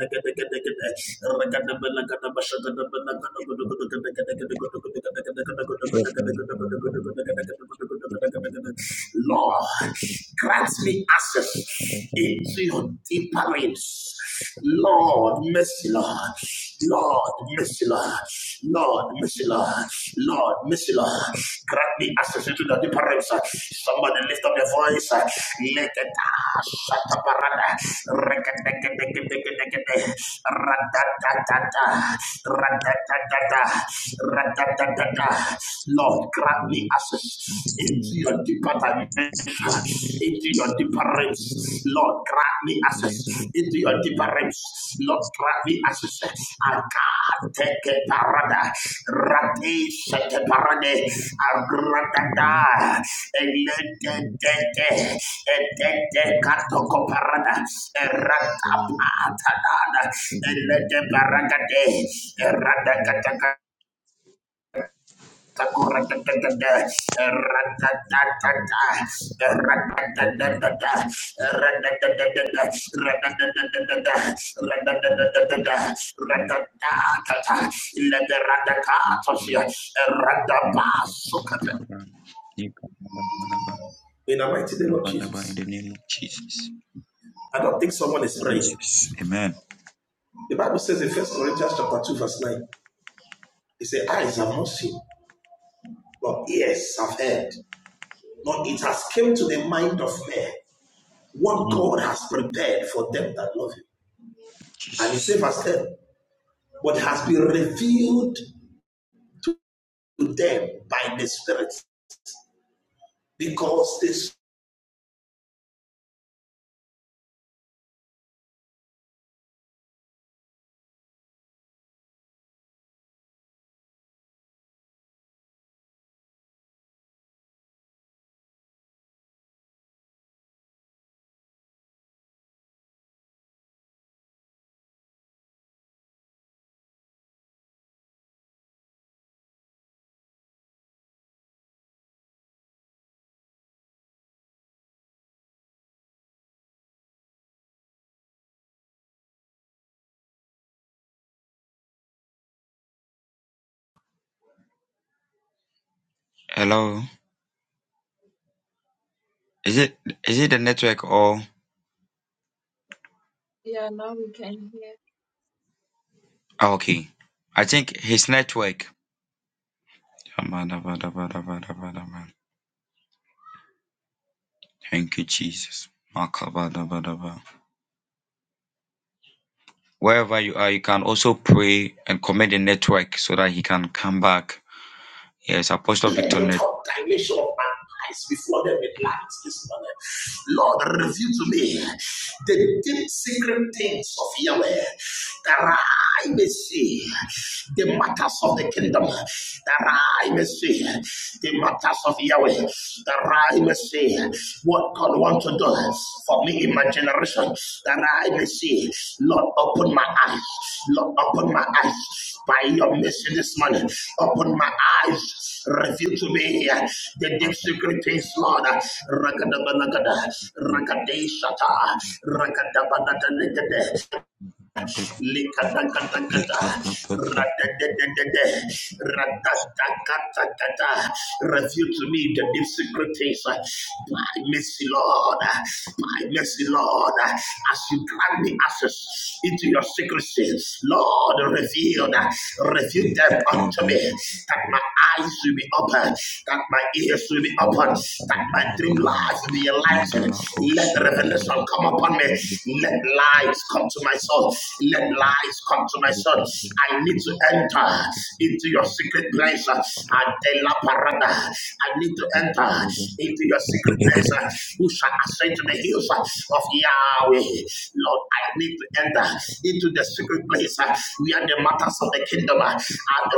[SPEAKER 2] da da da da da. Ra-da-da-da. Ra-da-da-da-da. Lord, grant me safety, Lord, Lord, Akatera, Rati, Seteparade, Agradada, Elededede, Edede, Katokoparada, Eratadada, paragade. Eradakataka, In the mighty name of Jesus. I don't think someone is praying. The Bible says in 1 Corinthians chapter 2, verse 9, it says, Eyes have not seen, but ears have heard, but it has come to the mind of man what God has prepared for them that love Him. And He said, verse 10, what has been revealed to them by the Spirit, because this
[SPEAKER 7] Hello. Is it is it the network or
[SPEAKER 4] Yeah, now we can hear.
[SPEAKER 7] ah, okay? I think his network. Shabadabadabadabadabadaba. Thank you, Jesus. Makabadabadaba. Wherever you are, you can also pray and commit the network so that he can come back. Yes, Apostle Victor Net.
[SPEAKER 2] that I may see the matters of the kingdom, that I may see the matters of Yahweh, that I may see what God wants to do for me in my generation, that I may see, Lord, Reveal to me the deep secret things uh, by mercy, Lord. uh, By mercy, Lord. uh, As you grant me access into your secrecy, Lord, reveal, uh, reveal them unto me that my eyes will be open, that my ears will be open, that my dream life eyes be enlightened. Let the revelation come upon me. Let light come to my soul. Let light come to my soul. I need to enter into your secret place. Adela parada. I need to enter into your secret place. Who shall ascend to the hills of Yahweh? Lord, I need to enter into the secret place where the matters of the kingdom are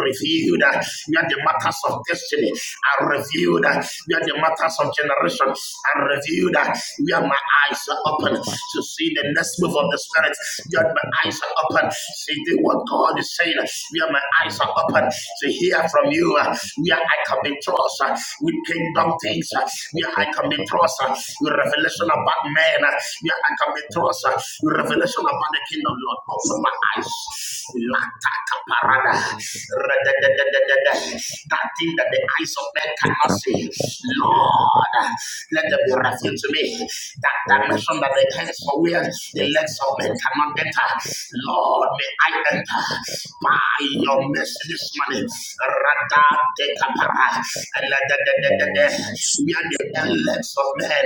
[SPEAKER 2] revealed, where the matters of destiny destiny are revealed. Where the matters of generation are revealed. Where my eyes are open to see the next move of the Spirit. Where my eyes are open to see what God is saying. Where my eyes are open to hear from you. Where I can be trusted with kingdom
[SPEAKER 7] Oh
[SPEAKER 2] things. Where I can be trusted with revelation about men. Where I can be trusted with revelation about the kingdom. Lord, open my eyes. Lord, that thing that the eyes of men
[SPEAKER 7] Jesus,
[SPEAKER 2] cannot see. Lord, let there be revealed to me. That dimension that the hands
[SPEAKER 7] man.
[SPEAKER 2] for where the
[SPEAKER 7] yes,
[SPEAKER 2] legs
[SPEAKER 7] man.
[SPEAKER 2] of
[SPEAKER 7] yes, man.
[SPEAKER 2] men
[SPEAKER 7] yes. Lord.
[SPEAKER 2] cannot enter.
[SPEAKER 7] yes.
[SPEAKER 2] Lord, may I enter
[SPEAKER 7] It's
[SPEAKER 2] by
[SPEAKER 7] short
[SPEAKER 2] your mercy this morning. Radadekapara,
[SPEAKER 7] by your
[SPEAKER 2] Radadadadada,
[SPEAKER 7] mercy
[SPEAKER 2] Where
[SPEAKER 7] this
[SPEAKER 2] the
[SPEAKER 7] morning.
[SPEAKER 2] legs of
[SPEAKER 7] God,
[SPEAKER 2] men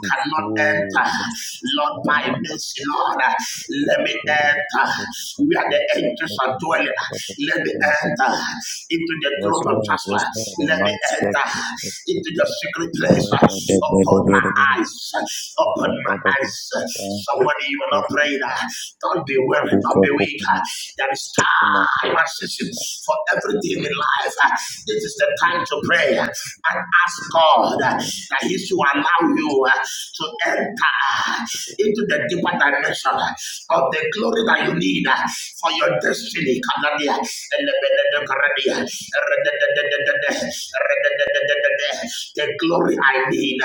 [SPEAKER 7] we feel
[SPEAKER 2] enter.
[SPEAKER 7] this
[SPEAKER 2] Lord,
[SPEAKER 7] now,
[SPEAKER 2] by
[SPEAKER 7] Father.
[SPEAKER 2] mercy, Lord, let me enter where the angels are dwelling. Let me enter into the
[SPEAKER 7] Yes,
[SPEAKER 2] throne of
[SPEAKER 7] Lord, yes,
[SPEAKER 2] justice.
[SPEAKER 7] Lord, in
[SPEAKER 2] Let me
[SPEAKER 7] my check.
[SPEAKER 2] enter into the secret
[SPEAKER 7] Who
[SPEAKER 2] place. Upon my eyes, upon
[SPEAKER 7] can
[SPEAKER 2] my eyes. Somebody, you are not praying. Don't be weary, don't be weak.
[SPEAKER 7] open my,
[SPEAKER 2] There is
[SPEAKER 7] open my
[SPEAKER 2] time and season for everything in life. This is the time to pray and ask God that He should allow you to enter into the deeper dimension of the glory that you need for your destiny. Kanadia, The glory I need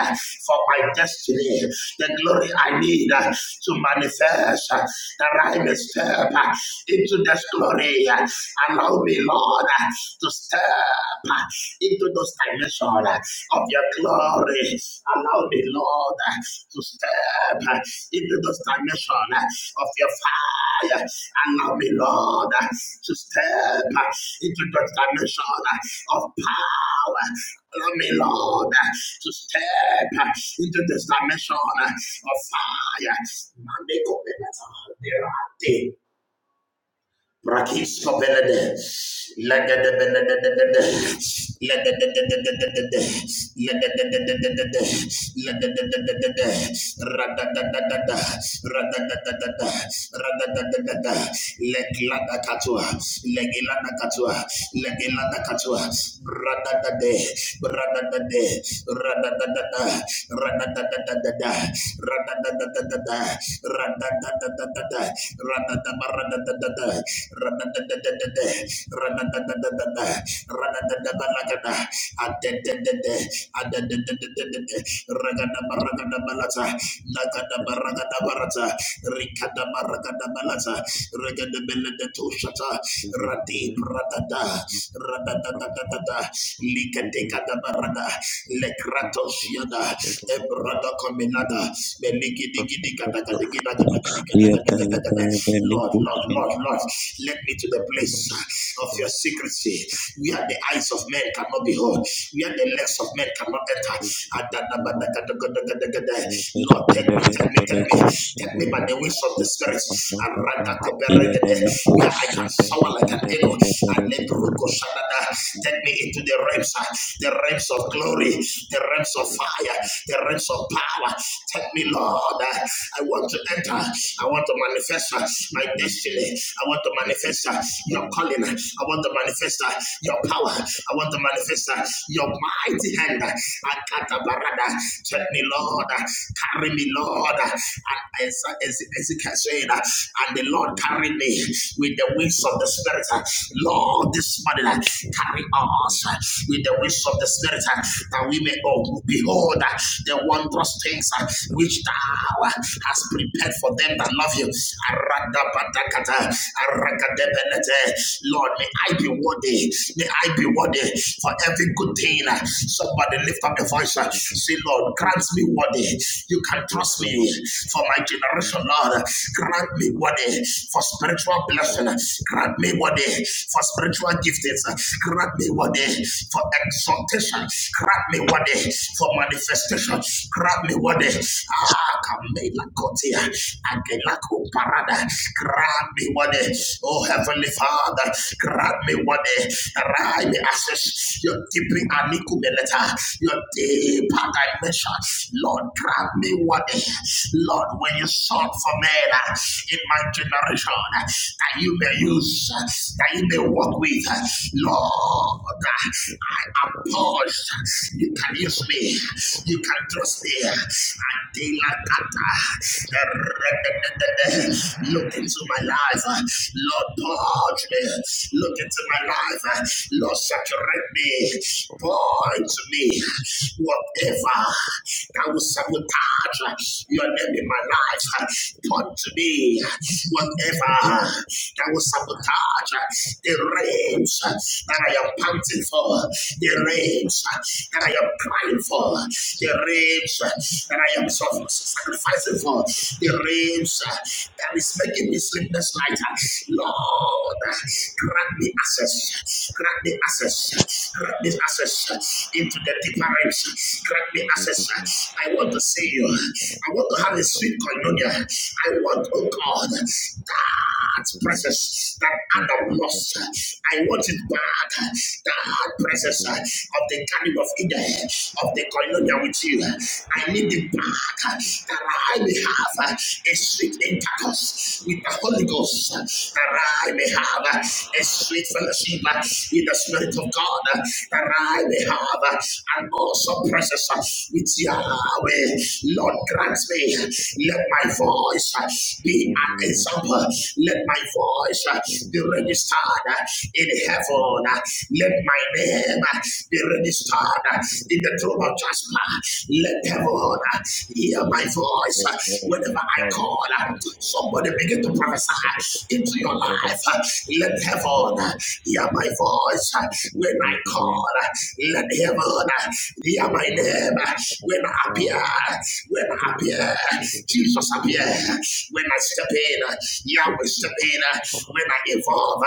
[SPEAKER 2] for my destiny, the glory I need to manifest that I may step into this glory. Allow me, Lord, to step into those dimensions of your glory. Allow me, Lord, to step into this dimension of your fire. Allow me, Lord, to step into this dimension of power. Lord, to step into this dimension of fire. Radadadadada, Ragada Baragada Balata, Nagada Baragada Barata, Rikada Baragada Balata, Ragada Belada Toshata, Radi Pradada,
[SPEAKER 7] eyes?
[SPEAKER 2] Radadadadada, Likadegada Barada, Lekratos Yada, Ebrada Combinada, Meligidicata, Lord, Lord, Lord, Lord, let me to the place of your secrecy, where the eyes of men cannot behold, where the legs of men cannot enter. Lord, take me, take me, take me, take me by the wings of the Spirit. Aradakoberegede. Where I can soar like an eagle. Adebrugoshadada. Take me into the realms, ah, the realms of glory, the realms of fire, the realms of power. Take me me, Lord. I want to enter. I want to manifest my destiny. I want to manifest your calling. I want to manifest your power. I want to manifest your mighty hand. Akatabarada. Take me, Lord. Carry me, Lord. And as as- as it can and the Lord carried me with the wings of the Spirit. Lord, this morning, carry us uh, with the wisdom of the Spirit, uh, that we may oh, behold uh, the wondrous things uh, which thou uh, hast prepared for them that love you. Lord, may I be worthy, may I be worthy for every good thing. uh, Somebody lift up your voice, uh, say, Lord, grant me worthy. You can trust me for my generation, Lord. Grant me worthy for spiritual blessing. Grant me worthy for spiritual gift gifts. Grant me one day for exaltation. Grant me one day for manifestation. Grant me one day. Ah, Kamela Kotia. Agelako Parada. Grant me one day. Oh, Heavenly Father. Grant me one day. that I may access your deeply anicumeleta. Your deeper dimension. Lord, grant me one day. Lord, when you sought for men uh, in my generation, uh, that you may use, that you may walk with. Lord, I am purged. You can use me. You can trust me. Adelakata. Look into my life. Lord, purge me. Look into my life. Lord, saturate me. Point to me. Whatever that will sabotage your name in my life, point to today, whatever that will sabotage the rains that I am panting for, the rains that I am crying for, the rains that I am sacrificing for, the rains that is making me sleepless night. Lord, grant me access, grant me access, grant me access into the deeper realms, grant me access. I want to see you. I want to have a sweet koinonia. I want, oh God, that presence that Adam lost. I want it back. That presence of the Garden of Eden, of the koinonia with you. I need it back. That I may have uh, a sweet intercourse with the Holy Ghost. That I may have uh, a sweet fellowship uh, with the Spirit of God. That I may have uh, an awesome presence voices with Yahweh. Lord, grant me. Let my voice be an example. Let my voice be registered in heaven. Let my name be registered in the throne of Jasper. Let heaven hear my voice whenever I call. Somebody begin to prophesy into your life. Let heaven hear my voice when I call. God, let heaven hear my name. When I appear, when I appear, Jesus appear. When I step in, Yahweh step in. When I evolve,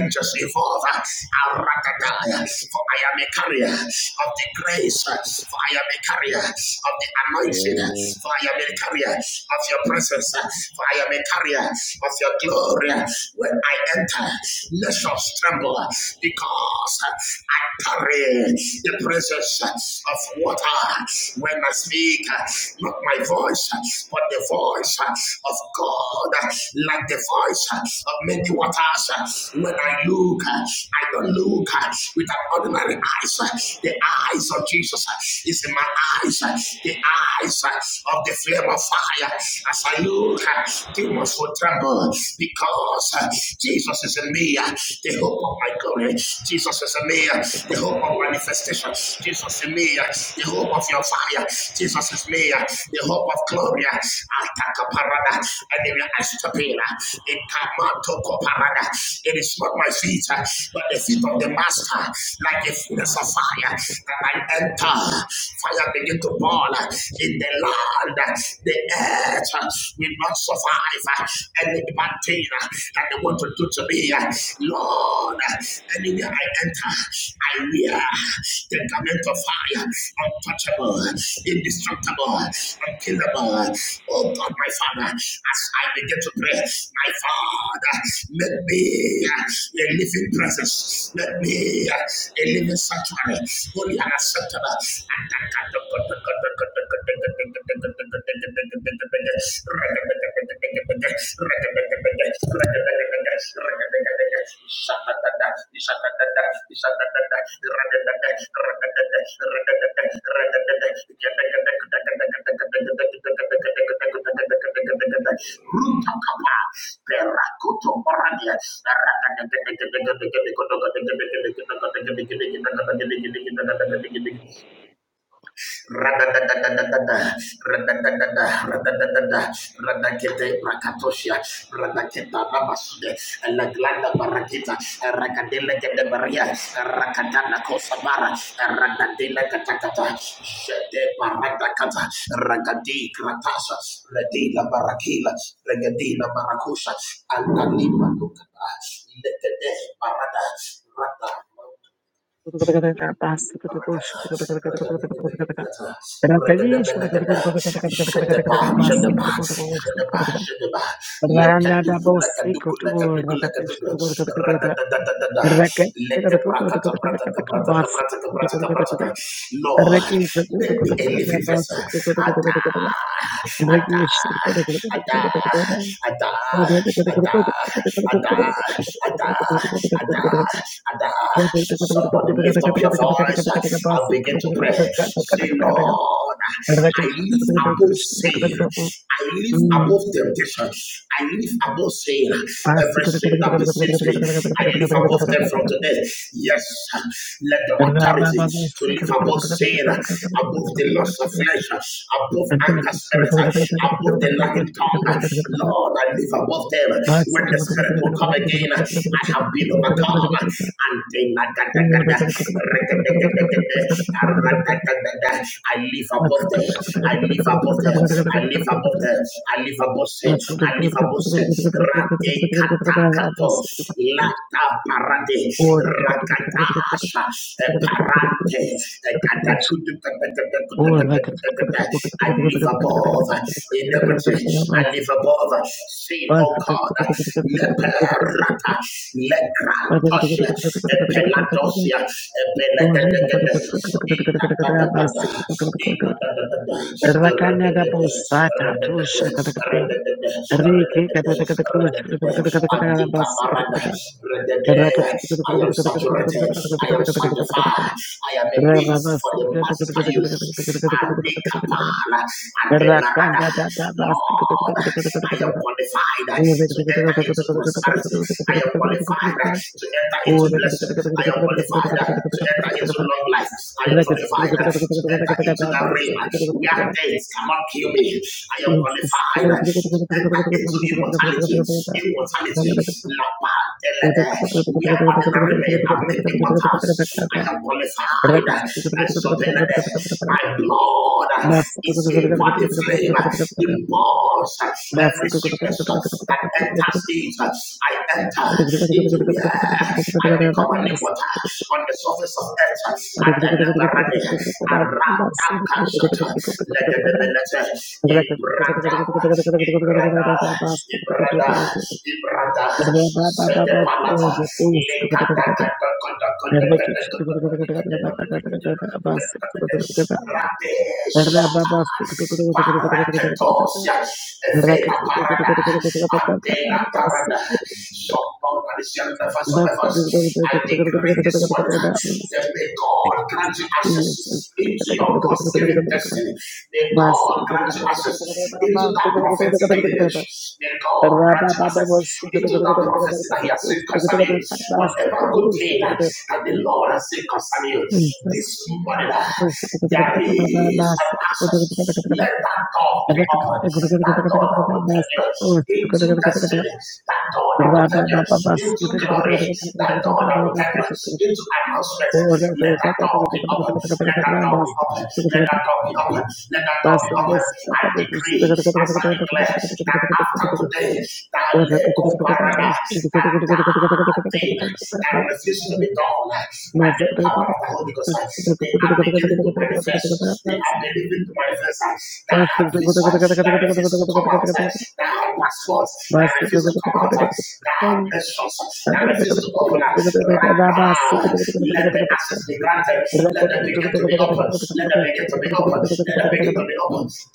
[SPEAKER 2] angels evolve. Arakataya, For I am a carrier of the grace, for I am a carrier of the
[SPEAKER 7] Yeah.
[SPEAKER 2] anointing, for I am a carrier of your presence, for I am a carrier of your glory. When I enter, nations us tremble because I carry the presence of water when I speak, not my voice, but the voice of God, like the voice of many waters. When I look, I don't look with an ordinary eyes. The eyes of Jesus is in my eyes, the eyes of the flame of fire. As I look, demons will tremble because because uh, Jesus is in me, uh, the hope of my glory. Jesus is in me, uh, the hope of manifestation. Jesus in me, uh, the hope of your fire. Jesus is me, uh, the hope of glory. Atakaparada, anemia estapela, inkamatokoparada. It is not my feet, uh, but the feet of the Master, like a furnace of fire that I enter. Fire begin to burn uh, in the land, uh, the earth. uh, will not survive uh, any bad thing uh, that they want to do to me. uh, Lord, uh, anywhere I enter, I wear the garment of fire, untouchable, indestructible, unkillable. Oh God, my Father, as I begin to pray, my Father, let me uh, a living presence, let me uh, a living sanctuary, holy and acceptable. And Ruta kapa, perakuto moradia, Radadadadadada, radadadada, radadadada, radakete brakatosia, radaketa rabasude, laglanda barakita, rakadele kede baria, rakadana kara, radadele kete ra-
[SPEAKER 1] Rakati
[SPEAKER 2] Say, Lord, I live above sin. I live
[SPEAKER 1] Mm.
[SPEAKER 2] above temptation. I live above sin. Every sin that I do go to death. Yeah.
[SPEAKER 1] That's
[SPEAKER 2] I live above them. I live above them. I live above them. I live above sin. I live above sin. Rate katakato. Lata parade.
[SPEAKER 1] Or
[SPEAKER 2] Rakatasha. Parante.
[SPEAKER 1] like a
[SPEAKER 2] I live above iniquity. I live above sin, oh God. Leperata.
[SPEAKER 1] Oh,
[SPEAKER 2] I am to I am to Vacuum me. I am qualified. I, as is my
[SPEAKER 1] Bus
[SPEAKER 2] blood name. It bonds every sickness that enters it. I enter into the air. I become a new water on the surface of earth. And I never run Arata kashata. Let the letter Ibrada. Ibrada. Ibrada. Ibrada. Zedepalata. Somebody,
[SPEAKER 1] Bas
[SPEAKER 2] somebody, I decree this morning that may God grant you access into your god given destiny. May God grant you access into that prophetic lineage. May God grant you access into that prophecy that He has said concerning you. Whatever good thing that the Lord has said concerning you.
[SPEAKER 1] Bas Jesus.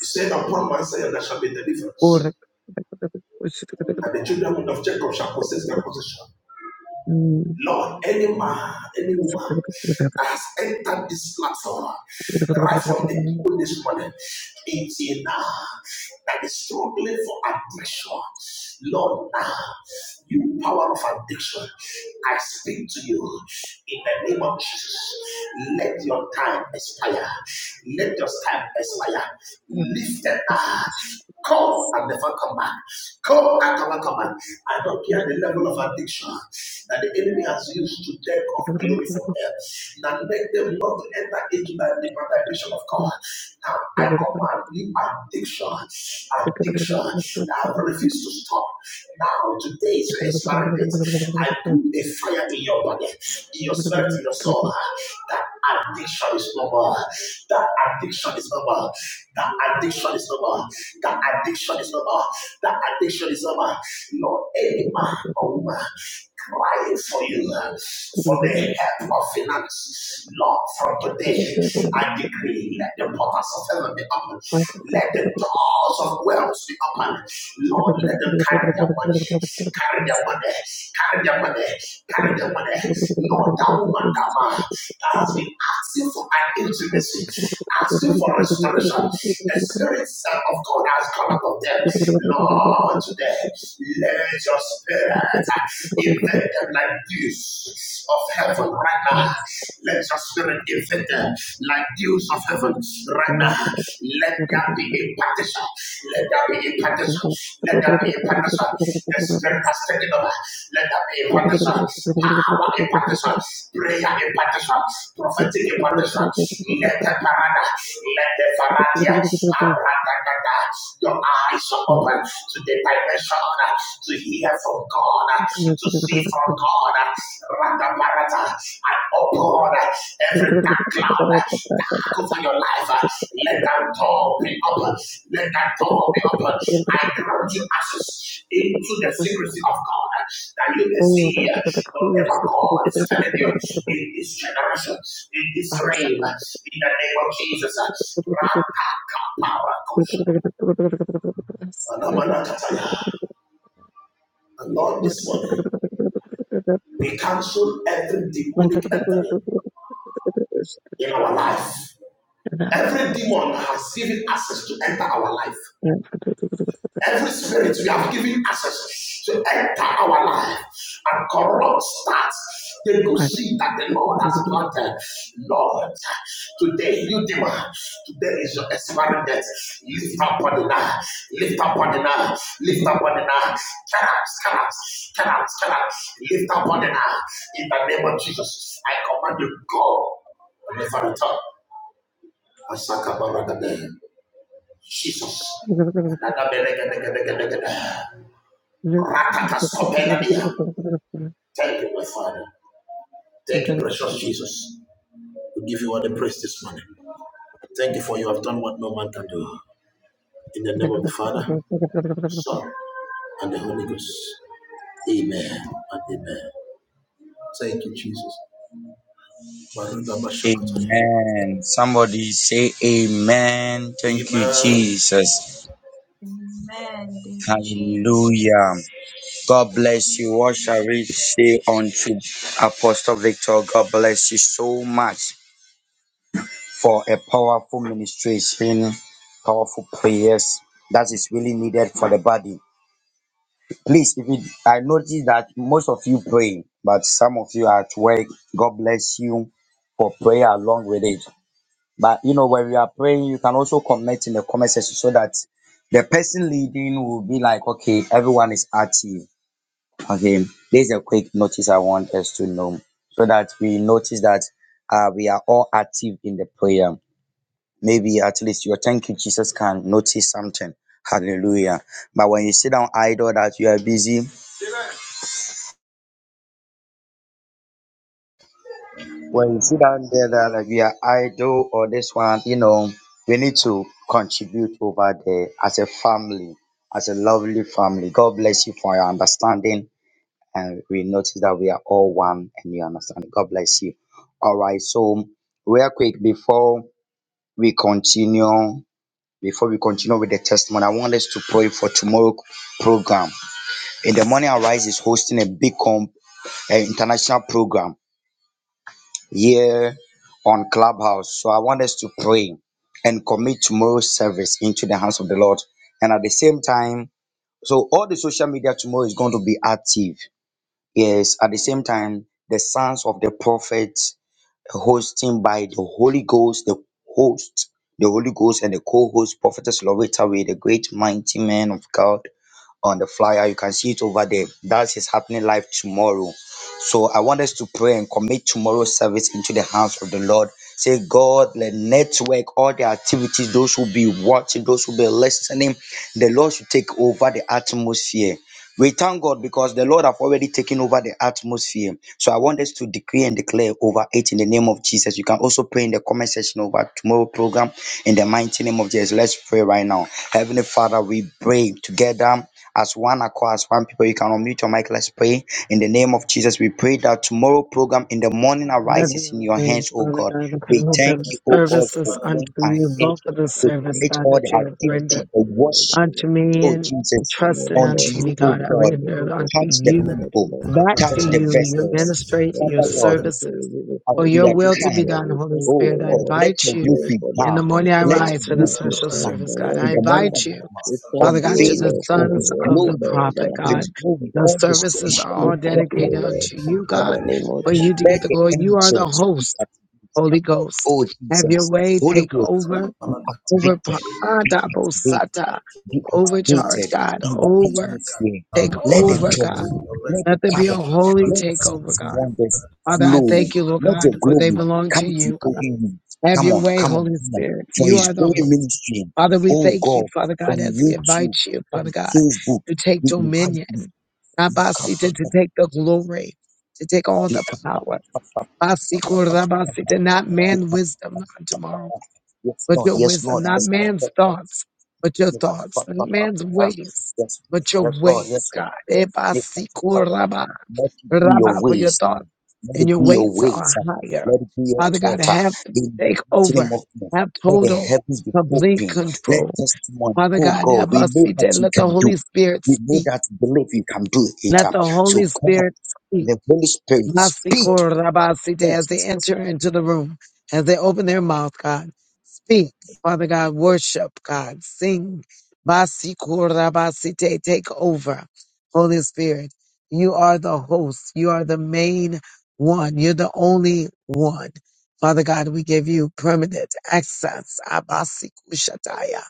[SPEAKER 2] He said upon my Zion there shall be deliverance.
[SPEAKER 1] Or
[SPEAKER 2] And the children of Jacob shall possess their possession. Lord, any man, any woman that has entered this platform right from the people this morning, until now, that is struggling for addiction, Lord, now, you power of addiction, I speak to you in the name of Jesus. Let your time expire. Let your time expire. Lift it up. Come and never come back. Come and never come back. I don't care the level of addiction that the enemy has used to take of glory from earth. Now make them not to enter into that deeper dimension of God. Now I command you addiction, addiction that have refused to stop. Now today is your expiring date. I put a fire in your body, in your spirit. That fire, Lord, I decree, let the portals of heaven be open. Let the doors of man, Lord, carry their, carry their carry their money, carry their money. Lord, that woman, that man, that has been asking for an intimacy, asking for restoration, the spirit of God has come up
[SPEAKER 1] Thank
[SPEAKER 2] of them. Lord, today, let your spirit invite them like deus of heaven right now. Let your spirit invite them like deus of heaven right now. Let let there be impartation. Let there be impartation. Let there be impartation. The Spirit has taken over. Let there be impartation. Power impartation. Prayer impartation. Prophetic impartation. Let the parada. Let the faratia. Aradadada. Your eyes are open to the dimension, to hear from God, to see from God. Rataparata, I open every dark cloud dark over your life. Let that door be open. Let that door be open. I grant you access into the secrecy of God that you may see whatever God is telling you in this generation, in this reign, in the name of Jesus. Ratakaparakosha.
[SPEAKER 1] you.
[SPEAKER 2] And Lord,
[SPEAKER 1] Have
[SPEAKER 2] this morning, we cancel every demonic entry in our life. Every demon has given access to enter our life. Every spirit we have given access to enter our life and cause that the key that the Lord has planted. Lord, to death. Lift up on the night. Lift up on the night. Stand up, stand up, stand up, stand up. Lift up on the night. In the name of and never return. Asaka baragade. Jesus. Another belegedegedegedegede. Rakata sopelania. Thank you, my Father. Thank you, precious Jesus. We give you all the praise this morning. Thank you for you have done what no man can do. In the name of the Father, Son, and the Holy Ghost. Amen and amen.
[SPEAKER 7] Amen. Somebody say amen. Thank you, Jesus.
[SPEAKER 4] Amen. Thank you, Jesus.
[SPEAKER 7] Hallelujah. God bless you. What shall we say unto Apostle Victor? God bless you so much for a powerful ministration, powerful prayers that is really needed for the body. Please, if it, I notice that most of you pray, but some of you are at work. God bless you for prayer along with it. But you know, when we are praying, you can also comment in the comment section so that the person leading will be like, okay, everyone is active. Okay, there's a quick notice I want us to know so that we notice that uh, we are all active in the prayer. Maybe at least your thank you, Jesus, can notice something. Hallelujah. But when you sit down idle, that you are busy, okay, actually, we notice that we are and you are not bless you. All right, so real quick before we continue. Before we continue with the testimony, I want us to pray for tomorrow program. In the morning, Arise is hosting a big comp, uh, international program here on Clubhouse. So I want us to pray and commit tomorrow's service into the hands of the Lord. And at the same time, so all the social media tomorrow is going to be active. Yes, at the same time, the sons of the prophet hosting by the Holy Ghost, the host, the Holy Ghost, and the co host, Prophetess Loretta, with the great mighty man of God on the flyer. You can see it over there. That is happening live tomorrow. So I want us to pray and commit tomorrow's service into the hands of the Lord. Say, God, let network, all the activities, those who be watching, those who be listening, the Lord should take over the atmosphere. We thank God because the Lord have already taken over the atmosphere. So I want us to decree and declare over it in the name of Jesus. You can also pray in the comment section over tomorrow program in the mighty name of Jesus. Let's pray right now. Heavenly Father, we pray together as one accord, as one people. You can unmute your mic. Let's pray. In the name of Jesus, we pray that tomorrow program in the morning arises
[SPEAKER 1] your
[SPEAKER 7] in your
[SPEAKER 1] way,
[SPEAKER 7] hands, oh
[SPEAKER 1] Father
[SPEAKER 7] God.
[SPEAKER 1] God, and
[SPEAKER 7] We
[SPEAKER 1] promote
[SPEAKER 7] thank
[SPEAKER 1] the
[SPEAKER 7] you, oh God,
[SPEAKER 1] services
[SPEAKER 7] for
[SPEAKER 1] unto
[SPEAKER 7] going
[SPEAKER 1] you,
[SPEAKER 11] You
[SPEAKER 7] ahead
[SPEAKER 1] both of the
[SPEAKER 7] to
[SPEAKER 1] service,
[SPEAKER 7] commit
[SPEAKER 1] God,
[SPEAKER 7] all the
[SPEAKER 1] that you have
[SPEAKER 7] activity,
[SPEAKER 1] rendered
[SPEAKER 7] the worship,
[SPEAKER 1] unto me
[SPEAKER 7] oh
[SPEAKER 1] and
[SPEAKER 7] Jesus,
[SPEAKER 11] know, the
[SPEAKER 1] trusted
[SPEAKER 7] unto
[SPEAKER 11] Lord,
[SPEAKER 1] unto
[SPEAKER 11] you
[SPEAKER 7] you,
[SPEAKER 1] me,
[SPEAKER 11] have
[SPEAKER 7] oh
[SPEAKER 1] God.
[SPEAKER 11] already
[SPEAKER 1] I
[SPEAKER 7] God.
[SPEAKER 11] sent the
[SPEAKER 1] render unto
[SPEAKER 11] angels to
[SPEAKER 7] Touch
[SPEAKER 11] go
[SPEAKER 7] the
[SPEAKER 1] you
[SPEAKER 11] ahead, O
[SPEAKER 7] people,
[SPEAKER 11] Lord, to
[SPEAKER 1] back to
[SPEAKER 11] prepare
[SPEAKER 7] touch the
[SPEAKER 11] that
[SPEAKER 1] you
[SPEAKER 11] place, O
[SPEAKER 1] your
[SPEAKER 11] God.
[SPEAKER 7] vessels.
[SPEAKER 1] ministration,
[SPEAKER 7] Father
[SPEAKER 1] your
[SPEAKER 11] Therefore, we
[SPEAKER 7] Lord
[SPEAKER 11] thank you, we
[SPEAKER 1] services,
[SPEAKER 11] give you
[SPEAKER 7] as
[SPEAKER 1] for
[SPEAKER 11] praise,
[SPEAKER 7] we
[SPEAKER 1] your
[SPEAKER 11] we
[SPEAKER 7] have
[SPEAKER 11] give
[SPEAKER 1] will
[SPEAKER 11] you
[SPEAKER 1] to be
[SPEAKER 11] glory,
[SPEAKER 7] come.
[SPEAKER 1] done,
[SPEAKER 11] we
[SPEAKER 1] Holy
[SPEAKER 11] thank you,
[SPEAKER 7] Oh
[SPEAKER 11] O
[SPEAKER 1] Spirit. I
[SPEAKER 7] God,
[SPEAKER 11] Lord.
[SPEAKER 7] let
[SPEAKER 1] invite
[SPEAKER 7] your
[SPEAKER 1] you
[SPEAKER 7] will
[SPEAKER 11] Lord,
[SPEAKER 7] be
[SPEAKER 11] for the
[SPEAKER 1] in the
[SPEAKER 7] done.
[SPEAKER 1] morning I
[SPEAKER 7] Let
[SPEAKER 11] spontaneous
[SPEAKER 1] rise
[SPEAKER 7] your
[SPEAKER 1] for the
[SPEAKER 7] will be
[SPEAKER 11] miracles,
[SPEAKER 1] special
[SPEAKER 11] signs,
[SPEAKER 7] done
[SPEAKER 1] service,
[SPEAKER 11] and
[SPEAKER 1] God.
[SPEAKER 7] in
[SPEAKER 1] I
[SPEAKER 7] the
[SPEAKER 11] wonders, O
[SPEAKER 7] morning
[SPEAKER 1] invite
[SPEAKER 7] of
[SPEAKER 11] God.
[SPEAKER 1] you,
[SPEAKER 7] this
[SPEAKER 11] We thank
[SPEAKER 1] Father
[SPEAKER 7] on
[SPEAKER 11] you,
[SPEAKER 1] God,
[SPEAKER 11] O
[SPEAKER 1] to the
[SPEAKER 7] Facebook
[SPEAKER 11] Lord, for
[SPEAKER 7] for
[SPEAKER 11] your
[SPEAKER 1] sons
[SPEAKER 7] his
[SPEAKER 11] word,
[SPEAKER 1] of
[SPEAKER 11] O
[SPEAKER 1] the
[SPEAKER 7] glory,
[SPEAKER 11] God, that
[SPEAKER 1] prophet,
[SPEAKER 11] I
[SPEAKER 7] for
[SPEAKER 1] God.
[SPEAKER 7] his
[SPEAKER 11] comfort, O
[SPEAKER 7] glory,
[SPEAKER 11] God.
[SPEAKER 1] The
[SPEAKER 7] all the
[SPEAKER 1] services
[SPEAKER 7] social
[SPEAKER 1] are
[SPEAKER 11] We
[SPEAKER 1] all
[SPEAKER 7] media
[SPEAKER 11] thank you, O
[SPEAKER 7] platform,
[SPEAKER 1] dedicated
[SPEAKER 11] Lord,
[SPEAKER 1] unto
[SPEAKER 7] oh
[SPEAKER 1] you,
[SPEAKER 11] in
[SPEAKER 7] God.
[SPEAKER 11] the
[SPEAKER 1] God,
[SPEAKER 11] name of
[SPEAKER 1] for
[SPEAKER 11] Jesus.
[SPEAKER 1] you to get
[SPEAKER 7] Let
[SPEAKER 1] the
[SPEAKER 7] the
[SPEAKER 1] glory. You are the
[SPEAKER 7] angels be
[SPEAKER 1] host,
[SPEAKER 7] activated.
[SPEAKER 1] Holy Ghost.
[SPEAKER 7] Oh
[SPEAKER 1] Have your
[SPEAKER 7] Jesus,
[SPEAKER 1] way,
[SPEAKER 7] Holy
[SPEAKER 1] take
[SPEAKER 7] Ghost,
[SPEAKER 1] over,
[SPEAKER 7] be
[SPEAKER 1] over,
[SPEAKER 7] activated, be activated
[SPEAKER 1] over,
[SPEAKER 7] be
[SPEAKER 1] overcharge,
[SPEAKER 7] activated
[SPEAKER 1] God,
[SPEAKER 7] in the
[SPEAKER 1] over,
[SPEAKER 7] atmosphere.
[SPEAKER 1] take
[SPEAKER 7] Let the
[SPEAKER 1] over, God.
[SPEAKER 7] joy, let the
[SPEAKER 1] Let there be a
[SPEAKER 7] power,
[SPEAKER 1] holy
[SPEAKER 7] let the
[SPEAKER 1] takeover,
[SPEAKER 7] signs and
[SPEAKER 1] God.
[SPEAKER 7] wonders
[SPEAKER 1] Father, I
[SPEAKER 7] flow.
[SPEAKER 1] thank you, Lord
[SPEAKER 7] Let the
[SPEAKER 1] God, for they
[SPEAKER 7] glory
[SPEAKER 1] belong
[SPEAKER 7] come
[SPEAKER 1] to
[SPEAKER 7] to
[SPEAKER 1] you,
[SPEAKER 7] over
[SPEAKER 1] God.
[SPEAKER 7] you.
[SPEAKER 1] Have
[SPEAKER 7] Come
[SPEAKER 1] your
[SPEAKER 7] on,
[SPEAKER 1] way,
[SPEAKER 7] come on,
[SPEAKER 1] Holy
[SPEAKER 7] come on.
[SPEAKER 1] Spirit.
[SPEAKER 7] For
[SPEAKER 1] You
[SPEAKER 7] his
[SPEAKER 1] are the
[SPEAKER 7] glory
[SPEAKER 1] host.
[SPEAKER 7] ministry,
[SPEAKER 1] Father, we
[SPEAKER 7] oh
[SPEAKER 1] thank you,
[SPEAKER 7] God,
[SPEAKER 1] Father God,
[SPEAKER 7] on
[SPEAKER 1] as we invite
[SPEAKER 7] YouTube,
[SPEAKER 1] you,
[SPEAKER 7] on
[SPEAKER 1] Father God,
[SPEAKER 7] Facebook,
[SPEAKER 1] to take
[SPEAKER 7] we invite you.
[SPEAKER 1] dominion, not
[SPEAKER 7] You
[SPEAKER 1] by
[SPEAKER 7] come up,
[SPEAKER 1] to take the glory, to take all
[SPEAKER 7] you
[SPEAKER 1] the
[SPEAKER 7] up,
[SPEAKER 1] power. Basikura basita, Not
[SPEAKER 7] you
[SPEAKER 1] man
[SPEAKER 7] come
[SPEAKER 1] wisdom on
[SPEAKER 7] up, come
[SPEAKER 1] tomorrow,
[SPEAKER 7] up. Yes,
[SPEAKER 1] but
[SPEAKER 7] Lord,
[SPEAKER 1] your
[SPEAKER 7] yes,
[SPEAKER 1] wisdom,
[SPEAKER 7] Lord,
[SPEAKER 1] not
[SPEAKER 7] yes, Lord,
[SPEAKER 1] man's
[SPEAKER 7] yes, Lord,
[SPEAKER 1] thoughts, but your
[SPEAKER 7] you
[SPEAKER 1] thoughts,
[SPEAKER 7] up,
[SPEAKER 1] not
[SPEAKER 7] up, up,
[SPEAKER 1] man's
[SPEAKER 7] up, up.
[SPEAKER 1] ways,
[SPEAKER 7] yes, Lord,
[SPEAKER 1] but your
[SPEAKER 7] yes, Lord,
[SPEAKER 1] ways,
[SPEAKER 7] yes, Lord.
[SPEAKER 1] God. Ebasikura
[SPEAKER 7] Let it be your
[SPEAKER 1] Rabbi, for your
[SPEAKER 7] ways. um,
[SPEAKER 1] thoughts
[SPEAKER 7] Let
[SPEAKER 1] and
[SPEAKER 7] it
[SPEAKER 1] your
[SPEAKER 7] be your
[SPEAKER 1] weights are
[SPEAKER 7] ways. um,
[SPEAKER 1] higher.
[SPEAKER 7] Let it be your
[SPEAKER 1] Father God,
[SPEAKER 7] daughter.
[SPEAKER 1] have to
[SPEAKER 7] In
[SPEAKER 1] take
[SPEAKER 7] the name
[SPEAKER 1] over,
[SPEAKER 7] of Jesus.
[SPEAKER 1] have
[SPEAKER 7] Let the
[SPEAKER 1] total,
[SPEAKER 7] heavens be
[SPEAKER 1] complete
[SPEAKER 7] open. Let
[SPEAKER 1] control.
[SPEAKER 7] testimony.
[SPEAKER 1] Father
[SPEAKER 7] Oh
[SPEAKER 1] God,
[SPEAKER 7] God, we
[SPEAKER 1] Abba,
[SPEAKER 7] know
[SPEAKER 1] see
[SPEAKER 7] that
[SPEAKER 1] that
[SPEAKER 7] you
[SPEAKER 1] let the
[SPEAKER 7] can do.
[SPEAKER 1] Holy Spirit
[SPEAKER 7] We know
[SPEAKER 1] speak.
[SPEAKER 7] that believe you can do it.
[SPEAKER 1] Let
[SPEAKER 7] um.
[SPEAKER 1] the
[SPEAKER 7] So
[SPEAKER 1] Holy
[SPEAKER 7] God,
[SPEAKER 1] Spirit speak.
[SPEAKER 7] the Holy Spirit, speak.
[SPEAKER 1] Masikorabasite,
[SPEAKER 7] Oh
[SPEAKER 1] As they
[SPEAKER 7] Jesus.
[SPEAKER 1] enter into the room, as they open their mouth, God, speak, Father God, worship, God, sing. Masikorabasite, Take over, Holy Spirit. You are the host. You are the main one. You're the only one. Father God, we give you permanent access. Abasikushataya.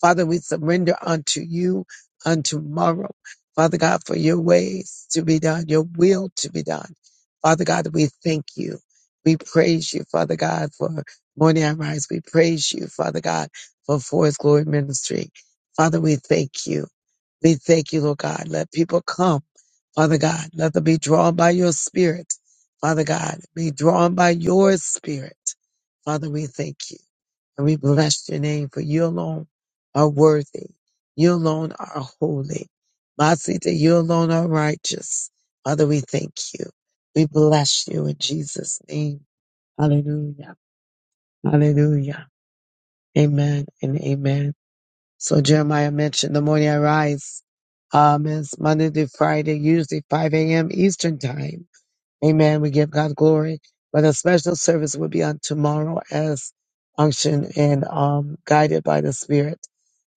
[SPEAKER 1] Father, we surrender unto you on tomorrow. Father God, for your ways to be done, your will to be done. Father God, we thank you. We praise you, Father God, for Morning I Rise. We praise you, Father God, for Forest Glory Ministry. Father, we thank you. We thank you, Lord God. Let people come, Father God. Let them be drawn by your spirit, Father God. Be drawn by your spirit. Father, we thank you. And we bless your name for you alone are worthy. You alone are holy. Masita, you alone are righteous. Father, we thank you. We bless you in Jesus' name. Hallelujah. Hallelujah. Amen and amen. So Jeremiah mentioned the morning I rise. Um, is Monday through Friday, usually 5 a.m. Eastern time. Amen. We give God glory. But a special service will be on tomorrow as unction and um, guided by the Spirit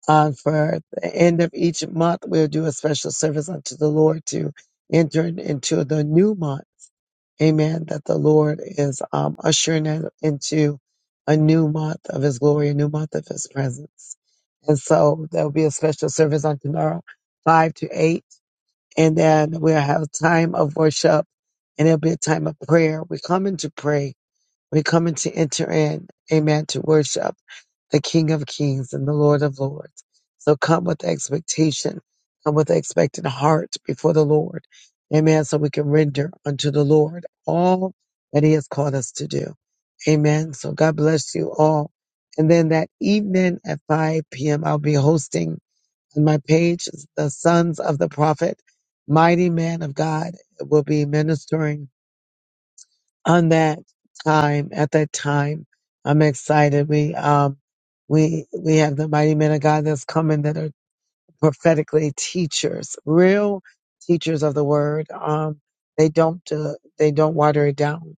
[SPEAKER 1] uh, for the end of each month, we'll do a special service unto the Lord to enter into the new month. Amen. That the Lord is um, ushering us into a new month of His glory, a new month of His presence. And so there'll be a special service on tomorrow, 5 to 8. And then we'll have a time of worship and it'll be a time of prayer. We come in to pray we're coming to enter in, amen, to worship the King of Kings and the Lord of Lords. So come with expectation, come with expectant heart before the Lord, amen, so we can render unto the Lord all that He has called us to do. Amen. So God bless you all. And then that evening at 5 p.m., I'll be hosting on my page the Sons of the Prophet, Mighty Man of God, will be ministering on that time at that time i'm excited we um we we have the mighty men of god that's coming that are prophetically teachers real teachers of the word um they don't uh, they don't water it down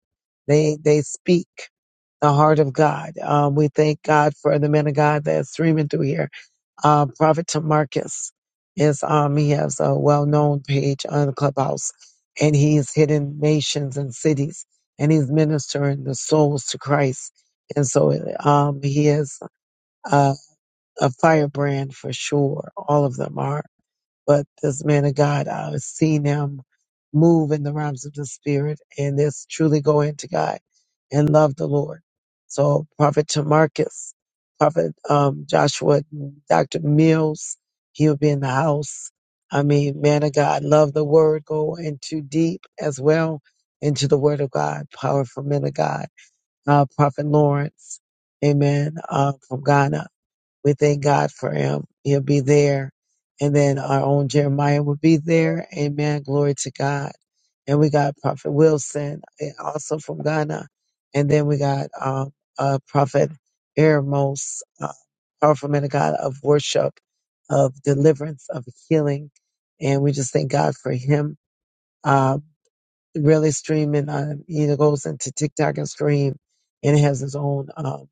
[SPEAKER 1] they they speak the heart of god um we thank god for the men of god that's streaming through here uh, Prophet Tamarcus is um he has a well known page on Clubhouse, and he's hitting nations and cities, and he's ministering the souls to Christ. And so um he is a, a firebrand for sure. All of them are. But this man of God, I've seen him move in the realms of the spirit and this truly go into God and love the Lord. So Prophet Tamarcus, Prophet um, Joshua, Dr. Mills, he'll be in the house. I mean, man of God, love the word, go into deep as well into the word of God, powerful men of God. Uh, Prophet Lawrence, amen, uh, from Ghana. We thank God for him. He'll be there. And then our own Jeremiah will be there. Amen. Glory to God. And we got Prophet Wilson, eh, also from Ghana. And then we got um, uh, Prophet Eremos, uh, powerful man of God of worship, of deliverance, of healing. And we just thank God for him. Um, really streaming. Um, he goes into TikTok and stream, and has his own um,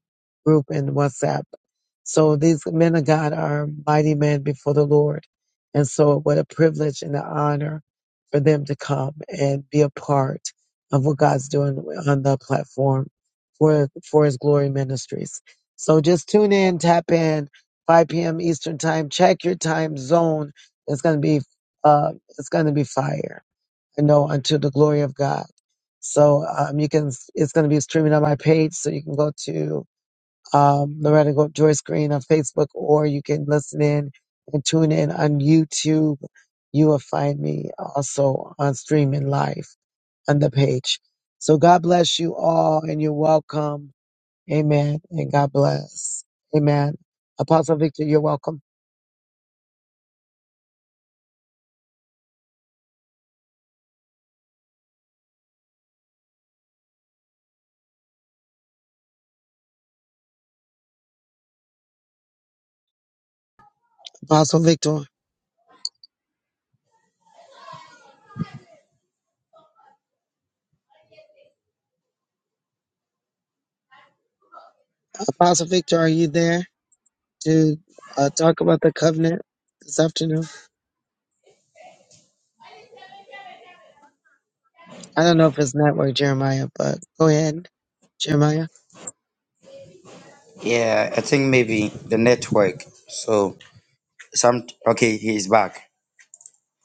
[SPEAKER 1] group in WhatsApp. So these men of God are mighty men before the Lord, and so what a privilege and an honor for them to come and be a part of what God's doing on the platform for for His glory ministries. So just tune in, tap in, 5 p.m. Eastern time. Check your time zone. It's gonna be uh, it's gonna be fire and know unto the glory of God. So um, you can, it's going to be streaming on my page. So you can go to um, Loretta Go- Joyce Green on Facebook, or you can listen in and tune in on YouTube. You will find me also on streaming live on the page. So God bless you all, and you're welcome. Amen. And God bless. Amen. Apostle Victor, you're welcome. Apostle Victor, Apostle Victor, are you there to uh, talk about the covenant this afternoon? I don't know if it's network, Jeremiah, but go ahead, Jeremiah.
[SPEAKER 7] Yeah, I think maybe the network. So some okay, he's back.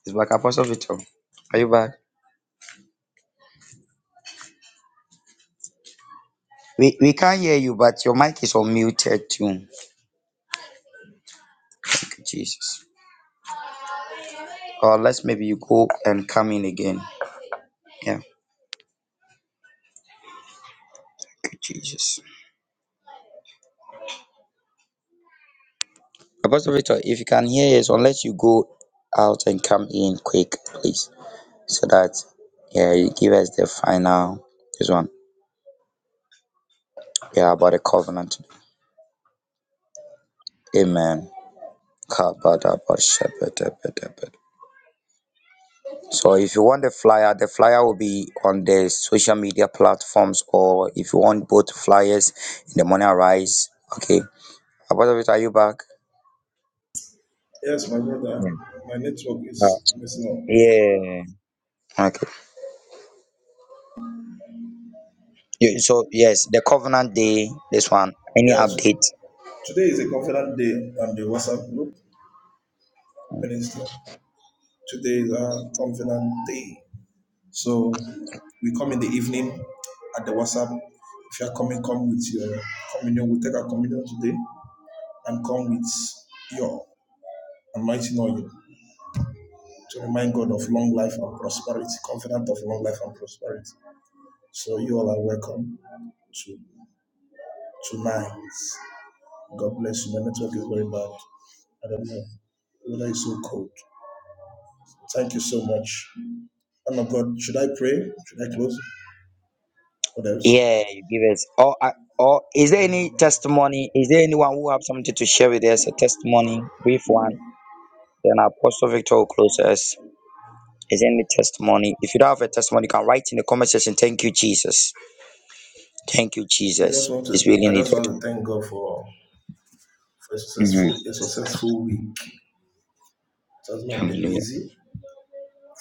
[SPEAKER 7] He's back. Apostle Victor, are you back? We we can't hear you, but your mic is unmuted too. Jesus. Or let's maybe you go and come in again. Yeah. Jesus. Apostle Victor, if you can hear us, unless you go out and come in quick, please. So that yeah, you give us the final this one. Yeah, about the covenant. Amen. Kabadabashabadabadabad. So if you want the flyer, the flyer will be on the social media platforms or if you want both flyers in the morning arise. Okay. Apostle Victor, are you back?
[SPEAKER 2] Yes, my
[SPEAKER 7] Yeah.
[SPEAKER 2] brother, my network
[SPEAKER 7] Uh,
[SPEAKER 2] is messing up.
[SPEAKER 7] yeah. Okay. You, so yes, the covenant day. This one. Any
[SPEAKER 2] Yeah,
[SPEAKER 7] update?
[SPEAKER 2] today is a confident day on the WhatsApp group, Minister. Today is a confident day. So we come in the evening at the WhatsApp. If you are coming, come with your communion. We take our communion today and come with your anointing oil to remind God of long life and prosperity, confident of long life and prosperity. So you all are welcome to tonight. God bless you. My network is very bad. I don't know. The weather is so cold. Thank you so much. And of God, should I pray? Should I close? What else?
[SPEAKER 7] Yeah, you give us. Or uh, or is there any testimony? Is there anyone who have something to share with us? A testimony, brief one. Then Apostle Victor will close us. Is there any testimony? If you don't have a testimony, you can write in the comment section. Thank you, Jesus. Thank you,
[SPEAKER 2] I
[SPEAKER 7] Jesus.
[SPEAKER 2] just want to
[SPEAKER 7] It's really
[SPEAKER 2] I
[SPEAKER 7] needed.
[SPEAKER 2] just want to thank God for a
[SPEAKER 7] hmm
[SPEAKER 2] successful a successful not been
[SPEAKER 7] Hallelujah.
[SPEAKER 2] easy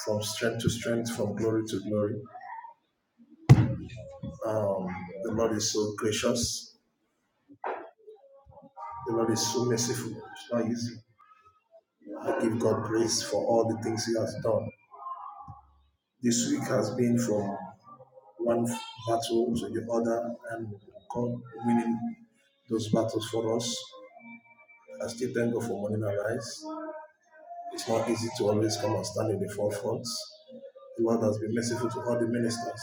[SPEAKER 2] from strength to strength, from glory to glory. He's So gracious. The Lord is so merciful. It's not easy. I give God praise for all the things He has done. This week has been from one battle to the other, and God winning those battles for us. I still thank God for morning arise. It's not easy to always come and stand in the forefront. The Lord has been merciful to all the ministers.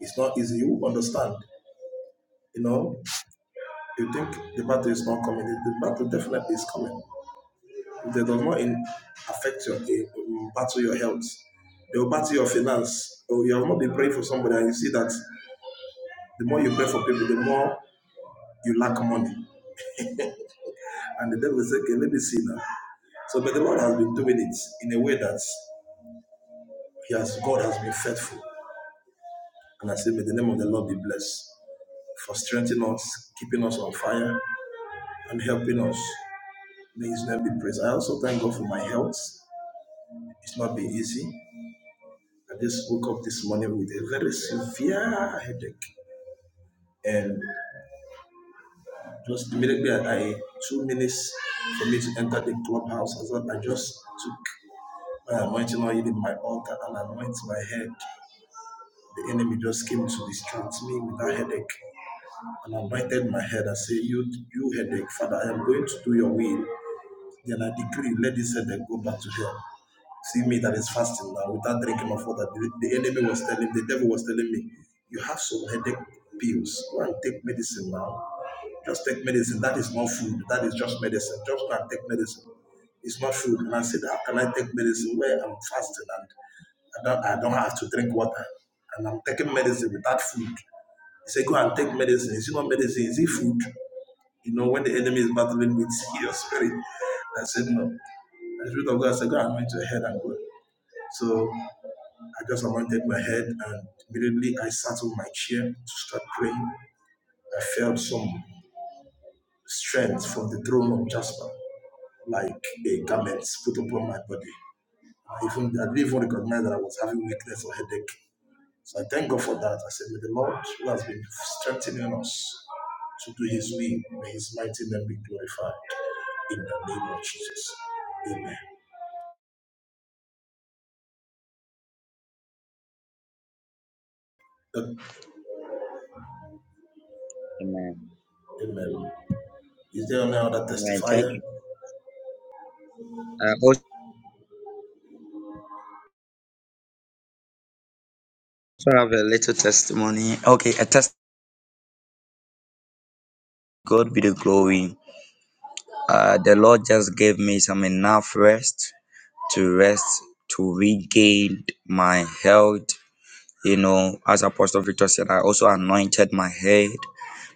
[SPEAKER 2] It's not easy. You understand, you know. You think the battle is not coming. The battle definitely is coming. They does not in, affect your eh, um, battle your health. They will battle your finance. Oh, you have not been praying for somebody, and you see that the more you pray for people, the more you lack money. And the devil will say, "Okay, let me see now." So, but the Lord has been doing it in a way that He has God has been faithful. And I say, may the name of the Lord be blessed for strengthening us, keeping us on fire, and helping us. May His name be praised. I also thank God for my health. Not been easy. I just woke up this morning with a very severe headache, and. Just immediately I, I two minutes from that the clubhouse, as well, I just took my anointing oil in my altar and anointed my head. The enemy just came to distract me with a headache and I anointed my head. I say, You you headache, Father, I am going to do your will. Then I decree, let this headache go back to hell. See me that is fasting now without drinking of water. The, the enemy was telling the devil was telling me, You have some headache pills. Go and take medicine now. Just take medicine. That is not food. That is just medicine. Just go and take medicine. It's not food. And I said, how can I take medicine where I'm fasting and I don't, I don't have to drink water? And I'm taking medicine without food. He said, go and take medicine. Is it not medicine? Is it food? You know, when the enemy is battling with your spirit. I said, no. The spirit of God said, go and anoint your head and go. So I just anointed my head and immediately I sat on my chair to start praying. I felt some strength from the throne of Jasper, like a garment put upon my body. even I didn't even recognize that I was having weakness or headache. So I thank God for that. I said, May the Lord who has been strengthening us to do his will, may his mighty name be glorified in the name of Jesus. Amen. Uh,
[SPEAKER 7] Amen.
[SPEAKER 2] Amen. Dear Justifier,
[SPEAKER 7] I also have a little testimony. Okay, a test. God be the glory. Uh, the Lord just gave me some enough rest to rest, to regain my health. You know, as Apostle Victor said, I also anointed my head.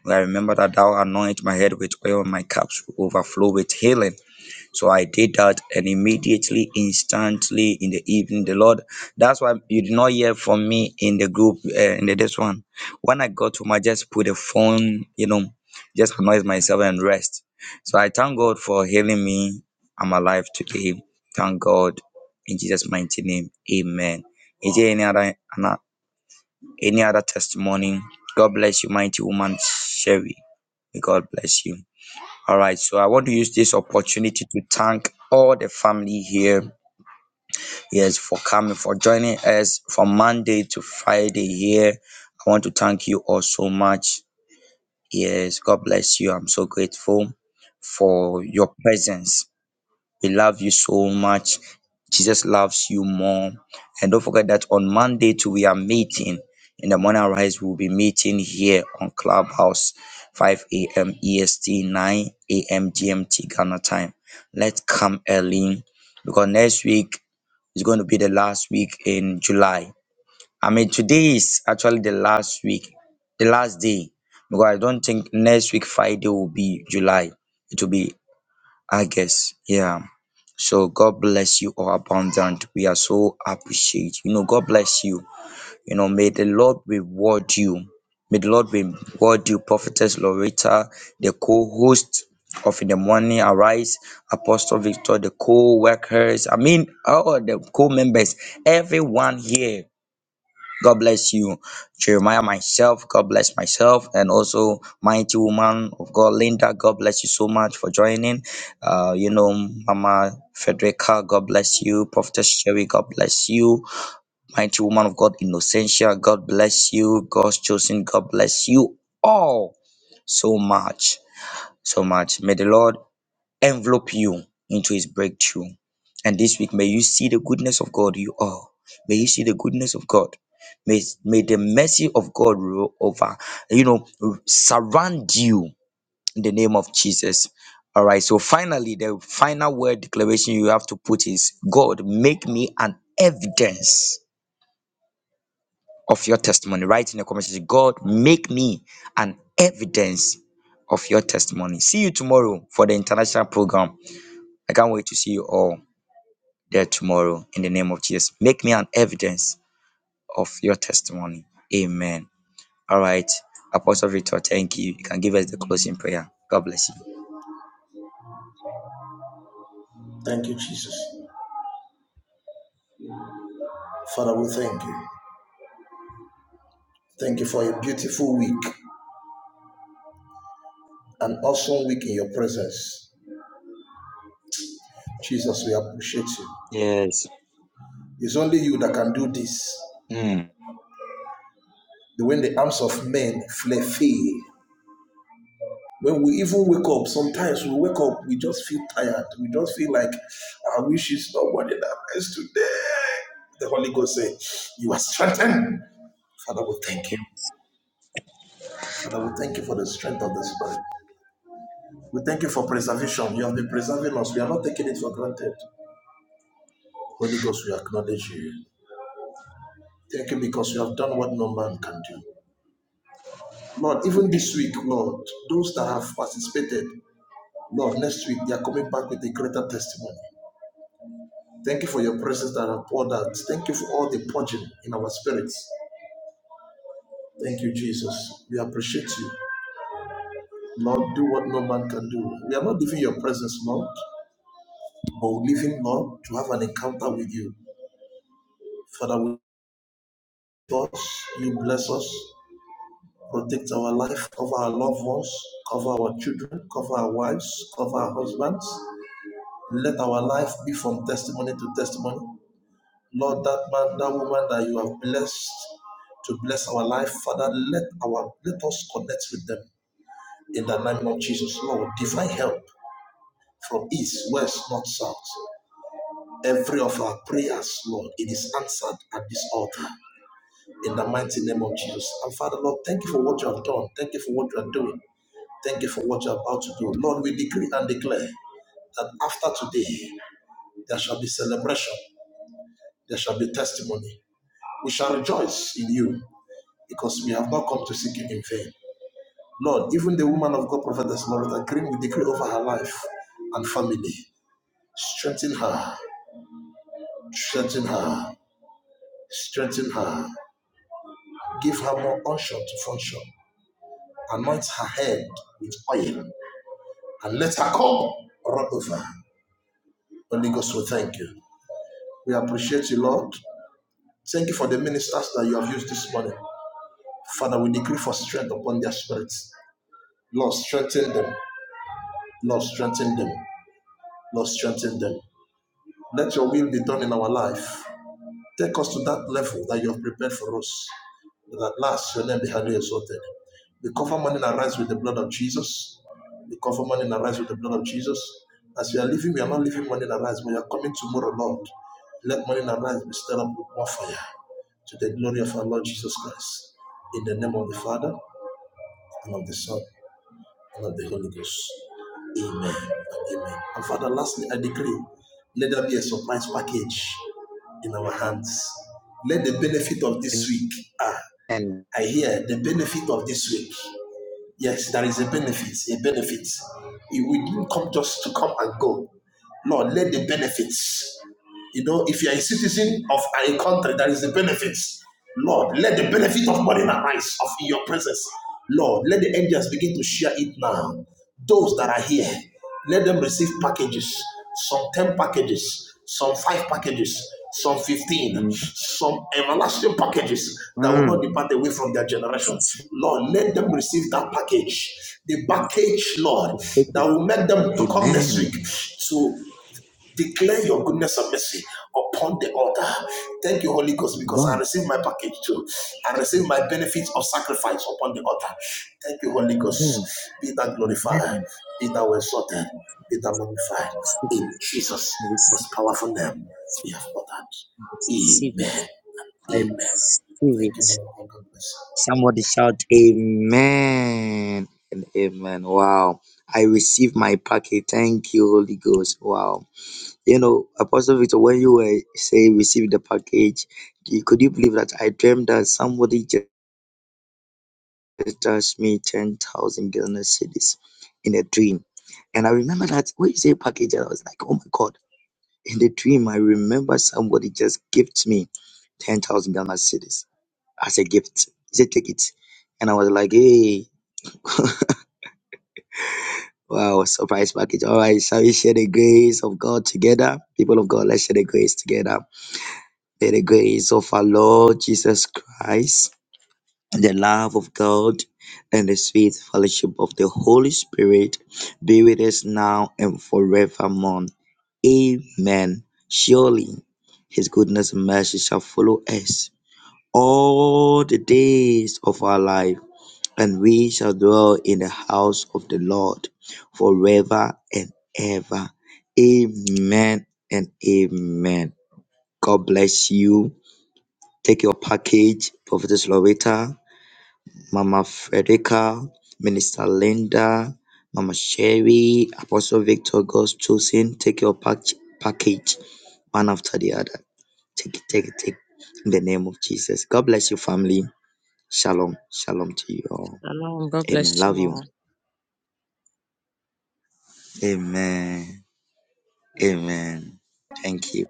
[SPEAKER 7] I remember that thou anoint my head with oil, my cups overflow with healing. So I did that, and immediately, instantly, in the evening, the Lord. That's why you did not hear from me in the group, uh, in the, this one. When I got home, I just put the phone, you know, just annoy myself and rest. So I thank God for healing me. I'm alive today. Thank God in Jesus' mighty name. Amen. Is there any other ana- any other testimony? God bless you, mighty woman Sherry. May God bless you. All right. So I want to use this opportunity to thank all the family here. Yes, for coming, for joining us from Monday to Friday here. I want to thank you all so much. Yes, God bless you. I'm so grateful for your presence. We love you so much. Jesus loves you more. And don't forget that on Monday too, we are meeting. In the morning rise, we'll be meeting here on Clubhouse, 5 a.m. EST, 9 a.m. GMT Ghana time. Let's come early because next week is going to be the last week in July. I mean, today is actually the last week, the last day, because I don't think next week Friday will be July. It will be I guess, yeah. So God bless you all abundant. We are so appreciate. You know, God bless you. You know, may the Lord reward you. May the Lord reward you, Prophetess Loretta, the co-host of In the Morning Arise, Apostle Victor, the co-workers. I mean, all the co-members, everyone here God bless you, Jeremiah, myself. God bless myself. And also, mighty woman of God, Linda. God bless you so much for joining. Uh, you know, Mama Frederica, God bless you. Prophetess Sherry, God bless you. Mighty woman of God, Innocentia, God bless you. God's chosen, God bless you all so much. So much. May the Lord envelop you into his breakthrough. And this week, may you see the goodness of God you are. May you see the goodness of God. May, may the mercy of God roll over, you know, surround you in the name of Jesus. All right. So finally, the final word declaration you have to put is God, make me an evidence of your testimony. Write in the comments, God, make me an evidence of your testimony. See you tomorrow for the international program. I can't wait to see you all. there tomorrow in the name of Jesus. Make me an evidence of your testimony. Amen. All right. Apostle Victor, thank you. You can give us the closing prayer. God bless you.
[SPEAKER 2] thank you, Jesus. Father, we thank you. Thank you for a beautiful week, an awesome week in your presence. Jesus, we appreciate you.
[SPEAKER 7] Yes.
[SPEAKER 2] It's only you that can do this.
[SPEAKER 7] Mm.
[SPEAKER 2] When the arms of men flee, fail When we even wake up, sometimes we wake up, we just feel tired. We just feel like, I wish it's not what it happens today. The Holy Ghost say, You are strengthened. Father, we thank you. Father, we thank you for the strength of the Spirit. We thank you for preservation. You have been preserving us. We are not taking it for granted. Holy Ghost, we acknowledge you. Thank you because you have done what no man can do. Lord, even this week, Lord, those that have participated, Lord, next week they are coming back with a greater testimony. Thank you for your presence that have poured out. Thank you for all the purging in our spirits. Thank you, Jesus. We appreciate you. Lord, do what no man can do. We are not leaving your presence, Lord, but we're leaving, Lord, to have an encounter with you. Father, we bless us, you bless us, protect our life, cover our loved ones, cover our children, cover our wives, cover our husbands. Let our life be from testimony to testimony. Lord, that man, that woman that you have blessed to bless our life, Father, let our let us connect with them in the name of Jesus. Lord, divine help from east, west, north, south. Every of our prayers, Lord, it is answered at this altar in the mighty name of Jesus. And Father, Lord, thank you for what you have done. Thank you for what you are doing. Thank you for what you are about to do. Lord, we decree and declare that after today, there shall be celebration, there shall be testimony. We shall rejoice in you. because we have not come to seek him in vain. Lord, even the woman of God, Prophetess Loretta Green, we decree over her life and family. Strengthen her, strengthen her, strengthen her. Give her more unction to function. Anoint her head with oil and let her come run over. Holy Ghost, we thank you. We appreciate you, Lord. Thank you for the ministers that you have used this morning. Father, we decree for strength upon their spirits. Lord, strengthen them. Lord, strengthen them. Lord, strengthen them. Let your will be done in our life. Take us to that level that you have prepared for us. That last your name be highly exalted. We cover morning and rise with the blood of Jesus. We cover morning and rise with the blood of Jesus. As we are living, we are not living morning and rise, but we are coming tomorrow, Lord. Let morning and rise be stirred up with more fire to the glory of our Lord Jesus Christ. In the name of the Father and of the Son and of the Holy Ghost. Amen. and Amen. And Father, lastly, I decree, let there be a surprise package in our hands. Let the benefit of this week, ah, I hear the benefit of this week. Yes, there is a benefit, a benefit. It we didn't come just to come and go. Lord, let the benefits. You know, if you're a citizen of a country, that is the benefits. Lord, let the benefit of money arise of in your presence. Lord, let the angels begin to share it now. Those that are here, let them receive packages. Some 10 packages, some 5 packages, some 15, some everlasting packages that will not
[SPEAKER 7] Amen.
[SPEAKER 2] depart away from their generation. Lord, let them receive that package. The package, Lord, that will make them to come next
[SPEAKER 7] Amen.
[SPEAKER 2] week to Declare your goodness and mercy upon the altar. Thank you, Holy Ghost, because I
[SPEAKER 7] Amen.
[SPEAKER 2] received my package too. I received my benefits of sacrifice upon the altar. Thank you, Holy Ghost. Be thou
[SPEAKER 7] Amen.
[SPEAKER 2] glorified, be thou exalted, be thou magnified. In Jesus'
[SPEAKER 7] receive-
[SPEAKER 2] most powerful name, we have ordered.
[SPEAKER 7] receive it.
[SPEAKER 2] Amen.
[SPEAKER 7] I
[SPEAKER 2] Amen.
[SPEAKER 7] receive it. Somebody shout, Amen. And amen. Wow. I receive my packet. Thank you, Holy Ghost. Wow. You know, Apostle Victor, when you were saying receive the package, you- could you believe that I dreamed that somebody just asked me 10,000 Ghana cedis in a dream? And I remember that when you say package, I was like, oh my God. In the dream, I remember somebody just gifted me 10,000 Ghana cedis as a gift. He said, take it. And I was like, hey, wow, surprise package. All right, shall we share the grace of God together? People of God, let's share the grace together. May the grace of our Lord Jesus Christ, the love of God, and the sweet fellowship of the Holy Spirit be with us now and forevermore. Amen. Surely his goodness and mercy shall follow us all the days of our life, and we shall dwell in the house of the Lord forever and ever. Amen and amen. God bless you Take Your Package, Prophetess Loretta, Mama Frederica, Minister Linda, Mama Sherry, Apostle Victor, God's Chosen. Take Your pack- Package, one after the other. Take it, take it, take it. In the name of Jesus. God bless you, family. Shalom. Shalom to you all.
[SPEAKER 11] Shalom. God
[SPEAKER 7] Amen.
[SPEAKER 11] bless you
[SPEAKER 7] Love you.
[SPEAKER 11] all.
[SPEAKER 7] Amen. Amen. Thank you.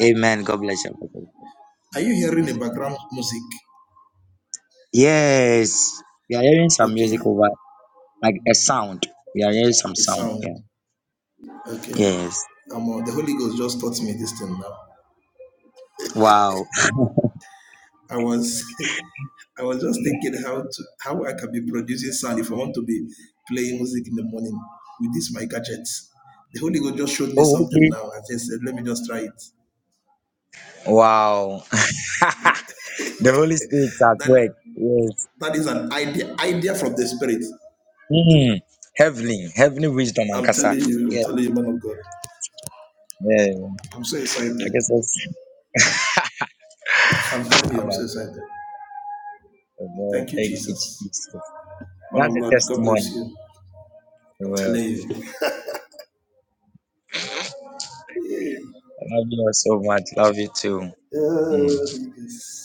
[SPEAKER 7] Amen. God bless you. Apostle.
[SPEAKER 2] Are
[SPEAKER 7] Amen.
[SPEAKER 2] you hearing
[SPEAKER 7] Yeah.
[SPEAKER 2] the background music?
[SPEAKER 7] Yes. We are hearing some music
[SPEAKER 2] Okay,
[SPEAKER 7] over like a sound. We are hearing some
[SPEAKER 2] it
[SPEAKER 7] sound.
[SPEAKER 2] sound.
[SPEAKER 7] Yeah.
[SPEAKER 2] Okay.
[SPEAKER 7] Yes.
[SPEAKER 2] Um, uh, the Holy Ghost just taught me this thing now.
[SPEAKER 7] Wow.
[SPEAKER 2] I was I was just thinking how to, how I can be producing sound if I want to be playing music in the morning with this my gadget. The Holy Ghost just showed me something now and just said, "Let me just try it."
[SPEAKER 7] Wow. The Holy Spirit is at
[SPEAKER 2] That
[SPEAKER 7] work. Yes.
[SPEAKER 2] that is an idea idea from the Spirit.
[SPEAKER 7] Mm. Heavenly, heavenly wisdom,
[SPEAKER 2] I'm
[SPEAKER 7] Ankasa.
[SPEAKER 2] telling you, I'm
[SPEAKER 7] Yeah.
[SPEAKER 2] telling you, man of God.
[SPEAKER 7] yeah.
[SPEAKER 2] I'm so
[SPEAKER 7] I
[SPEAKER 2] excited.
[SPEAKER 7] guess that's
[SPEAKER 2] I'm telling you, I'm
[SPEAKER 7] about
[SPEAKER 2] so excited.
[SPEAKER 7] it. Well,
[SPEAKER 2] Thank you,
[SPEAKER 7] Thank you,
[SPEAKER 2] Jesus,
[SPEAKER 7] Jesus.
[SPEAKER 2] man
[SPEAKER 7] That's
[SPEAKER 2] of
[SPEAKER 7] a
[SPEAKER 2] God. God bless
[SPEAKER 7] testimony.
[SPEAKER 2] you. I'm
[SPEAKER 7] Well, I
[SPEAKER 2] telling
[SPEAKER 7] love you all so much. Love you too. Mm.
[SPEAKER 2] you.